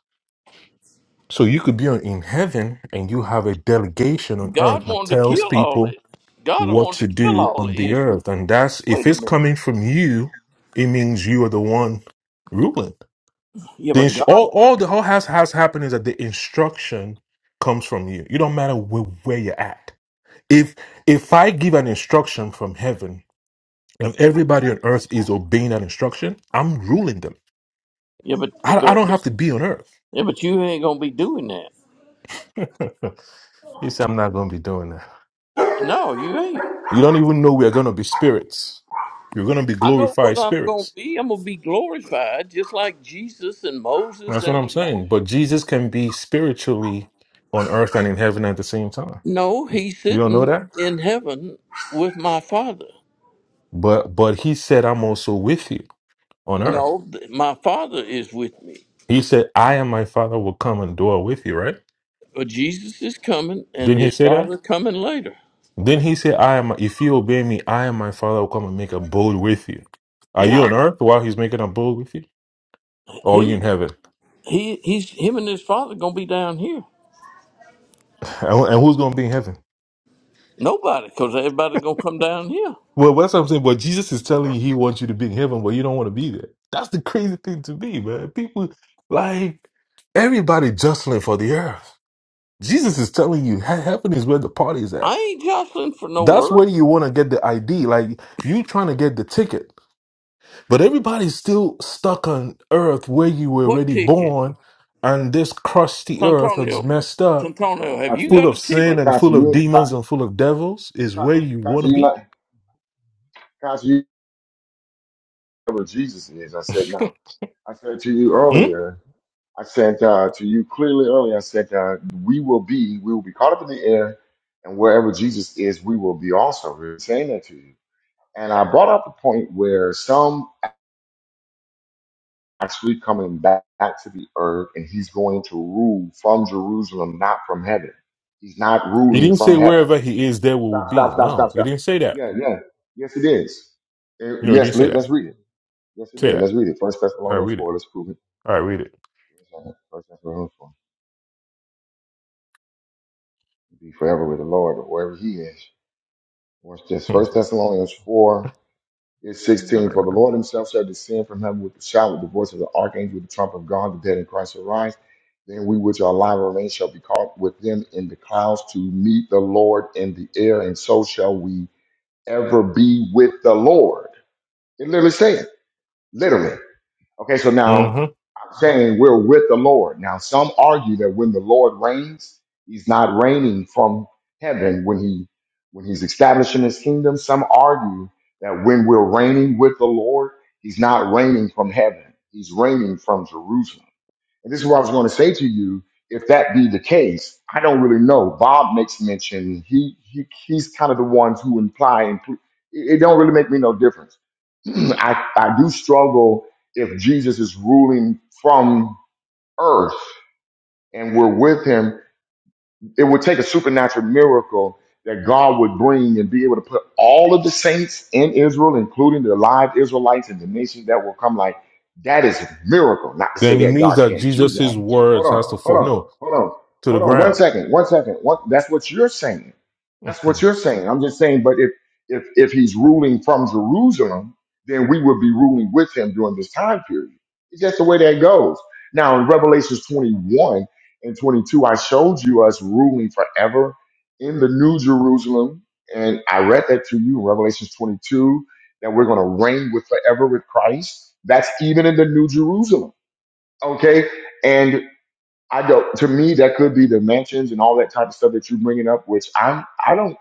So you could be on- in heaven and you have a delegation on earth God that wanted to tells kill all people it. God what to wanted to kill do all of on the Israel. earth. And that's if Wait a it's minute. coming from you, it means you are the one ruling. Yeah, The but ins- God. all all the whole has has happened is that the instruction comes from you. You don't matter where, where you're at. If if I give an instruction from heaven and everybody on earth is obeying that instruction, I'm ruling them. Yeah, but I, I but don't have to be on earth. yeah, but you ain't gonna be doing that. you say I'm not going to be doing that. No, you ain't. You don't even know we're going to be spirits. You're going to be I know what glorified I'm gonna spirits. be. I'm gonna be glorified, just like Jesus and Moses That's what and I'm Elijah. saying. But Jesus can be spiritually on earth and in heaven at the same time. No, he's You don't know sitting that, in heaven with my Father. but but he said, "I'm also with you." on earth. No, th- my father is with me. He said, I and my father will come and dwell with you, right? But Jesus is coming, and Didn't he his say that? father coming later. Then he said, I am if you obey me, I and my father will come and make a bold with you. Are you Yeah, on earth while he's making a bold with you? Or are you in him. heaven? He he's him and his father gonna be down here. And, and who's gonna be in heaven? Nobody, cause everybody gonna come down here. Well, that's what I'm saying. But Jesus is telling you he wants you to be in heaven, but you don't want to be there. That's the crazy thing to be, man. People like everybody jostling for the earth. Jesus is telling you he- heaven is where the party's at. I ain't jostling for no That's earth. where you want to get the ID. Like you trying to get the ticket. But everybody's still stuck on earth where you were What already ticket, born, and this crusty earth that's Santonio? messed up, look Santonio, like have you Kazi. full got a of sin But ticket? Katsu, but and Katsu, full of you, demons and full of devils, is where you Katsu, want to you be. not, Katsu, you know what Jesus is. I said, now, I said to you Hmm? earlier, I said uh, to you clearly earlier, I said, uh, we will be, we will be caught up in the air, and wherever Jesus is, we will be also. We were saying that to you. And I brought up the point where some actually coming back, back to the earth, and he's going to rule from Jerusalem, not from heaven. He's not You ruling didn't from say heaven. wherever he is, there will Stop, stop, be. stop, stop, No, you stop. didn't say that. Yeah, yeah. Yes, it is. Eh, No, you yes, didn't say let, us that. read it. Yes, it Say did. that. Let's read it. First All right, Thessalonians read it. 4. Let's prove it. All right, read it. First Thessalonians 4. Be forever with the Lord or wherever he is. Watch this. Hmm. First Thessalonians 4 is 16. For the Lord himself shall descend from heaven with a shout, with the voice of the archangel, with the trump of God, the dead in Christ shall rise. Then we which are alive and remain shall be caught with them in the clouds to meet the Lord in the air, and so shall we ever be with the Lord. It literally says, literally. Okay, so now Mm-hmm. I'm saying we're with the Lord. Now, some argue that when the Lord reigns, he's not reigning from heaven when he when he's establishing his kingdom. Some argue that when we're reigning with the Lord, he's not reigning from heaven. He's reigning from Jerusalem. And this is what I was going to say to you. If that be the case, I don't really know. Bob makes mention he, he he's kind of the ones who imply and it it don't really make me no difference. I I do struggle if Jesus is ruling from earth and we're with him it would take a supernatural miracle that God would bring and be able to put all of the saints in Israel, including the live Israelites and the nation that will come. Like that is a miracle. Not to say Then it that means God that can't do Jesus' that. Hold words has on, to hold fall on, no hold on, to the hold on. One ground. second, one second. One, that's what you're saying. That's hmm what you're saying. I'm just saying. But if if if He's ruling from Jerusalem, then we would be ruling with Him during this time period. It's just the way that goes. Now in Revelations 21 and 22, I showed you us ruling forever in the New Jerusalem. And I read that to you in Revelations 22 that we're going to reign with forever with Christ. That's even in the New Jerusalem. Okay. And I don't, to me, that could be the mansions and all that type of stuff that you're bringing up, which I'm, I don't.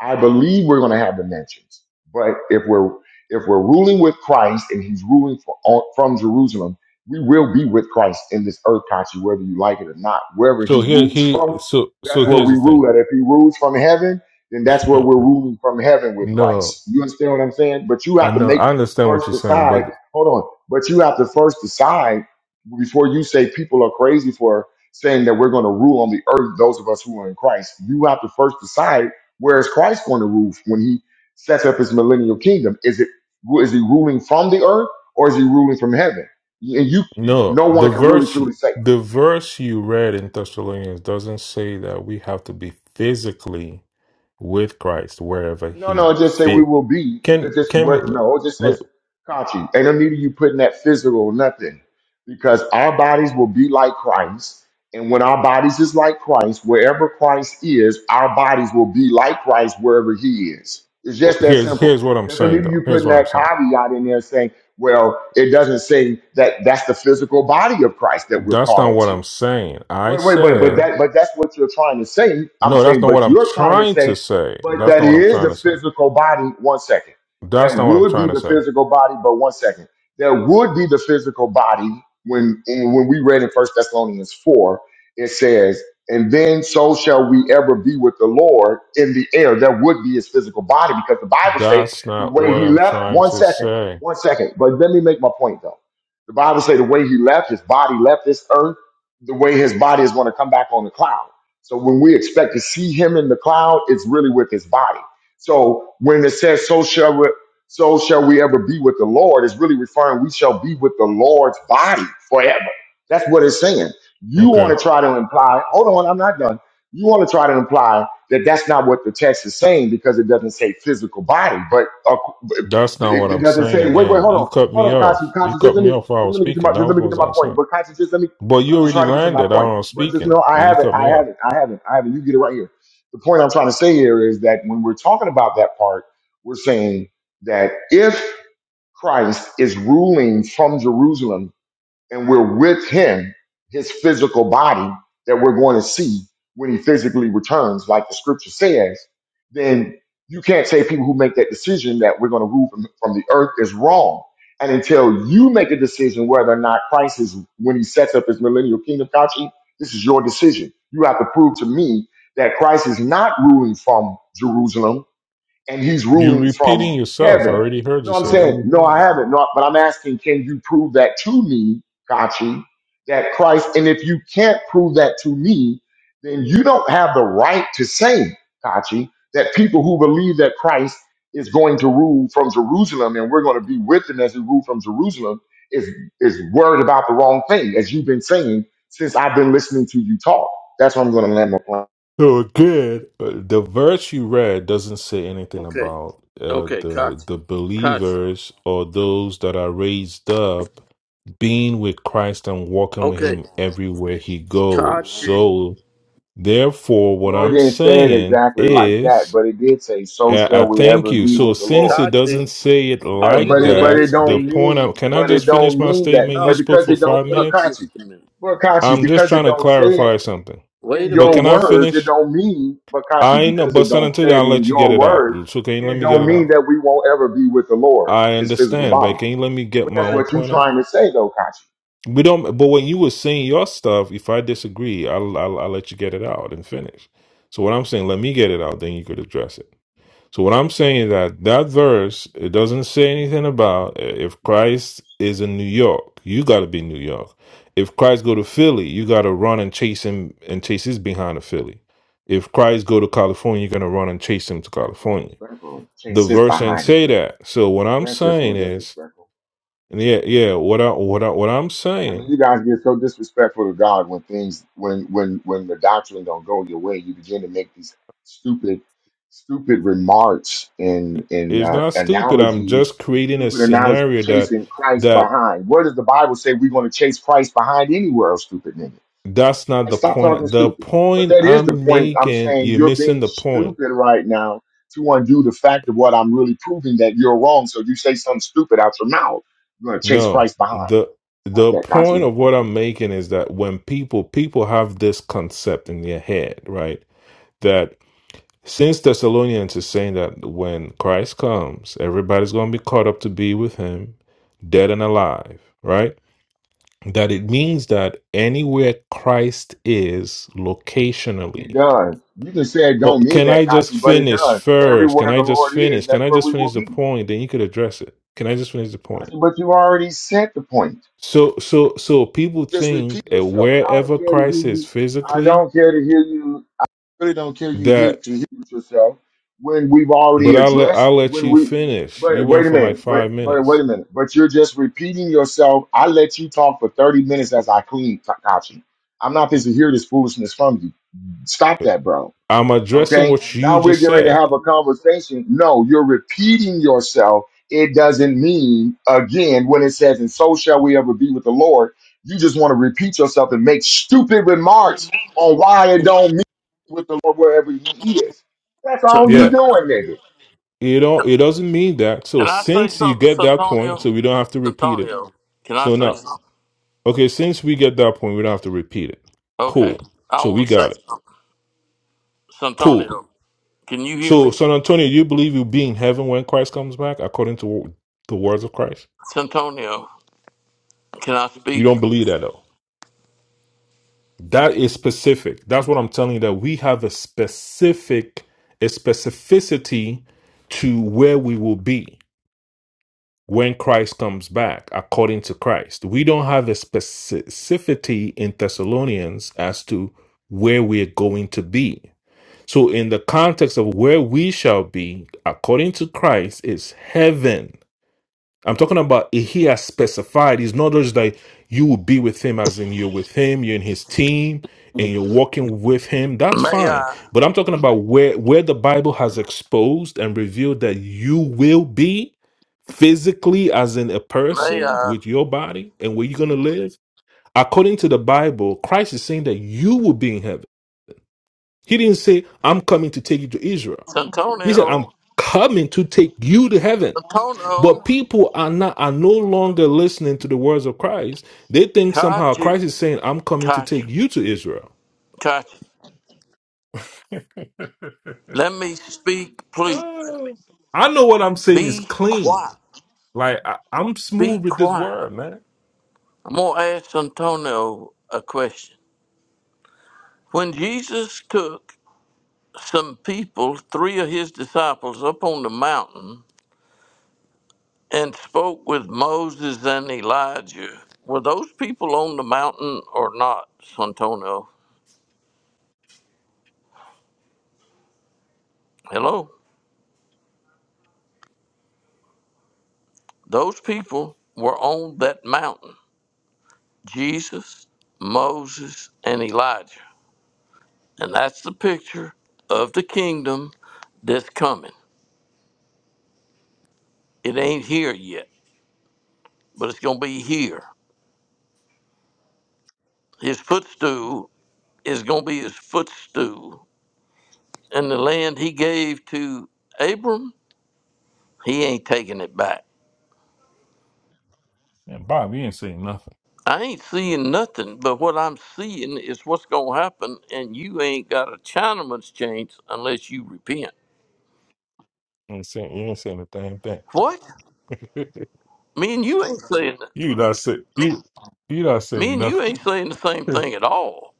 I believe we're going to have dimensions, but if we're if we're ruling with Christ and He's ruling for, on, from Jerusalem, we will be with Christ in this earth, Kachi, whether you like it or not. Wherever So He here rules he from, so that's so where here's we the rule. At if He rules from heaven, then that's where thing. we're ruling from heaven with no. Christ. You understand what I'm saying? But you I have to know make I understand first what you're saying, decide. but Hold on, but you have to first decide before you say people are crazy for saying that we're going to rule on the earth. Those of us who are in Christ, you have to first decide where is Christ going to rule when he sets up his millennial kingdom? Is it is he ruling from the earth or is he ruling from heaven? And you, no, no the one can really verse truly say. the verse you read in Thessalonians doesn't say that we have to be physically with Christ wherever No, he no, just say we fit. will be. It Can just can we what? No, it just says look Kachi. Ain't no need of you putting that physical nothing, because our bodies will be like Christ, and when our bodies is like Christ, wherever Christ is, our bodies will be like Christ wherever He is. It's oh, just that here's simple. here's what I'm Doesn't saying need of though. you Here's putting what I'm that saying. caveat in there saying, "Well, it doesn't say that that's the physical body of Christ that we're That's called not up what to." I'm saying. I Wait, wait, wait, but said that, but that's what you're trying to say. I'm no, that's saying, not but what I'm you're trying to trying to say, say. but That's that not what I'm is trying the to say. physical body. One second, That's not that what I'm would be trying to the say. physical body. But one second, that would be the physical body when when we read in First Thessalonians four, it says, and then so shall we ever be with the Lord in the air. That would be his physical body because the Bible say That's the not way what he I'm left. trying One to second, say. one second. But let me make my point though. The Bible say the way he left, his body left this earth the way his body is going to come back on the cloud. So when we expect to see him in the cloud, it's really with his body. So when it says, so shall we, so shall we ever be with the Lord, it's really referring we shall be with the Lord's body forever. That's what it's saying. You Okay. want to try to imply, hold on, I'm not done. You want to try to imply that that's not what the text is saying because it doesn't say physical body, but uh, That's not what it it I'm doesn't saying say, wait, wait, again. hold You on, cut hold me on, Kashi, off. You Kashi, just cut let me me, just off while I was let me get to my, speaking. That just let was me get to what I my was point. saying. But Kashi, just let me But but you I'm just already trying to get to my landed out point. on But just speaking know I and you haven't, cut I me off. haven't, I haven't, I haven't. You get it right here. The point I'm trying to say here is that when we're talking about that part, we're saying that if Christ is ruling from Jerusalem and we're with him, his physical body that we're going to see when he physically returns, like the scripture says, then you can't say people who make that decision that we're going to rule from, from the earth is wrong. And until you make a decision whether or not Christ is, when he sets up his millennial kingdom, Kachi, this is your decision. You have to prove to me that Christ is not ruling from Jerusalem and he's You ruling from repeating yourself. I heaven. already heard No, you I'm say that. saying, no, I Hallelujah. haven't. No, but I'm asking, can you prove that to me, Kachi, that Christ, and if you can't prove that to me, then you don't have the right to say, Kachi, that people who believe that Christ is going to rule from Jerusalem and we're going to be with him as he ruled from Jerusalem is, is worried about the wrong thing, as you've been saying since I've been listening to you talk. That's what I'm going to land my plan. Oh, good. But The verse you read doesn't say anything Okay, about uh, okay, the Kachi, the Kachi. believers or those that are raised up being with Christ and walking with Okay, him everywhere he goes. Kachi, So therefore what No, it I'm didn't say it saying exactly like is that, but it did say, "So Yeah, I shall we thank ever you. be So with the since Lord." it Kachi. doesn't say it Are Yeah, you like but gonna it let but me it that, the don't speak? point I mean can I but it just finish don't my mean that. statement? You But No, spoke because for it you don't, five but wait minutes. just Kachi, a minute. but Kachi, I'm just because it trying to don't say it clarify something. in Wait a But your can minute, I Kachi. words, it finish? don't mean. But Kachi, I know, because but it San don't Antonio, say it I'll in let you get your it out. words, So can you let it me get don't it mean out? that we won't ever be with the Lord, I His physical understand, but body. can you let me get But my that's own what you're point out? trying to say, though, Kachi. We don't. But when you were saying your stuff, if I disagree, I'll I'll, I'll let you get it out and finish. So what I'm saying, let me get it out, then you could address it. So what I'm saying is that that verse it doesn't say anything about uh, if Christ is in New York, you got to be New York. If Christ go to Philly, you got to run and chase him and chase his behind to Philly. If Christ go to California, you're gonna run and chase him to That's California. disrespectful. Can't The sit verse and behind say it. that. So what I'm That's just so saying is, disrespectful. and yeah, yeah. What I what I what I'm I mean, saying you guys get so disrespectful to God when things, when when when the doctrine don't go your way, you begin to make these stupid, stupid remarks and and is uh, not stupid. I'm analogies, just creating a stupid analogies, scenario that chasing Christ that behind. Where does the Bible say we're going to chase Christ behind anywhere? Stupid nigga, that's not like the stop talking point. The stupid. But point that is the I'm point. I'm making, saying you're you're missing being the point stupid right now to undo the fact of what I'm really proving that you're wrong. So you say something stupid out your mouth, you're going to chase No, Christ behind. the Stop the that, point Kachi. of what I'm making is that when people people have this concept in their head, right? That since Thessalonians is saying that when Christ comes, everybody's going to be caught up to be with him, dead and alive, right? That it means that anywhere Christ is It locationally. does. You can say it Oh, don't mean can I that, just Kachi, but it finish does. first? Can Everywhere the I just Lord is, finish? Can that's I where just we will finish the be. point? Then you could address it. Can I just finish the point? Kachi, but you already said the point. So so so people Just repeat think at yourself. And I don't wherever care to hear Christ is you. I physically don't care to hear you. Really don't care you hear that to hear it yourself when we've already but I'll let addressed I'll let when you we. finish. You But went wait a for like minute. But five but wait minutes. a minute. But you're just repeating yourself. I let you talk for 30 minutes as I clean, Kachi. I'm not supposed to hear this foolishness from you. Stop that, bro. I'm addressing Okay. what you Now we're just getting ready to have said. a conversation. No, you're repeating yourself. It doesn't mean again when it says, and so shall we ever be with the Lord. You just want to repeat yourself and make stupid remarks on why it don't mean with the Lord wherever he is. That's all you So, Yeah. doing, nigga. You not it doesn't mean that. So Can I say since you something, get that point, Santonio? so we don't have to repeat it. Santonio, can I So say now something? Okay, since we get that point, we don't have to repeat it. Okay, Cool. I So we want to say got it. something. Cool. Santonio, can you hear So me? San Antonio, you believe you'll be in heaven when Christ comes back, according to the words of Christ? Santonio, can I You speak? don't believe that though. That is specific. That's what I'm telling you. That we have a specific, a specificity to where we will be when Christ comes back, according to Christ. We don't have a specificity in Thessalonians as to where we're going to be. So, in the context of where we shall be, according to Christ, is heaven. I'm talking about he has specified. It's not just that you will be with him, as in you're with him, you're in his team, and May you're walking with him. That's fine. I? But I'm talking about where where the Bible has exposed and revealed that you will be physically, as in a May person I? with your body and where you're going to live. According to the Bible, Christ is saying that you will be in heaven. He didn't say, "I'm coming to take you to Israel." He said, I'm Santonio, coming to take you to heaven. Santonio, But people are not are no longer listening to the words of Christ. They think somehow Kachi, Christ is saying, I'm coming to take Kachi, you to Israel. Kachi. Let me speak, please. Oh. I know what I'm saying is Be clean. quiet. Like I, I'm Be smooth with this quiet. word, man. I'm going to ask Santonio a question. When Jesus took some people, three of his disciples, up on the mountain and spoke with Moses and Elijah. Were those people on the mountain or not, Santonio? Hello? Those people were on that mountain Jesus, Moses, and Elijah. And that's the picture of the kingdom that's coming. It ain't here yet, but it's going to be here. His footstool is going to be his footstool and the land he gave to Abram, he ain't taking it back. And Bob, you ain't saying nothing. I ain't seeing nothing, but what I'm seeing is what's going to happen, and you ain't got a Chinaman's chance unless you repent. You ain't saying you ain't saying a damn thing. What? Me and you ain't saying that. you not say you you not Me saying and you nothing. ain't saying the same thing at all.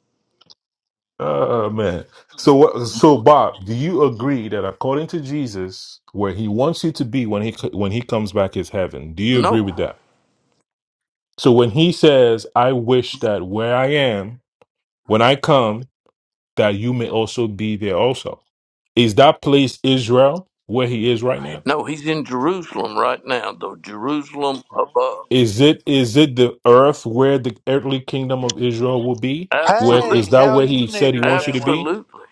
Oh man. So what so Bob, do you agree that according to Jesus, where he wants you to be when he co- when he comes back is heaven? Do you agree No, with that? So when he says, "I wish that where I am, when I come, that you may also be there also." Is that place Israel where he is right now? no, he's in Jerusalem right now, though. Jerusalem above. Is it is it the earth where the earthly kingdom of Israel will be? Where is Hey, Absolutely. that how where he you said he niggers wants you to doing? be? Absolutely.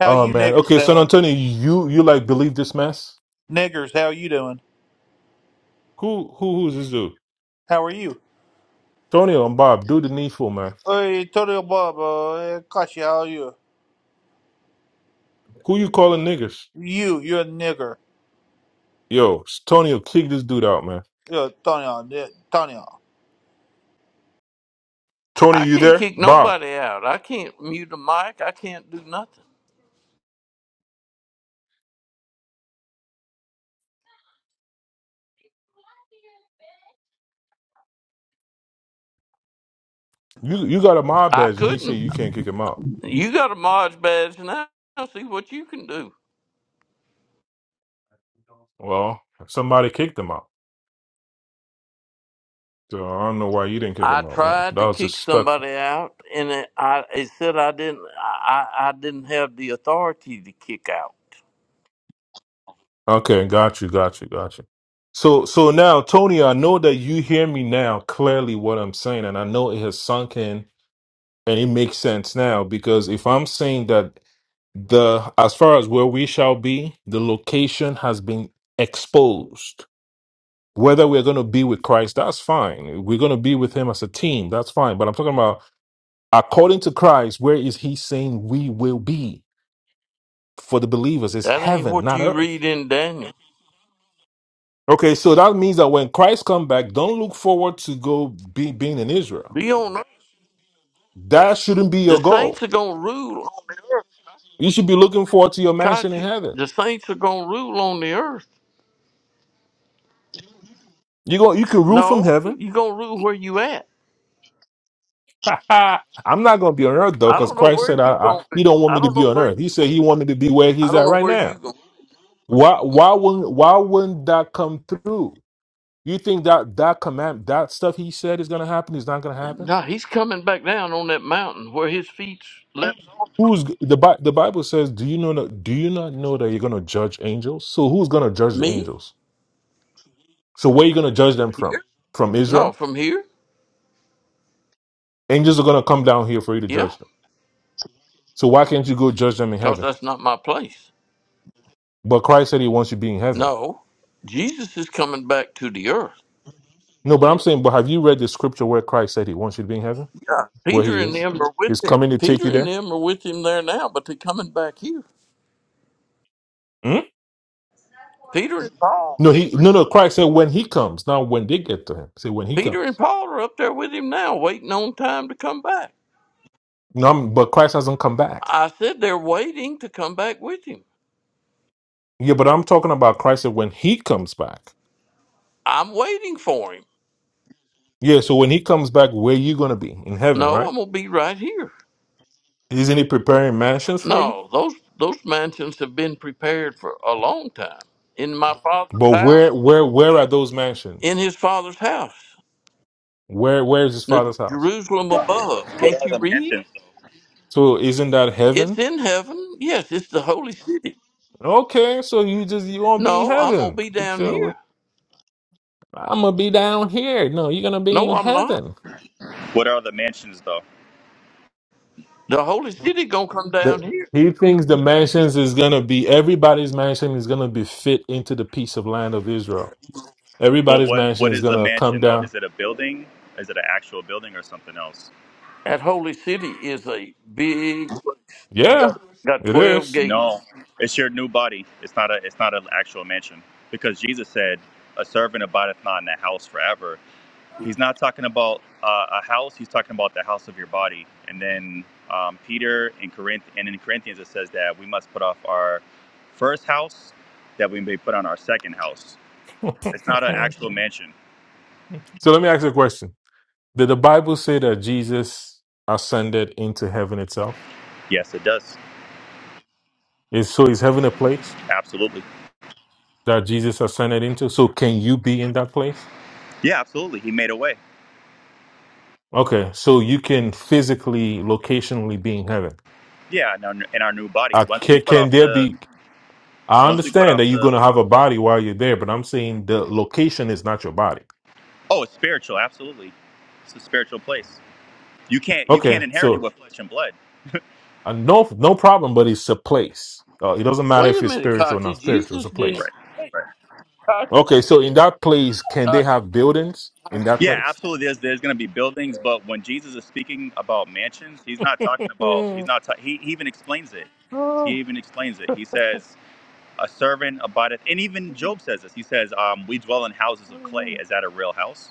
How Oh you man. niggers Okay, San doing? Antonio, you you like believe this mess? Niggers, how you doing? Who who who's this dude? How are you? Tonio and Bob, do the needful, man. Hey, Tony Bob, uh, Kashi, how are you? Who you calling niggas? You, you're a nigger. Yo, Tonio, kick this dude out, man. You're Tony, Tony. Tony, I you can't there? kick Bob, nobody out. I can't mute a mic. I can't do nothing. you you got a mob I badge, and you say couldn't. you can't kick him out. You got a Mod badge now. See what you can do. Well, somebody kicked him out, so I don't know why you didn't kick I him out, man. tried That to was kick disrespectful. somebody out, and it, I it said I didn't. I, I I didn't have the authority to kick out. Okay, got you, got you, got you. So so now, Tony, I know that you hear me now clearly what I'm saying, and I know it has sunk in, and it makes sense now because if I'm saying that the as far as where we shall be, the location has been exposed. Whether we're going to be with Christ, that's fine. We're going to be with Him as a team, that's fine. But I'm talking about according to Christ, where is He saying we will be for the believers? It's That ain't heaven, what not you earth. read in Daniel. Okay, so that means that when Christ come back, don't look forward to go be being in Israel. Be on. earth. That shouldn't be The your saints goal. are gonna rule on You should be looking forward to your mansion in Kachi. heaven. The saints are gonna rule on the earth. You go, you can rule from No, heaven. you gonna rule where you at. I'm not going to be on earth though, I because don't know Christ where said, I, you I, gonna be. "He don't want I me to don't be know on where. earth." He said He wanted to be where I He's don't at know right where you now. gonna. Why? Why wouldn't? Why wouldn't that come through? You think that that command, that stuff He said is going to happen, is not going to happen? No, he's coming back down on that mountain where his feet left. Who's the Bi- the Bible says? Do you know? that- Do you not know that you're going to judge angels? So who's going to judge the Me? angels? So where you going to judge them from? From No, Israel? from here? Angels are going to come down here for you to Yeah, judge them. So why can't you go judge them in because heaven? that's not my place. But Christ said He wants you to be in heaven. No, Jesus is coming back to the earth. No, but I'm saying, but have you read the scripture where Christ said he wants you to be in heaven? Yeah. Where Peter he and is? them are with He's him. coming to take Peter you and there? them are with him there now, but they're coming back here. Hmm? Peter and Paul. No, he no no Christ said when he comes, not when they get to him. Say when he Peter and comes. Paul are up there with him now, waiting on time to come back. No, I'm- but Christ hasn't come back. I said they're waiting to come back with him. Yeah, but I'm talking about Christ said when he comes back. I'm waiting for him. Yeah, so when he comes back, where you gonna be? In heaven, No, right? I'm gonna be right here. Isn't he preparing mansions for you? No, those those mansions have been prepared for a long time. In my father's But house. where where where are those In mansions? his father's house. Where where is his The father's house? Jerusalem What above. Can't are you the read? mansions? Though? So isn't that It's heaven? in heaven. Yes, it's the holy city. Okay, so you just you won't be in No, I'm gonna be down heaven. here. I'm gonna be down here. No, you're gonna be No, in I'm not. heaven. What are the mansions though? The holy city gonna come down The, here. he thinks the mansions is gonna be everybody's mansion is gonna be fit into the piece of land of Israel. Well, Everybody's what mansion what is is the gonna come mansion though? down. Is it a building? Is it an actual building or something else? That holy city is a big Yeah, got it twelve is. No, gates. it's your new body. It's not a it's not an actual mansion because Jesus said, "A servant abideth not in a house forever." He's not talking about uh, a house. He's talking about the house of your body. And then um, Peter in Corinth and in Corinthians it says that we must put off our first house that we may put on our second house. It's not an actual mansion. so let me ask you a question. Did the Bible say that Jesus ascended into heaven itself? Yes, it does. Is so is heaven a place Absolutely. that Jesus ascended into? So can you be in that place? Yeah, absolutely. He made a way. Okay, so you can physically, locationally be in heaven. Yeah, in our, in our new body. Uh, Once we can, put can off there the, be? I once we put understand that off you're the, going to have a body while you're there, but I'm saying the location is not your body. oh, it's spiritual. Absolutely, it's a spiritual place. You can't you can't Okay, inherit it so with flesh and blood. uh, no, no problem, but it's a place. Uh, it doesn't matter Wait a if it's minute, spiritual or Kachi. not spiritual. It's a Jesus didn't Right. place. Right. Kachi, Okay, so in that place, can they Kachi. have buildings in that Yeah, place? absolutely. There's there's going to be buildings, but when Jesus is speaking about mansions, he's not talking about. He's not. Ta- he, he even explains it. He even explains it. He says, "A servant abideth," and even Mm. Job says this. He says, um, "We dwell in houses of clay." oh Is that a real house?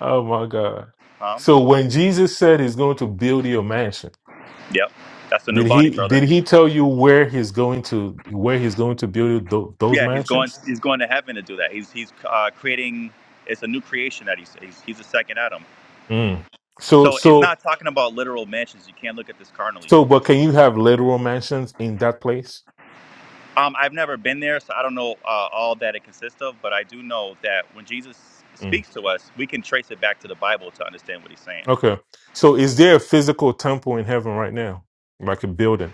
oh my God! Um, So when Jesus said He's going to build your mansion, yep. That's a new did body, he did brother. he tell you where he's going to where he's going to build tho- those Yeah, he's going. mansions? He's going to heaven to do that. He's he's uh, creating. It's a new creation that he's he's, he's a second Adam. Mm. So So it's so not talking about literal mansions. You can't look at this carnally. So, but can you have literal mansions in that place? Um, I've never been there, so I don't know uh, all that it consists of. But I do know that when Jesus Mm. speaks to us, we can trace it back to the Bible to understand what he's saying. Okay. So, is there a physical temple in heaven right now, like a building?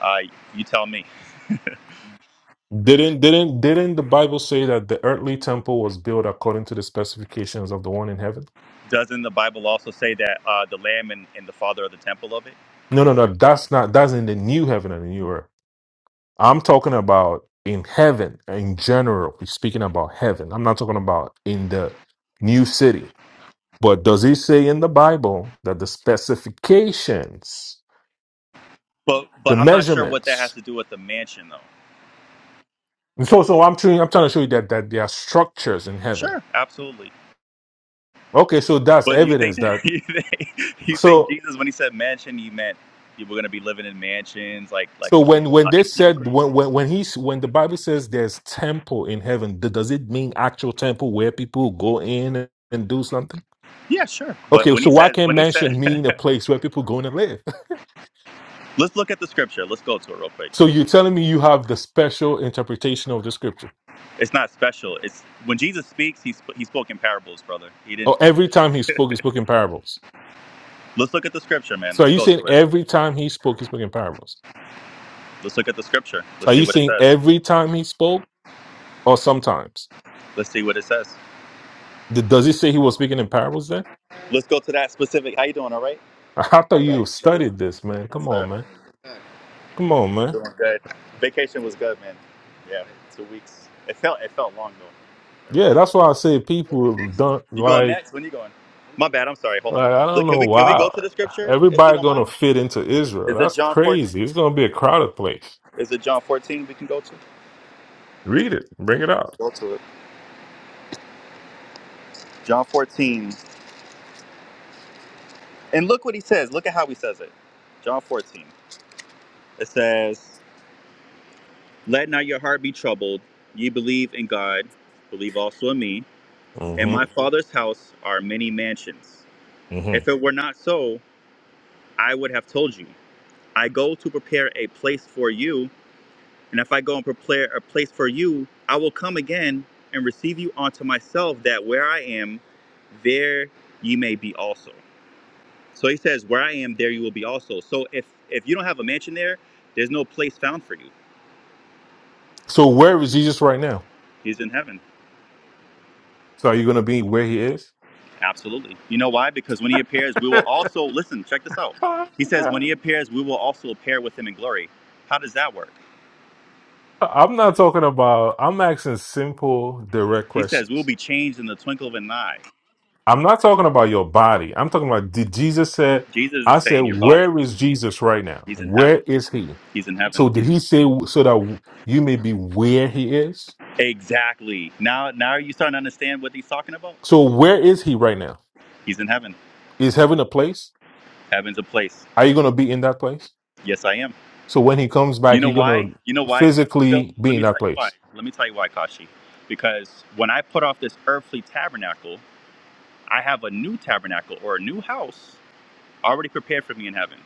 Uh, you tell me. Didn't didn't didn't the Bible say that the earthly temple was built according to the specifications of the one in heaven? Doesn't the Bible also say that uh, the Lamb and, and the Father are the temple of it? No, no, no. That's not. That's in the new heaven and the new earth. I'm talking about in heaven in general. We're speaking about heaven. I'm not talking about in the new city. But does it say in the Bible that the specifications, But the but I'm not sure what that has measurements to do with the mansion, though. So, so I'm trying. I'm trying to show you that that there are structures in heaven. Sure, absolutely. Okay, so that's But you think evidence that that. you think, you think So, Jesus, when he said mansion, he meant you were going to be living in mansions, like like so we see in when when uh, they MTV said Cribs. when when when he's when the Bible says there's temple in heaven, th- does it mean actual temple where people go in and do something? Yeah, sure. But Okay, when so he why says, can't when he said, mansion mean a place where people go in and live? let's look at the scripture. Let's go to it real quick. So you're telling me you have the special interpretation of the scripture? It's not special. It's when Jesus speaks, he sp- he spoke in parables, brother. He didn't. Oh, every time he spoke, he spoke in parables. Let's look at the scripture, man. So are Let's you go saying to it. every time he spoke, he spoke in parables? Let's look at the scripture. So Let's are see you what it saying says. every time he spoke or sometimes? Let's see what it says. Th- Does he say he was speaking in parables then? Let's go to that specific. How you doing? All right. I thought All you right. That is- studied this, man. Yes, Come sir. on, man. Come on, man. Doing good. Vacation was good, man. Yeah, two weeks. It felt it felt long though. It Yeah, really that's why I say people did. don't You going like next? When you going? My bad. I'm sorry. Hold on. like I don't Look, can know we can we why go to the scripture if you everybody don't gonna mind? fit into Israel. Is it That's John 14? crazy. It's gonna be a crowded place. Is it John 14? We can go to. Let's Read it. Bring it out. go to it. John 14. And look what he says. Look at how he says it. John 14. It says, "Let not your heart be troubled. Ye believe in God, believe also in me. In hmm my Father's house are many mansions. hmm If it were not so." I would have told you, I go to prepare a place for you. And if I go and prepare a place for you, I will come again and receive you unto myself, that where I am, there ye may be also. So he says, Where I am, there you will be also. So if, if you don't have a mansion there, there's no place found for you. So where is Jesus right now? He's in heaven. So are you gonna be where he is? Absolutely. You know why? Because when he appears, we will also, listen, check this out. Oh, He says, God. When he appears, we will also appear with him in glory. How does that work? I'm not talking about I'm asking simple, direct He says, We'll questions. be changed in the twinkle of an eye. I'm not talking about your body. I'm talking about did Jesus said, Jesus I is said, saying your body. where is Jesus right now? He's in Where heaven. is he? He's in heaven. So did he say so that you may be where he is? Exactly. Now now are you starting to understand what he's talking about? So where is he right now? He's in heaven. Is heaven a place? Heaven's a place. Are you going to be in that place? Yes, I am. So when he comes You back, know you're going why? to You know why? Because he's built. physically be Let in me that tell you why. place. Let me tell you why, Kashi. Because when I put off this earthly tabernacle, I have a new tabernacle or a new house already prepared for me in heaven.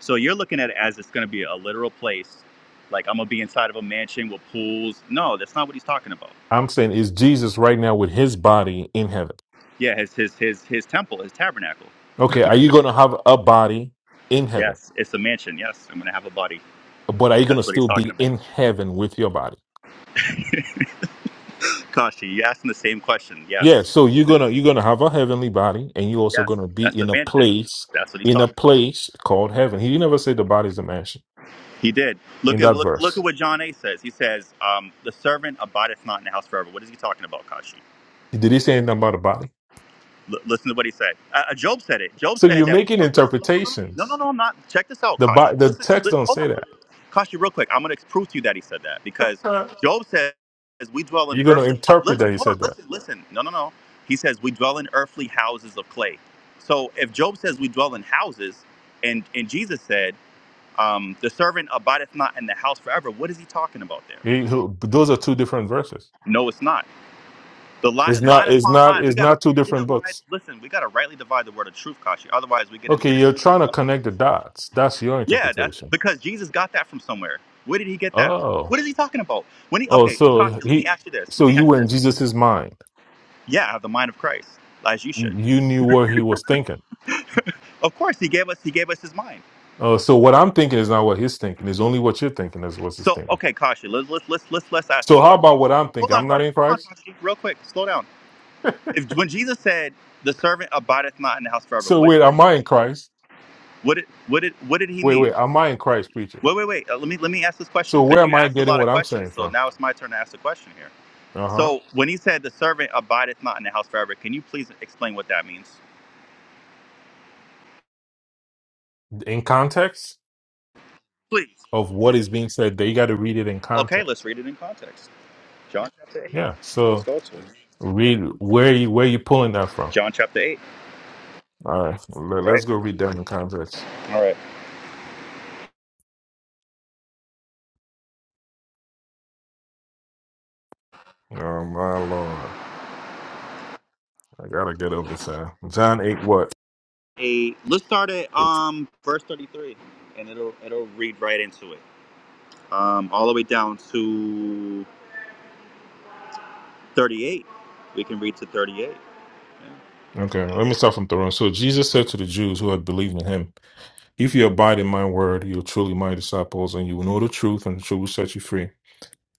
So you're looking at it as it's going to be a literal place, like I'm gonna be inside of a mansion with pools. No, that's not what he's talking about. I'm saying is Jesus right now with his body in heaven. Yeah, his his his his temple, his tabernacle. Okay, are you going to have a body in heaven? Yes, it's a mansion. Yes, I'm going to have a body. But are you going to That's what he's still talking be about. in heaven with your body? Kashi, you asked him the same question. Yeah, Yes, so you're going to you're going to have a heavenly body and you're also yes, going to be that's the in a mansion. place That's what he's in a talking. place called heaven. He never said the body is a mansion He did. Look in at that look, look at verse. what John A says. He says, um, "The servant abideth not in the house forever." What is he talking about, Kashi? Did he say anything about a body? L- listen to what he said. Uh, uh, Job said it. Job So said you're that. We making don't, listen, hold on, no, no, interpretations. no, I'm not. Check this out, The Kashi. bo- the Listen, text li- don't hold say on, hold that. on. Kashi, real quick. I'm going to prove to you that he said that because Job says we dwell in you're going to earthly. Ho- interpret listen, that he hold said on, that. listen, listen. No, no, no. He says we dwell in earthly houses of clay. So if Job says we dwell in houses, and and Jesus said um, the servant abideth not in the house forever, what is he talking about there? He- who- those are two different verses. No, it's not. The line, It's line not. It's upon not. line, we It's gotta not two rightly different divide. books. Listen, we gotta rightly divide the word of truth, Kashi. Otherwise, we get Okay, into you're strange trying to doctrine. connect the dots. That's your Yeah, that, interpretation. because Jesus got that from somewhere. Where did he get that? Oh, What is he talking about? When he oh, okay, Kashi, so let me he, ask you this. Let so me you ask were you in this. Jesus's mind. Yeah, I have the mind of Christ, as you You, should. you knew what he was thinking. Of course, he gave us he gave us his mind. Uh, so what I'm thinking is not what he's thinking. It's only what you're thinking is what he's So thinking. okay, Kashi, let's let's let's let's let's ask So this how question. about what I'm Hold thinking? on, I'm not question. in Hold on, Christ. Kashi, real quick. Slow down. If when Jesus said the servant abideth not in the house forever, So what wait, did he am I in mean? Christ? What did what did what did he Wait, mean? wait, am I in Christ, preacher? Wait, wait, wait. Uh, let me let me ask this So question because where you am I asked a getting lot of what I'm questions. saying So from? now it's my turn to ask the question here. Uh huh. So when he said the servant abideth not in the house forever, can you please explain what that means? In context Please, of what please. is being said, they got to read it in Okay, let's context. read it in context. John, Yeah. let's So go to it. read where you where you pulling that from. John chapter eight. All right, let- let's go read down the context. Oh my Lord, I gotta get over this. Uh, John eight, what? A let's start at um verse thirty three, and it'll it'll read right into it. Um, all the way down to thirty eight. We can read to thirty eight. Okay, let me start from the wrong. So Jesus said to the Jews who had believed in him, "If you abide in my word, you are truly my disciples, and you will know the truth, and the truth will set you free."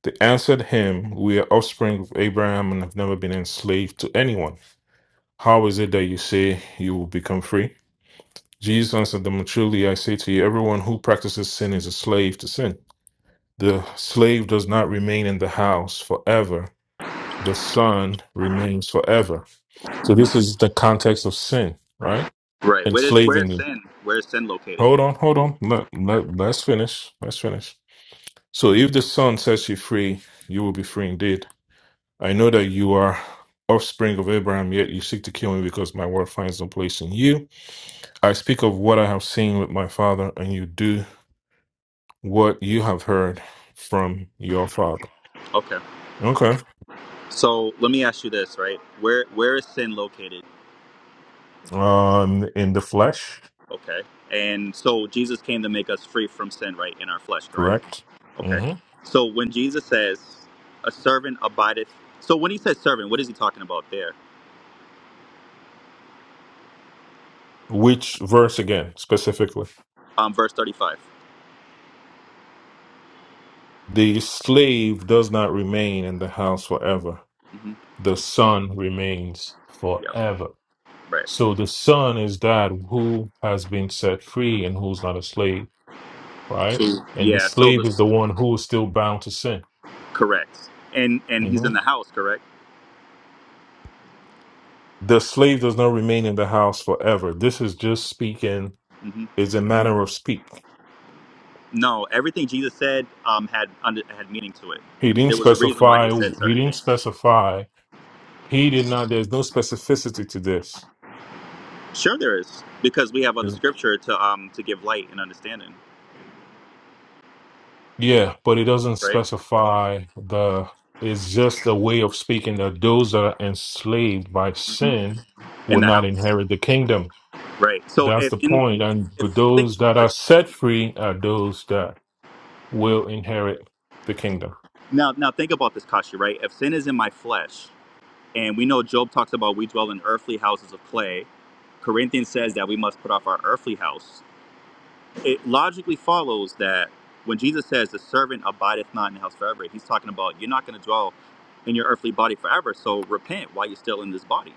They answered him, "We are offspring of Abraham and have never been enslaved to anyone. How is it that you say you will become free?" Jesus answered them, "Truly I say to you, everyone who practices sin is a slave to sin." The slave does not remain in the house forever. The son remains forever. So this is the context of sin, right? Right. Where is where Enslaving is them. sin? Where is sin located? Hold on, hold on. Let, let, let's finish. Let's finish. So if the son sets you free, you will be free indeed. I know that you are offspring of Abraham, yet you seek to kill me because my word finds no place in you. I speak of what I have seen with my father, and you do what you have heard from your father. Okay. Okay. So let me ask you this, right? Where where is sin located? um, in the flesh, Okay. And so Jesus came to make us free from sin, right, in our flesh, correct? correct? Okay. hmm So when Jesus says, "A servant abideth," so when he says servant, what is he talking about there? Which verse again, specifically? Um, verse 35 The slave does not remain in the house forever, Mm-hmm. the son remains Yeah. forever. Right. So the son is that who has been set free and who's not a slave, right? So And the yeah. So slave is this the one who is still bound to sin. correct. And and he's in Mhm. the house, correct? The slave does not remain in the house forever. This is just speaking, hmm is a manner of speak. No, everything Jesus said um had under, had meaning to it. He didn't There was a reason why he specify, said he certain didn't things. specify He did not. There's no specificity to this. Sure, there is because we have other There's- scripture to um to give light and understanding, yeah, but it doesn't right? specify the. It's just a way of speaking that those that are enslaved by Mhm. sin In will the not house, inherit the kingdom. right? So That's if the in point. if, And if but think those about that are this set free are those that will inherit the kingdom. now, now think about this, Kashi, right? If sin is in my flesh, and we know Job talks about we dwell in earthly houses of clay, Corinthians says that we must put off our earthly house. It logically follows that when Jesus says the servant abideth not in the house forever, he's talking about you're not going to dwell in your earthly body forever. So repent while you're still in this body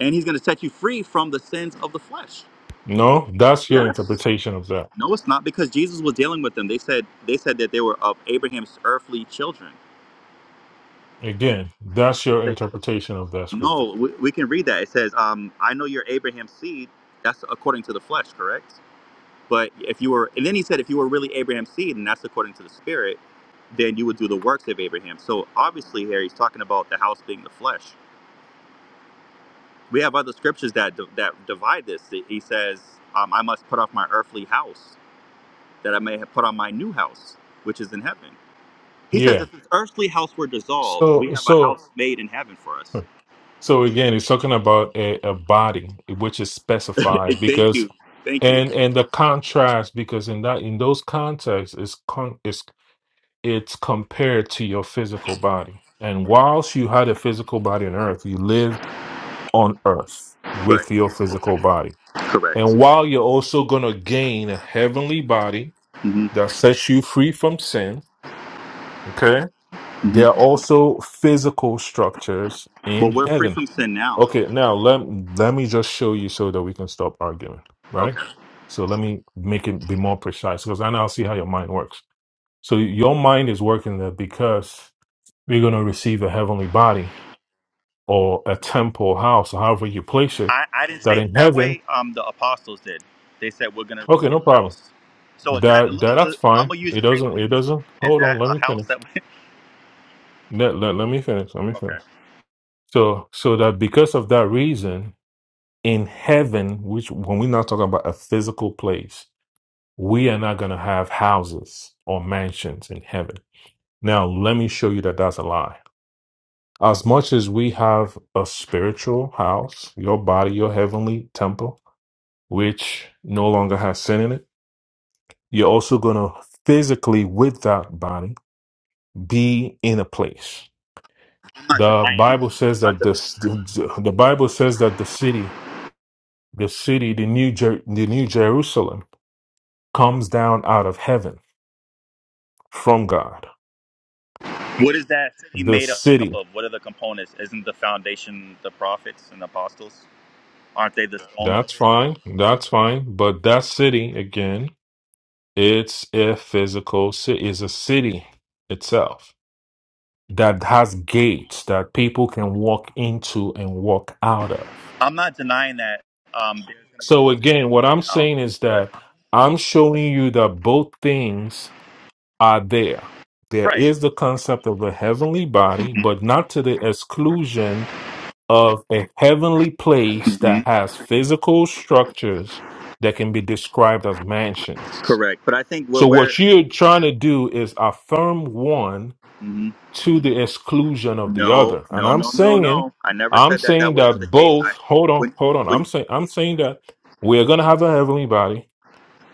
and he's going to set you free from the sins of the flesh. No, that's your Yes. interpretation of that. No, it's not because Jesus was dealing with them. They said they said that they were of Abraham's earthly children. Again, that's your They did. interpretation of that scripture. No, we, we can read that. It says, um, "I know you're Abraham's seed." That's according to the flesh, correct? But if you were, and then he said, if you were really Abraham's seed, and that's according to the spirit, then you would do the works of Abraham. So obviously, here he's talking about the house being the flesh. We have other scriptures that that divide this. He says, um, "I must put off my earthly house." that I may have put on my new house, which is in heaven. He says, Yeah. if this earthly house were dissolved, we So, have a so, house made in heaven for us. so again, it's talking about a, a body which is specified Thank because you. Thank you. and and the contrast because in that in those contexts it's con it's it's compared to your physical body and whilst you had a physical body on earth you lived on earth Right. with your physical body and Correct. while you're also going to gain a heavenly body hmm that sets you free from sin okay hmm there are also physical structures But in we're free heaven from sin now, Okay, though. now let let me just show you so that we can stop arguing, right? Okay. So let me make it be more precise because I now see how your mind works. So your mind is working that because we're going to receive a heavenly body or a temple house, or however you place it, I, I didn't say that it in that heaven, way. Um, the apostles did. They said we're gonna okay, receive no a problem. house. So is that? That Let that me. uh, that's I'm fine. gonna use It your doesn't reasoning. it doesn't. Is Hold that on, let a me house finish. that? We, Let, let, let me finish. Let me okay. finish. So so that because of that reason, in heaven, which when we're not talking about a physical place We are not going to have houses or mansions in heaven. Now, let me show you that that's a lie. As much as we have a spiritual house, your body, your heavenly temple, which no longer has sin in it, you're also going to physically, with that body, be in a place. I'm not The denying that. Bible I'm says not that denying this, the, the Bible says that the city, the city, the new, Jer- the new Jerusalem comes down out of heaven from God. What is that city The made up city of? What are the components? Isn't the foundation the prophets and apostles? Aren't they the stones of That's it? fine. That's fine. But that city, again, it's a physical city, it's a city itself that has gates that people can walk into and walk out of. I'm not denying that um, there's going to be a So, city again, what coming I'm down, saying is but that I'm showing you that both things are there. There right, is the concept of a heavenly body, but not to the exclusion of a heavenly place that hmm has physical structures that can be described as mansions. correct. But I think where So, we're what you're trying to do is affirm one hmm to the exclusion of the no, other. And no, I'm no, no, saying, no. I never I'm said that that saying wasn't the that case. both, I hold on, when hold on. I'm when saying, I'm saying that we're going to have a heavenly body.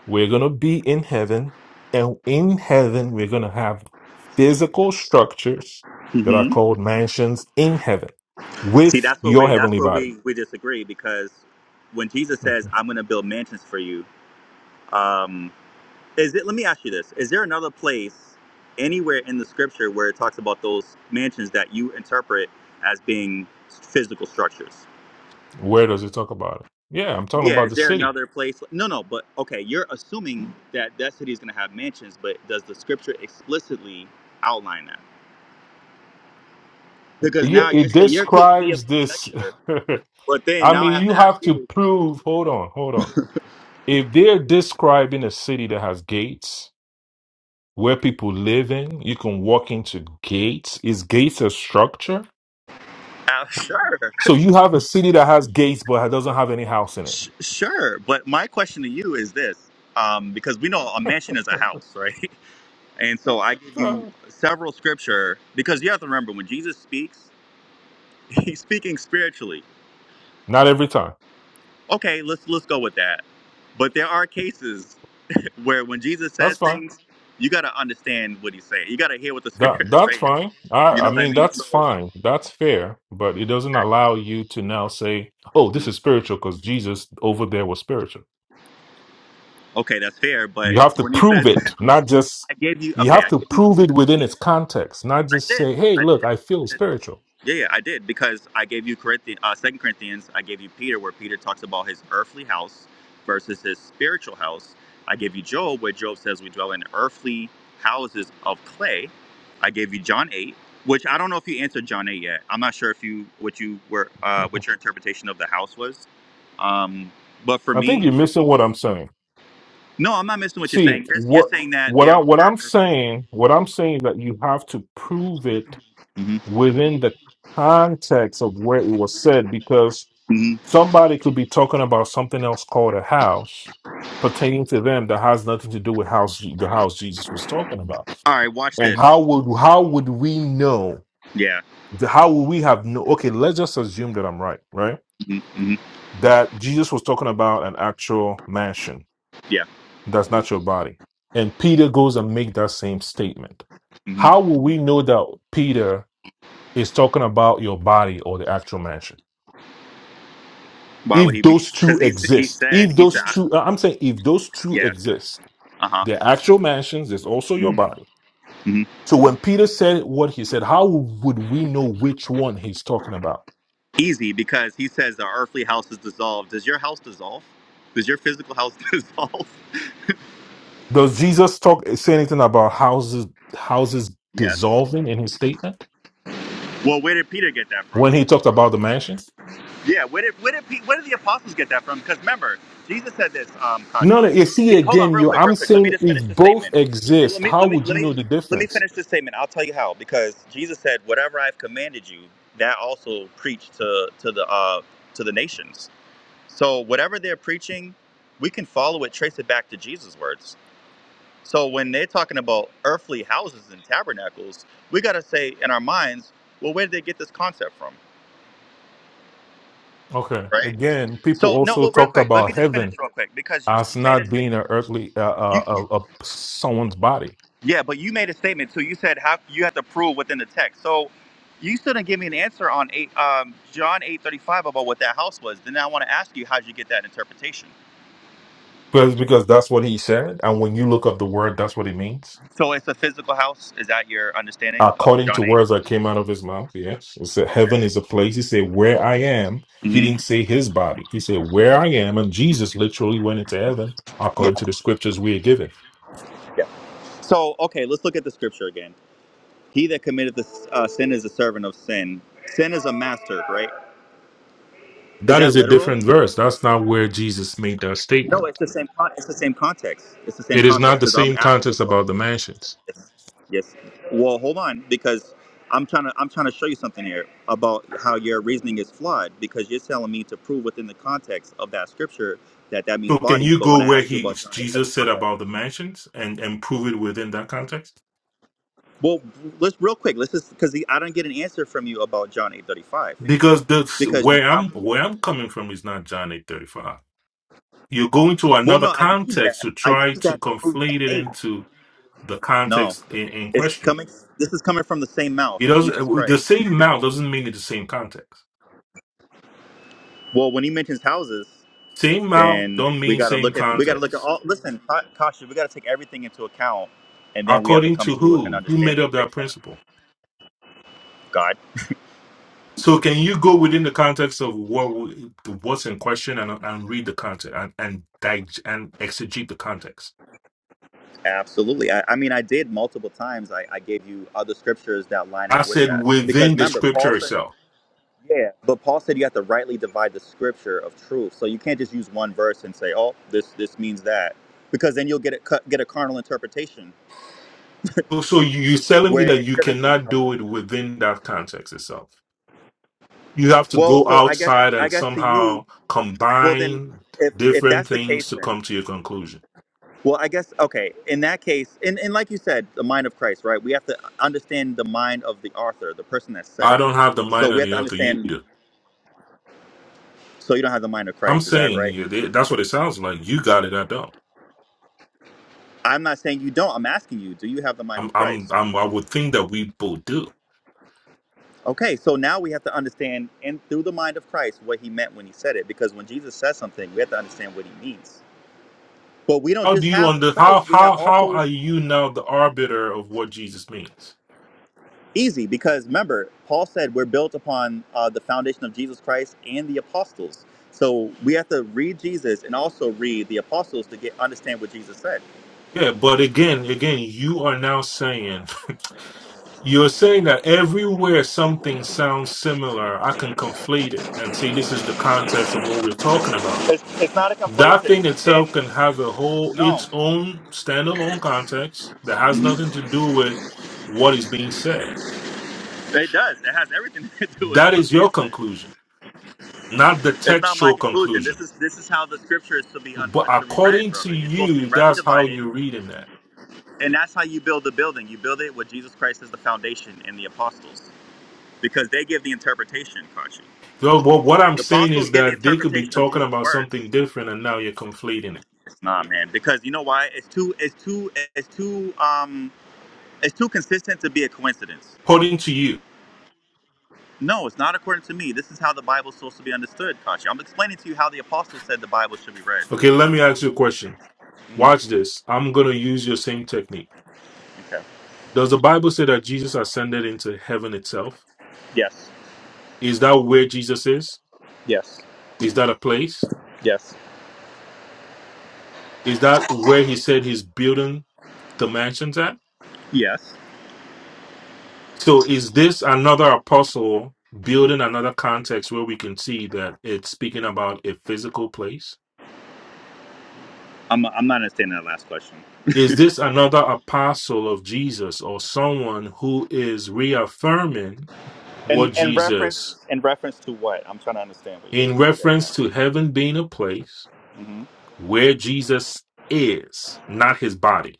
We're going to be in heaven. And in heaven, we're going to have physical structures that are hmm called mansions in heaven see with that's where your we that's heavenly where body. we we disagree because when Jesus says Mhm. I'm going to build mansions for you. Um, Is it? Let me ask you this: Is there another place anywhere in the scripture where it talks about those mansions that you interpret as being physical structures? Where does it talk about it? Yeah, I'm talking Yeah. about Is the there city. another place? No, no. But okay, you're assuming that that city is going to have mansions, but does the scripture explicitly outline that? Because Yeah, now you're it saying you're accusing me describes of this. conjecture, but then I now mean, I have you to ask have to you. prove. Hold on, hold on. If they're describing a city that has gates where people live in, you can walk into gates. Is gates a structure? Uh, sure, So you have a city that has gates but it doesn't have any house in it. Sh- sure. But my question to you is this: um, because we know a mansion is a house, right? And so I give you Uh, several scripture because you have to remember when Jesus speaks, he's speaking spiritually. Not every time. Okay, let's let's go with that. But there are cases where when Jesus That's says fine. things, you got to understand what he's saying. You got to hear what the That spirit is that's saying. fine. I You I know what I mean mean? that's So fine. That's fair, but it doesn't allow you to now say, "Oh, this okay, is spiritual because Jesus over there was spiritual." okay, that's fair, but You have to when he prove says it, not just I gave you you okay, have I to gave you prove it within its sure, context, not I just did. say, "Hey, I did. look, I feel spiritual." Yeah, yeah, I did because I gave you Corinthians, uh, Second Corinthians. I gave you Peter, where Peter talks about his earthly house versus his spiritual house. I gave you Job, where Job says we dwell in earthly houses of clay. I gave you John eight, which I don't know if you answered John eight yet. I'm not sure if you what you were uh, what your interpretation of the house was. Um, but for I think me, you're missing what I'm saying. no, I'm not missing what you're See, saying. You're, you're what saying that what there I are what I'm earthly. saying, what I'm saying that you have to prove it Mhm, within the context of where it was said because mhm. somebody could be talking about something else called a house pertaining to them that has nothing to do with house the house Jesus was talking about. All right, watch And this. how would how would we know? Yeah. How would we have no? Okay, let's just assume that I'm right, right? mhm, mhm, That Jesus was talking about an actual mansion Yeah. that's not your body, and Peter goes and make that same statement. mhm. How will we know that Peter? is talking about your body or the actual mansion. Why would If he be? those two Because he s- he exist, said if he those said I- two, uh, I'm saying if those two yeah exist, uh huh the actual mansions is also your hmm body. hmm So when Peter said what he said, how would we know which one he's talking about? easy because he says the earthly house is dissolved. Does your house dissolve? Does your physical house dissolve? Does Jesus talk say anything about houses houses Yes. dissolving in his statement Well, where did Peter get that from? when he talked about the mansions? Yeah. Where did where did Pe- where did the apostles get that from? Because remember, Jesus said this. Um, No, no. Kashi, You see He- hold on, again, real you. quick, real I'm quick. Let me saying just if finish the both statement. Let exist, me how let me would let you know me the let me difference? finish this statement. I'll tell you how. Because Jesus said, "Whatever I've commanded you, that also preach to to the uh to the nations." So whatever they're preaching, we can follow it, trace it back to Jesus' words. So when they're talking about earthly houses and tabernacles, we got to say in our minds, well, where did they get this concept from? Okay. Right. Again, people So no, also well, real talked quick, let about me just heaven finish real quick because you as you made a not statement. being an earthly uh, You, uh, uh, uh, someone's body yeah, but you made a statement too. You said how you have to prove within the text. So you still didn't give me an answer on eight, um, John eight thirty five about what that house was. Then I want to ask you, how did you get that interpretation? because because that's what he said and when you look up the word that's what it means So it's a physical house. Is that your understanding of according to John eight? words that came out of his mouth yes it said Okay. heaven is a place he said where i am he hmm didn't say his body he said where i am and jesus literally went into heaven Yeah, according to the scriptures we are given yeah. So, okay, let's look at the scripture again. He that committed this uh, sin is a servant of sin. Sin is a master, right? Is that that is a literal? different verse that's not where jesus made that No, it's statement the same. Con- it's the same context. It's the same it is not context the because I'm same asking context about. about the mansions Yes, yes. Well, hold on, because I'm trying to. I'm trying to show you something here about how your reasoning is flawed because you're telling me to prove within the context of that scripture that that means So can bodies. you But when go I where ask you he about John Jesus said 8:35, about the mansions and and prove it within that context? well, let's real quick. Let's just because I don't get an answer from you about John 8:35. Because that's because you- where I'm I'm, where I'm coming from is not John eight thirty five. You're going to well, another no, I use context that. to I try use to that to prove John conflate it eight. into the No, context in, in it's question. coming. This is coming from the same mouth, It Jesus doesn't the Christ. same mouth doesn't mean it's the same context. Well, when he mentions houses, Same mouth then don't we mean got to same look at we got to look at context. all. Listen, Ka- Kasha, we got to take everything into account, and then we have to According come to to an who? Who made understanding up that based on principle? God. So can you go within the context of what w- what's in question and and read the context and and dig- and exegete the context? Absolutely. I, I mean, I did multiple times. I, I gave you other scriptures that line I up with said that because within the remember, Paul scripture said. itself. Yeah, but Paul said you have to rightly divide the scripture of truth. So you can't just use one verse and say, "Oh, this this means that," because then you'll get a cu- get a carnal interpretation So so you- you're telling me where that it you shouldn't be cannot do carnal. it within that context itself. You have to Well, go so I guess outside I and guess to you, somehow well then, combine if if different that's the things case, to then come to your conclusion. well I guess okay. In that case, and and like you said, the mind of Christ, right? We have to understand the mind of the author, the person that said I it. don't have the So mind we of have the to author. You understand. do. So you don't have the mind of I'm Christ, is that saying right? you- that's what it sounds like. You got it. I don't. I'm not saying you don't. I'm asking you, do you have the mind I'm. of Christ? I'm. I'm I would think that we both do Okay, so now we have to understand and through the mind of Christ what he meant when he said it, because when Jesus says something, we have to understand what he means. But we don't How do just you have under how Christ, we have how how also are you now the arbiter of what Jesus means? easy, because remember, Paul said we're built upon uh, the foundation of Jesus Christ and the apostles. So we have to read Jesus and also read the apostles to get understand what Jesus said. Yeah, but again, again, you are now saying you're saying that everywhere something sounds similar, I can conflate it and say this is the context of what we're talking about. It's, it's not a That complacent, thing and itself can have a whole no, its own standalone context that has Mhm. nothing to do with what is being said. it does. It has everything to do with That what's is being your said. conclusion, not the It's not my textual conclusion. conclusion. This is this is how the scripture is to be un, But uh, to be read, according to brother. It's supposed to be you, rightly that's how divided, you're reading that. and that's how you build the building. You build it with Jesus Christ as the foundation and the apostles, because they give the interpretation, Kachi. So what, what I'm The saying apostles is give the that they could be interpretation of talking Jesus' about words. something different and now you're conflating it. It's not, man, because you know why? It's too it's too it's too um it's too consistent to be a coincidence. According to you. No, it's not according to me. This is how the Bible's supposed to be understood, Kachi. I'm explaining to you how the apostles said the Bible should be read. Okay, let me ask you a question. hmm Watch this. I'm going to use your same technique. Okay. Does the Bible say that Jesus ascended into heaven itself? Yes. Is that where Jesus is? Yes. Is that a place? Yes. Is that where he said he's building the mansions at? Yes. So is this another apostle building another context where we can see that it's speaking about a physical place? I'm, I'm not understanding that last question. Is this another apostle of Jesus or someone who is reaffirming And what in Jesus reference in reference to what? I'm trying to understand what you're in saying. reference to heaven being a place Mm-hmm. where Jesus is, not his body?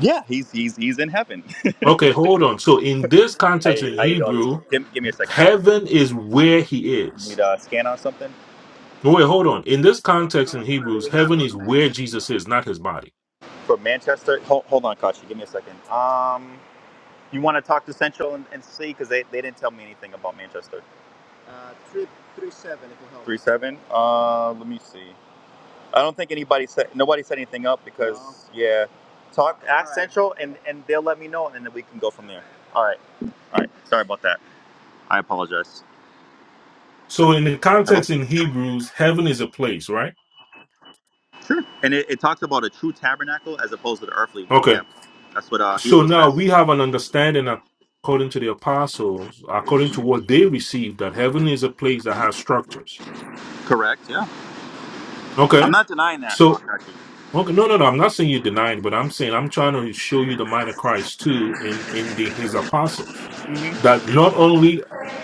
Yeah, he's he's he's in heaven. Okay, hold on. So in this context in Hey, how you doing? Hebrew, Give, give me a second. How you doing? heaven is where he is. Need a scan on something? No Wait, hold on. In this context in Hebrews, heaven is where Jesus is, not his body. For Manchester? Hold, hold on, Kashi. Give me a second. Um, you want to talk to Central and, and see because they, they didn't tell me anything about Manchester. Three seven. Uh, let me see. I don't think anybody said nobody said anything up because no. yeah, talk ask All right. Central and and they'll let me know and then we can go from there. All right, all right. Sorry about that. I apologize. So in the Hello. context in Hebrews, heaven is a place, right? Sure. And it, it talks about a true tabernacle as opposed to the earthly one. Yeah, Okay. that's what uh, So Hebrew now says. we have an understanding according to the apostles, according to what they received, that heaven is a place that has structures. Correct. Yeah. I'm Okay. not denying that. So Fuck, Actually. okay, no, no, no. I'm not saying you're denying, but I'm saying I'm trying to show you the mind of Christ too in in the his apostles. Mhm. That not only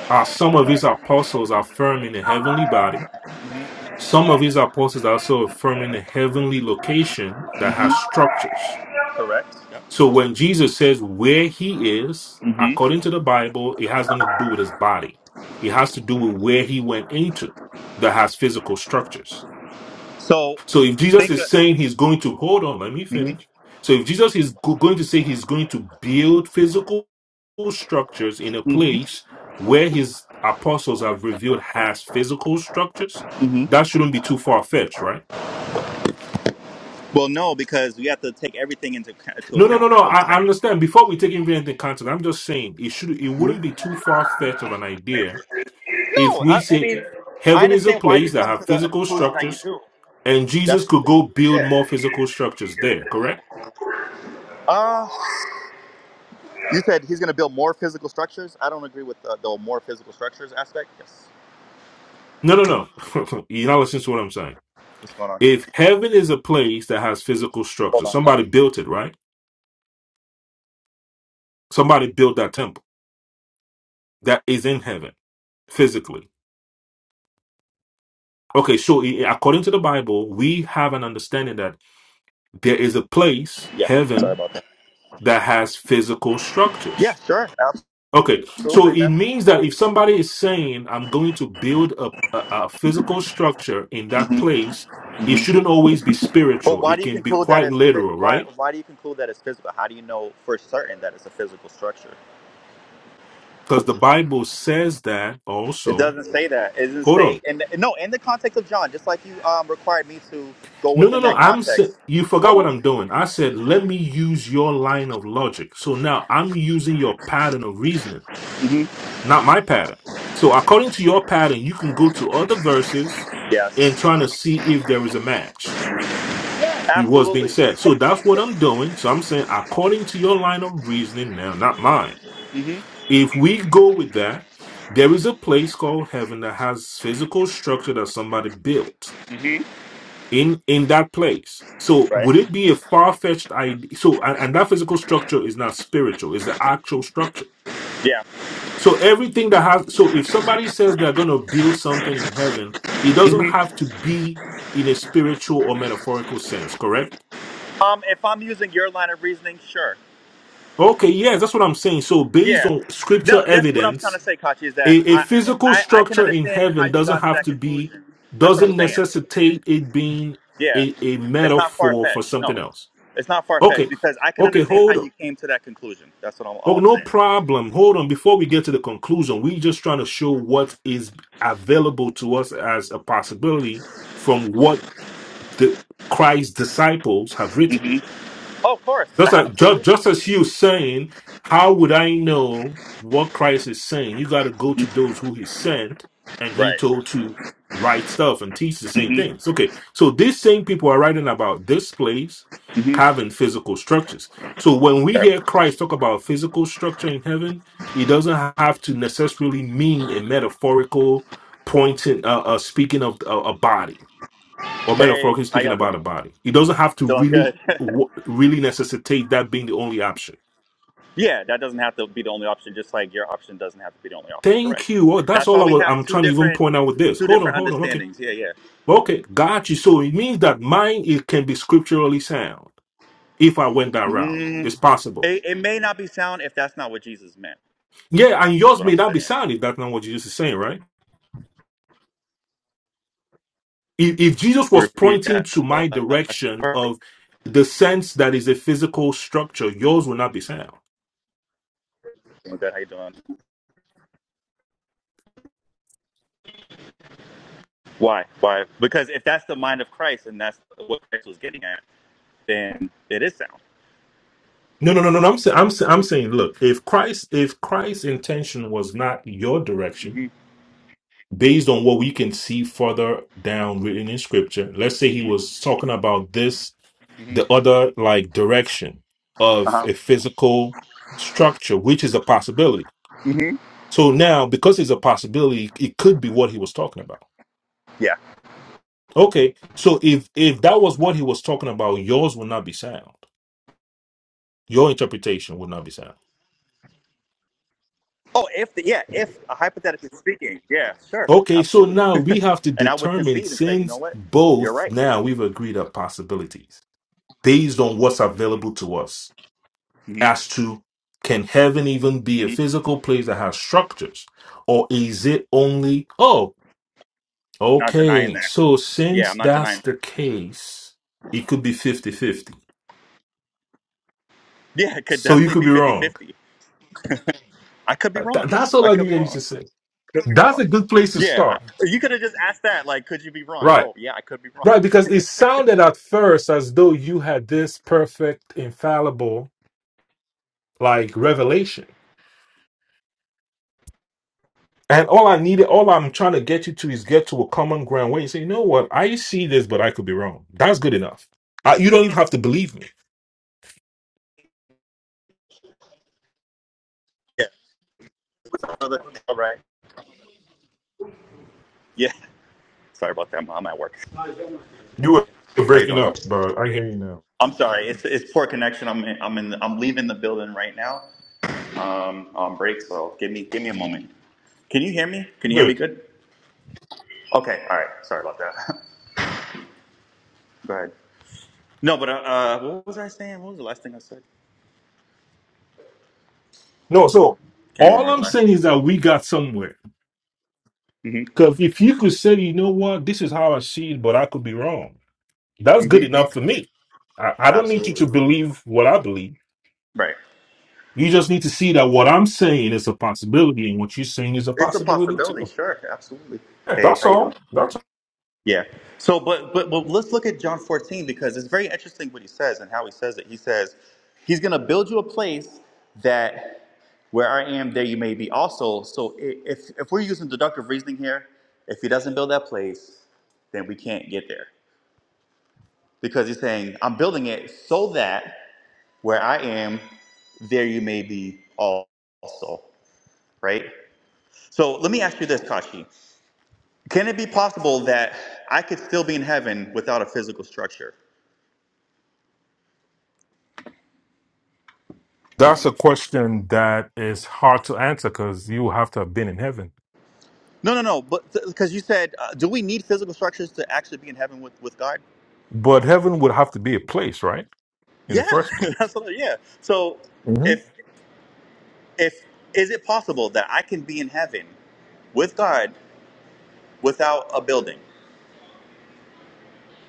are some of his apostles affirming the heavenly body, Mhm. some of his apostles are also affirming the heavenly location that Mhm. has structures. Correct. Yep. So when Jesus says where he is, Mhm. according to the Bible, it has nothing to do with his body. It has to do with where he went into that has physical structures. So So if Jesus think. is Of, saying he's going to, hold on, let me mhm. finish. So if Jesus is go- going to say he's going to build physical structures in a Mhm. place where his apostles have revealed has physical structures, Mhm. that shouldn't be too far fetched, right? Well, no, because we have to take everything into, into No, no, no, account. no. Is what I'm I, I saying. understand. Before we take invariant into context, I'm just saying it should it Mm-hmm. wouldn't be too far fetched of an idea if No, we I, I say mean, I heaven is a understand why you place that come to have the physical conclusion that you structures do. and That's Jesus could go build yeah. more physical structures there, correct? Uh, you said he's going to build more physical structures. I don't agree with the, the more physical structures aspect. Yes. No, no, no. You're not listening to what I'm saying. What's going on? If heaven is a place that has physical Hold structures, on, guys. somebody built it, right? Somebody built that temple that is in heaven physically. Okay, so i- according to the Bible, we have an understanding that there is a place, Yeah. heaven, Sorry about that. that has physical Yeah. structures. Sure. Okay, so it means that if somebody is saying, I'm going to build a, a, a physical structure in that Absolutely. place, it hmm hmm shouldn't always be But spiritual. why do It you can be conclude that quite it's phy- literal, why right? why do you conclude that it's physical? How do you know for certain that it's a physical structure? Because the Bible says that It also. doesn't say that. It doesn't Hold say. on. And no, in the context of John, just like you um, required me to go No, no, within no. that I'm sa- context. you forgot what Hold I'm doing. I said, let me use your line of logic. So now I'm using your pattern of reasoning. on. not my pattern. So according to your pattern, you can go to other verses and Yes. trying to see if there is a match with what's being Absolutely. said. So that's what I'm doing. So I'm saying according to your line of reasoning now, not mine. hmm If we go with that, there is a place called heaven that has physical structure that somebody built hmm in in that place. So Right. would it be a far fetched idea? So and, and that physical structure is not spiritual; it's the actual structure. Yeah. So everything that has so if somebody says they're going to build something in heaven, it doesn't hmm have to be in a spiritual or metaphorical sense, correct? Um, if I'm using your line of reasoning, sure. Okay, yes, that's what I'm saying. So based Yeah. on scripture No, that's what I'm trying to evidence, say, Kachi, is that a, a I, physical I, I can structure in understand how heaven you doesn't got to have that to be conclusion. That's what I'm doesn't saying. necessitate it being Yeah. a, a It's not far metaphor for fetched. No. something else. It's not far fetched Okay. because I can Okay, understand how hold on. you came to that conclusion. That's what I'm, Oh, all I'm no saying. problem. Hold on. Before we get to the conclusion, we're just trying to show what is available to us as a possibility from what the Christ's disciples have written. hmm Oh, of course. Just like just, Absolutely. just as you saying, how would I know what Christ is saying? You got to go to those who He sent, and He Right. told to write stuff and teach the same hmm things. Okay, so these same people are writing about this place hmm having physical structures. So when we Okay. hear Christ talk about physical structure in heaven, it doesn't have to necessarily mean a metaphorical pointing, uh, uh, speaking of a, a body or Hey, metaphorically how speaking y'all about doing? a body. It doesn't have to Doing really good. w- really necessitate that being the only option. Yeah, that doesn't have to be the only option, just like your option doesn't have to be the only option. Correct. Thank you. Oh, that's That's all why I we was. have I'm two trying to even different point out with this. two Hold on, different hold on. Okay, understandings. Yeah, yeah. okay, got you. So it means that mine it can be scripturally sound if I went that route. Mm, It's possible. it, it may not be sound if that's not what Jesus meant, Yeah, and is yours what may I'm not be saying. sound if that's not what Jesus is saying, right? If, if Jesus was Repeat pointing that to my last direction part. of the sense that is a physical structure, yours will not be sound Doing good, How you doing? Why? Why? Because if that's the mind of Christ and that's what Christ was getting at, then it is sound. No, no, no, no. no, I'm saying, I'm, sa- I'm saying, look, if Christ, if Christ's intention was not your direction, Mm-hmm. based on what we can see further down written in Scripture, let's say he Mm-hmm. was talking about this, Mm-hmm. the other like direction of Uh-huh. a physical structure, which is a possibility. Mm-hmm. So now, because it's a possibility, it could be what he was talking about. Yeah. Okay, so if if that was what he was talking about, yours would not be sound. Your interpretation would not be sound. Oh, if the, yeah, if uh, hypothetically speaking, yeah, sure, Okay, so absolutely, now we have to and I would determine concede and say, you know since what, you're both right. now we've agreed are possibilities based on what's available to us hmm as to can heaven even be a hmm physical place that has structures or is it only, oh, Not denying okay, that. so Yeah, I'm since not that's denying the that. case, it could be 50 50 Yeah, it could So you definitely could be be wrong. 50-50. I could be Th- wrong, man. that's all I I could be needed you wrong. to say. Could be That's wrong. a good place to Yeah, I, start. you could have just asked that. Like, could you be wrong? right. Oh, yeah, I could be wrong. Right, because it sounded at first as though you had this perfect, infallible, like revelation. And all I needed, all I'm trying to get you to is get to a common ground where you say, you know what, I see this, but I could be wrong. That's good enough. I, you don't even have to believe me. Yeah, brother. All right. Yeah. Sorry about that. I'm at work. You were How you breaking doing? up, but I hear you now. I'm sorry. It's it's poor connection. I'm in, I'm in I'm leaving the building right now. um, on break, so give me give me a moment. Can you hear me? Can You're you hear me Good. good? Okay, all right. Sorry about that. Go ahead. No, but uh, uh, what was I saying? What was the last thing I said? No, so Can't all remember the I'm last saying thing I is said. that we got somewhere. Mm-hmm. Because if you could say, you know what, this is how I see it, but I could be wrong, that's good Mm-hmm. enough for me. I, I don't need you Absolutely. to believe what I believe. Right. You just need to see that what I'm saying is a possibility and what you're saying is a It's a possibility possibility. too. Sure. Absolutely. Yeah, Hey, that's how you doing? all. That's Yeah. So, but, but but let's look at John 14 because it's very interesting what he says and how he says it. He says he's going to build you a place that where I am, there you may be also. So, i- if if we're using deductive reasoning here, if he doesn't build that place, then we can't get there because he's saying I'm building it so that where I am, there you may be al- also. Right. So let me ask you this, Kashi. Can it be possible that I could still be in heaven without a physical structure? that's a question that is hard to answer because you have to have been in heaven. No, no, no. But because you said, uh, do we need physical structures to actually be in heaven with, with God? But heaven would have to be a place, right? In the Yeah, first place. absolutely. yeah. So, hmm if if is it possible that I can be in heaven with God without a building?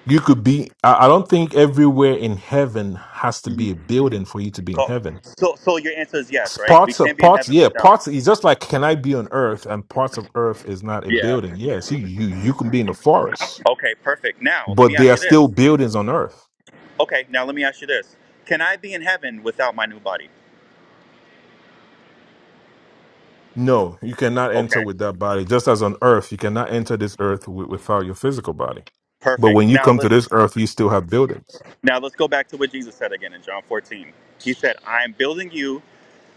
You could be, I I don't think everywhere in heaven has to Mhm. be a building for you to be in Cool. heaven. So, so your answer is S- yes, right? We Parts can of be in parts, heaven yeah, without. parts. It's just like can I be on Earth and parts of Earth is not a Yeah. building. Yes, you you you can be in the forest, Okay. Perfect. Now, let me but there ask are you this. still buildings on Earth Okay. Now, let me ask you this. Can I be in heaven without my new body? No, you cannot enter Okay. with that body. Just as on earth, you cannot enter this earth wi- without your physical body. But when Perfect. you Now come to this let's earth, you still have buildings. now let's go back to what Jesus said again in John 14. He said, "I am building you."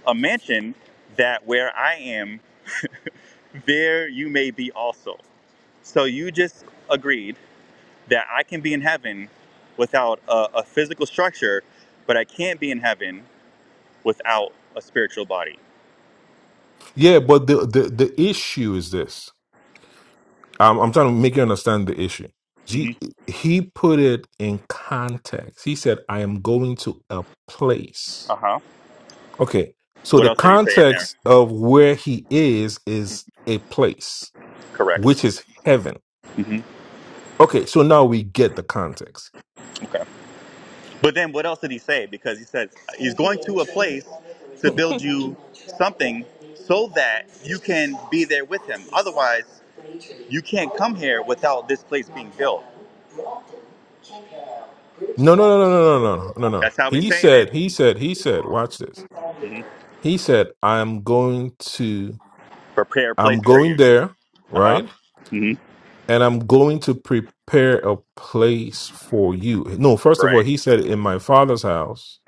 a mansion that where I am, there you may be also. So you just agreed that I can be in heaven without a, a physical structure, but I can't be in heaven without a spiritual body. Yeah, but the the, the issue is this. I'm, I'm trying to make you understand the issue. He, hmm he put it in context. He said, I am going to a Uh place. huh. Okay, so What the else did he say in there? context of where he is is a place, Correct. which is heaven. hmm Okay, so now we get the context. Okay. But then what else did he say? Because he says he's going to a place to build you something so that you can be there with him. Otherwise, you can't come here without this place being built. No, no, no, no, no, no, no, no, no. That's how he's He saying it. said, he said, he said, watch this. hmm He said, I'm going to, Prepare a place I'm for going you. there, Uh huh. right? hmm And I'm going to prepare a place for you. No, first of all, Right. he said, in my father's house,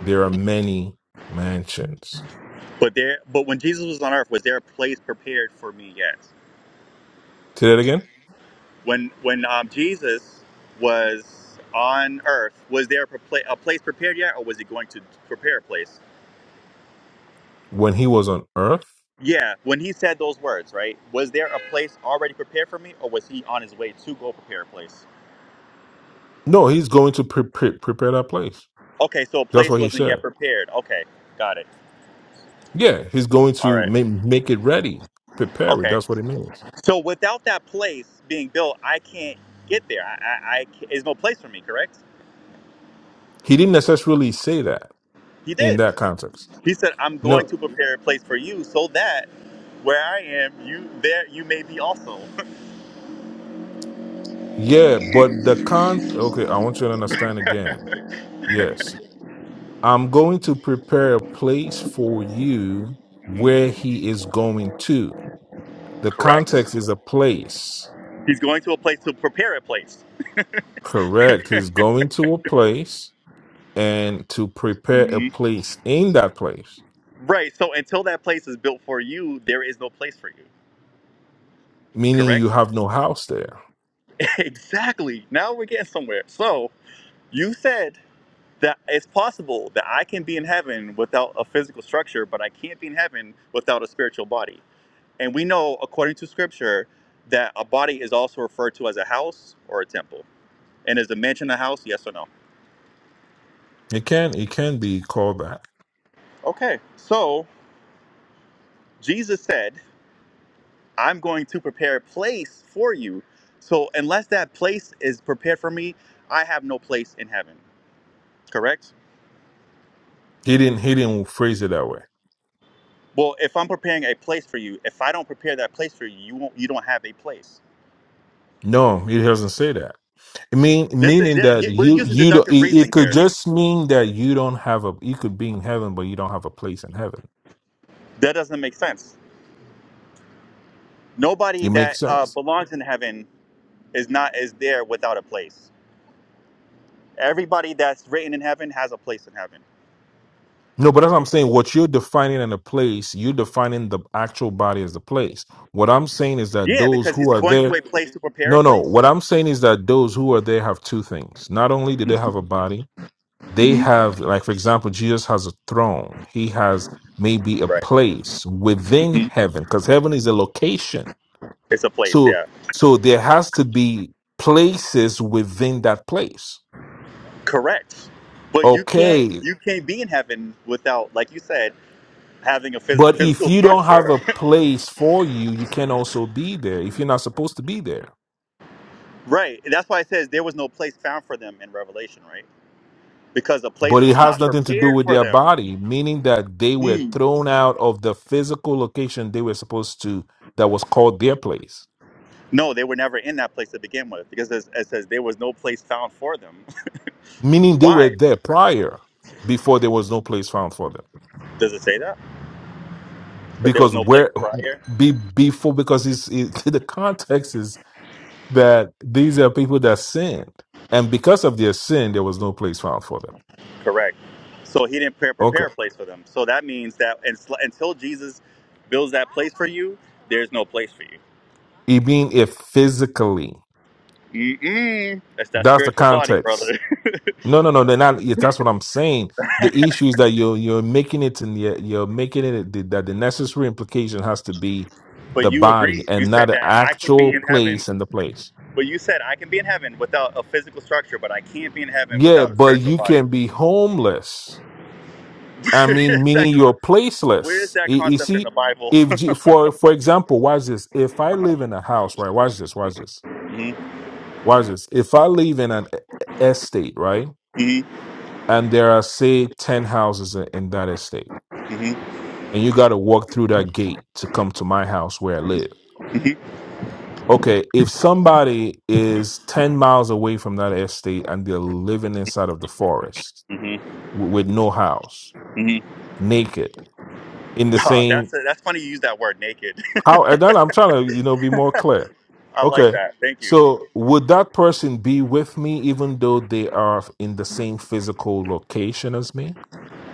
there are many mansions. But there. But when Jesus was on earth, was there a place prepared for me? Yes. Say that again. When when um, Jesus was on earth, was there a, pla- a place prepared yet, or was he going to prepare a place? When he was on earth, Yeah. When he said those words, right? Was there a place already prepared for me, or was he on his way to go prepare a place? no, he's going to pre- pre- prepare that place. Okay. So a That's place what he wasn't said. yet prepared. Okay. Got it. Yeah, he's going All to right. make, make it ready, prepare it. Okay. That's what it means. So without that place being built, I can't get there. I, I, I ca- there's no place for me. Correct? He didn't necessarily say that. He in did. that context. He said, "I'm going No, to prepare a place for you, so that where I am, you there, you may be also." yeah, but the con. Okay, I want you to understand again. Yes, I'm going to prepare a place for you where he is going to. The Correct. context is a place. He's going to a place to prepare a place. Correct. He's going to a place and to prepare a Mhm. place in that place, Right. So until that place is built for you, there is no place for you. meaning you Correct? have no house there. exactly. Now we're getting somewhere. So you said that it's possible that I can be in heaven without a physical structure, but I can't be in heaven without a spiritual body. And we know, according to scripture, that a body is also referred to as a house or a temple. And is the mansion a house? Yes or no? It can it can be called that. Okay. So Jesus said, I'm going to prepare a place for you. So unless that place is prepared for me, I have no place in heaven. Correct? He didn't he didn't phrase it that way. Well, if I'm preparing a place for you, if I don't prepare that place for you, you won't you don't have a place. No, he doesn't say that. It mean This is, meaning that th- we're you using you don't deductive it, it reasoning could here. just mean that you don't have a you could be in heaven but you don't have a place in heaven That doesn't make sense. Nobody it that makes uh, sense belongs in heaven is not is there without a place Everybody that's written in heaven has a place in heaven. no but that's what i'm saying what you're defining in a place you're defining the actual body as the place what i'm saying is that Yeah, those because who it's are going to there a place to prepare a no no place. what i'm saying is that those who are there have two things not only do they have a body they hmm have like for example jesus has a throne he has maybe a Right. place within Mm-hmm. heaven because heaven is a location It's a place, So yeah. so there has to be places within that place. Correct. But you can't Okay. you can't be in heaven without, like you said, having a phys- But if physical you don't have structure. a place for you, you can also be there if you're not supposed to be there. right. And that's why it says there was no place found for them in Revelation, right? Because the But place it was has not nothing to do prepared with for their them. body, meaning that they were Hmm. thrown out of the physical location they were supposed to that was called their place. No, they were never in that place to begin with, because it says, it says there was no place found for them. Meaning they were why there prior before there was no place found for them. does it say that? But there was Because no place where prior. be before because it's it, the context is that these are people that sinned. And because of their sin, there was no place found for them. Correct. So he didn't pre- Okay. prepare a place for them. So that means that uns- until Jesus builds that place for you, there's no place for you. It being it physically. Mm-mm. That's that That's the spiritual body, context. brother. No, no, no. They're not. yeah, That's what I'm saying. The issue is that you're you're making it and you're, you're making it the- that the necessary implication has to be but the you body agreed. You and not said the that I could actual be in heaven. place and the place. But you said I can be in heaven without a physical structure, but I can't be in heaven Yeah, without a but spiritual you body. can be homeless I Is mean, that meaning you're con- where is placeless. that You, you concept in the see, Bible? if G- for for example, watch this. If I live in a house, right? Watch this. Watch this. hmm Watch this. If I live in an e- e, estate, right, hmm and there are say ten houses in in that estate, hmm and you got to walk through that gate to come to my house where I live. hmm Okay, if somebody is ten miles away from that estate and they're living inside of the forest hmm w- with no house, hmm naked, in the same. that's that's funny. You use that word naked. How and then I'm trying to, you know, be more clear. I like Okay. that. Thank you. So would that person be with me even though they are in the same physical location as me?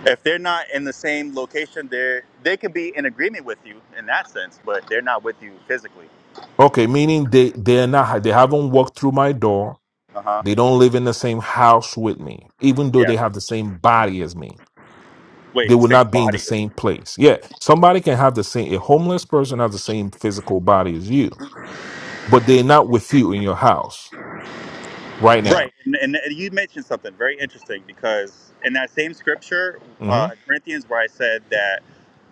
if they're not in the same location, they they could be in agreement with you in that sense, but they're not with you physically. Okay, meaning they they're not they haven't walked through my door. Uh huh. They don't live in the same house with me, even though Yeah. they have the same body as me. They Wait, will same not be in the body. same place. Yeah, somebody can have the same a homeless person has the same physical body as you, but they're not with you in your house right now. Right. And, and you mentioned something very interesting because in that same scripture, Mm-hmm. uh, Corinthians, where I said that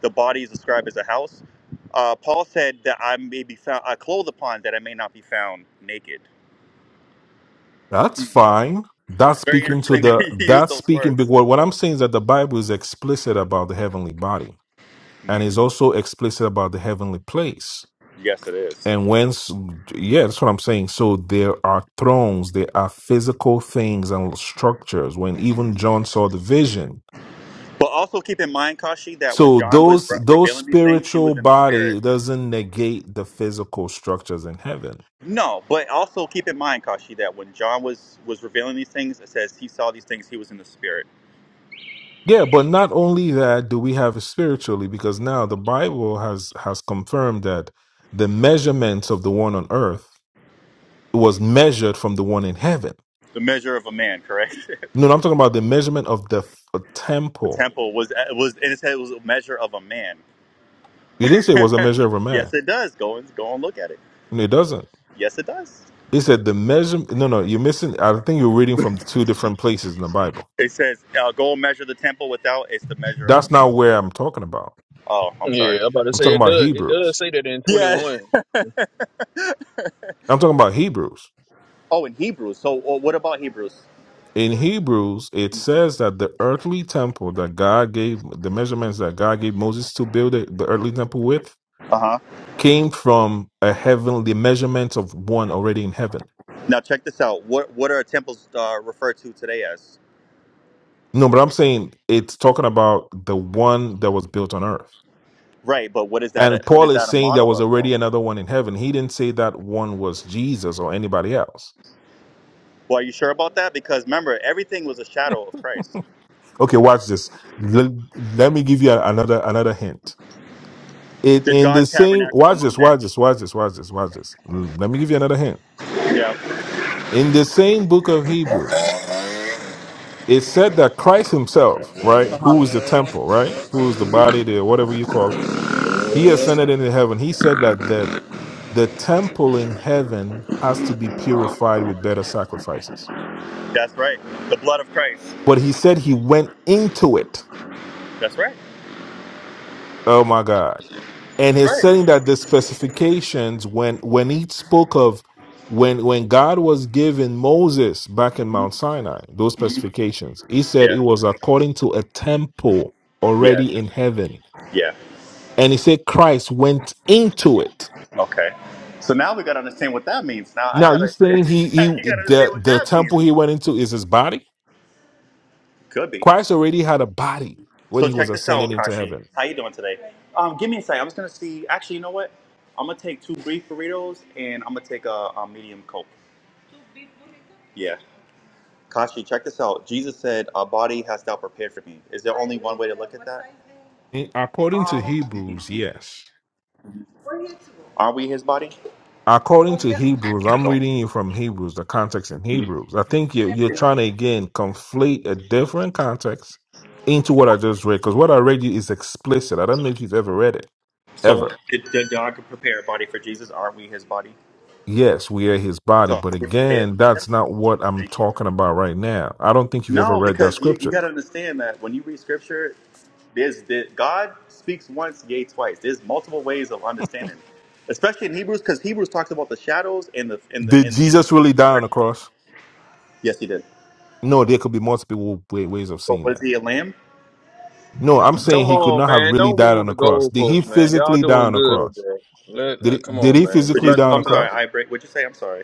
the body is described as a house, uh, Paul said that I may be found, I clothe upon that I may not be found naked. That's Hmm. fine. That's It's very speaking to interesting that the you use that's those speaking big words. word. What I'm saying is that the Bible is explicit about the heavenly body and hmm is also explicit about the heavenly place. Yes, it is. And whence yeah, that's what I'm saying. So there are thrones, there are physical things and structures when even John saw the vision. But also keep in mind, Kashi, that when So John was those re- those revealing these things, he spiritual was in the spirit. body doesn't negate the physical structures in heaven. No, but also keep in mind, Kashi, that when John was was revealing these things, it says he saw these things. He was in the spirit. Yeah, but not only that do we have spiritually, because now the Bible has has confirmed that the measurements of the one on earth was Mhm. measured from the one in heaven. The measure of a man, correct? No, no, I'm talking about the measurement of the f- uh, the temple. temple was uh, was, and it said it was a measure of a man. You didn't say it was a measure of a man. yes, it does. Go and go and look at it. No, it doesn't. Yes, it does. It said the measure. No, no, you're missing. I think you're reading from two different places in the Bible. It says, uh, "Go and measure the temple without." It's the measure of a That's man. not where I'm talking about. Oh, I'm Yeah, sorry. I'm about to I'm say talking it about does. It Hebrews. does say that in Yeah. 21. I'm talking about Hebrews. Oh, in Hebrews. So, uh, what about Hebrews? in Hebrews, it says that the earthly temple that God gave, the measurements that God gave Moses to build it, the earthly temple with, Uh huh. came from a heavenly measurement of one already in heaven. Now check this out. What what are temples uh, referred to today as? No, but I'm saying it's talking about the one that was built on earth. Right, but what is that? A, And what Paul is is that a saying there model was of though? already another one in heaven. He didn't say that one was Jesus or anybody else. Well, are you sure about that? Because remember, everything was a shadow of Christ. Okay, watch this. Let, let me give you a- another another hint. It Did in the God same tabernacle watch among this, watch men? this, watch this, watch this, watch this. Let me give you another hint Yeah, in the same book of Hebrews, it said that Christ himself, right, Uh-huh. who is the temple, right, who is the body, the whatever you call it, he ascended into heaven. He said that that the temple in heaven has to be purified with better sacrifices. that's right. The blood of Christ. But he said he went into it That's right. Oh my God. And That's he's right. saying that the specifications when when he spoke of when when God was giving Moses back in Mount Sinai, those Mhm. specifications, he said it Yeah, was according to a temple yeah, already in heaven. yeah. And he said Christ went into it. Okay. So now we gotta understand what that means. Now I Now you gotta, saying he he you gotta the, understand what the that temple means. he went into is his body? Could be. Christ already had a body when So he was check this ascending out, into Kashi. heaven. How you doing today? Um, give me a sec. I'm just gonna see. Actually, you know what? I'm gonna take two brief burritos and I'm gonna take a, a medium coke. Yeah. Kashi, check this out. Jesus said, "A body hast thou prepared for me." Is there only one way to look at that? According to Hebrews, yes. Are we His body? according to Hebrews, To I'm go. reading you from Hebrews, the context in Mhm. Hebrews. I think you, are you're trying to again conflate a different context into what I just read, because what I read you is explicit. I don't know if you've ever read it, So ever. did, did God prepare a body for Jesus? Are we His body? Yes, we are his body, So are but we prepared? again, that's not what I'm Thank you. talking about right now. I don't think you've ever No, read that because you, you scripture. got to understand that when you read scripture, there's the, God speaks once, yea, twice. There's multiple ways of understanding, especially in Hebrews, because Hebrews talks about the shadows and the and the Did and the, and the, Jesus and really the die on the spiritual. cross? Yes, he did. No, there could be multiple wa- ways of But seeing was that. he a lamb? No, I'm Come saying he could on, not have man. really Don't died on move the the cross. Did goalpost, he man. Y'all physically die doing on the good, cross? bro. Let, Did he, let come did on, he man. Get Would you? physically back die on on the I'm sorry, cross? topic. I break. Would you say? I'm sorry.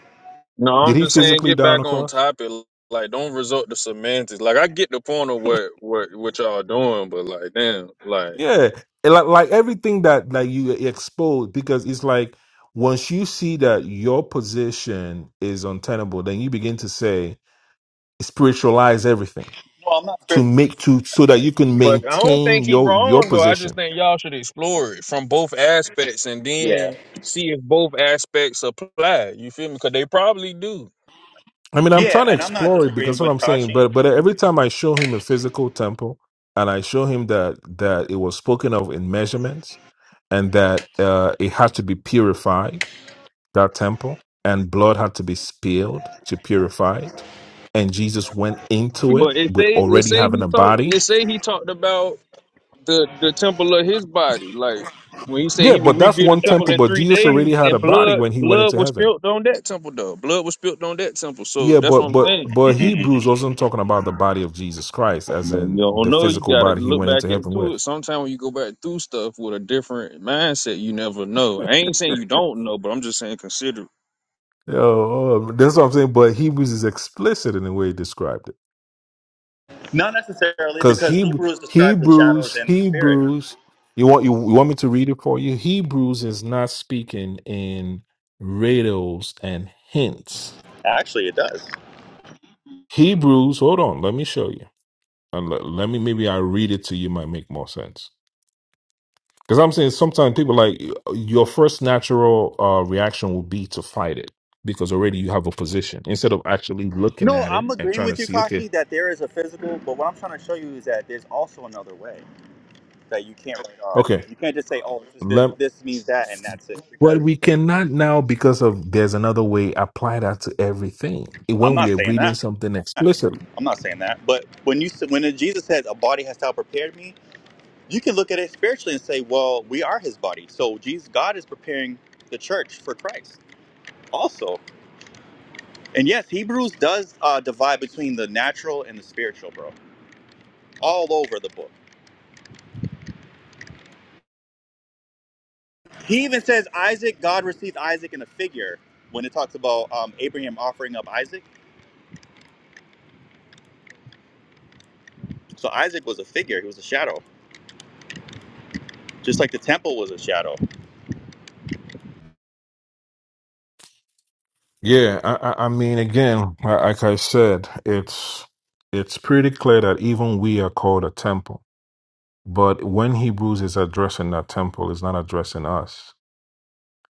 No, Did I'm he just saying physically get die on the back on cross? topic. Like, don't resort to semantics. Like, I get the point of what what what y'all doing, but like, damn, like. Yeah, And like like everything that that you expose, because it's like once you see that your position is untenable, then you begin to say spiritualize everything No, I'm not to spiritual. make to so that you I'm can trying to But I show don't maintain think he your your wrong though. I just position. think y'all should explore it from both aspects and you that. then see if both aspects apply. You feel me? Because they probably do. I mean, Yeah, I'm trying yeah, to and I'm not explore it disagreeing because what with I'm saying, Tachi. but but every time I show him a physical temple and I show him that that it was spoken of in measurements and that uh, it had to be purified that temple and blood had to be spilled to purify it. And Jesus went into it But it with say it already say having he a talked body. it say he talked about the the temple of his body. Like when he said Yeah, he would but that's rebuild the one temple temple, Exactly, in but three Jesus days, already exactly. had and a body blood when he went blood into was heaven. spilled on that temple though. Blood was spilled on that temple. So Yeah, that's but what I'm but saying. but Hebrews wasn't talking about the body of Jesus Christ as But you in don't the know. You physical gotta body he look went back into heaven into it. with. Sometimes when you go back through stuff with a different mindset, you never know. I ain't saying you don't know, but I'm just saying consider. Yo, um, that's what I'm saying. But Hebrews is explicit in the way he described it. Not necessarily Because because Hebrew, Hebrews describes the shadows Hebrews, and the spirit. Hebrews, you want you, you want me to read it for you? Hebrews is not speaking in riddles and hints. Actually, it does. Hebrews, hold on, let me show you. And let, let me maybe I read it to you might make more sense. Because I'm saying sometimes people like your first natural uh, reaction will be to fight it because already you have a position instead of actually looking No, at it I'm and agreeing trying to with you, see. Okay, Kashi, that there is a physical, but what I'm trying to show you is that there's also another way that you can't write off. okay, You can't just say, "Oh, this is this this means that and that's it." But Because we cannot now because of there's another way apply that to everything I'm when we not are saying reading that. something explicitly. I'm not saying that. But when you s- when Jesus says a body has now prepared me, you can look at it spiritually and say, "Well, we are His body." So Jesus, God is preparing the church for Christ also. And yes, Hebrews does uh, divide between the natural and the spiritual, bro, all over the book. He even says Isaac, God received Isaac in a figure when it talks about um, Abraham offering up Isaac. So Isaac was a figure, he was a shadow, just like the temple was a shadow. Yeah, I, I I mean, again, li- like I said, it's it's pretty clear that even we are called a temple. But when Hebrews is addressing that temple, it's not addressing us.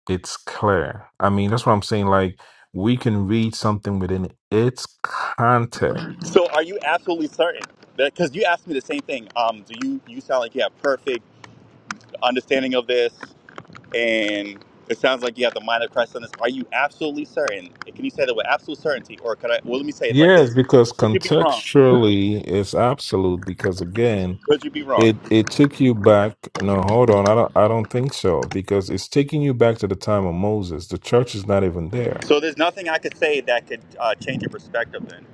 It's clear. I mean, that's what I'm saying. Like we can read something within its context. So are you absolutely certain? Because you asked me the same thing. Um, do you you sound like you have perfect understanding of this, and it sounds like you have the mind of Christ on this. Are you absolutely certain? Can you say that with absolute certainty, or could I? Well, let me say it like Yes, this: because Could you be wrong? contextually it's absolute. Because again, Could you be wrong? It it took you back. No, hold on. I don't I don't think so because it's taking you back to the time of Moses. The church is not even there. So there's nothing I could say that could uh, change your perspective. Then.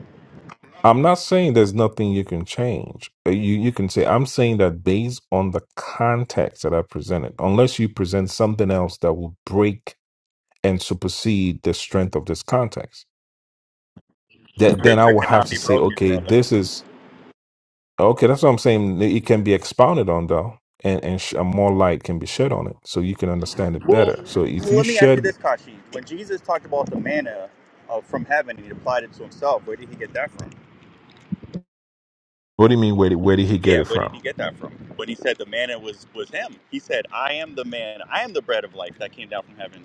I'm not saying there's nothing you can change. Uh, You you can say I'm saying that based on the context that I presented, unless you present something else that will break and supersede the strength of this context, that then I Scripture will have cannot to be say, broken, okay, brother. this is okay. That's what I'm saying. It can be expounded on though and and, sh- and more light can be shed on it so you can understand it Well, better so if you let me ask you shed this, Kashi. When Jesus talked about the manna uh, from heaven, he applied it to himself. Where did he get that from? What do you mean? Where did where did he get Yeah, it where from? did he get that from? When he said the manna was was him, he said, "I am the man. I am the bread of life that came down from heaven,"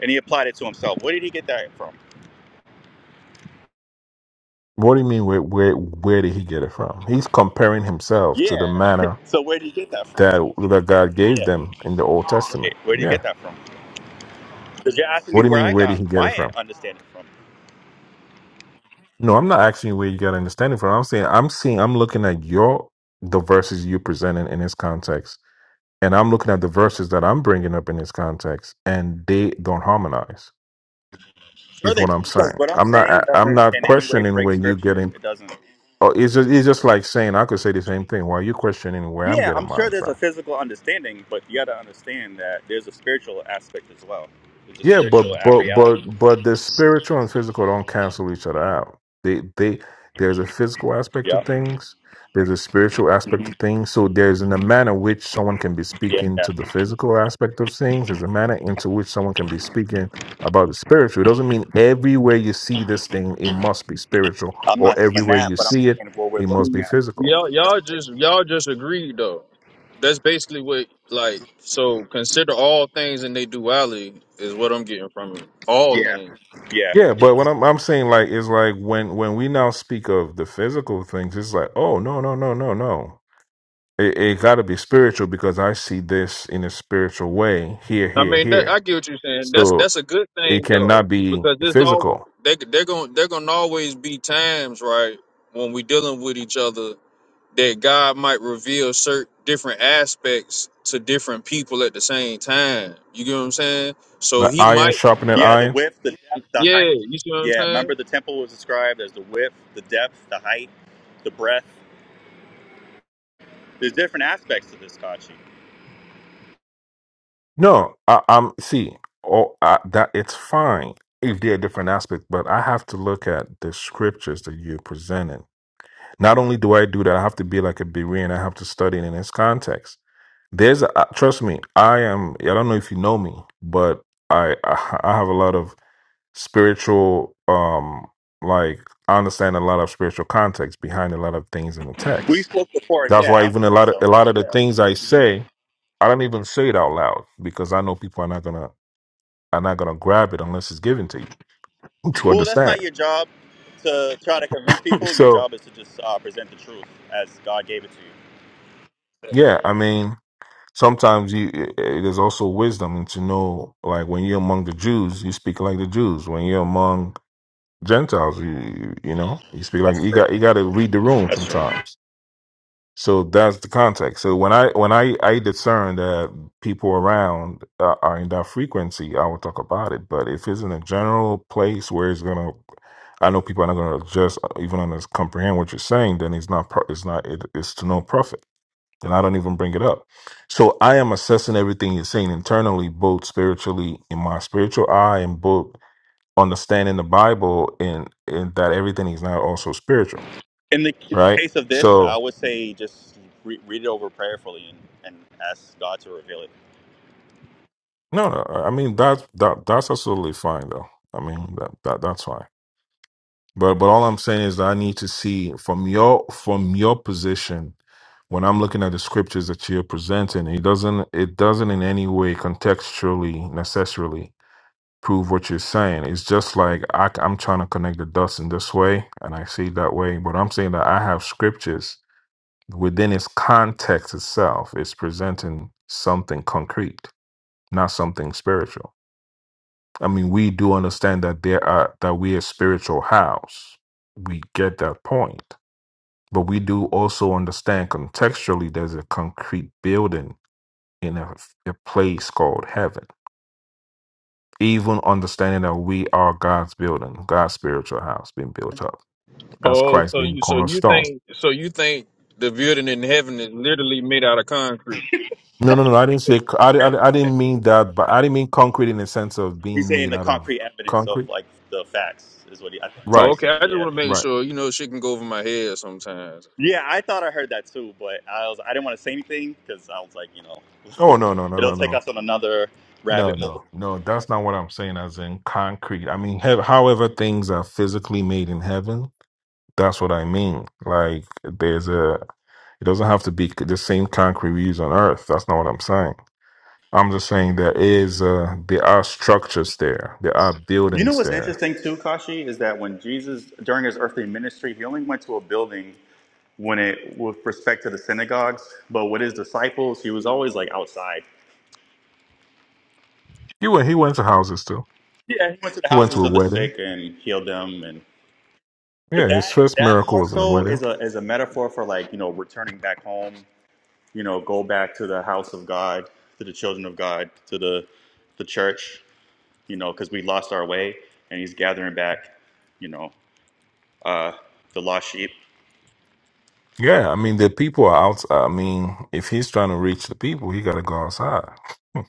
and he applied it to himself. Where did he get that from? What do you mean? Where where where did he get it from? He's comparing himself to the Yeah. manner so where did he get that from? that that God gave Yeah. them in the Old Testament. Right. Where did he Yeah. get that from? Because you're asking What me do you where mean? I Where did got he get it my from? understanding from. No, I'm not asking you where you got understanding from. I'm saying I'm seeing. I'm looking at your the verses you presented in this context, and I'm looking at the verses that I'm bringing up in this context, and they don't harmonize. Sure, Is they what do. I'm Because saying. what I'm I'm not. I- saying I'm doesn't not in any way questioning where break you get scripture. It doesn't. Oh, it's just, it's just like saying I could say the same thing. Why are you questioning where I'm Yeah, getting I'm sure mine there's from? a physical understanding, but you got to understand that there's a spiritual aspect as well. There's a Yeah, spiritual but at but but reality. but the spiritual and physical don't cancel each other out. They they there's a physical aspect to Yeah. things. There's a spiritual aspect to Mhm. things. So there's in a manner which someone can be Yeah. speaking to the physical aspect of things. There's a manner into which someone can be speaking about the spiritual. It doesn't mean everywhere you see this thing, it must be spiritual, I'm or not saying everywhere that, you but I'm see it, saying what we're it must looking be at physical. in Y'all y'all just y'all John just agreed though. That's basically what like so consider all things in their duality is what I'm getting from it. All 15. Yeah. things. Yeah. Yeah, but what I'm I'm saying like is like when when we now speak of the physical things, it's like oh no no no no no, it, it got to be spiritual because I see this in a spiritual way here I here mean, that, I here. get what you're saying. That's So that's a good it thing though, cannot be because it's over. physical. They they're going they're going to always be times, right, when we dealing with each other that God might reveal certain different aspects to different people at the same time. You get what I'm saying? So Like he iron might, sharpening Yeah. The iron. width, the depth, the height. yeah. You see what I'm Yeah. saying? Remember, the temple was described as the width, the depth, the height, the breadth. There's different aspects to this Kachi. No, I, I'm see. Oh, I, that it's fine if they're different aspects, but I have to look at the scriptures that you're presenting. Not only do I do that, I have to be like a Berean. I have to study it in its context. There's, a, uh, trust me, I am. I don't know if you know me, but I I, I have a lot of spiritual, um, like I understand a lot of spiritual context behind a lot of things in the We text. spoke before. That's Yeah, why I even would a say lot of so. a lot of the Yeah. things I say, I don't even say it out loud because I know people are not gonna are not going to grab it unless it's given to you to Well, that's not understand. your job to try to convince people. Your So, job is to just uh, present the truth as God gave it to you. yeah, I mean, sometimes you it, it is also wisdom to know, like when you're among the Jews, you speak like the Jews. When you're among Gentiles, you you know, you speak like That's you true. got you got to read the room That's true. sometimes So that's the context. So when I when I I discern that people around uh, are in that frequency, I will talk about it. But if it's in a general place where it's gonna, I know people are not gonna just uh, even on this comprehend what you're saying, then it's not pro- it's not it, it's to no profit. Then I don't even bring it up. So I am assessing everything you're saying internally, both spiritually in my spiritual eye, and both understanding the Bible in in that everything is not also spiritual, In the, in the right? case of this, So. I would say just re- read it over prayerfully and, and ask God to reveal it. No, I I mean that that that's absolutely fine though. I mean that, that that's fine. But but all I'm saying is that I need to see from your from your position when I'm looking at the scriptures that you're presenting, it doesn't it doesn't in any way contextually necessarily prove what you're saying. It's just like I, am trying to connect the dots in this way, and I see it that way. But I'm saying that I have scriptures within its context itself. It's presenting something concrete, not something spiritual. I mean, we do understand that there are that we are spiritual house. We get that point. But we do also understand contextually there's a concrete building in a, a place called heaven. Even understanding that we are God's building, God's spiritual house being built up as Oh, Christ so being the you so you cornerstone. think so you think the building in heaven is literally made out of concrete? No, no, no. I didn't say, I, I, I didn't mean that, but I didn't mean concrete in the sense of He's being saying made the out of concrete evidence of concrete. like the facts is what he I think is what Right, he's Okay, I saying. just Yeah, want to make right. sure you know shit can go over my head sometimes. yeah. I thought I heard that too, but I was I didn't want to say anything because I was like, you know, Oh, no, no, no, it'll no, take no. us on another No, rabbit hole. no, no, that's not what I'm saying, as in concrete. I mean, heav however things are physically made in heaven, that's what I mean. Like, there's a, it doesn't have to be c- the same concrete we use on earth. That's not what I'm saying. I'm just saying there is, uh, there are structures there, there are You know buildings what's there. interesting too, Kashi, is that when Jesus, during his earthly ministry, he only went to a building when it, with respect to the synagogues, but with his disciples, he was always like outside. He went, he went to houses too. Yeah, he went to the He went to houses a of the wedding. sick and healed them, and but Yeah, his that first that miracle more was in a so wedding. is a is a metaphor for like you know returning back home, you know, go back to the house of God, to the children of God, to the the church, you know, because we lost our way, and he's gathering back, you know, uh, the lost sheep. Yeah, I mean, the people are out. I mean, if he's trying to reach the people, he got to go outside.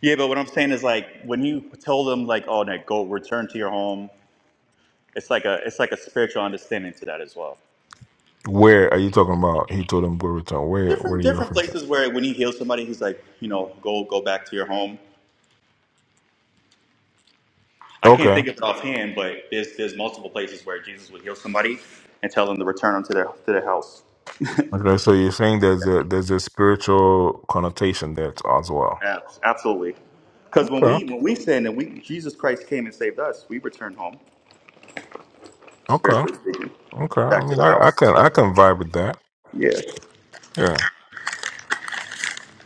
Yeah, but what I'm saying is like when you tell them like, "Oh, no, go return to your home," it's like a it's like a spiritual understanding to that as well. Where are you talking about? He told him go return. Where where are Different you different referencing? places where when he heals somebody, he's like, you know, go go back to your home. I can't Okay. think of it offhand, but there's there's multiple places where Jesus would heal somebody and tell them to return unto their to their house. Okay. So you're saying there's a there's a spiritual connotation there t- as well. Yeah, absolutely. Because when Okay. we when we sin and we Jesus Christ came and saved us, we return home, Okay. spiritually speaking, Okay. I back to mean, the I, house. I can I can vibe with that. Yeah. Yeah.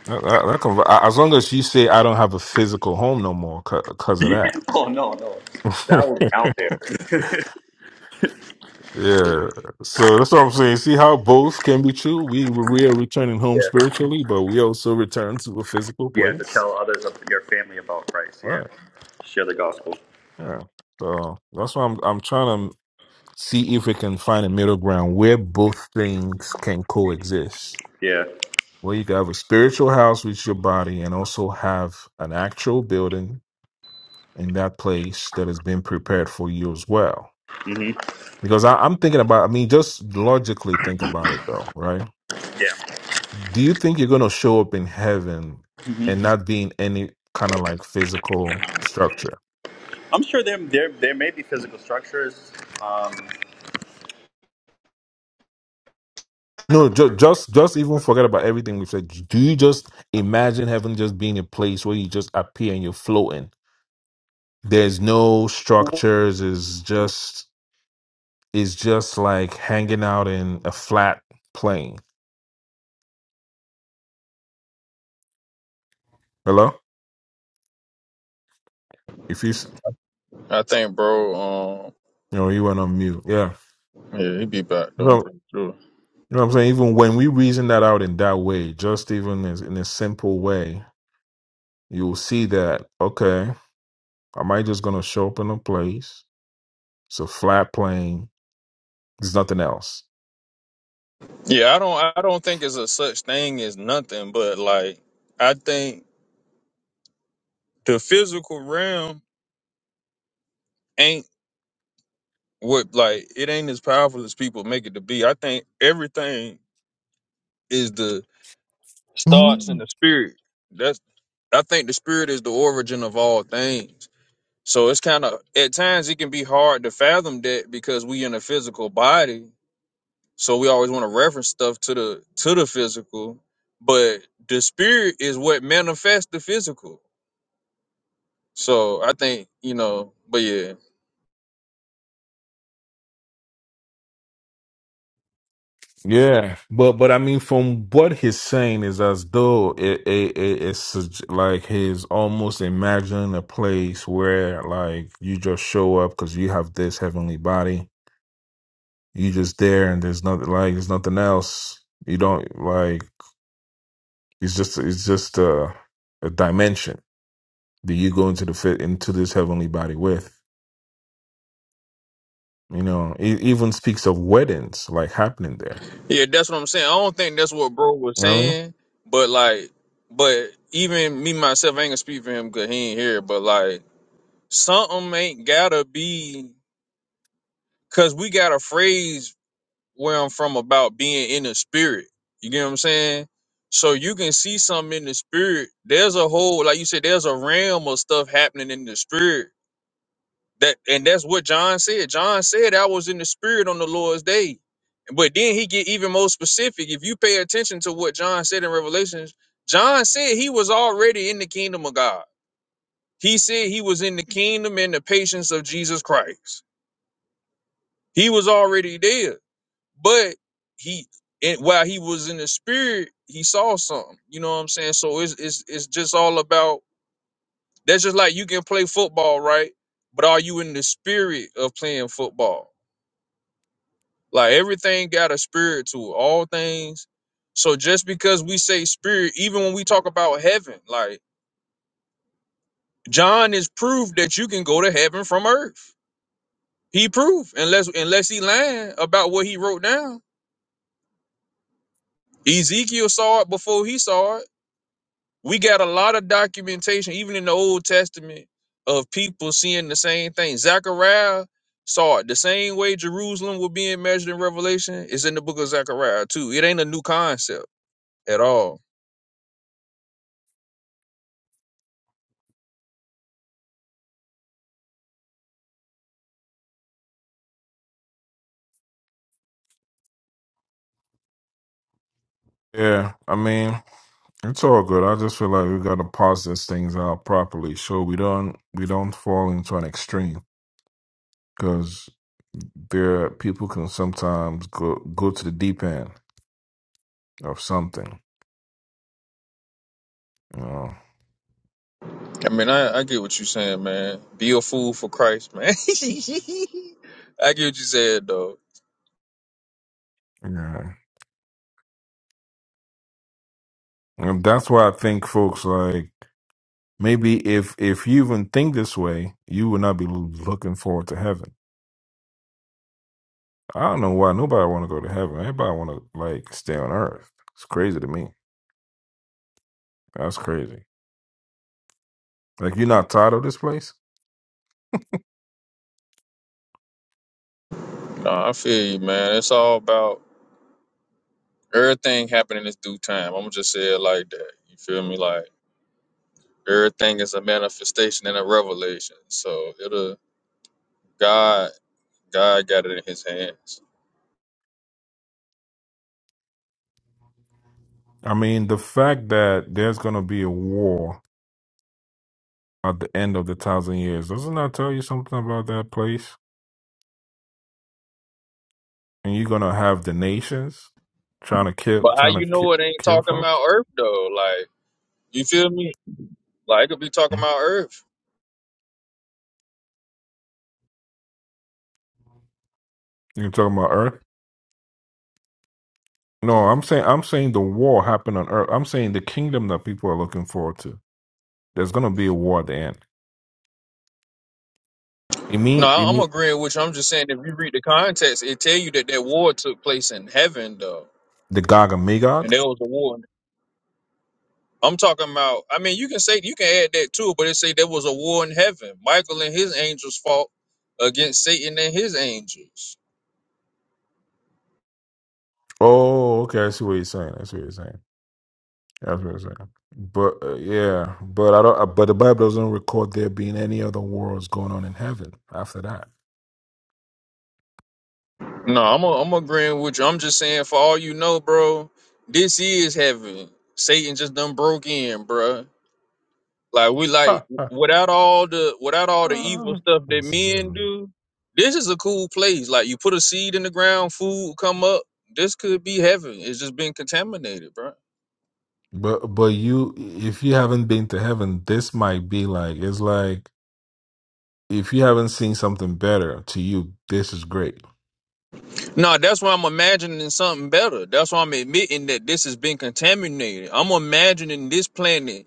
I, I, I can vi- a- as long as you say I don't have a physical home no more because of that. Oh no, no, that was out there. Yeah, so that's what I'm saying. See how both can be true. We we are returning home Yeah. spiritually, but we also return to a physical Yeah, to place. tell others of your family about Christ. Yeah. Right. Share the gospel. Yeah. So that's why I'm I'm trying to. see if we can find a middle ground where both things can coexist. Yeah. Where you can have a spiritual house with your body and also have an actual building in that place that has been prepared for you as well. hmm Because I, I'm thinking about, I mean, just logically think about it though, right? Yeah. Do you think you're going to show up in heaven hmm and not be in any kind of like physical structure? I'm sure there, there there may be physical structures. Um, No, ju- just just even forget about everything we've said. Do you just imagine heaven just being a place where you just appear and you're floating? There's no structures. It's just it's just like hanging out in a flat plane. Hello? If you s- I think, bro. um, you know you went on mute. Yeah. Yeah, he be back So you though. I'm know pretty sure. what I'm saying? Even when we reason that out in that way, just even as, in a simple way, you'll see that, okay, am I just gonna show up in a place? It's a flat plane. There's nothing else. Yeah, I don't. I don't think it's a such thing as nothing, but like I think the physical realm ain't what like it ain't as powerful as people make it to be. I think everything is the starts in the spirit. That's I think the spirit is the origin of all things. So it's kind of at times it can be hard to fathom that because we in a physical body So we always want to reference stuff to the to the physical, but the spirit is what manifests the physical. So I think you know, but yeah, Yeah, but but I mean, from what he's saying is as though it, it, it it's sug- like he's almost imagining a place where like you just show up because you have this heavenly body, you just there, and there's nothing like there's nothing else. You don't like it's just it's just a, a dimension that you go into the fit into this heavenly body with. You know, it even speaks of weddings like happening there. yeah, that's what I'm saying. I don't think that's what bro was You know what I mean? saying, but like, but even me myself, I ain't gonna speak for him because he ain't here. But like, something ain't gotta be because we got a phrase where I'm from about being in the spirit. You get what I'm saying? So you can see something in the spirit. There's a whole, like you said, there's a realm of stuff happening in the spirit. That and that's what John said. John said I was in the spirit on the Lord's day. But then he get even more specific. If you pay attention to what John said in Revelations, John said he was already in the kingdom of God. He said he was in the kingdom and the patience of Jesus Christ. He was already there. but he and while he was in the spirit he saw something you know what i'm saying so it's it's, it's just all about that's just like you can play football right but are you in the spirit of playing football like everything got a spirit to it all things so just because we say spirit even when we talk about heaven like john is proof that you can go to heaven from earth he proved unless unless he lying about what he wrote down ezekiel saw it before he saw it We got a lot of documentation, even in the Old Testament, of people seeing the same thing. Zechariah saw it the same way Jerusalem was being measured in Revelation is in the book of Zechariah too. It ain't a new concept at all. Yeah, I mean. It's all good. I just feel like we gotta pause these things out properly, so we don't we don't fall into an extreme because there people can sometimes go go to the deep end of something. You know, I mean, I, I get what you're saying, man. Be a fool for Christ, man. I get what you said, though. yeah, and that's why I think folks like maybe if if you even think this way, you would not be looking forward to heaven. I don't know why nobody want to go to heaven. Everybody want to like stay on earth. It's crazy to me. That's crazy. Like you're not tired of this place. No, I feel you, man. It's all about everything happening is due time. I'm gonna just say it like that. You feel me? Like everything is a manifestation and a revelation. So it'll God, God got it in His hands. I mean, the fact that there's going to be a war at the end of the thousand years, doesn't that tell you something about that place? And you're going to have the nations trying to kill, But how trying you to know ki- it ain't kill talking about folks. Earth though? Like you feel me? Like it could be talking Hmm? about Earth. You're talking about Earth? No, I'm saying, I'm saying the war happened on Earth. I'm saying the kingdom that people are looking forward to. There's going to be a war at the end. You No, mean, you I- I'm mean agreeing with you. I'm just saying if you read the context, it tell you that that war took place in heaven though, the Gog and and Magog? there was a war. I'm talking about. I mean, you can say you can add that too, but it say there was a war in heaven. Michael and his angels fought against Satan and his angels. Oh, okay. I see what you're saying. I see what you're saying. That's what I'm saying. But uh, yeah, but I don't. uh, But the Bible doesn't record there being any other wars going on in heaven after that. No, I'm a, I'm agreeing with you. I'm just saying, for all you know, bro, this is heaven. Satan just done broke in, bro. Like we like without all the without all the evil stuff that men do, this is a cool place. Like you put a seed in the ground, food come up. This could be heaven. It's just been contaminated, bro. but but you, if you haven't been to heaven, this might be like it's like if you haven't seen something better to you, this is great. No, that's why I'm imagining something better. That's why I'm admitting that this has been contaminated. I'm imagining this planet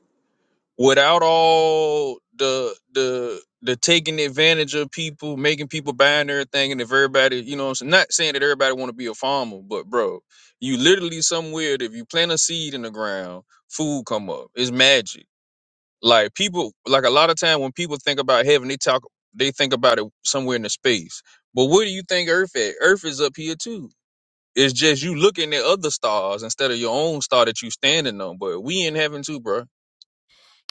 without all the the the taking advantage of people, making people buying everything, and if everybody, you know, what I'm saying, not saying that everybody want to be a farmer, but bro, you literally somewhere that if you plant a seed in the ground, food come up. It's magic. Like people, like a lot of time when people think about heaven, they talk, they think about it somewhere in the space. But where do you think Earth at? Earth is up here too. It's just you looking at other stars instead of your own star that you standing on. But we in heaven too, bro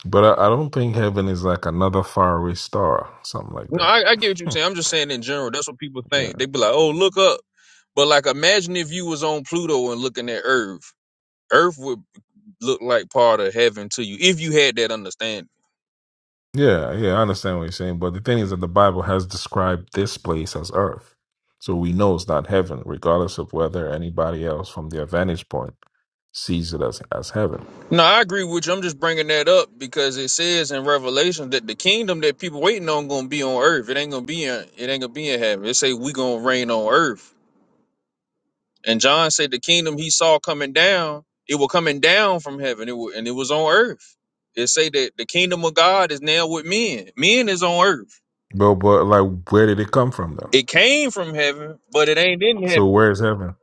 But I, I don't think heaven is like another faraway star, something like No, I, I get what you're that. saying. I'm just saying in general, that's what people think. They be like, "Oh, look up," but like, imagine if you was on Pluto and looking at Earth. Earth would look like part of heaven to you if you had that understanding. Yeah, yeah, I understand what you're saying, but the thing is that the Bible has described this place as earth. So we know it's not heaven, regardless of whether anybody else from their vantage point sees it as, as heaven. No, I agree with you. I'm just bringing that up because it says in Revelation that the kingdom that people waiting on gonna be on Earth. It ain't gonna be in. It ain't gonna be in heaven. It say we gonna reign on Earth. And John said the kingdom he saw coming down, it was coming down from heaven, it wa- and it was on earth. It say that the kingdom of God is now with men. Men is on earth. But but like where did it come from though? It came from heaven, but it ain't in So heaven. where is heaven?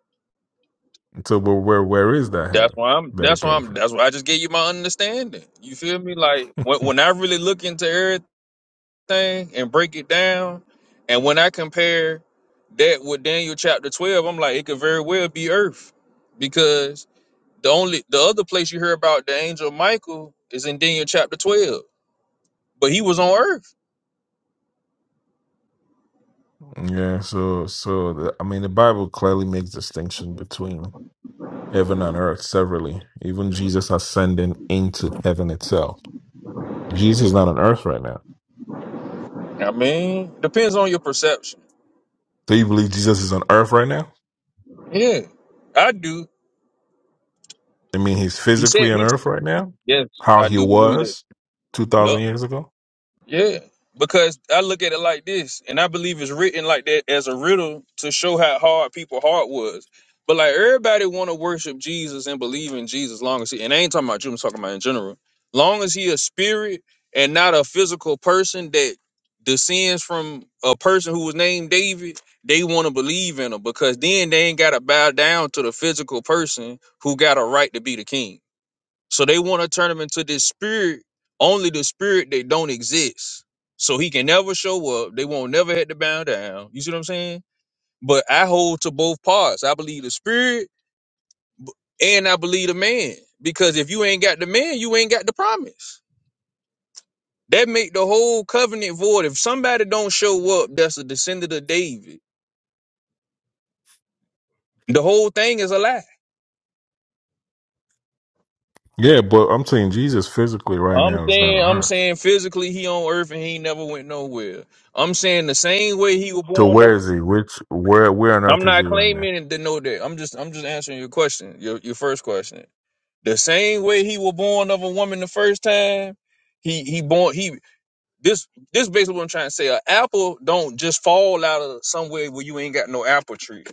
So but where where is that That's heaven why I'm. that it That's why came I'm. from? That's why I just gave you my understanding. You feel me? Like when when I really look into everything and break it down, and when I compare that with Daniel chapter twelve, I'm like it could very well be earth, because The only the other place you hear about the angel Michael is in Daniel chapter twelve, but he was on earth. yeah, so so the, I mean the Bible clearly makes distinction between heaven and earth severally. Even Jesus ascending into heaven itself. Jesus is not on earth right now. I mean, depends on your perception. So you believe Jesus is on earth right now? Yeah, I do. I mean, he's He said physically on he. earth right now? Yes, How I he do believe that. was Yup. 2,000 years ago? Yeah, because I look at it like this, and I believe it's written like that as a riddle to show how hard people heart was. But like everybody want to worship Jesus and believe in Jesus, long as he and I ain't talking about you, I'm talking about in general. Long as he a spirit and not a physical person that descends from a person who was named David, they want to believe in him because then they ain't got to bow down to the physical person who got a right to be the king. So they want to turn him into this spirit, only the spirit that don't exist. So he can never show up. They won't never have to bow down. You see what I'm saying? But I hold to both parts. I believe the spirit and I believe the man. Because if you ain't got the man, you ain't got the promise. That make the whole covenant void. If somebody don't show up, that's a descendant of David. The whole thing is a lie. Yeah, but I'm saying Jesus physically right I'm now is not saying, on I'm earth. saying physically he on earth and he ain't never went nowhere. I'm saying the same way he was So born up. where is he? Which, where, where on earth I'm is not he right now? claiming to know that. I'm just I'm just answering your question, your your first question. The same way he was born of a woman the first time, he he born he this this basically what I'm trying to say. An apple don't just fall out of somewhere where you ain't got no apple tree.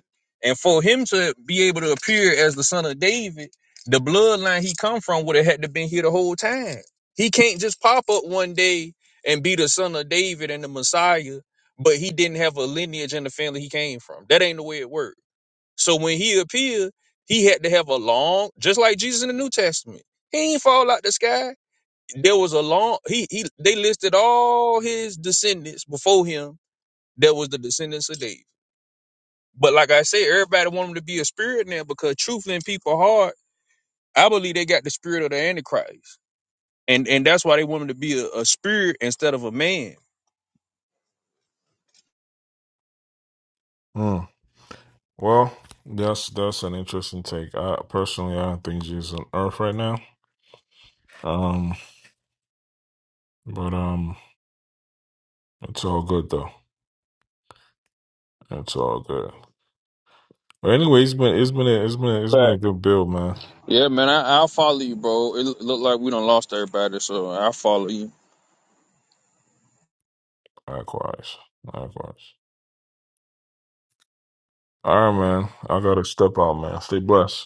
And for him to be able to appear as the son of David, the bloodline he come from would have had to been here the whole time. He can't just pop up one day and be the son of David and the Messiah, but he didn't have a lineage in the family he came from. That ain't the way it works. So when he appeared, he had to have a long, just like Jesus in the New Testament. He ain't fall out the sky. There was a long he he they listed all his descendants before him that was the descendants of David. But like I said, everybody want him to be a spirit now because truthfully in people's heart, I believe they got the spirit of the Antichrist. And and that's why they want him to be a, a spirit instead of a man Hmm. Well, that's, that's an interesting take. I personally, I don't think Jesus is on earth right now. Um, but, um, it's all good though. It's all good. But anyway, it's been, it's been, a, it's been, a, it's been a Fact. good build, man. Yeah, man, I, I'll follow you, bro. It look look like we done lost everybody, so I'll follow you. Likewise. Likewise. All right, man. I gotta step out, man. Stay blessed.